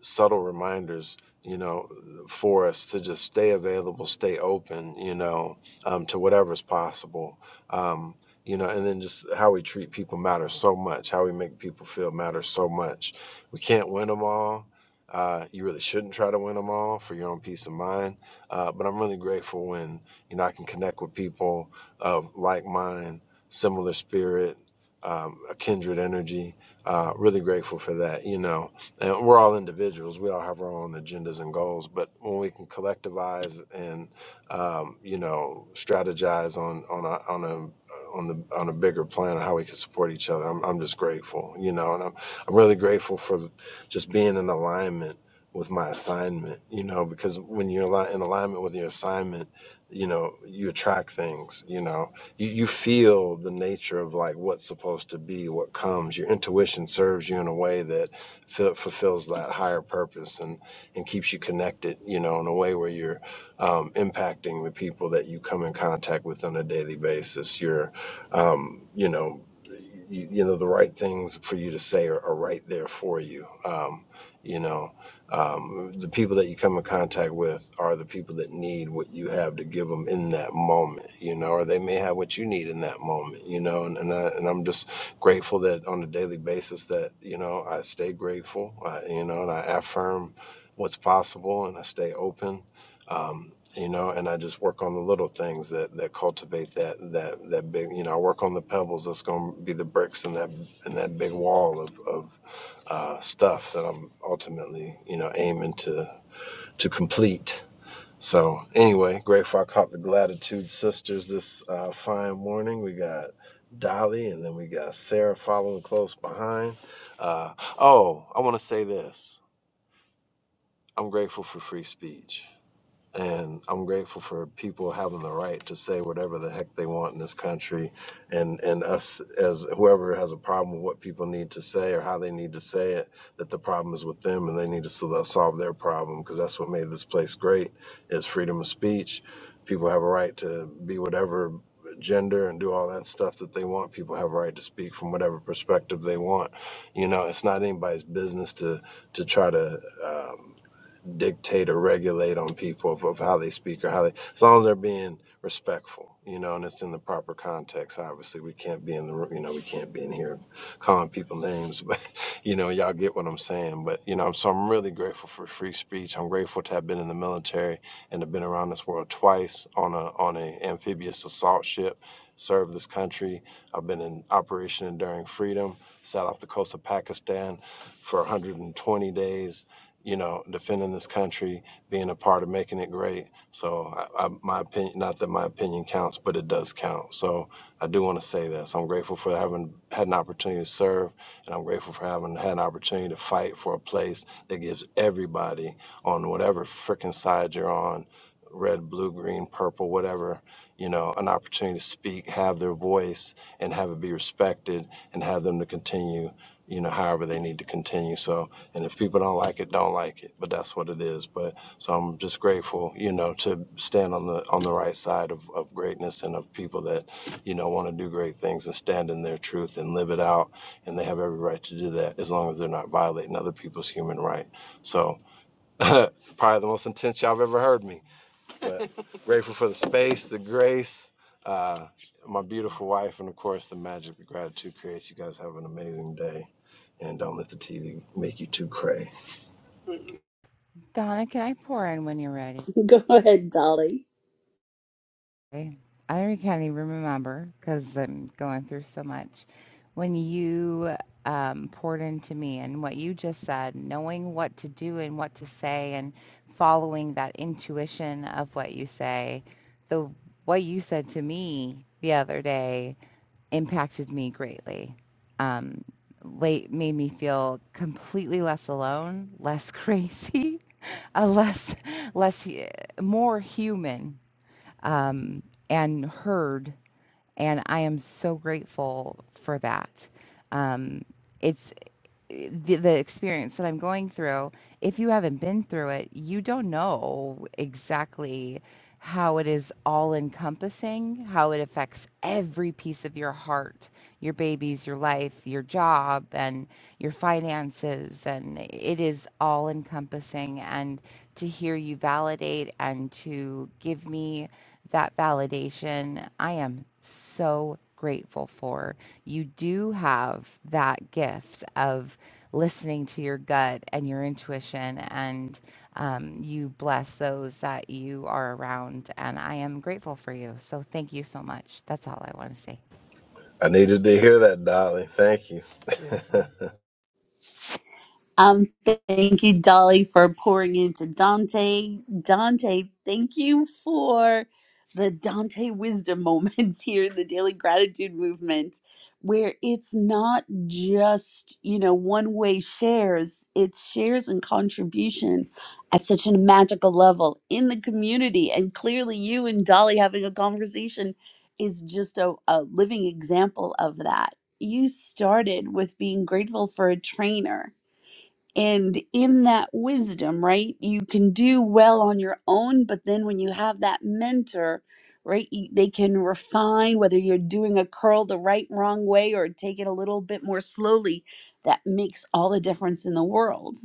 Speaker 19: subtle reminders, you know, for us to just stay available, stay open, you know, um, to whatever's possible. Um, you know, and then just how we treat people matters so much. How we make people feel matters so much. We can't win them all. Uh, you really shouldn't try to win them all for your own peace of mind. Uh, but I'm really grateful when you know I can connect with people of like mind, similar spirit, um, a kindred energy. Uh, really grateful for that. You know, and we're all individuals we all have our own agendas and goals but when we can collectivize and um, you know strategize on on a, on a on the on a bigger plan of how we can support each other I'm, I'm just grateful you know and I'm, I'm really grateful for just being in alignment with my assignment you know because when you're ali- in alignment with your assignment you know you attract things you know you, you feel the nature of like what's supposed to be what comes your intuition serves you in a way that f- fulfills that higher purpose and and keeps you connected you know in a way where you're um, impacting the people that you come in contact with on a daily basis you're um, you know you, you know the right things for you to say are, are right there for you um, you know um, the people that you come in contact with are the people that need what you have to give them in that moment, you know, or they may have what you need in that moment, you know, and, and, I, and I'm just grateful that on a daily basis that, you know, I stay grateful, I, you know, and I affirm what's possible and I stay open, you know, and I just work on the little things that, that cultivate that, that, that big, you know, I work on the pebbles that's going to be the bricks in that, in that big wall of, of, uh, stuff that I'm ultimately, you know, aiming to to complete. So anyway, grateful I caught the Gratitude Sisters this uh, fine morning. We got Dolly, and then we got Sarah following close behind. Uh, oh, I want to say this: I'm grateful for free speech and I'm grateful for people having the right to say whatever the heck they want in this country, and and us as whoever has a problem with what people need to say or how they need to say it, that the problem is with them and they need to sol- solve their problem because that's what made this place great is freedom of speech. People have a right to be whatever gender and do all that stuff that they want. People have a right to speak from whatever perspective they want. You know, it's not anybody's business to to try to. uh, dictate or regulate on people of, of how they speak or how they as long as they're being respectful you know and it's in the proper context obviously we can't be in the room you know we can't be in here calling people names but you know y'all get what i'm saying but you know so i'm really grateful for free speech i'm grateful to have been in the military and have been around this world twice on a on a amphibious assault ship served this country i've been in operation enduring freedom sat off the coast of pakistan for 120 days you know, defending this country, being a part of making it great. So, I, I, my opinion, not that my opinion counts, but it does count. So, I do want to say that. So, I'm grateful for having had an opportunity to serve, and I'm grateful for having had an opportunity to fight for a place that gives everybody on whatever freaking side you're on red, blue, green, purple, whatever you know, an opportunity to speak, have their voice, and have it be respected, and have them to continue you know, however they need to continue. So, and if people don't like it, don't like it, but that's what it is. But so I'm just grateful, you know, to stand on the on the right side of, of greatness and of people that, you know, want to do great things and stand in their truth and live it out. And they have every right to do that as long as they're not violating other people's human right. So probably the most intense y'all have ever heard me. Grateful for the space, the grace, uh, my beautiful wife, and of course the magic that gratitude creates. You guys have an amazing day. And don't let the TV make you too cray.
Speaker 20: Donna, can I pour in when you're ready?
Speaker 18: Go ahead, Dolly.
Speaker 20: I really can't even remember because I'm going through so much. When you um, poured into me and what you just said, knowing what to do and what to say, and following that intuition of what you say, the what you said to me the other day impacted me greatly. Um, late made me feel completely less alone, less crazy a less less eh, more human um, and heard and i am so grateful for that um, it's the, the experience that I'm going through, if you haven't been through it, you don't know exactly how it is all encompassing, how it affects every piece of your heart, your babies, your life, your job, and your finances. And it is all encompassing. And to hear you validate and to give me that validation, I am so grateful for you do have that gift of listening to your gut and your intuition, and um, you bless those that you are around. And I am grateful for you. So thank you so much. That's all I want to say.
Speaker 19: I needed to hear that, Dolly. Thank you.
Speaker 18: Um, thank you, Dolly, for pouring into Dante. Dante, thank you for the Dante wisdom moments here in the Daily Gratitude Movement, where it's not just, you know, one way shares, it's shares and contribution at such a magical level in the community. And clearly, you and Dolly having a conversation is just a, a living example of that. You started with being grateful for a trainer and in that wisdom, right, you can do well on your own, but then when you have that mentor, right, you- they can refine whether you're doing a curl the right, wrong way or take it a little bit more slowly. That makes all the difference in the world.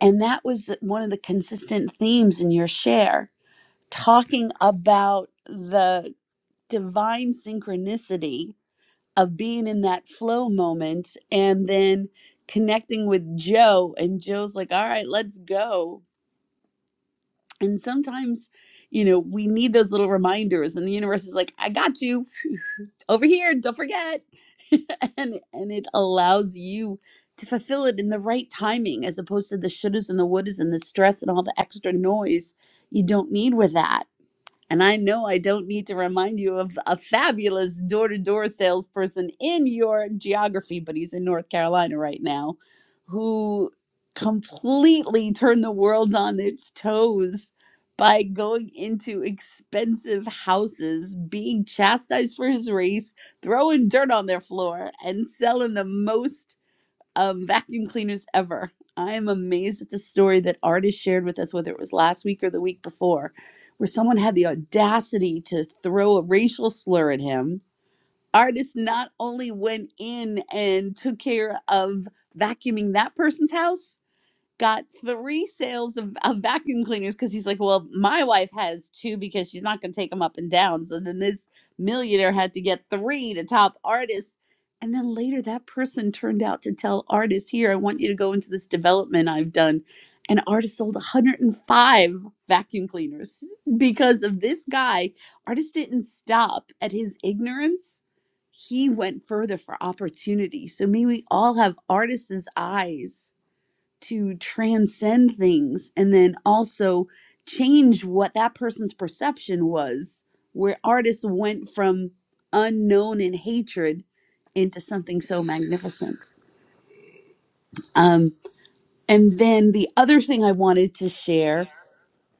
Speaker 18: And that was one of the consistent themes in your share, talking about the divine synchronicity of being in that flow moment and then connecting with Joe. And Joe's like, all right, let's go. And sometimes, you know, we need those little reminders, and the universe is like, I got you over here, don't forget. and and it allows you to fulfill it in the right timing as opposed to the shouldas and the wouldas and the stress and all the extra noise you don't need with that and I know I don't need to remind you of a fabulous door to door salesperson in your geography, but he's in North Carolina right now, who completely turned the world on its toes by going into expensive houses, being chastised for his race, throwing dirt on their floor, and selling the most um, vacuum cleaners ever. I am amazed at the story that artists shared with us, whether it was last week or the week before, where someone had the audacity to throw a racial slur at him. Artists not only went in and took care of vacuuming that person's house, got three sales of, of vacuum cleaners because he's like, well, my wife has two because she's not going to take them up and down. So then this millionaire had to get three to top artists. And then later that person turned out to tell artists, here, I want you to go into this development I've done. And artists sold 105 vacuum cleaners because of this guy. Artist didn't stop at his ignorance. He went further for opportunity. So may we all have artists' eyes to transcend things and then also change what that person's perception was where artists went from unknown and hatred into something so magnificent um, and then the other thing i wanted to share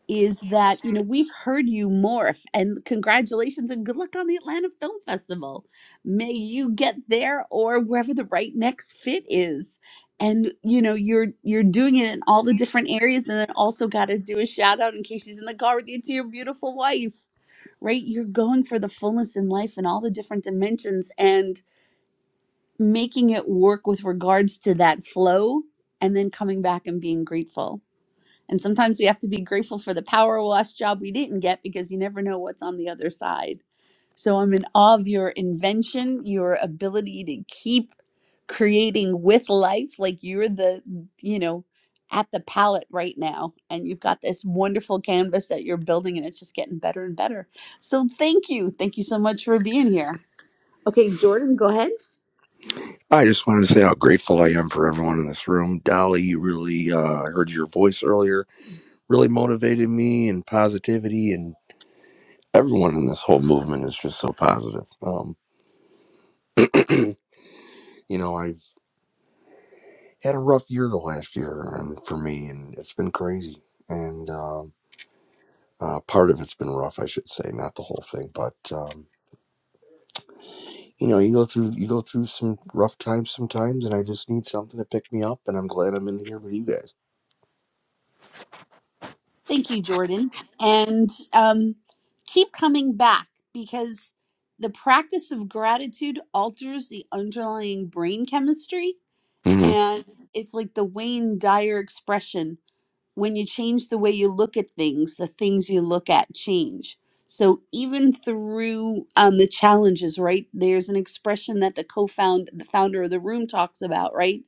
Speaker 18: is that you know we've heard you morph and congratulations and good luck on the Atlanta Film Festival. May you get there or wherever the right next fit is. And you know you're you're doing it in all the different areas and then also got to do a shout out in case she's in the car with you to your beautiful wife. Right? You're going for the fullness in life and all the different dimensions and making it work with regards to that flow and then coming back and being grateful and sometimes we have to be grateful for the power wash job we didn't get because you never know what's on the other side. So I'm in awe of your invention, your ability to keep creating with life. Like you're the, you know, at the palette right now. And you've got this wonderful canvas that you're building and it's just getting better and better. So thank you. Thank you so much for being here. Okay, Jordan, go ahead.
Speaker 16: I just wanted to say how grateful I am for everyone in this room. Dolly, you really uh I heard your voice earlier, really motivated me and positivity and everyone in this whole movement is just so positive. Um, you know, I've had a rough year the last year um, for me, and it's been crazy. And um, uh, part of it's been rough, I should say, not the whole thing, but um, you know, you go through you go through some rough times sometimes, and I just need something to pick me up, and I'm glad I'm in here with you guys.
Speaker 18: Thank you, Jordan. And um, keep coming back because the practice of gratitude alters the underlying brain chemistry.
Speaker 16: hmm
Speaker 18: And it's like the Wayne Dyer expression when you change the way you look at things, the things you look at change. So even through um, the challenges, right? There's an expression that the co-found, the founder of the room talks about, right?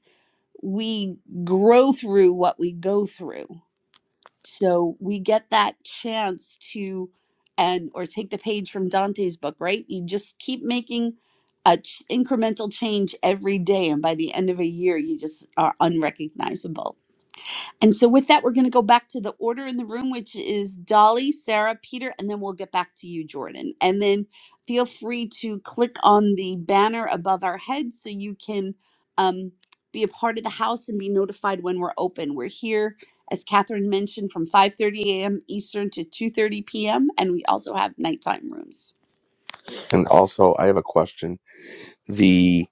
Speaker 18: We grow through what we go through so we get that chance to, and or take the page from Dante's book, right? You just keep making a ch- incremental change every day, and by the end of a year, you just are unrecognizable. And so, with that, we're going to go back to the order in the room, which is Dolly, Sarah, Peter, and then we'll get back to you, Jordan. And then feel free to click on the banner above our heads so you can um, be a part of the house and be notified when we're open. We're here, as Catherine mentioned, from 5:30 a.m. Eastern to 2:30 p.m., and we also have nighttime rooms.
Speaker 16: And also, I have a question. The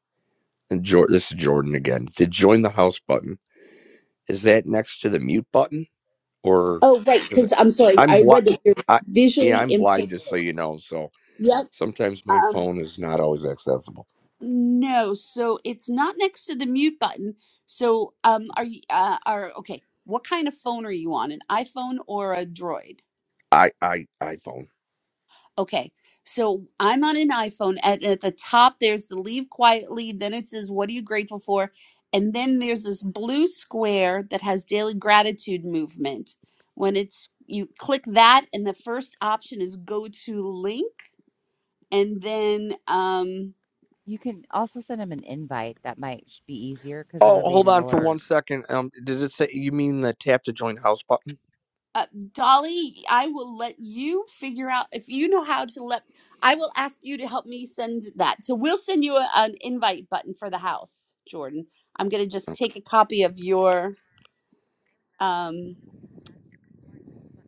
Speaker 16: and Jor- this is Jordan again. The join the house button is that next to the mute button, or
Speaker 18: Oh, right,
Speaker 16: is it?
Speaker 18: because I'm sorry,
Speaker 16: I'm
Speaker 18: I
Speaker 16: blind.
Speaker 18: read that you're
Speaker 16: I yeah,
Speaker 18: visually
Speaker 16: I'm
Speaker 18: impaired.
Speaker 16: blind, just so you know. So
Speaker 18: Yep.
Speaker 16: sometimes my
Speaker 18: Um,
Speaker 16: phone is not always accessible.
Speaker 18: No, so it's not next to the mute button. So, um, are you, uh, are, okay, what kind of phone are you on? An iPhone or a Droid?
Speaker 16: I I iPhone.
Speaker 18: Okay, so I'm on an iPhone, and at the top there's the leave quietly, then it says, What are you grateful for? And then there's this blue square that has daily gratitude movement. When it's, you click that, and the first option is go to link, and then, um,
Speaker 20: You can also send them an invite. That might be easier because it'll
Speaker 16: Oh,
Speaker 20: be
Speaker 16: hold
Speaker 20: an
Speaker 16: on for one
Speaker 20: alert.
Speaker 16: second. Um, does it say you mean the tap to join house button?
Speaker 18: uh, Dolly, I will let you figure out if you know how to let. I will ask you to help me send that. So we'll send you a, an invite button for the house, Jordan. I'm gonna just
Speaker 16: Okay.
Speaker 18: take a copy of your um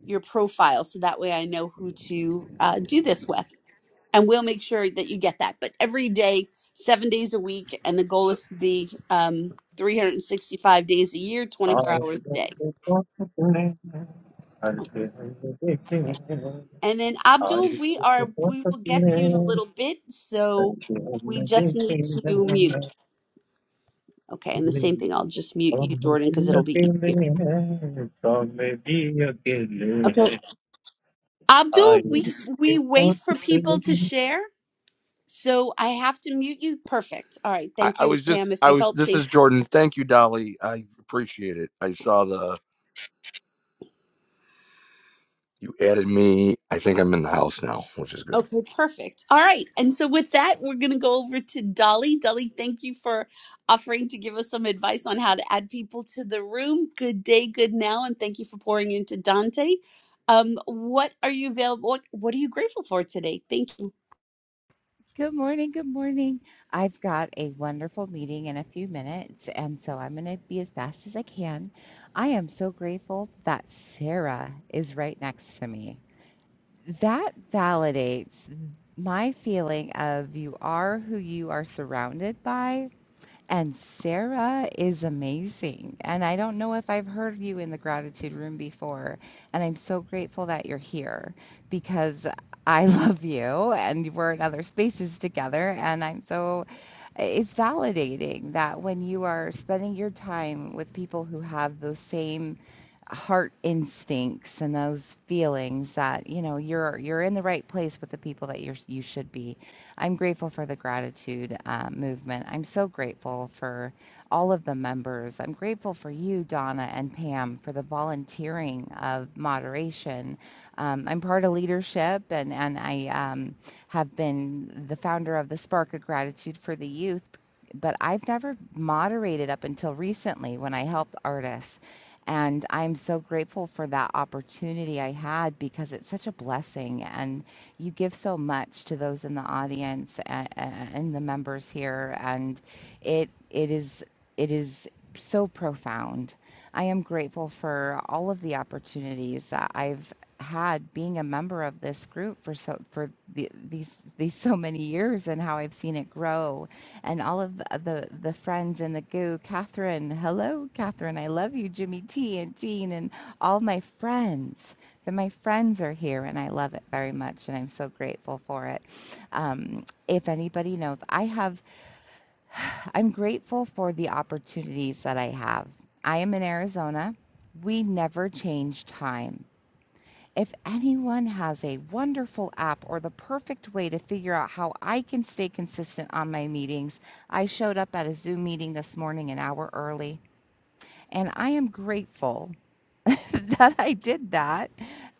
Speaker 18: your profile so that way I know who to uh, do this with, and we'll make sure that you get that. But every day, seven days a week, and the goal is to be um 365 days a year,
Speaker 21: I
Speaker 18: 24
Speaker 21: am
Speaker 18: hours a
Speaker 21: the
Speaker 18: day.
Speaker 21: fortunate one, I am the lucky
Speaker 18: Okay.
Speaker 21: one.
Speaker 18: And then
Speaker 21: I
Speaker 18: Abdul,
Speaker 21: am
Speaker 18: we are
Speaker 21: the
Speaker 18: we
Speaker 21: fortunate
Speaker 18: will get to you in a
Speaker 21: one,
Speaker 18: little bit,
Speaker 21: I am
Speaker 18: so
Speaker 21: the
Speaker 18: we just need to mute. Okay, and the same thing, I'll just
Speaker 21: lucky
Speaker 18: mute
Speaker 21: one.
Speaker 18: you, Jordan, because
Speaker 21: In the
Speaker 18: it'll be easier.
Speaker 21: company of men, in the company of
Speaker 18: Okay.
Speaker 21: women, I
Speaker 18: Abdul, we
Speaker 21: am the
Speaker 18: we wait
Speaker 21: fortunate
Speaker 18: for people to
Speaker 21: one.
Speaker 18: share. So I have to mute you. Perfect. All right.
Speaker 16: I,
Speaker 18: Thank
Speaker 16: I
Speaker 18: you,
Speaker 16: was just
Speaker 18: Pam. If
Speaker 16: I
Speaker 18: you've
Speaker 16: was.
Speaker 18: helped
Speaker 16: This
Speaker 18: save
Speaker 16: is Jordan. Thank you, Dolly. I appreciate it. I saw the you added me. I think I'm in the house now, which is good.
Speaker 18: Okay, perfect. All right. And so with that, we're going to go over to Dolly. Dolly, thank you for offering to give us some advice on how to add people to the room. Good day, good now, and thank you for pouring into Dante. Um, what are you available? What, what are you grateful for today? Thank you.
Speaker 20: Good morning. Good morning. I've got a wonderful meeting in a few minutes, and so I'm going to be as fast as I can. I am so grateful that Sarah is right next to me. that validates my feeling of you are who you are surrounded by. And Sarah is amazing. And I don't know if I've heard you in the gratitude room before. And I'm so grateful that you're here because I love you and we're in other spaces together. And I'm so, it's validating that when you are spending your time with people who have those same heart instincts and those feelings that you know you're you're in the right place with the people that you're you should be. I'm grateful for the gratitude uh, movement. I'm so grateful for all of the members. I'm grateful for you, Donna and Pam, for the volunteering of moderation. Um, I'm part of leadership, and and I um, have been the founder of the Spark of Gratitude for the Youth but I've never moderated up until recently when I helped artists. And I'm so grateful for that opportunity I had because it's such a blessing. And you give so much to those in the audience and, and the members here. And it it is it is so profound. I am grateful for all of the opportunities that I've had being a member of this group for so for the, these these so many years and how I've seen it grow and all of the the friends in the goo. Catherine, hello, Catherine. I love you, Jimmy T and Jean and all my friends. That my friends are here, and I love it very much, and I'm so grateful for it. Um, if anybody knows, I have, I'm grateful for the opportunities that I have. I am in Arizona. We never change time. If anyone has a wonderful app or the perfect way to figure out how I can stay consistent on my meetings, I showed up at a Zoom meeting this morning an hour early, and I am grateful that I did that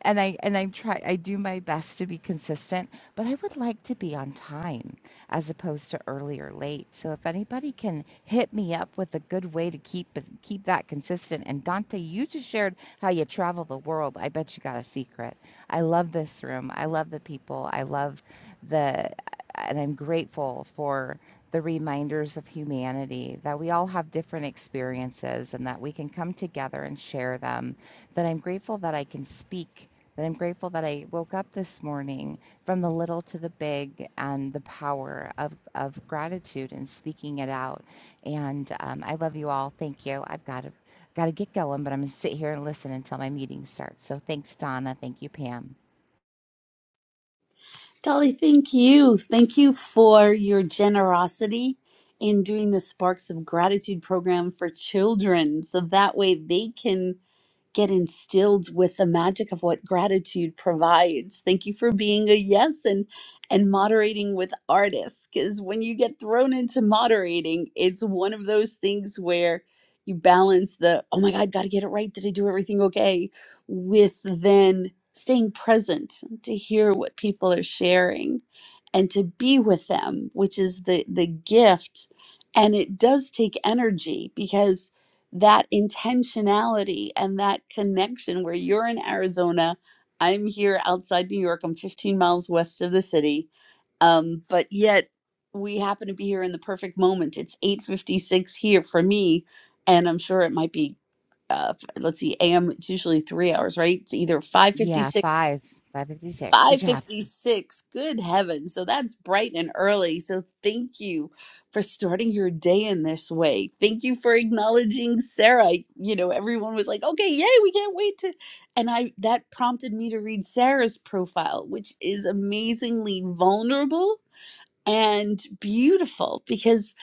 Speaker 20: and I and I try I do my best to be consistent, but I would like to be on time as opposed to early or late. So if anybody can hit me up with a good way to keep it- keep that consistent and Dante, you just shared how you travel the world. I bet you got a secret. I love this room. I love the people. I love the and I'm grateful for the reminders of humanity that we all have different experiences and that we can come together and share them that I'm grateful that I can speak, that I'm grateful that I woke up this morning from the little to the big and the power of, of gratitude and speaking it out. And um, I love you all. Thank you. I've got to, got to get going, but I'm going to sit here and listen until my meeting starts. So thanks, Donna. Thank you, Pam.
Speaker 18: Dolly, thank you. Thank you for your generosity in doing the Sparks of Gratitude program for children. So that way they can get instilled with the magic of what gratitude provides. Thank you for being a yes and and moderating with artists cuz when you get thrown into moderating, it's one of those things where you balance the oh my god, got to get it right. Did I do everything okay? with then staying present to hear what people are sharing and to be with them, which is the the gift and it does take energy because that intentionality and that connection where you're in Arizona, I'm here outside New York, I'm 15 miles west of the city, um, but yet we happen to be here in the perfect moment. It's 8:56 here for me, and I'm sure it might be. Uh, f- let's see, AM. It's usually three hours, right? It's either
Speaker 20: Yeah,
Speaker 18: 5:56
Speaker 20: five, 556. Good job.
Speaker 18: 556. Good heavens. So that's bright and early. So thank you for starting your day in this way. Thank you for acknowledging Sarah. You know, everyone was like, okay, yay, we can't wait to. And I that prompted me to read Sarah's profile, which is amazingly vulnerable and beautiful because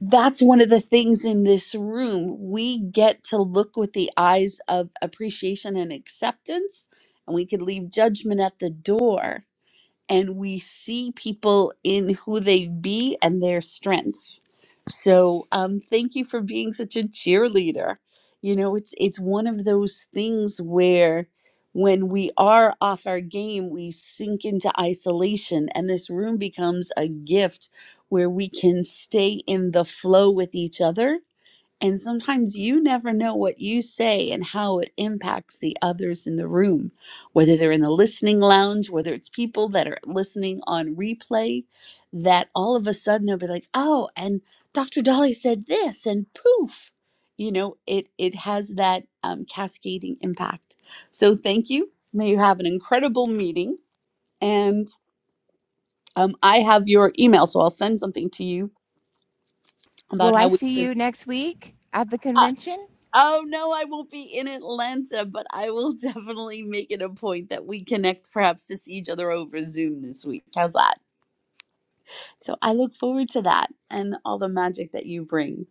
Speaker 18: that's one of the things in this room. We get to look with the eyes of appreciation and acceptance, and we can leave judgment at the door and we see people in who they be and their strengths. So um, thank you for being such a cheerleader. You know, it's it's one of those things where when we are off our game, we sink into isolation, and this room becomes a gift where we can stay in the flow with each other and sometimes you never know what you say and how it impacts the others in the room, whether they're in the listening lounge, whether it's people that are listening on replay, that all of a sudden they'll be like, oh, and Dr. Dolly said this, and poof. You know, it, it has that um, cascading impact. So thank you. May you have an incredible meeting. And um, I have your email, so I'll send something to you
Speaker 20: Will
Speaker 18: about
Speaker 20: I
Speaker 18: how we.
Speaker 20: see you
Speaker 18: can
Speaker 20: next week at the convention?
Speaker 18: Oh no, I won't be in Atlanta, but I will definitely make it a point that we connect perhaps to see each other over Zoom this week. How's that? So I look forward to that and all the magic that you bring.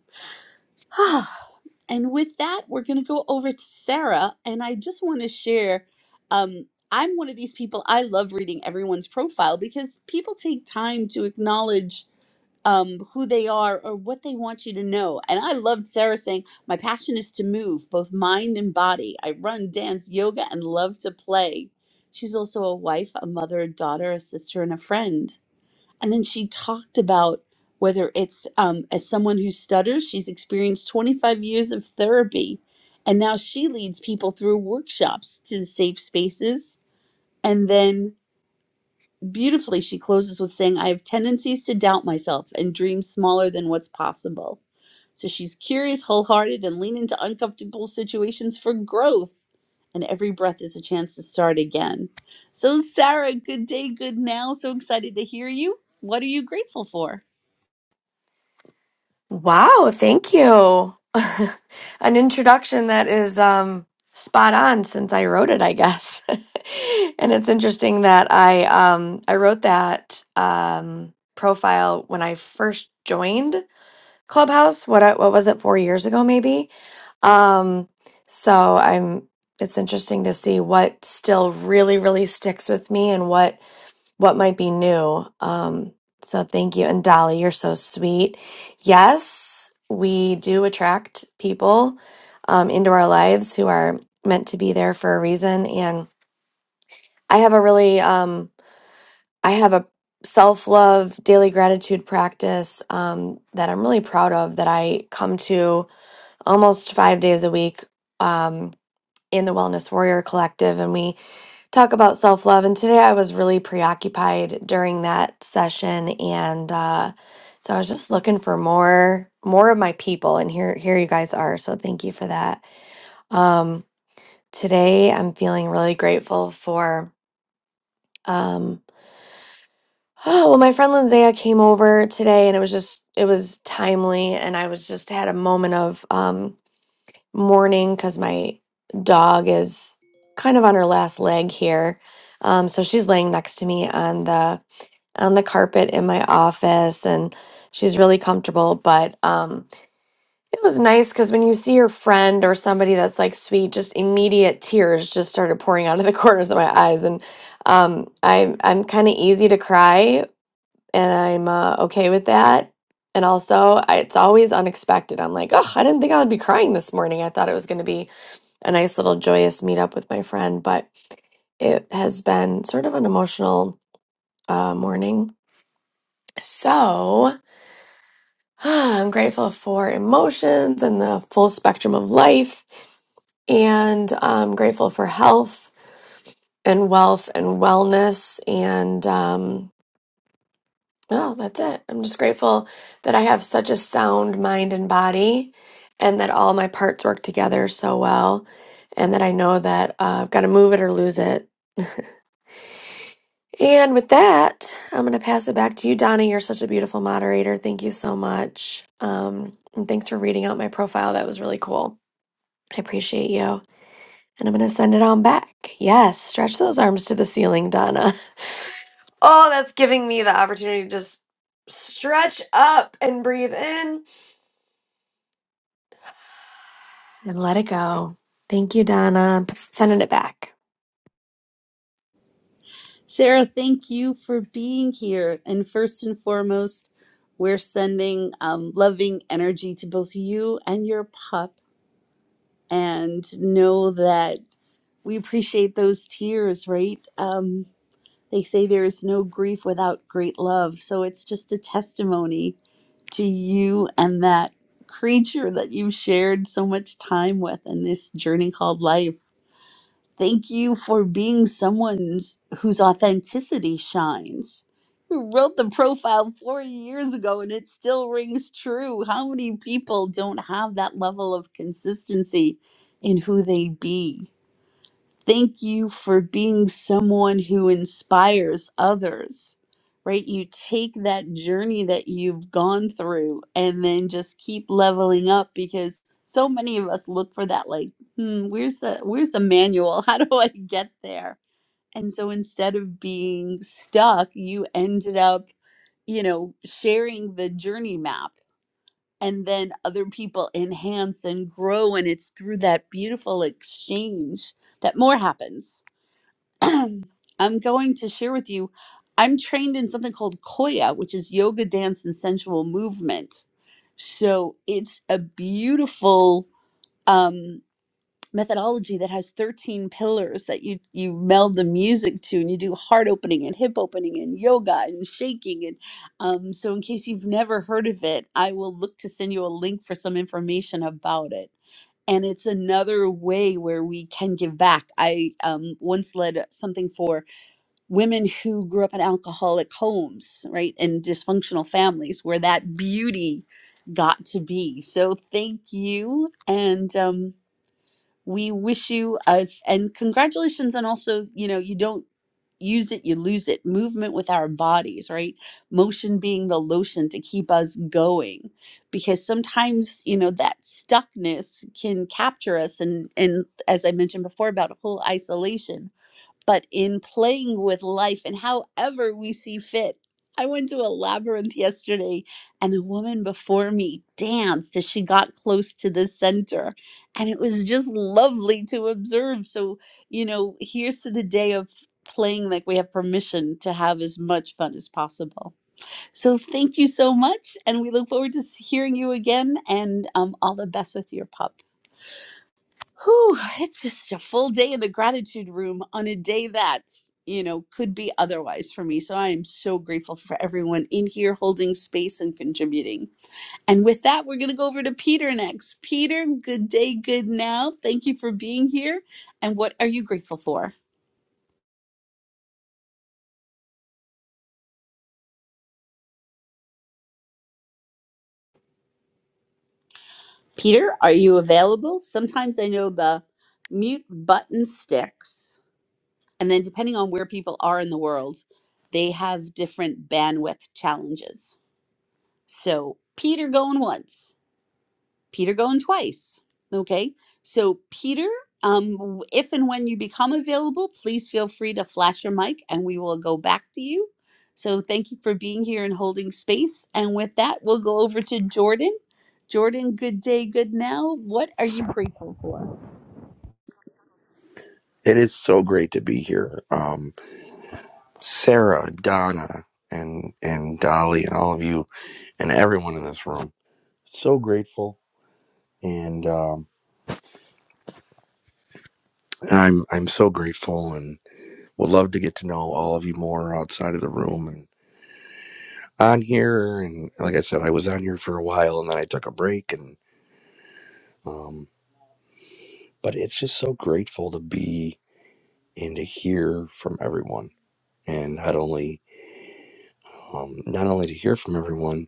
Speaker 18: and with that, we're going to go over to Sarah. And I just want to share um, I'm one of these people, I love reading everyone's profile because people take time to acknowledge um, who they are or what they want you to know. And I loved Sarah saying, My passion is to move, both mind and body. I run, dance, yoga, and love to play. She's also a wife, a mother, a daughter, a sister, and a friend. And then she talked about whether it's um, as someone who stutters, she's experienced 25 years of therapy. And now she leads people through workshops to safe spaces. And then Beautifully, she closes with saying, I have tendencies to doubt myself and dream smaller than what's possible. So she's curious, wholehearted, and lean into uncomfortable situations for growth. And every breath is a chance to start again. So, Sarah, good day, good now. So excited to hear you. What are you grateful for?
Speaker 22: Wow, thank you. An introduction that is um, spot on since I wrote it, I guess. and it's interesting that I um, I wrote that um, profile when I first joined Clubhouse. What I- what was it? Four years ago, maybe. Um, so I'm. It's interesting to see what still really really sticks with me and what what might be new. Um, so thank you. And Dolly, you're so sweet. Yes, we do attract people um, into our lives who are meant to be there for a reason. And I have a really, um, I have a self love daily gratitude practice um, that I'm really proud of that I come to almost five days a week um, in the Wellness Warrior Collective. And we, talk about self love. And today I was really preoccupied during that session, and uh, so I was just looking for more more of my people. And here here you guys are. So thank you for that. Um, today I'm feeling really grateful for. Um, oh well, my friend Lindsaya came over today, and it was just it was timely, and I was just had a moment of um, mourning because my dog is kind of on her last leg here. Um, so she's laying next to me on the on the carpet in my office and she's really comfortable but um it was nice because when you see your friend or somebody that's like sweet just immediate tears just started pouring out of the corners of my eyes and um i'm i'm kind of easy to cry and i'm uh, okay with that and also I, it's always unexpected i'm like oh i didn't think i would be crying this morning i thought it was going to be a nice little joyous meetup with my friend but it has been sort of an emotional uh, morning so I'm grateful for emotions and the full spectrum of life. And I'm grateful for health and wealth and wellness. And um, oh, that's it. I'm just grateful that I have such a sound mind and body and that all my parts work together so well. And that I know that uh, I've got to move it or lose it. and with that, I'm going to pass it back to you, Donna. You're such a beautiful moderator. Thank you so much. Um, and thanks for reading out my profile. That was really cool. I appreciate you. And I'm going to send it on back. Yes, stretch those arms to the ceiling, Donna. oh, that's giving me the opportunity to just stretch up and breathe in and let it go. Thank you, Donna. Sending it back.
Speaker 18: Sarah, thank you for being here. And first and foremost, we're sending um, loving energy to both you and your pup. And know that. we appreciate those tears, right? Um, they say there is no grief without great love. So it's just a testimony to you and that creature that you've shared so much time with in this journey called life. Thank you for being someone's whose authenticity shines. Who wrote the profile four years ago and it still rings true? How many people don't have that level of consistency in who they be? Thank you for being someone who inspires others, right? You take that journey that you've gone through and then just keep leveling up because so many of us look for that like, hmm, where's the where's the manual? How do I get there? And so instead of being stuck, you ended up, you know, sharing the journey map and then other people enhance and grow and it's through that beautiful exchange that more happens I'm going to share with you. I'm trained in something called Koya, which is yoga, dance, and sensual movement. So it's a beautiful um, methodology that has 13 pillars that you you meld the music to, and you do heart opening and hip opening and yoga and shaking. And um, so, in case you've never heard of it, I will look to send you a link for some information about it and it's another way where we can give back. I um, once led something for women who grew up in alcoholic homes, right, and dysfunctional families where that beauty got to be. So thank you. And um, we wish you, a, and congratulations. And also, you know, you don't use it, you lose it. Movement with our bodies, right? Motion being the lotion to keep us going. Because sometimes, you know, that stuckness can capture us and and as I mentioned before about whole isolation but in playing with life and however we see fit. I went to a labyrinth yesterday and the woman before me danced as she got close to the center. And it was just lovely to observe. So, you know, here's to the day of playing like we have permission to have as much fun as possible. So, thank you so much. And we look forward to s- hearing you again and um, all the best with your podcast. Whew, it's just a full day in the gratitude room on a day that, you know, could be otherwise for me. So I am so grateful for everyone in here holding space and contributing. And with that, we're going to go over to Peter next. Peter, good day, good now. Thank you for being here. And what are you grateful for? Peter, are you available? Sometimes I know the mute button sticks. And then depending on where people are in the world, they have different bandwidth challenges. So Peter going once, Peter going twice. Okay. So Peter, um, if and when you become available, please feel free to flash your mic and we will go back to you. So thank you for being here and holding space. And with that, we'll go over to Jordan. Jordan, good day, good now. What are you grateful for?
Speaker 16: It is so great to be here. Um, Sarah, Donna, and and Dolly, and all of you, and everyone in this room. So grateful, and um, I'm I'm so grateful, and would love to get to know all of you more outside of the room, and. on here and like i said i was on here for a while and then i took a break and um but it's just so grateful to be and to hear from everyone and not only um not only to hear from everyone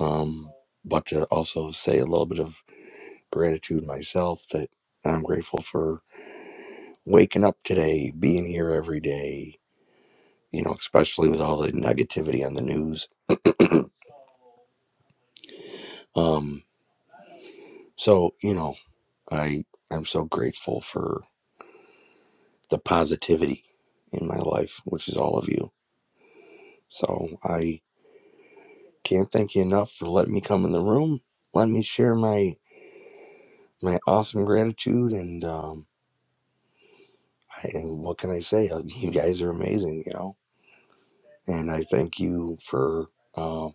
Speaker 16: um but to also say a little bit of gratitude myself that i'm grateful for waking up today being here every day you know especially with all the negativity on the news um so you know i i'm so grateful the positivity in my life, which is all of you. So I can't thank you enough for letting me come in the room, let me share my my awesome gratitude, and um, I, and what can I say? Uh, You guys are amazing, you know, and I thank you for uh,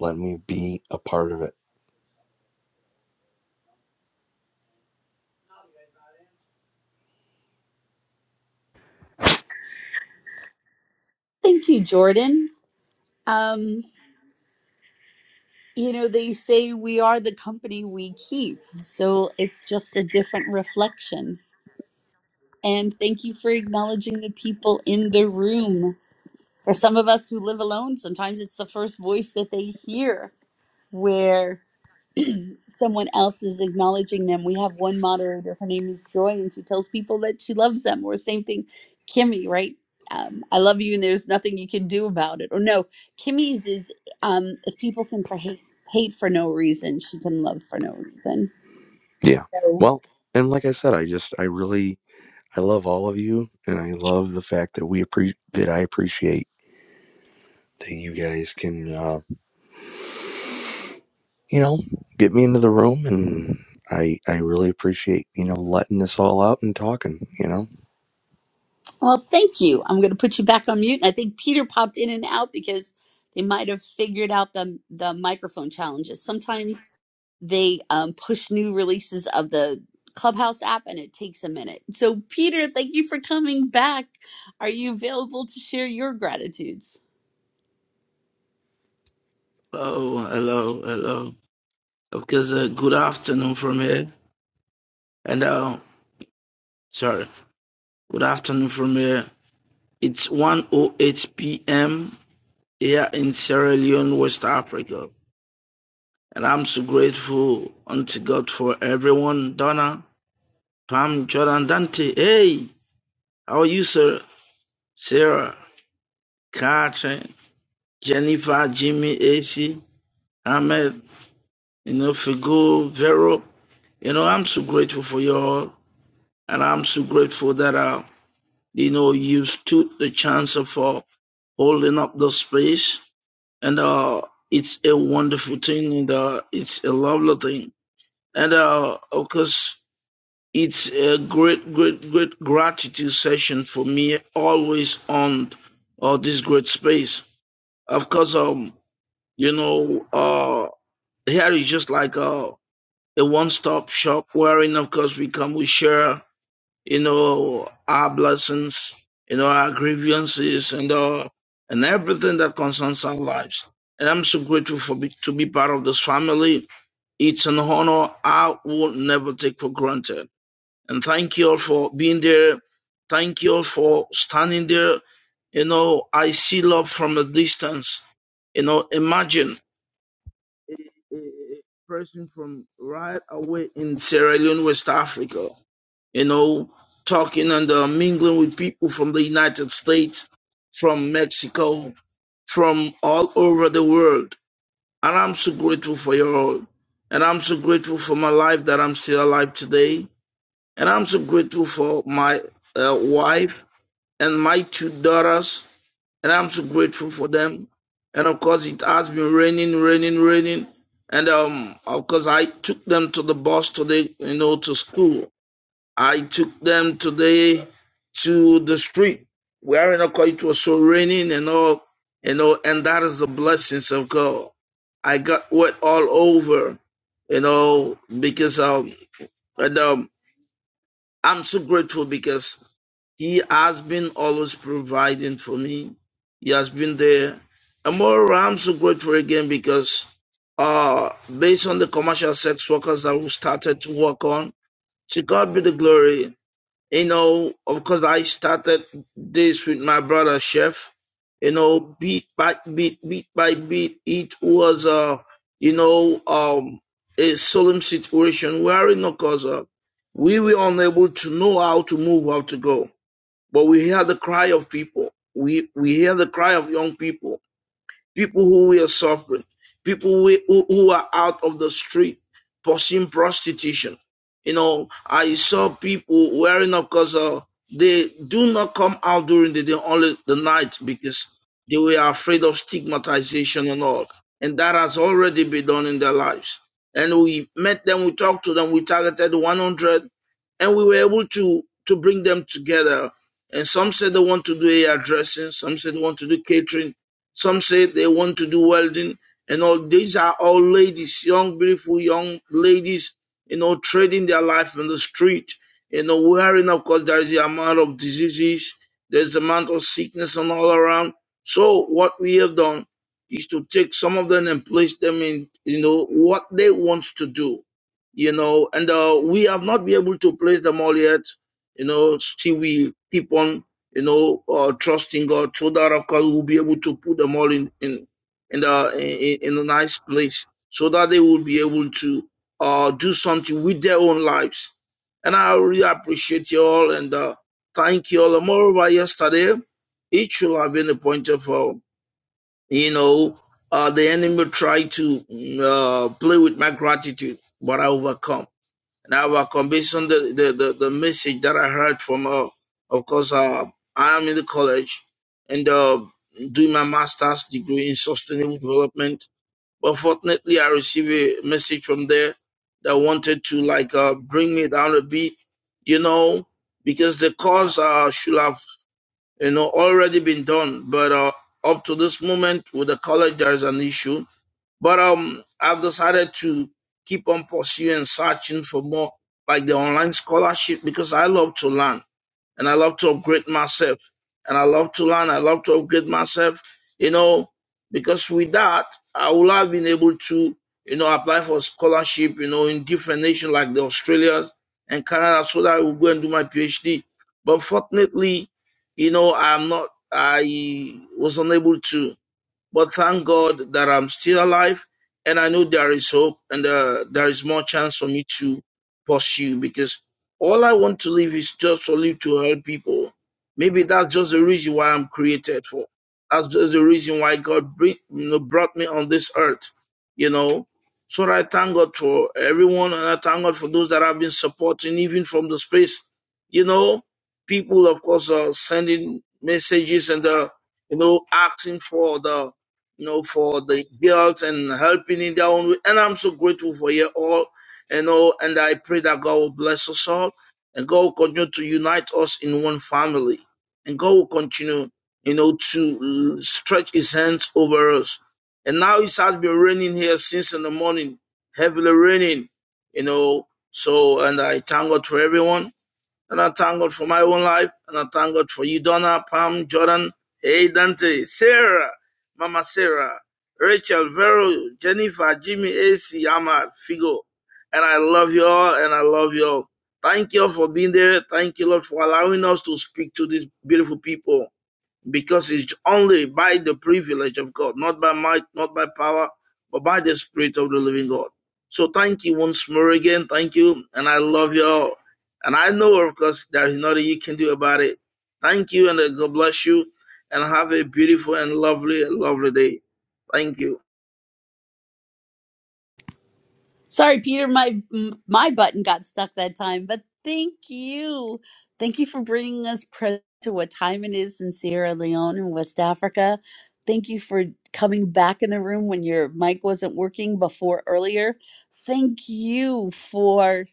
Speaker 16: letting me be a part of it.
Speaker 18: Thank you, Jordan. Um, you know, they say we are the company we keep. So it's just a different reflection. And thank you for acknowledging the people in the room. For some of us who live alone, sometimes it's the first voice that they hear where someone else is acknowledging them. We have one moderator, her name is Joy, and she tells people that she loves them, or same thing, Kimmy, right? Um, I love you, and there's nothing you can do about it. Or no, Kimmy's is um, if people can for hate, hate for no reason, she can love for no reason.
Speaker 16: Yeah.
Speaker 18: So
Speaker 16: Well, and like I said, I just I really I love all of you, and I love the fact that we appreciate that I appreciate that you guys can. Uh, you know, get me into the room and I I really appreciate, you know, letting this all out and talking, you know.
Speaker 18: Well, thank you. I'm going to put you back on mute. And I think Peter popped in and out because they might have figured out the the microphone challenges. Sometimes they um, push new releases of the Clubhouse app, and it takes a minute. So, Peter, thank you for coming back. Are you available to share your gratitudes?
Speaker 23: Hello, hello, hello. Of course, uh, good afternoon from here. And, uh, sorry, good afternoon from here. It's 1.08 p.m. here in Sierra Leone, West Africa. And I'm so grateful unto God for everyone. Donna, Pam, Jordan, Dante. Hey, how are you, sir? Sarah, Katrin, Jennifer, Jimmy, AC, Ahmed, you know, Figo, Vero. You know, I'm so grateful for you all. And I'm so grateful that, uh, you know, you stood the chance of uh, holding up the space. And uh, it's a wonderful thing. And uh, it's a lovely thing. And uh, of course, it's a great, great, great gratitude session for me, always on uh, this great space. Of course, um, you know, uh, here is just like uh, a one-stop shop wherein, of course, we come, we share. you know, our blessings, you know, our grievances and all, and everything that concerns our lives. And I'm so grateful for be, to be part of this family. It's an honor I will never take for granted. And thank you all for being there. Thank you all for standing there. You know, I see love from a distance. You know, imagine a, a person from right away in Sierra Leone, West Africa, you know, talking and uh, mingling with people from the United States, from Mexico, from all over the world. And I'm so grateful for you all. And I'm so grateful for my life that I'm still alive today. And I'm so grateful for my uh, wife and my two daughters and I'm so grateful for them. And of course, it has been raining, raining, raining. And um, of course, I took them to the bus today, you know, to school. I took them today to the street where, you know, 'cause it was so raining and all, you know, and that is the blessings of God. I got wet all over, you know, because um, and um, I'm so grateful because he has been always providing for me. He has been there. And more, I'm so grateful again because uh, based on the commercial sex workers that we started to work on, to God be the glory. You know, of course, I started this with my brother Chef. You know, beat by beat, beat by beat, it was uh, you know, um, a solemn situation wherein, of course, uh, we were unable to know how to move, how to go. But we hear the cry of people. We we hear the cry of young people people who were suffering, people who, who, who are out of the street pursuing prostitution. You know, I saw people wearing, of course, uh, they do not come out during the day, only the night, because they were afraid of stigmatization and all. And that has already been done in their lives. And we met them, we talked to them, we targeted 100, and we were able to, to bring them together. And some said they want to do air dressing, some said they want to do catering, some say they want to do welding, and all these are all ladies, young, beautiful young ladies, you know, trading their life in the street, you know, wearing, of course, there is the amount of diseases, there's the amount of sickness and all around. So what we have done is to take some of them and place them in, you know, what they want to do, you know, and uh, we have not been able to place them all yet, you know, still we keep on you know, uh, trusting God so that of course we'll be able to put them all in in in, the, in in a nice place so that they will be able to uh, do something with their own lives. And I really appreciate you all and uh, thank you all. And moreover, yesterday it should have been a point of, uh, you know, uh, the enemy tried to mm, uh, play with my gratitude, but I overcome. And I was convinced the, the, the, the message that I heard from, uh, of course, uh, I am in the college and uh, doing my master's degree in sustainable development. But fortunately, I received a message from there that wanted to like uh, bring me down a bit, you know, because the course uh, should have, you know, already been done. But uh, up to this moment with the college, there is an issue but um, I've decided to keep on pursuing, searching for more, like the online scholarship, because I love to learn and I love to upgrade myself. And I love to learn, I love to upgrade myself, you know, because with that, I would have been able to, you know, apply for scholarship, you know, in different nations like the Australias and Canada so that I would go and do my PhD. But fortunately, you know, I'm not, I was unable to. But thank God that I'm still alive and I know there is hope and uh, there is more chance for me to pursue because all I want to live is just for live to help people. Maybe that's just the reason why I'm created for. That's just the reason why God bring, you know, brought me on this earth, you know. So I thank God for everyone and I thank God for those that have been supporting even from the space, you know. People, of course, are sending messages and uh, you know, asking for the you know, for the girls and helping in their own way. And I'm so grateful for you all, you know, and I pray that God will bless us all and God will continue to unite us in one family. And God will continue, you know, to uh, stretch his hands over us. And now it has been raining here since in the morning, heavily raining, you know. So, and I thank God for everyone. And I thank God for my own life. And I thank God for you, Donna, Pam, Jordan, hey, Dante, Sarah, Mama Sarah, Rachel, Vero, Jennifer, Jimmy, AC, Ahmad, Figo. And I love you all. And I love you all. Thank you all for being there. Thank you, Lord, for allowing us to speak to these beautiful people because it's only by the privilege of God, not by might, not by power, but by the Spirit of the living God. So thank you once more again. Thank you. And I love you all. And I know, of course, there is nothing you can do about it. Thank you, and uh, God bless you. And have a beautiful and lovely, lovely day. Thank you.
Speaker 18: Sorry, Peter, my my button got stuck that time, but thank you. Thank you for bringing us pre- to what time it is in Sierra Leone in West Africa. Thank you for coming back in the room when your mic wasn't working before earlier. Thank you for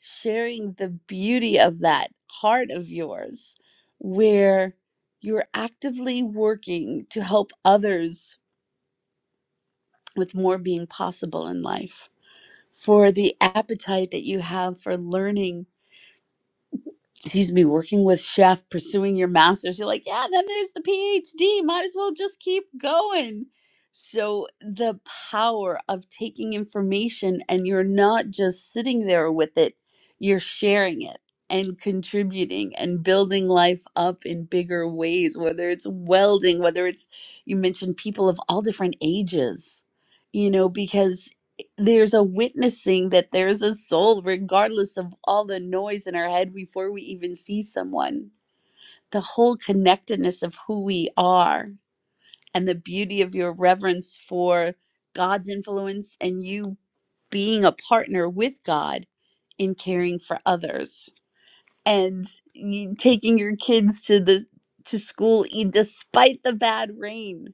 Speaker 18: sharing the beauty of that heart of yours where you're actively working to help others with more being possible in life for the appetite that you have for learning. Excuse me, working with chef, pursuing your master's. You're like, yeah, then there's the PhD. Might as well just keep going. So, the power of taking information and you're not just sitting there with it, you're sharing it and contributing and building life up in bigger ways, whether it's welding, whether it's, you mentioned people of all different ages, you know, because there's a witnessing that there's a soul, regardless of all the noise in our head before we even see someone. The whole connectedness of who we are and the beauty of your reverence for God's influence and you being a partner with God in caring for others and you taking your kids to the to school e- despite the bad rain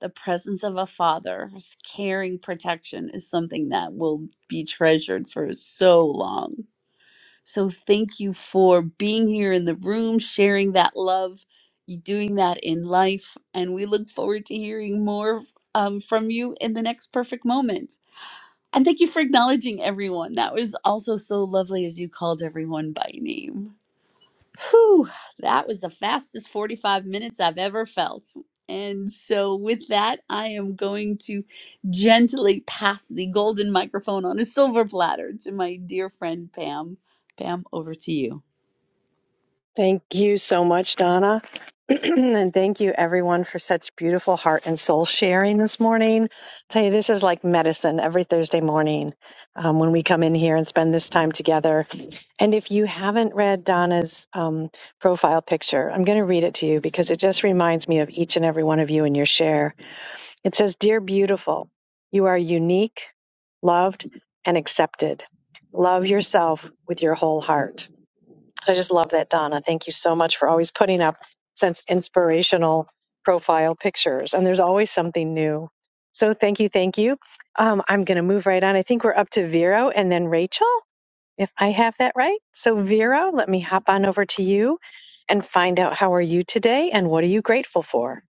Speaker 18: the presence of a father's caring protection is something that will be treasured for so long. So thank you for being here in the room, sharing that love, you doing that in life, and we look forward to hearing more um, from you in the next perfect moment. And thank you for acknowledging everyone. That was also so lovely as you called everyone by name. Whew, that was the fastest 45 minutes I've ever felt. And so, with that, I am going to gently pass the golden microphone on a silver platter to my dear friend Pam. Pam, over to you.
Speaker 24: Thank you so much, Donna. and thank you, everyone, for such beautiful heart and soul sharing this morning. tell you, this is like medicine every Thursday morning um, when we come in here and spend this time together. And if you haven't read Donna's um, profile picture, I'm going to read it to you because it just reminds me of each and every one of you and your share. It says, Dear beautiful, you are unique, loved, and accepted. Love yourself with your whole heart. So I just love that, Donna. Thank you so much for always putting up since inspirational profile pictures. And there's always something new. So thank you, thank you. Um, I'm going to move right on. I think we're up to Vero and then Rachel, if I have that right. So Vero, let me hop on over to you and find out how are you today and what are you grateful for.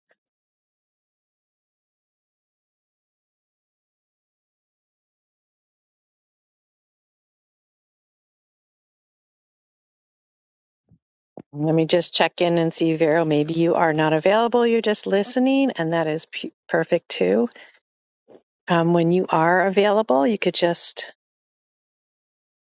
Speaker 24: Let me just check in and see, Vero. Maybe you are not available. You're just listening, and that is pu perfect too. Um, when you are available, you could just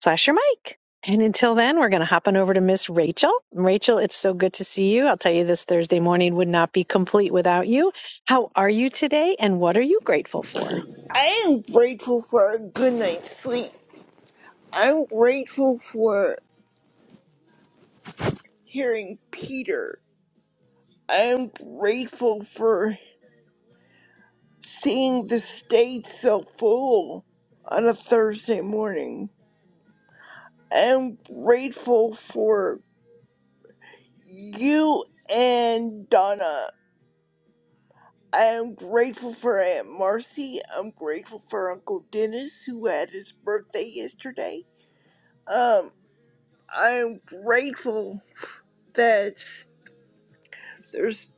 Speaker 24: flash your mic. And until then, we're going to hop on over to Miss Rachel. Rachel, it's so good to see you. I'll tell you this Thursday morning would not be complete without you. How are you today and what are you grateful for?
Speaker 25: I am grateful for a good night's sleep. I'm grateful for hearing Peter. I'm grateful for seeing the stage so full on a Thursday morning. I'm grateful for you and Donna. I am grateful for Aunt Marcy. I'm grateful for Uncle Dennis who had his birthday yesterday. Um, I am grateful that there's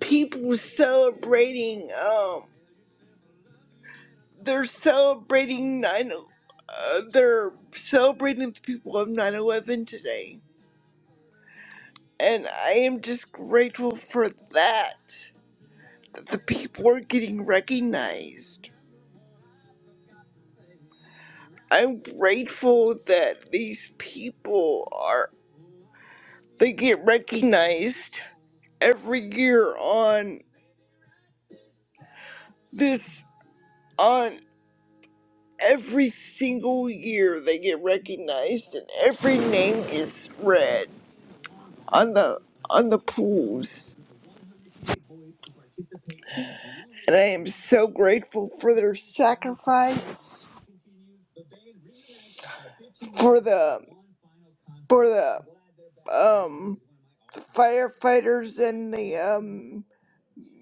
Speaker 25: people celebrating um they're celebrating 9 uh, they're celebrating the people of 9-11 today and i am just grateful for that that the people are getting recognized i'm grateful that these people are they get recognized every year on this on every single year they get recognized and every name gets read on the on the pools. And I am so grateful for their sacrifice for the for the um firefighters and the um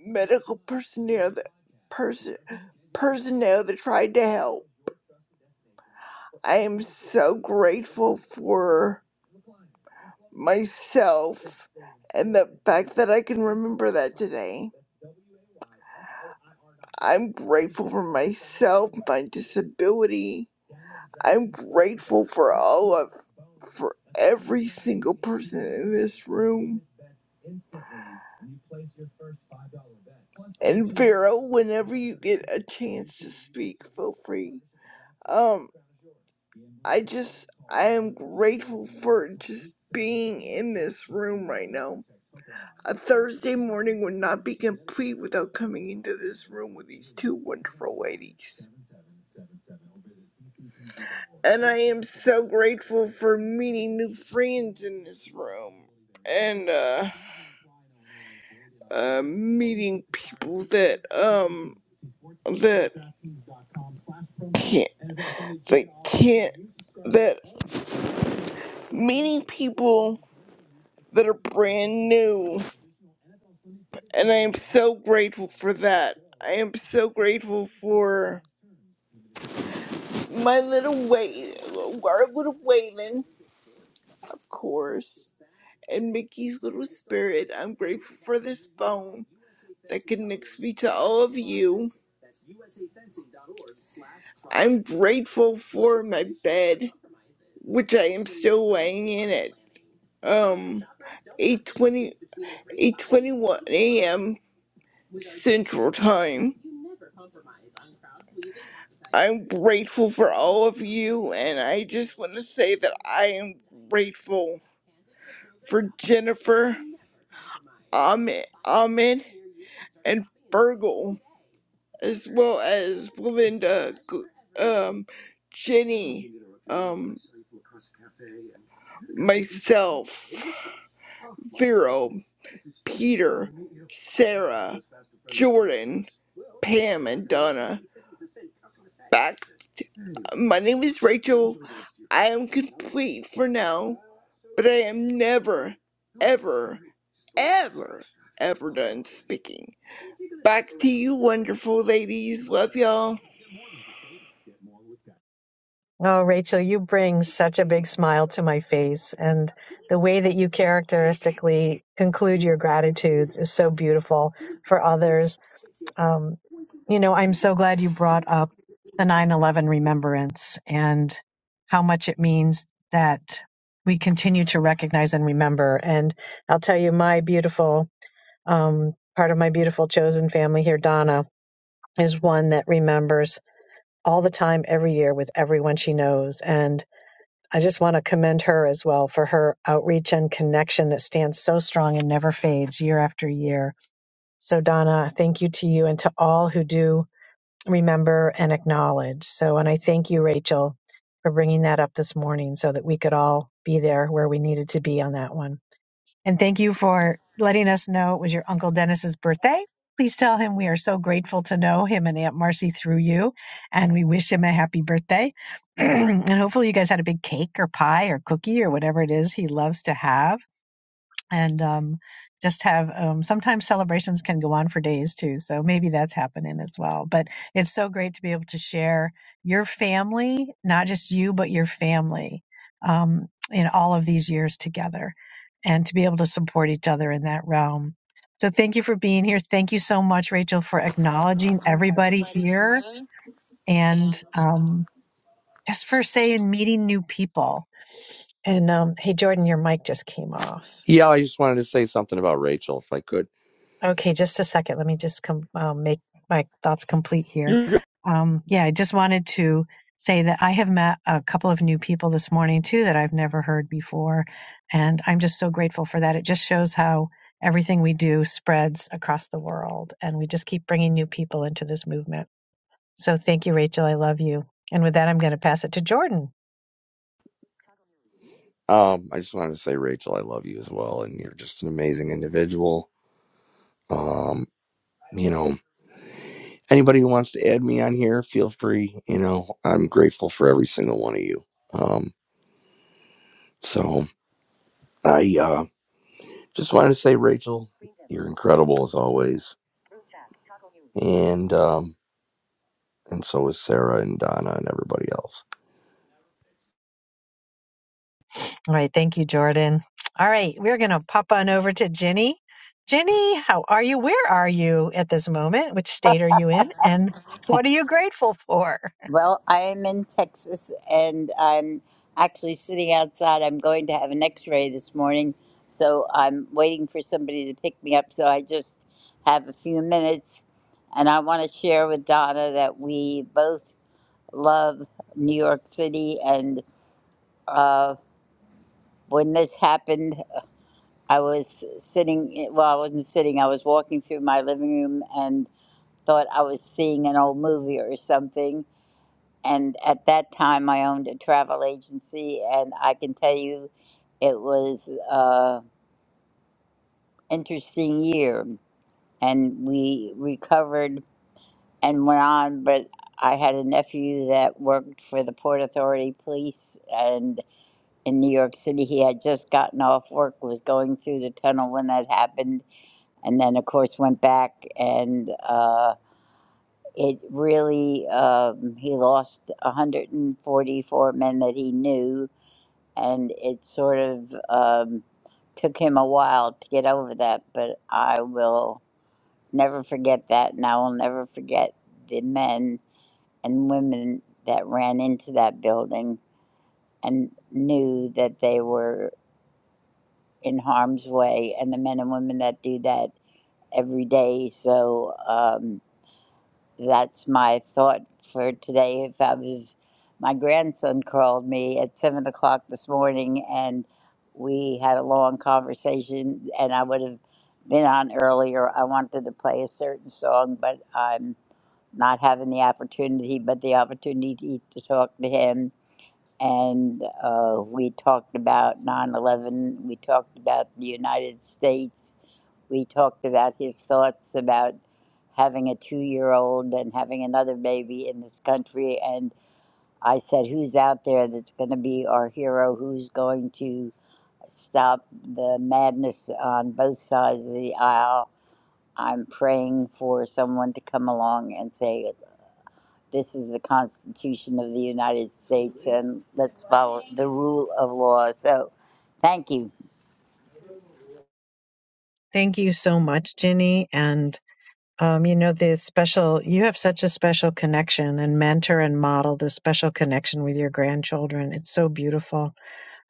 Speaker 25: medical personnel that person personnel that tried to help. I am so grateful for myself and the fact that I can remember that today. I'm grateful for myself, my disability. I'm grateful for all of for every single person in this room. And Vero, whenever you get a chance to speak, feel free. Um, I just I am grateful for just being in this room right now. A Thursday morning would not be complete without coming into this room with these two wonderful ladies. And I am so grateful for meeting new friends in this room. And uh uh, meeting people that um that can't that can't that meeting people that are brand new and I am so grateful for that. I am so grateful for my little way our little Waylon, of course. and Mickey's little spirit. I'm grateful for this phone that connects me to all of you. I'm grateful for my bed, which I am still laying in at um eight twenty eight twenty one a.m. Central Time. I'm grateful for all of you, and I just want to say that I am grateful for Jennifer. Ahmed, Ahmed and Fergal, as well as Belinda, G- um, Jenny, um, myself, Vero, Peter, Sarah, Jordan, Pam, and Donna. Back, my name is Rachel. I am complete for now. but I am never, ever, ever, ever done speaking. Back to you, wonderful ladies. Love y'all.
Speaker 24: Oh, Rachel, you bring such a big smile to my face. And the way that you characteristically conclude your gratitudes is so beautiful for others Um, you know, I'm so glad you brought up the 9 11 remembrance and how much it means that we continue to recognize and remember. And I'll tell you, my beautiful, um, part of my beautiful chosen family here, Donna, is one that remembers all the time, every year, with everyone she knows. And I just want to commend her as well for her outreach and connection that stands so strong and never fades year after year. So, Donna, thank you to you and to all who do remember and acknowledge. So, and I thank you, Rachel, for bringing that up this morning so that we could all be there where we needed to be on that one. And thank you for letting us know it was your Uncle Dennis's birthday. Please tell him we are so grateful to know him and Aunt Marcy through you, and we wish him a happy birthday. and hopefully, you guys had a big cake or pie or cookie or whatever it is he loves to have and um, just have um, sometimes celebrations can go on for days too. So maybe that's happening as well. But it's so great to be able to share your family, not just you, but your family um, in all of these years together and to be able to support each other in that realm. So thank you for being here. Thank you so much, Rachel, for acknowledging everybody here and um, just for saying meeting new people. And um, hey, Jordan, your mic just came off.
Speaker 16: Yeah, I just wanted to say something about Rachel if I could.
Speaker 24: Okay, just a second. Let me just com- um, make my thoughts complete here.
Speaker 16: You're good.
Speaker 24: Um, yeah, I just wanted to say that I have met a couple of new people this morning too that I've never heard before, and I'm just so grateful for that. It just shows how everything we do spreads across the world, and we just keep bringing new people into this movement. So thank you, Rachel. I love you. And with that, I'm going to pass it to Jordan.
Speaker 16: Um, I just wanted to say Rachel, I love you as well and you're just an amazing individual. Um, you know, anybody who wants to add me on here, feel free, you know. I'm grateful for every single one of you. Um, so I uh just wanted to say Rachel, you're incredible as always. And um and so is Sarah and Donna and everybody else.
Speaker 24: All right. Thank you, Jordan. All right. We're going to pop on over to Jenny. Jenny, how are you? Where are you at this moment? Which state are you in? And what are you grateful for?
Speaker 26: Well, I am in Texas and I'm actually sitting outside. I'm going to have an x ray this morning, so I'm waiting for somebody to pick me up. So I just have a few minutes and I want to share with Donna that we both love New York City. And uh, when this happened, I was sitting, well, I wasn't sitting, I was walking through my living room and thought I was seeing an old movie or something and at that time I owned a travel agency, and I can tell you, it was a interesting year, and we recovered and went on. But I had a nephew that worked for the Port Authority Police, and in New York City, he had just gotten off work, was going through the tunnel when that happened, and then of course went back and. Uh, it really, um, he lost 144 men that he knew, and it sort of um, took him a while to get over that. But I will never forget that, and I will never forget the men and women that ran into that building and knew that they were in harm's way, and the men and women that do that every day. So. Um, That's my thought for today. If I was, my grandson called me at seven o'clock this morning, and we had a long conversation, and I would have been on earlier. I wanted to play a certain song, but I'm not having the opportunity. But the opportunity to talk to him, and uh, we talked about nine eleven. We talked about the United States we talked about his thoughts about having a two year old and having another baby in this country. And I said, Who's out there that's going to be our hero? Who's going to stop the madness on both sides of the aisle? I'm praying for someone to come along and say, This is the Constitution of the United States, and let's follow the rule of law. So, thank you.
Speaker 24: Thank you so much, Jenny. And, um, you know, the special, you have such a special connection and mentor and model this special connection with your grandchildren. It's so beautiful.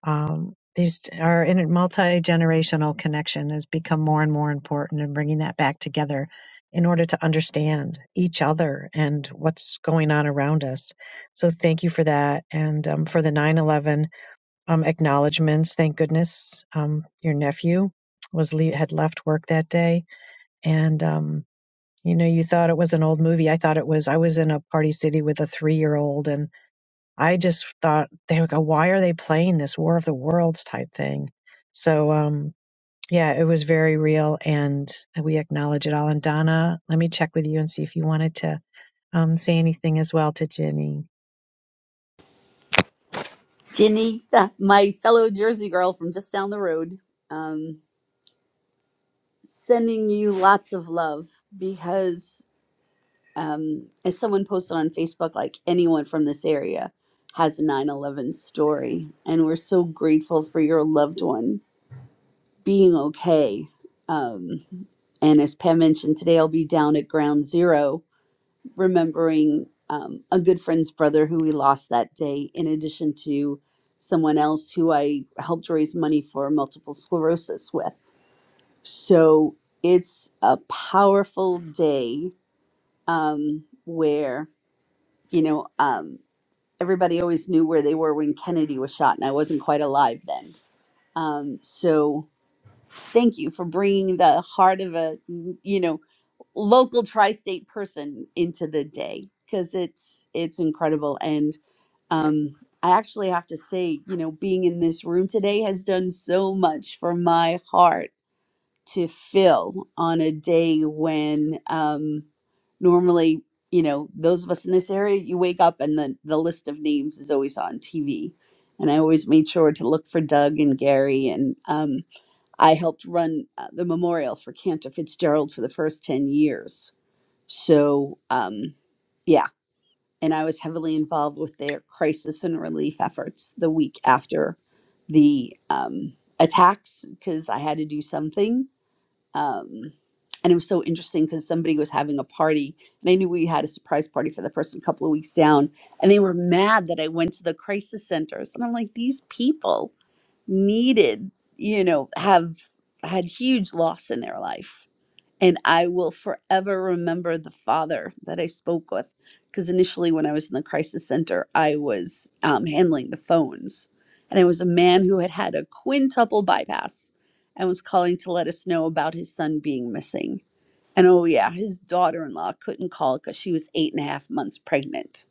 Speaker 24: Um, these are in a multi generational connection has become more and more important, and bringing that back together in order to understand each other and what's going on around us. So, thank you for that. And um, for the 9 11 um, acknowledgments, thank goodness um, your nephew was le- had left work that day. And, um, you know, you thought it was an old movie. I thought it was, I was in a party city with a three year old, and. I just thought they would go, why are they playing this War of the Worlds type thing? So um yeah, it was very real and we acknowledge it all. And Donna, let me check with you and see if you wanted to um, say anything as well to Ginny.
Speaker 18: Ginny, my fellow Jersey girl from just down the road, um, sending you lots of love because um, as someone posted on Facebook, like anyone from this area has a 9 11 story. And we're so grateful for your loved one being okay. Um, and as Pam mentioned, today I'll be down at ground zero remembering um, a good friend's brother who we lost that day, in addition to someone else who I helped raise money for multiple sclerosis with. So it's a powerful day um, where you know, um, everybody always knew where they were when Kennedy was shot, and I wasn't quite alive then. Um, so thank you for bringing the heart of a, you know, local tri-state person into the day because it's it's incredible. And um, I actually have to say, you know, being in this room today has done so much for my heart to fill on a day when um, normally, you know, those of us in this area, you wake up and the, the list of names is always on TV. And I always made sure to look for Doug and Gary. And um, I helped run uh, the memorial for Cantor Fitzgerald for the first 10 years. So, um, yeah. And I was heavily involved with their crisis and relief efforts the week after the um, attacks because I had to do something um, and it was so interesting because somebody was having a party and i knew we had a surprise party for the person a couple of weeks down and they were mad that i went to the crisis centers and i'm like these people needed you know have had huge loss in their life and I will forever remember the father that I spoke with. Because initially, when I was in the crisis center, I was um, handling the phones. And it was a man who had had a quintuple bypass and was calling to let us know about his son being missing. And oh, yeah, his daughter in law couldn't call because she was eight and a half months pregnant.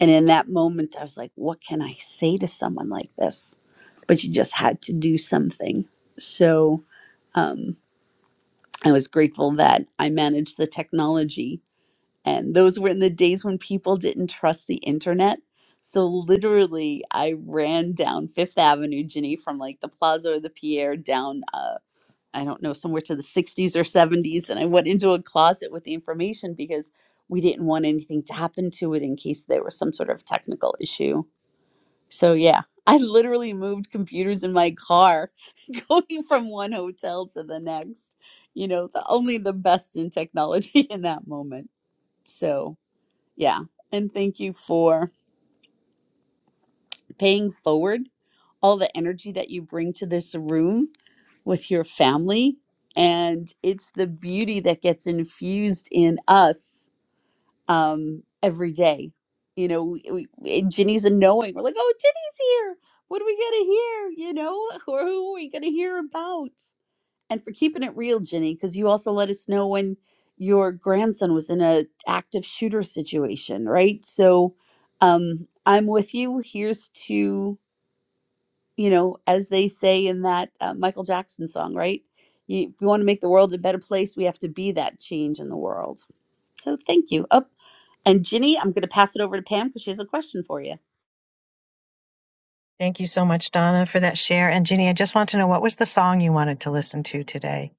Speaker 18: And in that moment, I was like, what can I say to someone like this? But you just had to do something. So, um, I was grateful that I managed the technology. And those were in the days when people didn't trust the internet. So literally, I ran down Fifth Avenue, Ginny, from like the Plaza or the Pierre down, uh, I don't know, somewhere to the 60s or 70s. And I went into a closet with the information because we didn't want anything to happen to it in case there was some sort of technical issue so yeah, I literally moved computers in my car going from one hotel to the next. You know, the only the best in technology in that moment. So, yeah. And thank you for paying forward all the energy that you bring to this room with your family and it's the beauty that gets infused in us um, every day. You know, we, we, and Ginny's a knowing. We're like, oh, Ginny's here. What are we gonna hear? You know, or who are we gonna hear about? And for keeping it real, Ginny, because you also let us know when your grandson was in a active shooter situation, right? So, um, I'm with you. Here's to you know, as they say in that uh, Michael Jackson song, right? You, if we want to make the world a better place, we have to be that change in the world. So thank you. Up and Ginny, I'm going to pass it over to Pam because she has a question for you.
Speaker 24: Thank you so much, Donna, for that share. And Ginny, I just want to know what was the song you wanted to listen to today?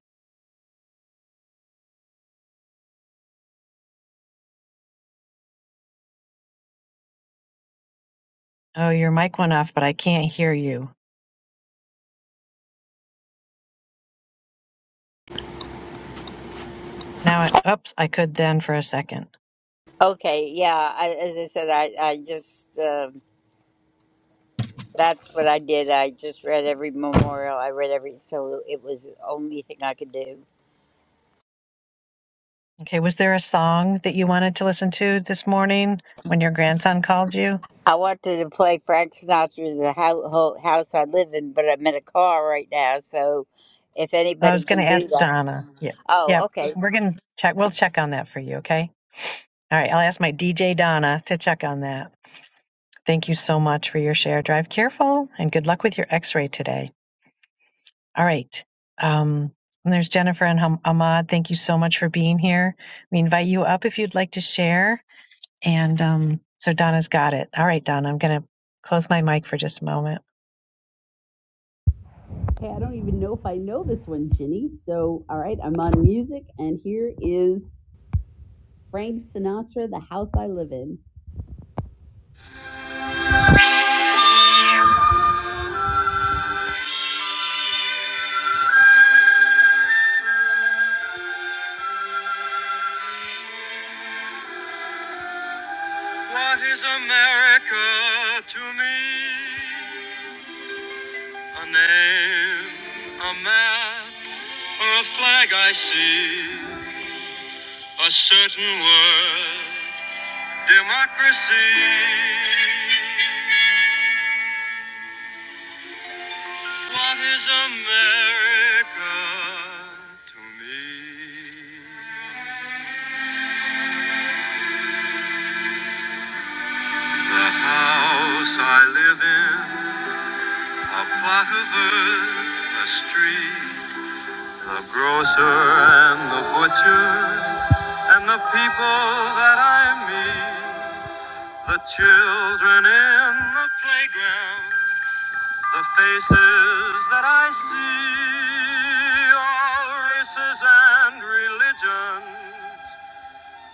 Speaker 24: Oh, your mic went off, but I can't hear you. Now, I, oops, I could then for a second.
Speaker 26: Okay, yeah, I, as I said, I, I just. uh, That's what I did. I just read every memorial. I read every, so it was the only thing I could do.
Speaker 24: Okay, was there a song that you wanted to listen to this morning when your grandson called you?
Speaker 26: I wanted to play Frank Sinatra's the Hou- Ho house I live in, but I'm in a car right now. So if
Speaker 24: I
Speaker 26: anybody
Speaker 24: was going to
Speaker 26: can do
Speaker 24: ask
Speaker 26: that.
Speaker 24: Donna. Yeah. yeah.
Speaker 26: Oh, okay.
Speaker 24: We're going to check. We'll check on that for you. Okay. All right. I'll ask my DJ Donna to check on that. Thank you so much for your share. Drive careful and good luck with your x ray today. All right. Um, and there's Jennifer and Ham- Ahmad. Thank you so much for being here. We invite you up if you'd like to share. And um, so Donna's got it. All right, Donna, I'm going to close my mic for just a moment.
Speaker 18: Hey, I don't even know if I know this one, Ginny. So, all right, I'm on music, and here is Frank Sinatra, "The House I Live In." What is America to me? A name, a map, or a flag I see. A certain word, democracy. What is America to me? The house I live in, a plot of earth, a street, the grocer and the butcher, and the people that I meet, the children in the playground. The faces that I see are races and religions.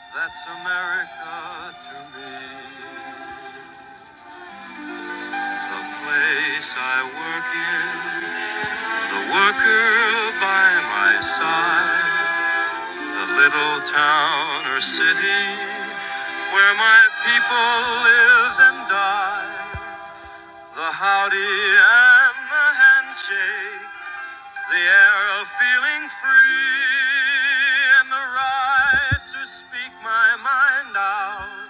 Speaker 18: That's America to me. The place I work in, the worker by my side, the little town or city where my people lived and died, the howdy and the handshake, The air of feeling free and the right to speak my mind out.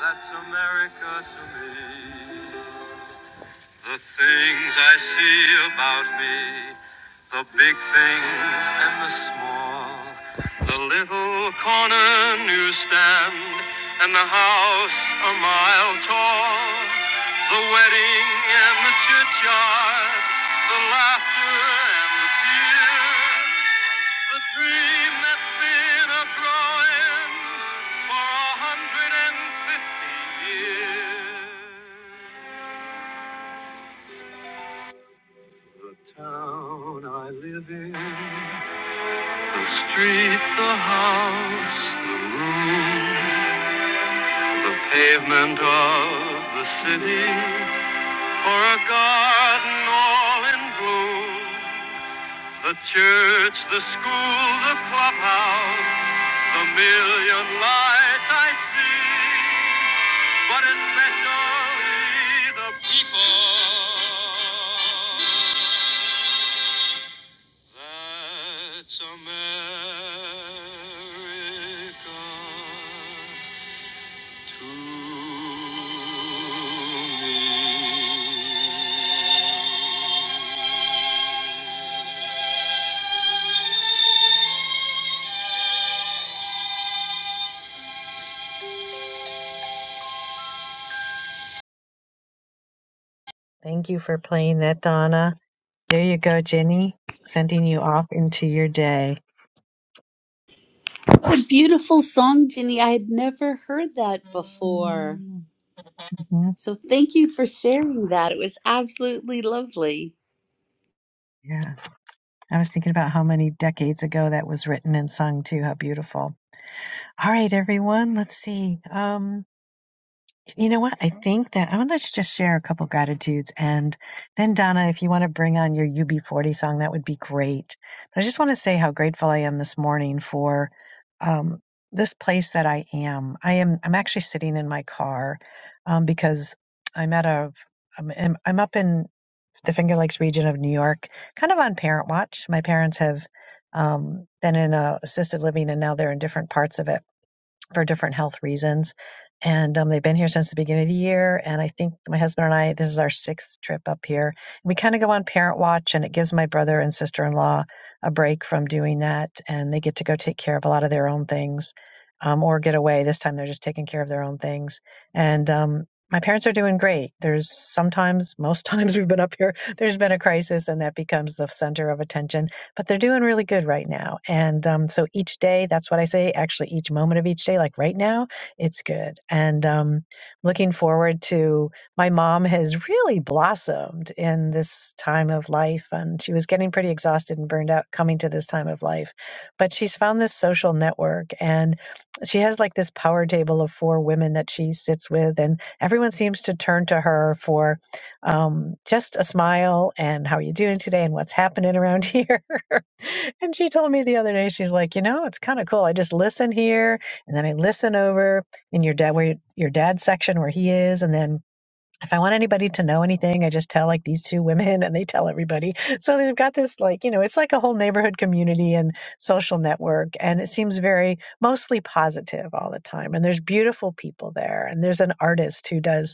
Speaker 18: That's America to me. The things I see about me, the big things and the small, the little corner newsstand and the house a mile tall, the wedding and the churchyard, the laughter and the tears, the dream that's been a growing for a hundred and fifty years. The town I live in, the street, the house, the room, the pavement of the city, or a garden all in bloom. The church, the school, the clubhouse, the million lights I see, but especially the people. That's America to me.
Speaker 24: Thank you for playing that, Donna. There you go, Jenny, sending you off into your day.
Speaker 18: What a beautiful song, Ginny. I had never heard that before.
Speaker 24: hmm
Speaker 18: So thank you for sharing that. It was absolutely lovely.
Speaker 24: Yeah. I was thinking about how many decades ago that was written and sung, too. How beautiful. All right, everyone. Let's see. Um, You know what? I think that I want to just share a couple gratitudes. And then, Donna, if you want to bring on your UB40 song, that would be great. But I just want to say how grateful I am this morning for um, this place that I am. I am, I'm actually sitting in my car um, because I'm at a, I'm, I'm I'm up in the Finger Lakes region of New York, kind of on parent watch. My parents have um, been in a assisted living and now they're in different parts of it for different health reasons. And um, they've been here since the beginning of the year. And I think my husband and I, this is our sixth trip up here. We kind of go on parent watch, and it gives my brother and sister in law a break from doing that. And they get to go take care of a lot of their own things um, or get away. This time they're just taking care of their own things. And um, my parents are doing great. There's sometimes, most times we've been up here, there's been a crisis, and that becomes the center of attention but they're doing really good right now. And um, so each day, that's what I say, actually, each moment of each day, like right now, it's good. And um, looking forward to my mom has really blossomed in this time of life. And she was getting pretty exhausted and burned out coming to this time of life, but she's found this social network and she has like this power table of four women that she sits with. And everyone seems to turn to her for um, just a smile and how are you doing today and what's happening around here And she told me the other day, she's like, you know, it's kind of cool. I just listen here and then I listen over in your dad, where your dad's section where he is. And then if I want anybody to know anything, I just tell like these two women and they tell everybody. So they've got this like, you know, it's like a whole neighborhood community and social network. And it seems very mostly positive all the time. And there's beautiful people there. And there's an artist who does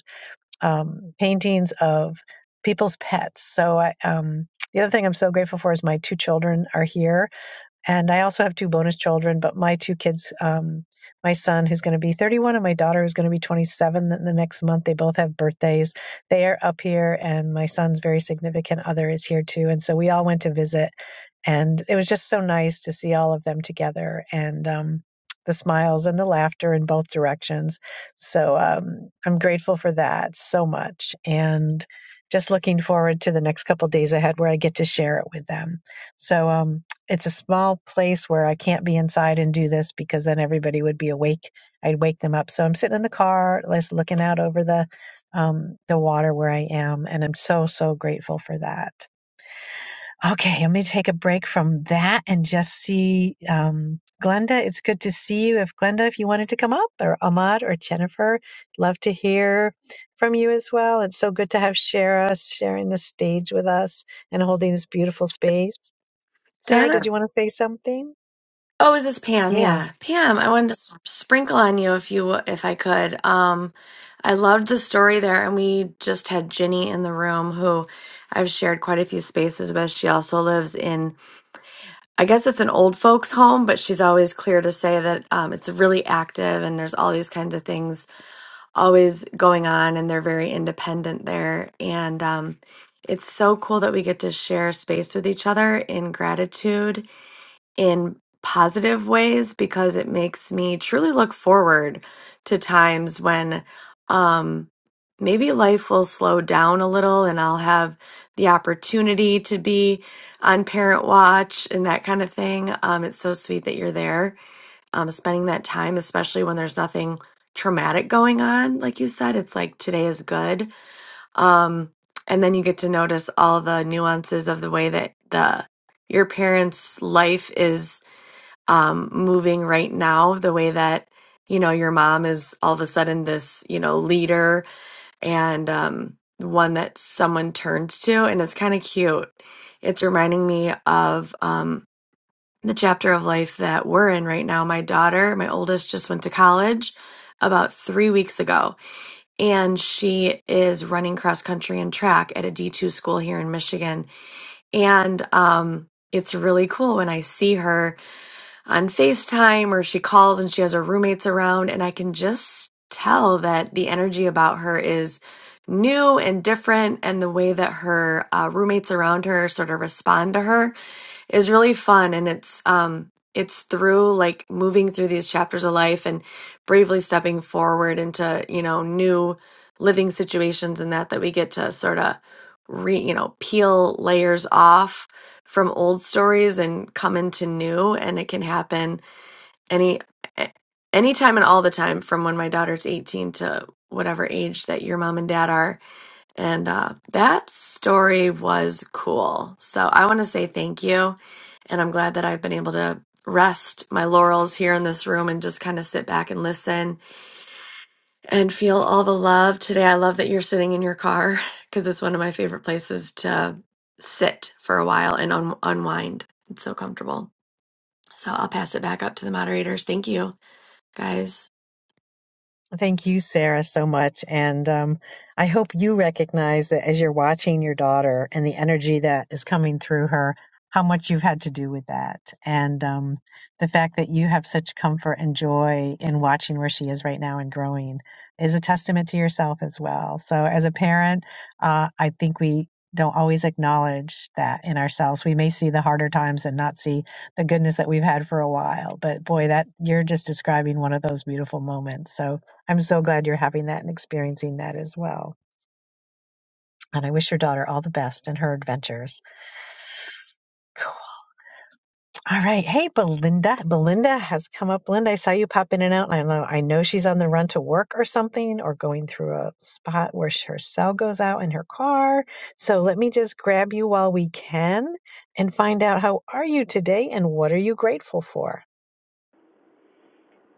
Speaker 24: um, paintings of people's pets. So I, um, the other thing I'm so grateful for is my two children are here and I also have two bonus children, but my two kids, um, my son who's going to be 31 and my daughter who's going to be 27 the the next month, they both have birthdays. They are up here, and my son's very significant other is here too. And so we all went to visit, and it was just so nice to see all of them together and um, the smiles and the laughter in both directions. So um, I'm grateful for that so much. And just looking forward to the next couple days ahead where I get to share it with them. So, um, it's a small place where I can't be inside and do this because then everybody would be awake. I'd wake them up. So I'm sitting in the car, just looking out over the um, the water where I am, and I'm so so grateful for that. Okay, let me take a break from that and just see um, Glenda. It's good to see you. If Glenda, if you wanted to come up, or Ahmad or Jennifer, love to hear from you as well. It's so good to have Shara sharing the stage with us and holding this beautiful space. Sarah, did
Speaker 22: Donna.
Speaker 24: you want to say something?
Speaker 22: Oh, is this Pam?
Speaker 24: Yeah.
Speaker 22: Yeah. Pam, I wanted to s- sprinkle on you if you if I could. Um I loved the story there and we just had Ginny in the room who I've shared quite a few spaces with. She also lives in I guess it's an old folks home, but she's always clear to say that um, it's really active and there's all these kinds of things always going on, and they're very independent there. And um, it's so cool that we get to share space with each other in gratitude in positive ways because it makes me truly look forward to times when um maybe life will slow down a little and I'll have the opportunity to be on parent watch and that kind of thing. Um it's so sweet that you're there um spending that time especially when there's nothing traumatic going on like you said it's like today is good. Um and then you get to notice all the nuances of the way that the your parents' life is um, moving right now, the way that, you know, your mom is all of a sudden this, you know, leader and um, one that someone turns to. And it's kind of cute. It's reminding me of um, the chapter of life that we're in right now. My daughter, my oldest, just went to college about three weeks ago and she is running cross country and track at a D2 school here in Michigan. And um, it's really cool when I see her on FaceTime or she calls and she has her roommates around, and I can just tell that the energy about her is new and different, and the way that her uh, roommates around her sort of respond to her is really fun and it's um it's through like moving through these chapters of life and bravely stepping forward into you know new living situations and that that we get to sort of re you know peel layers off from old stories and come into new and it can happen any a- anytime and all the time from when my daughter's 18 to whatever age that your mom and dad are and uh, that story was cool. So I want to say thank you. And I'm glad that I've been able to rest my laurels here in this room and just kind of sit back and listen and feel all the love today. I love that you're sitting in your car because it's one of my favorite places to sit for a while and un- unwind. It's so comfortable. So I'll pass it back up to the moderators. Thank you, guys.
Speaker 24: Thank you, Sarah, so much. And um, I hope you recognize that as you're watching your daughter and the energy that is coming through her, how much you've had to do with that. And um, the fact that you have such comfort and joy in watching where she is right now and growing is a testament to yourself as well. So, as a parent, uh, I think we don't always acknowledge that in ourselves. We may see the harder times and not see the goodness that we've had for a while. But boy, that you're just describing one of those beautiful moments. So, I'm so glad you're having that and experiencing that as well. And I wish your daughter all the best in her adventures. Cool. All right. Hey, Belinda. Belinda has come up. Belinda, I saw you pop in and out. I know, I know she's on the run to work or something or going through a spot where her cell goes out in her car. So let me just grab you while we can and find out how are you today and what are you grateful for?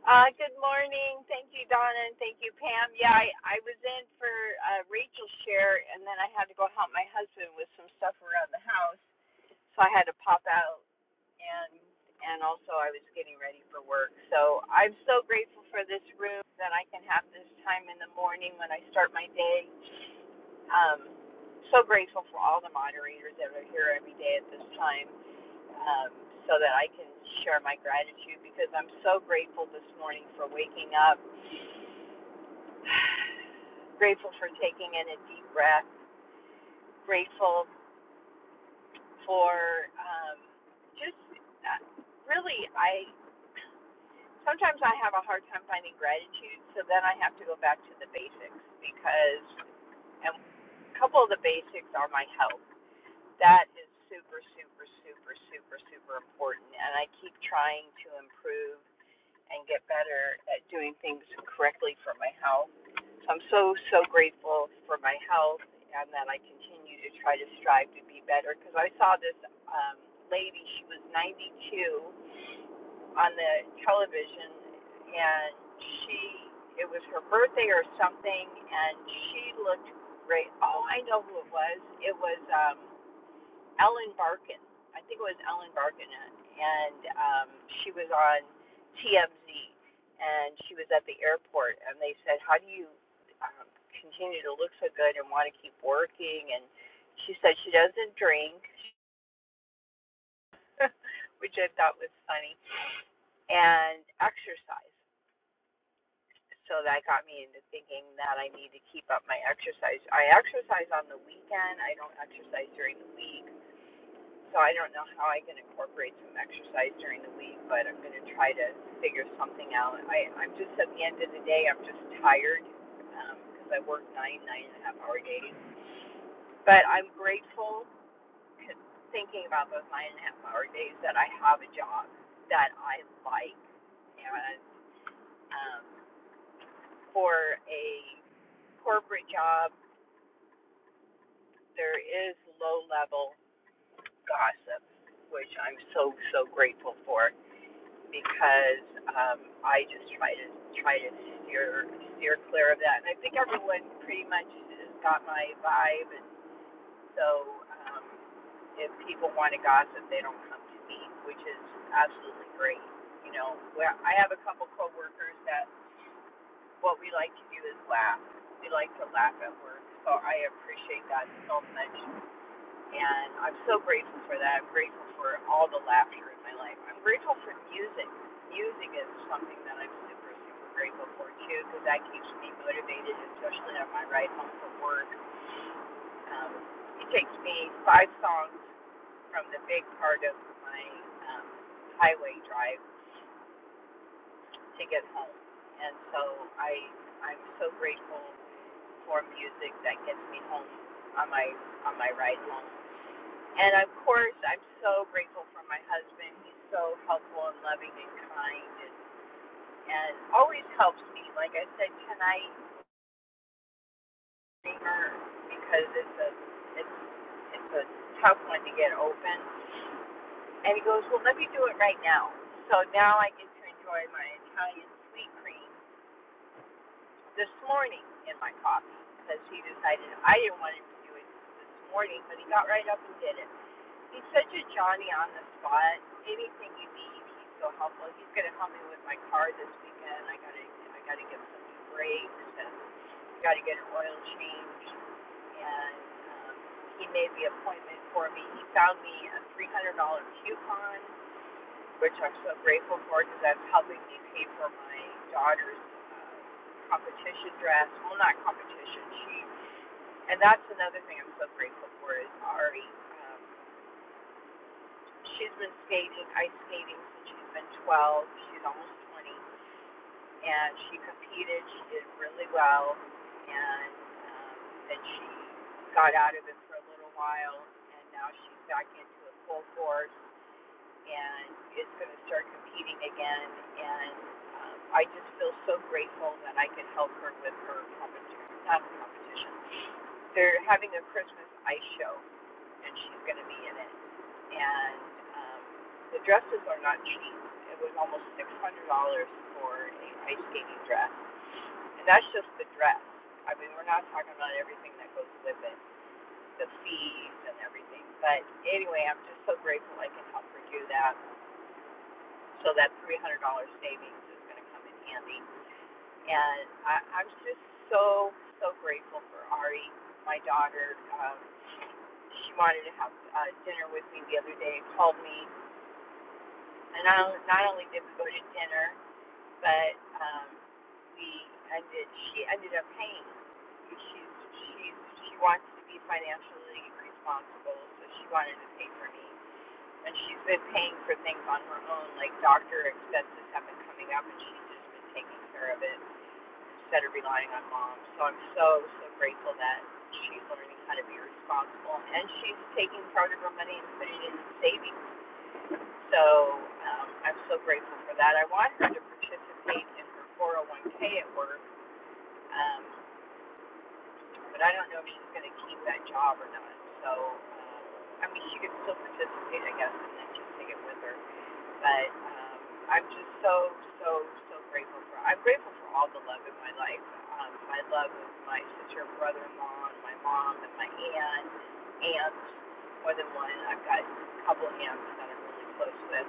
Speaker 27: Uh, good morning. Thank you, Donna, and thank you, Pam. Yeah, I, I was in for uh, Rachel's share, and then I had to go help my husband with some stuff around the house, so I had to pop out, and and also I was getting ready for work. So I'm so grateful for this room that I can have this time in the morning when I start my day. Um, so grateful for all the moderators that are here every day at this time um, so that I can share my gratitude because I'm so grateful this morning for waking up, grateful for taking in a deep breath, grateful for um, just uh, really, I sometimes I have a hard time finding gratitude, so then I have to go back to the basics because and a couple of the basics are my health. That is super, super, super, super, super important, and I keep trying to improve and get better at doing things correctly for my health. So I'm so, so grateful for my health and that I continue to try to strive to be better because I saw this um, lady, she was 92 on the television and she, it was her birthday or something and she looked great. Oh, I know who it was. It was, um, Ellen Barkin. I think it was Ellen Barkin, and um, she was on TMZ, and she was at the airport, and they said, "How do you um, continue to look so good and want to keep working?" And she said she doesn't drink, which I thought was funny, and exercise. So that got me into thinking that I need to keep up my exercise. I exercise on the weekend. I don't exercise during the week So I don't know how I can incorporate some exercise during the week, but I'm going to try to figure something out. I, I'm just at the end of the day, I'm just tired because um, I work nine, nine and a half hour days. But I'm grateful, grateful. thinking about those nine and a half hour days, that I have a job that I like. And um, for a corporate job, there is low level gossip, which I'm so, so grateful for because um, I just try to try to steer steer clear of that. And I think everyone pretty much has got my vibe, and so um, if people want to gossip, they don't come to me, which is absolutely great. You know, where I have a couple coworkers that what we like to do is laugh. We like to laugh at work, so I appreciate that so much and I'm so grateful for that. I'm grateful for all the laughter in my life. I'm grateful for music. Music is something that I'm super, super grateful for too, because that keeps me motivated, especially on my ride home from work. Um, it takes me five songs from the big part of my um, highway drive to get home, and so I I'm so grateful for music that gets me home on my on my ride home. And of course, I'm so grateful for my husband. He's so helpful and loving and kind and, and always helps me. Like I said tonight, because it's a it's it's a tough one to get open. And he goes, Well let me do it right now. So now I get to enjoy my Italian sweet cream this morning in my coffee because he decided I didn't want him to do it this morning, but he got right up and did it. He's such a Johnny on the spot. Anything you need, he's so helpful. He's gonna help me with my car this weekend. I gotta I gotta get some new brakes and gotta get an oil change. And um, he made the appointment for me. He found me a three hundred dollar coupon, which I'm so grateful for because that's helping me pay for my daughter's uh, competition dress. Well, not competition. She and that's another thing I'm so grateful for is Ari. Um, She's been skating, ice skating since she's been 12. She's almost 20, and she competed. She did really well, and um, then she got out of it for a little while, and now she's back into it full force, and is going to start competing again. And um, I just feel so grateful that I can help her with her competition. Not competition. They're having a Christmas ice show and she's going to be in it. And um, the dresses are not cheap. It was almost six hundred dollars for a ice skating dress, and that's just the dress. I mean, we're not talking about everything that goes with it, the fees and everything. But anyway, I'm just so grateful I can help her do that. So that three hundred dollars savings is going to come in handy. And I, I'm just so so grateful for Ari, my daughter. Um, she wanted to have uh, dinner with me the other day. Called me And not not only did we go to dinner, but um, we ended. She ended up paying. She's she's she wants to be financially responsible, so she wanted to pay for me. And she's been paying for things on her own, like doctor expenses have been coming up, and she's just been taking care of it instead of relying on mom. So I'm so so grateful that she's learning how to be responsible, and she's taking part of her money and putting it in savings so um, I'm so grateful for that. I want her to participate in her 401k at work, um, but I don't know if she's going to keep that job or not. So um, I mean, she could still participate, I guess, and then just take it with her. But um, I'm just so, so, so grateful for. I'm grateful for all the love in my life. Um, my love of my sister, brother-in-law, and my mom, and my aunt, aunts, more than one. I've got a couple aunts that I'm really close with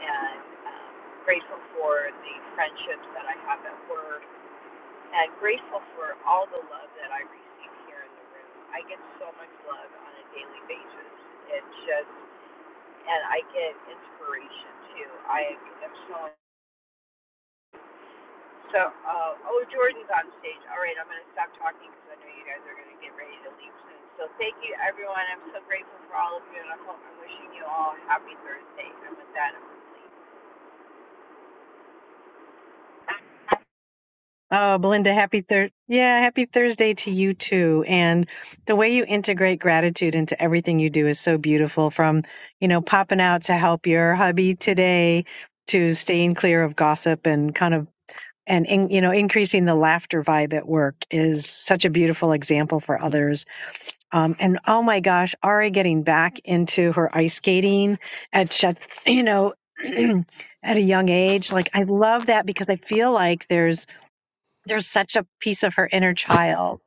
Speaker 27: and um, grateful for the friendships that I have at work, and grateful for all the love that I receive here in the room. I get so much love on a daily basis. It just, and I get inspiration too. I am so. So, uh, oh, Jordan's on stage. All right, I'm going to stop talking because I know you guys are going to get ready to leave soon. So, thank you, everyone. I'm so grateful for all of you, and I hope I'm wishing you all a happy Thursday. And with that, I'm complete.
Speaker 24: Oh, Belinda, happy Thursday. Yeah, happy Thursday to you too. And the way you integrate gratitude into everything you do is so beautiful from, you know, popping out to help your hubby today to staying clear of gossip and kind of, and, in, you know, increasing the laughter vibe at work is such a beautiful example for others. Um, and oh my gosh, Ari getting back into her ice skating at, such- you know, at a young age. Like, I love that because I feel like there's, there's such a piece of her inner child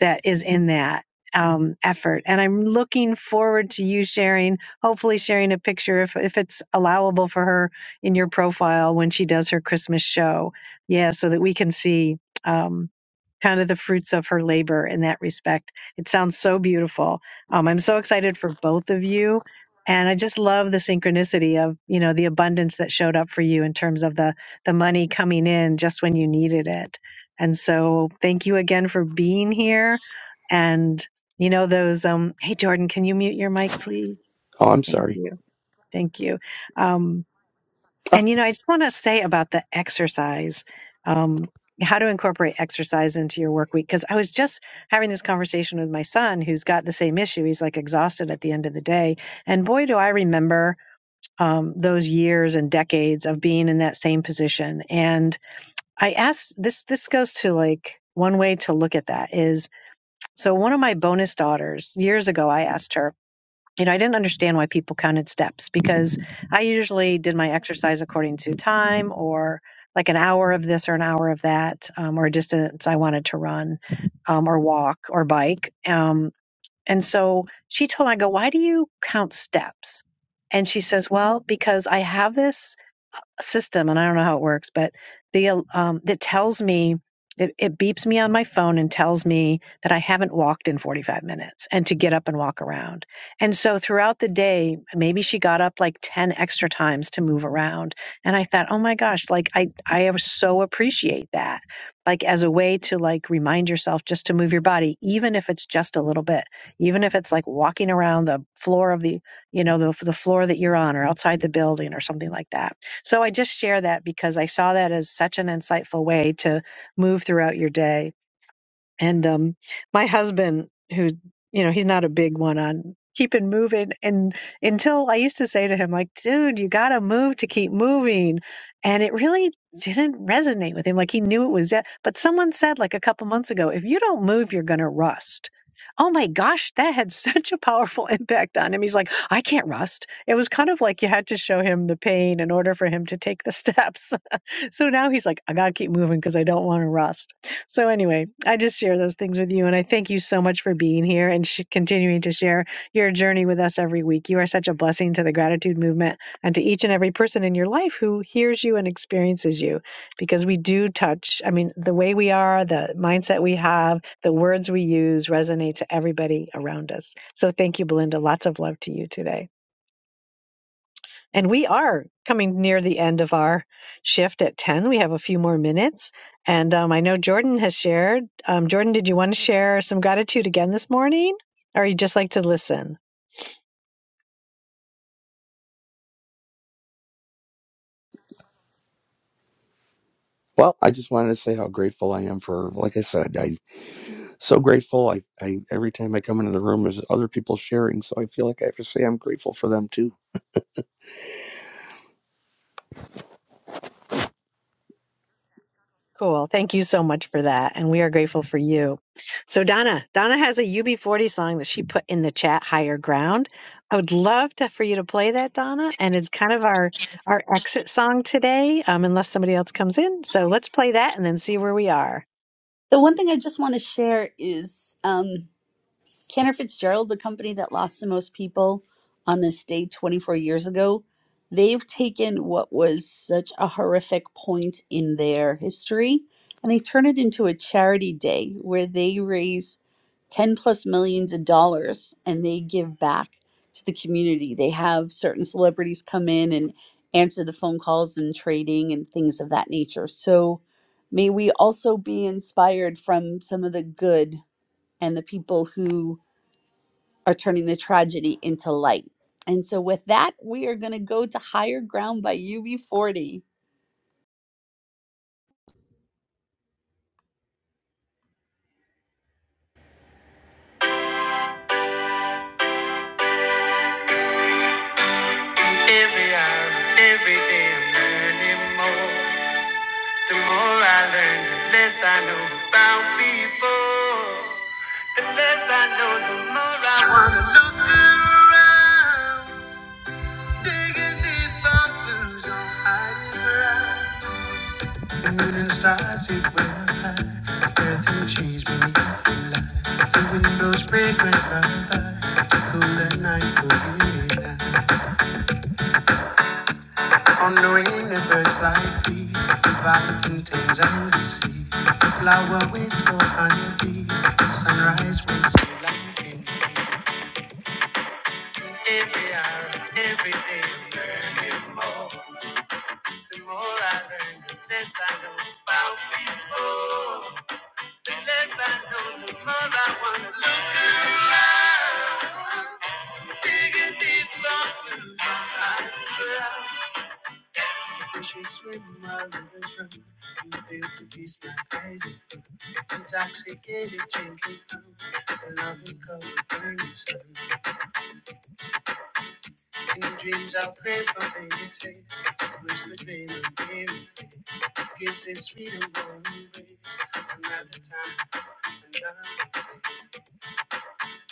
Speaker 24: that is in that um, effort. And I'm looking forward to you sharing, hopefully sharing a picture if, if it's allowable for her in your profile when she does her Christmas show. Yeah, so that we can see. um, kind of the fruits of her labor in that respect. It sounds so beautiful. Um, I'm so excited for both of you. And I just love the synchronicity of, you know, the abundance that showed up for you in terms of the the money coming in just when you needed it. And so thank you again for being here. And you know those um hey Jordan, can you mute your mic please?
Speaker 16: Oh, I'm
Speaker 24: Thank
Speaker 16: sorry.
Speaker 24: you. Thank you. Um
Speaker 16: Ah,
Speaker 24: and you know, I just want to say about the exercise, um, how to incorporate exercise into your work week. Because I was just having this conversation with my son, who's got the same issue. He's like exhausted at the end of the day, and boy, do I remember um, those years and decades of being in that same position. And I asked this. This goes to like one way to look at that is so. One of my bonus daughters years ago, I asked her you know, I didn't understand why people counted steps because I usually did my exercise according to time or like an hour of this or an hour of that, um, or a distance I wanted to run, um, or walk or bike. Um, and so she told me, I go, why do you count steps? And she says, well, because I have this system, and I don't know how it works, but the um, that tells me it, it beeps me on my phone and tells me that I haven't walked in 45 minutes and to get up and walk around. And so throughout the day, maybe she got up like 10 extra times to move around. And I thought, oh my gosh, like I I so appreciate that. Like as a way to like remind yourself just to move your body, even if it's just a little bit, even if it's like walking around the floor of the, you know, the the floor that you're on or outside the building or something like that so I just share that because I saw that as such an insightful way to move throughout your day and um, my husband, who you know, he's not a big one on keeping moving. And until I used to say to him, like, dude, you gotta move to keep moving. And it really didn't resonate with him. Like he knew it was it. But someone said like a couple months ago, if you don't move, you're gonna rust. Oh my gosh, that had such a powerful impact on him. He's like, I can't rust. It was kind of like you had to show him the pain in order for him to take the steps. So now he's like, I got to keep moving because I don't want to rust. So anyway, I just share those things with you. And I thank you so much for being here and sh- continuing to share your journey with us every week. You are such a blessing to the gratitude movement and to each and every person in your life who hears you and experiences you because we do touch. I mean, the way we are, the mindset we have, the words we use resonate to everybody around us. So thank you, Belinda. Lots of love to you today. And we are coming near the end of our shift at 10. We have a few more minutes. And um, I know Jordan has shared. Um, Jordan, did you want to share some gratitude again this morning? Or you just like to listen?
Speaker 16: Well, I just wanted to say how grateful I am for, like I said, I'm so grateful. I, I every time I come into the room, there's other people sharing, so I feel like I have to say I'm grateful for them too.
Speaker 24: Cool. Thank you so much for that. And we are grateful for you. So, Donna, Donna has a UB40 song that she put in the chat, Higher Ground. I would love to, for you to play that, Donna. And it's kind of our, our exit song today, um, unless somebody else comes in. So let's play that and then see where we are.
Speaker 18: The one thing I just want to share is um, Cantor Fitzgerald, the company that lost the most people on this day 24 years ago, they've taken what was such a horrific point in their history and they turn it into a charity day where they raise 10 plus millions of dollars and they give back to the community. They have certain celebrities come in and answer the phone calls and trading and things of that nature. So may we also be inspired from some of the good and the people who are turning the tragedy into light. And so, with that, we are going to go to Higher Ground by UB40. Every hour, every day, I'm learning more. The more I learn, the less I know about before. The less I know, the more I want to look around. Digging deep fountains on hiding ground. Shooting stars, it will fly. Earth and trees beneath the light. The windows fragrant lullaby. The cooler night will be light. On the wing, the birds fly free. The violet contains and the sea. The flower waits for honeybee. The sunrise waits for lightning. Every hour, every day, learning more. The more I learn, the less I know about people. Unless I know, the more I wanna look at digging deep down in my eyes. She's with my religion. You feel the peace my eyes. Intoxicated, drinking from The love we call burning sun. In dreams, I pray for baby taste. Whispered rain and dreamy face. Kisses sweet and warm embrace. Another time, another day.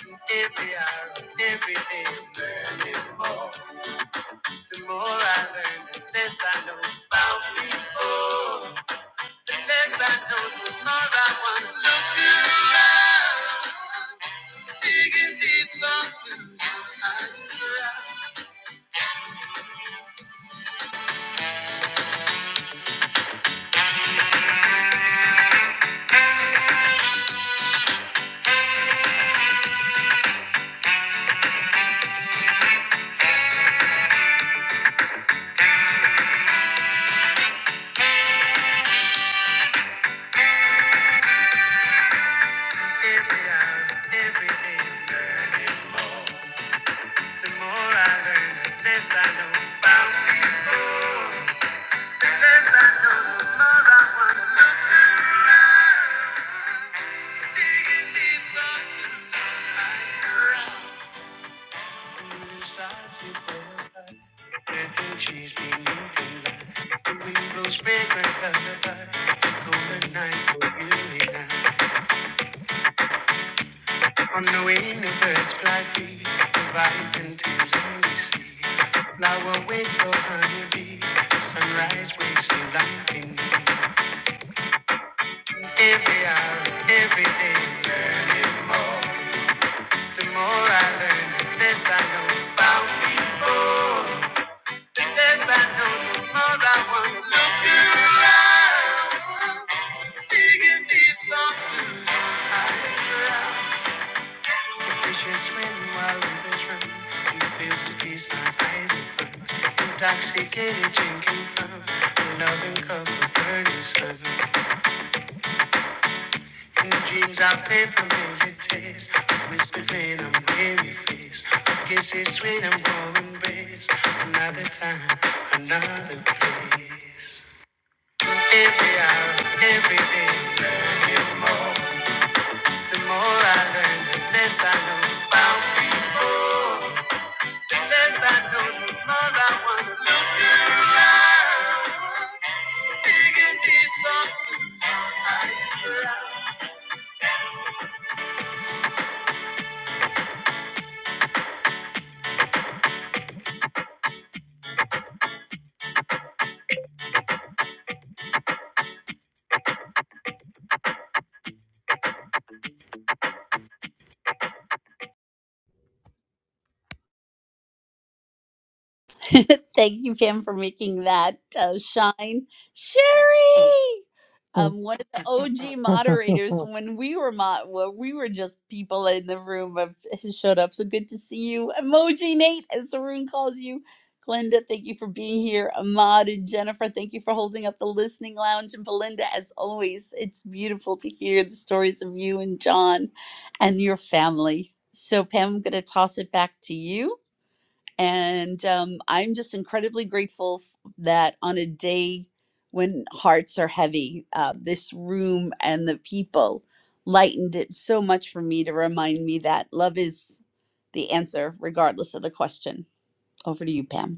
Speaker 18: Every hour, every day, learning more. The more I learn, the less I know about people. The less I know, the more I want to look around. Digging deeper into my ground. Every hour, every day, learning. The more I learn, the less I know about people. Yes, I know the I wanna look around, digging deeper into my soul. Stars we fell Refugees we moving like the wind blows fragrant lullaby. The cold night will unite. On the wing the birds fly free, the rising thames and we see. Flower waits for honeybee, the sunrise wakes to life in me. Every hour, every day, learning more. The more I learn, the less I know about people. The less I know, the more I want. Look around, digging deep on blues high ground. The fish are swimming while the fish run, and the fields to feast my eyes and fun. Intoxicated drinking from the loving cup of burning In dreams I pray for familiar taste. I whisper venom near your face. Kisses sweet and warm embrace. Another time, another place. Every hour, every day. learning. The more I learn, the less I know about people. The less I know, the more I want to look around. Digging deeper. Thank you, Pam, for making that uh, shine. Sherry, um, one of the OG moderators from when we were mo- well, we were just people in the room of has showed up. So good to see you, Emoji Nate, as Sarun calls you. Glenda, thank you for being here. Ahmad and Jennifer, thank you for holding up the listening lounge. And Belinda, as always, it's beautiful to hear the stories of you and John and your family. So, Pam, I'm going to toss it back to you and um, I'm just incredibly grateful f- that on a day when hearts are heavy, uh, this room and the people lightened it so much for me to remind me that love is the answer, regardless of the question. Over to you, Pam.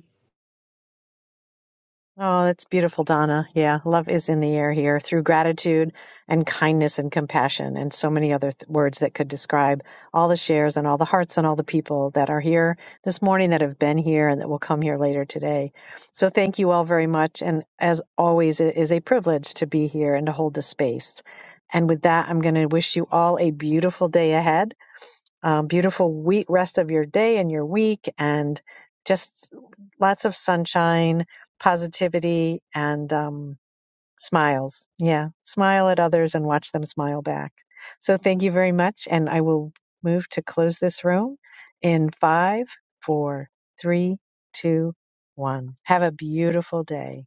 Speaker 24: Oh, that's beautiful, Donna. Yeah, love is in the air here through gratitude and kindness and compassion, and so many other th- words that could describe all the shares and all the hearts and all the people that are here this morning that have been here and that will come here later today. So, thank you all very much. And as always, it is a privilege to be here and to hold the space. And with that, I'm going to wish you all a beautiful day ahead. Um, beautiful week, rest of your day and your week, and just lots of sunshine, positivity, and um, smiles. Yeah, smile at others and watch them smile back. So thank you very much, and I will move to close this room in five, four, three, two, one. Have a beautiful day.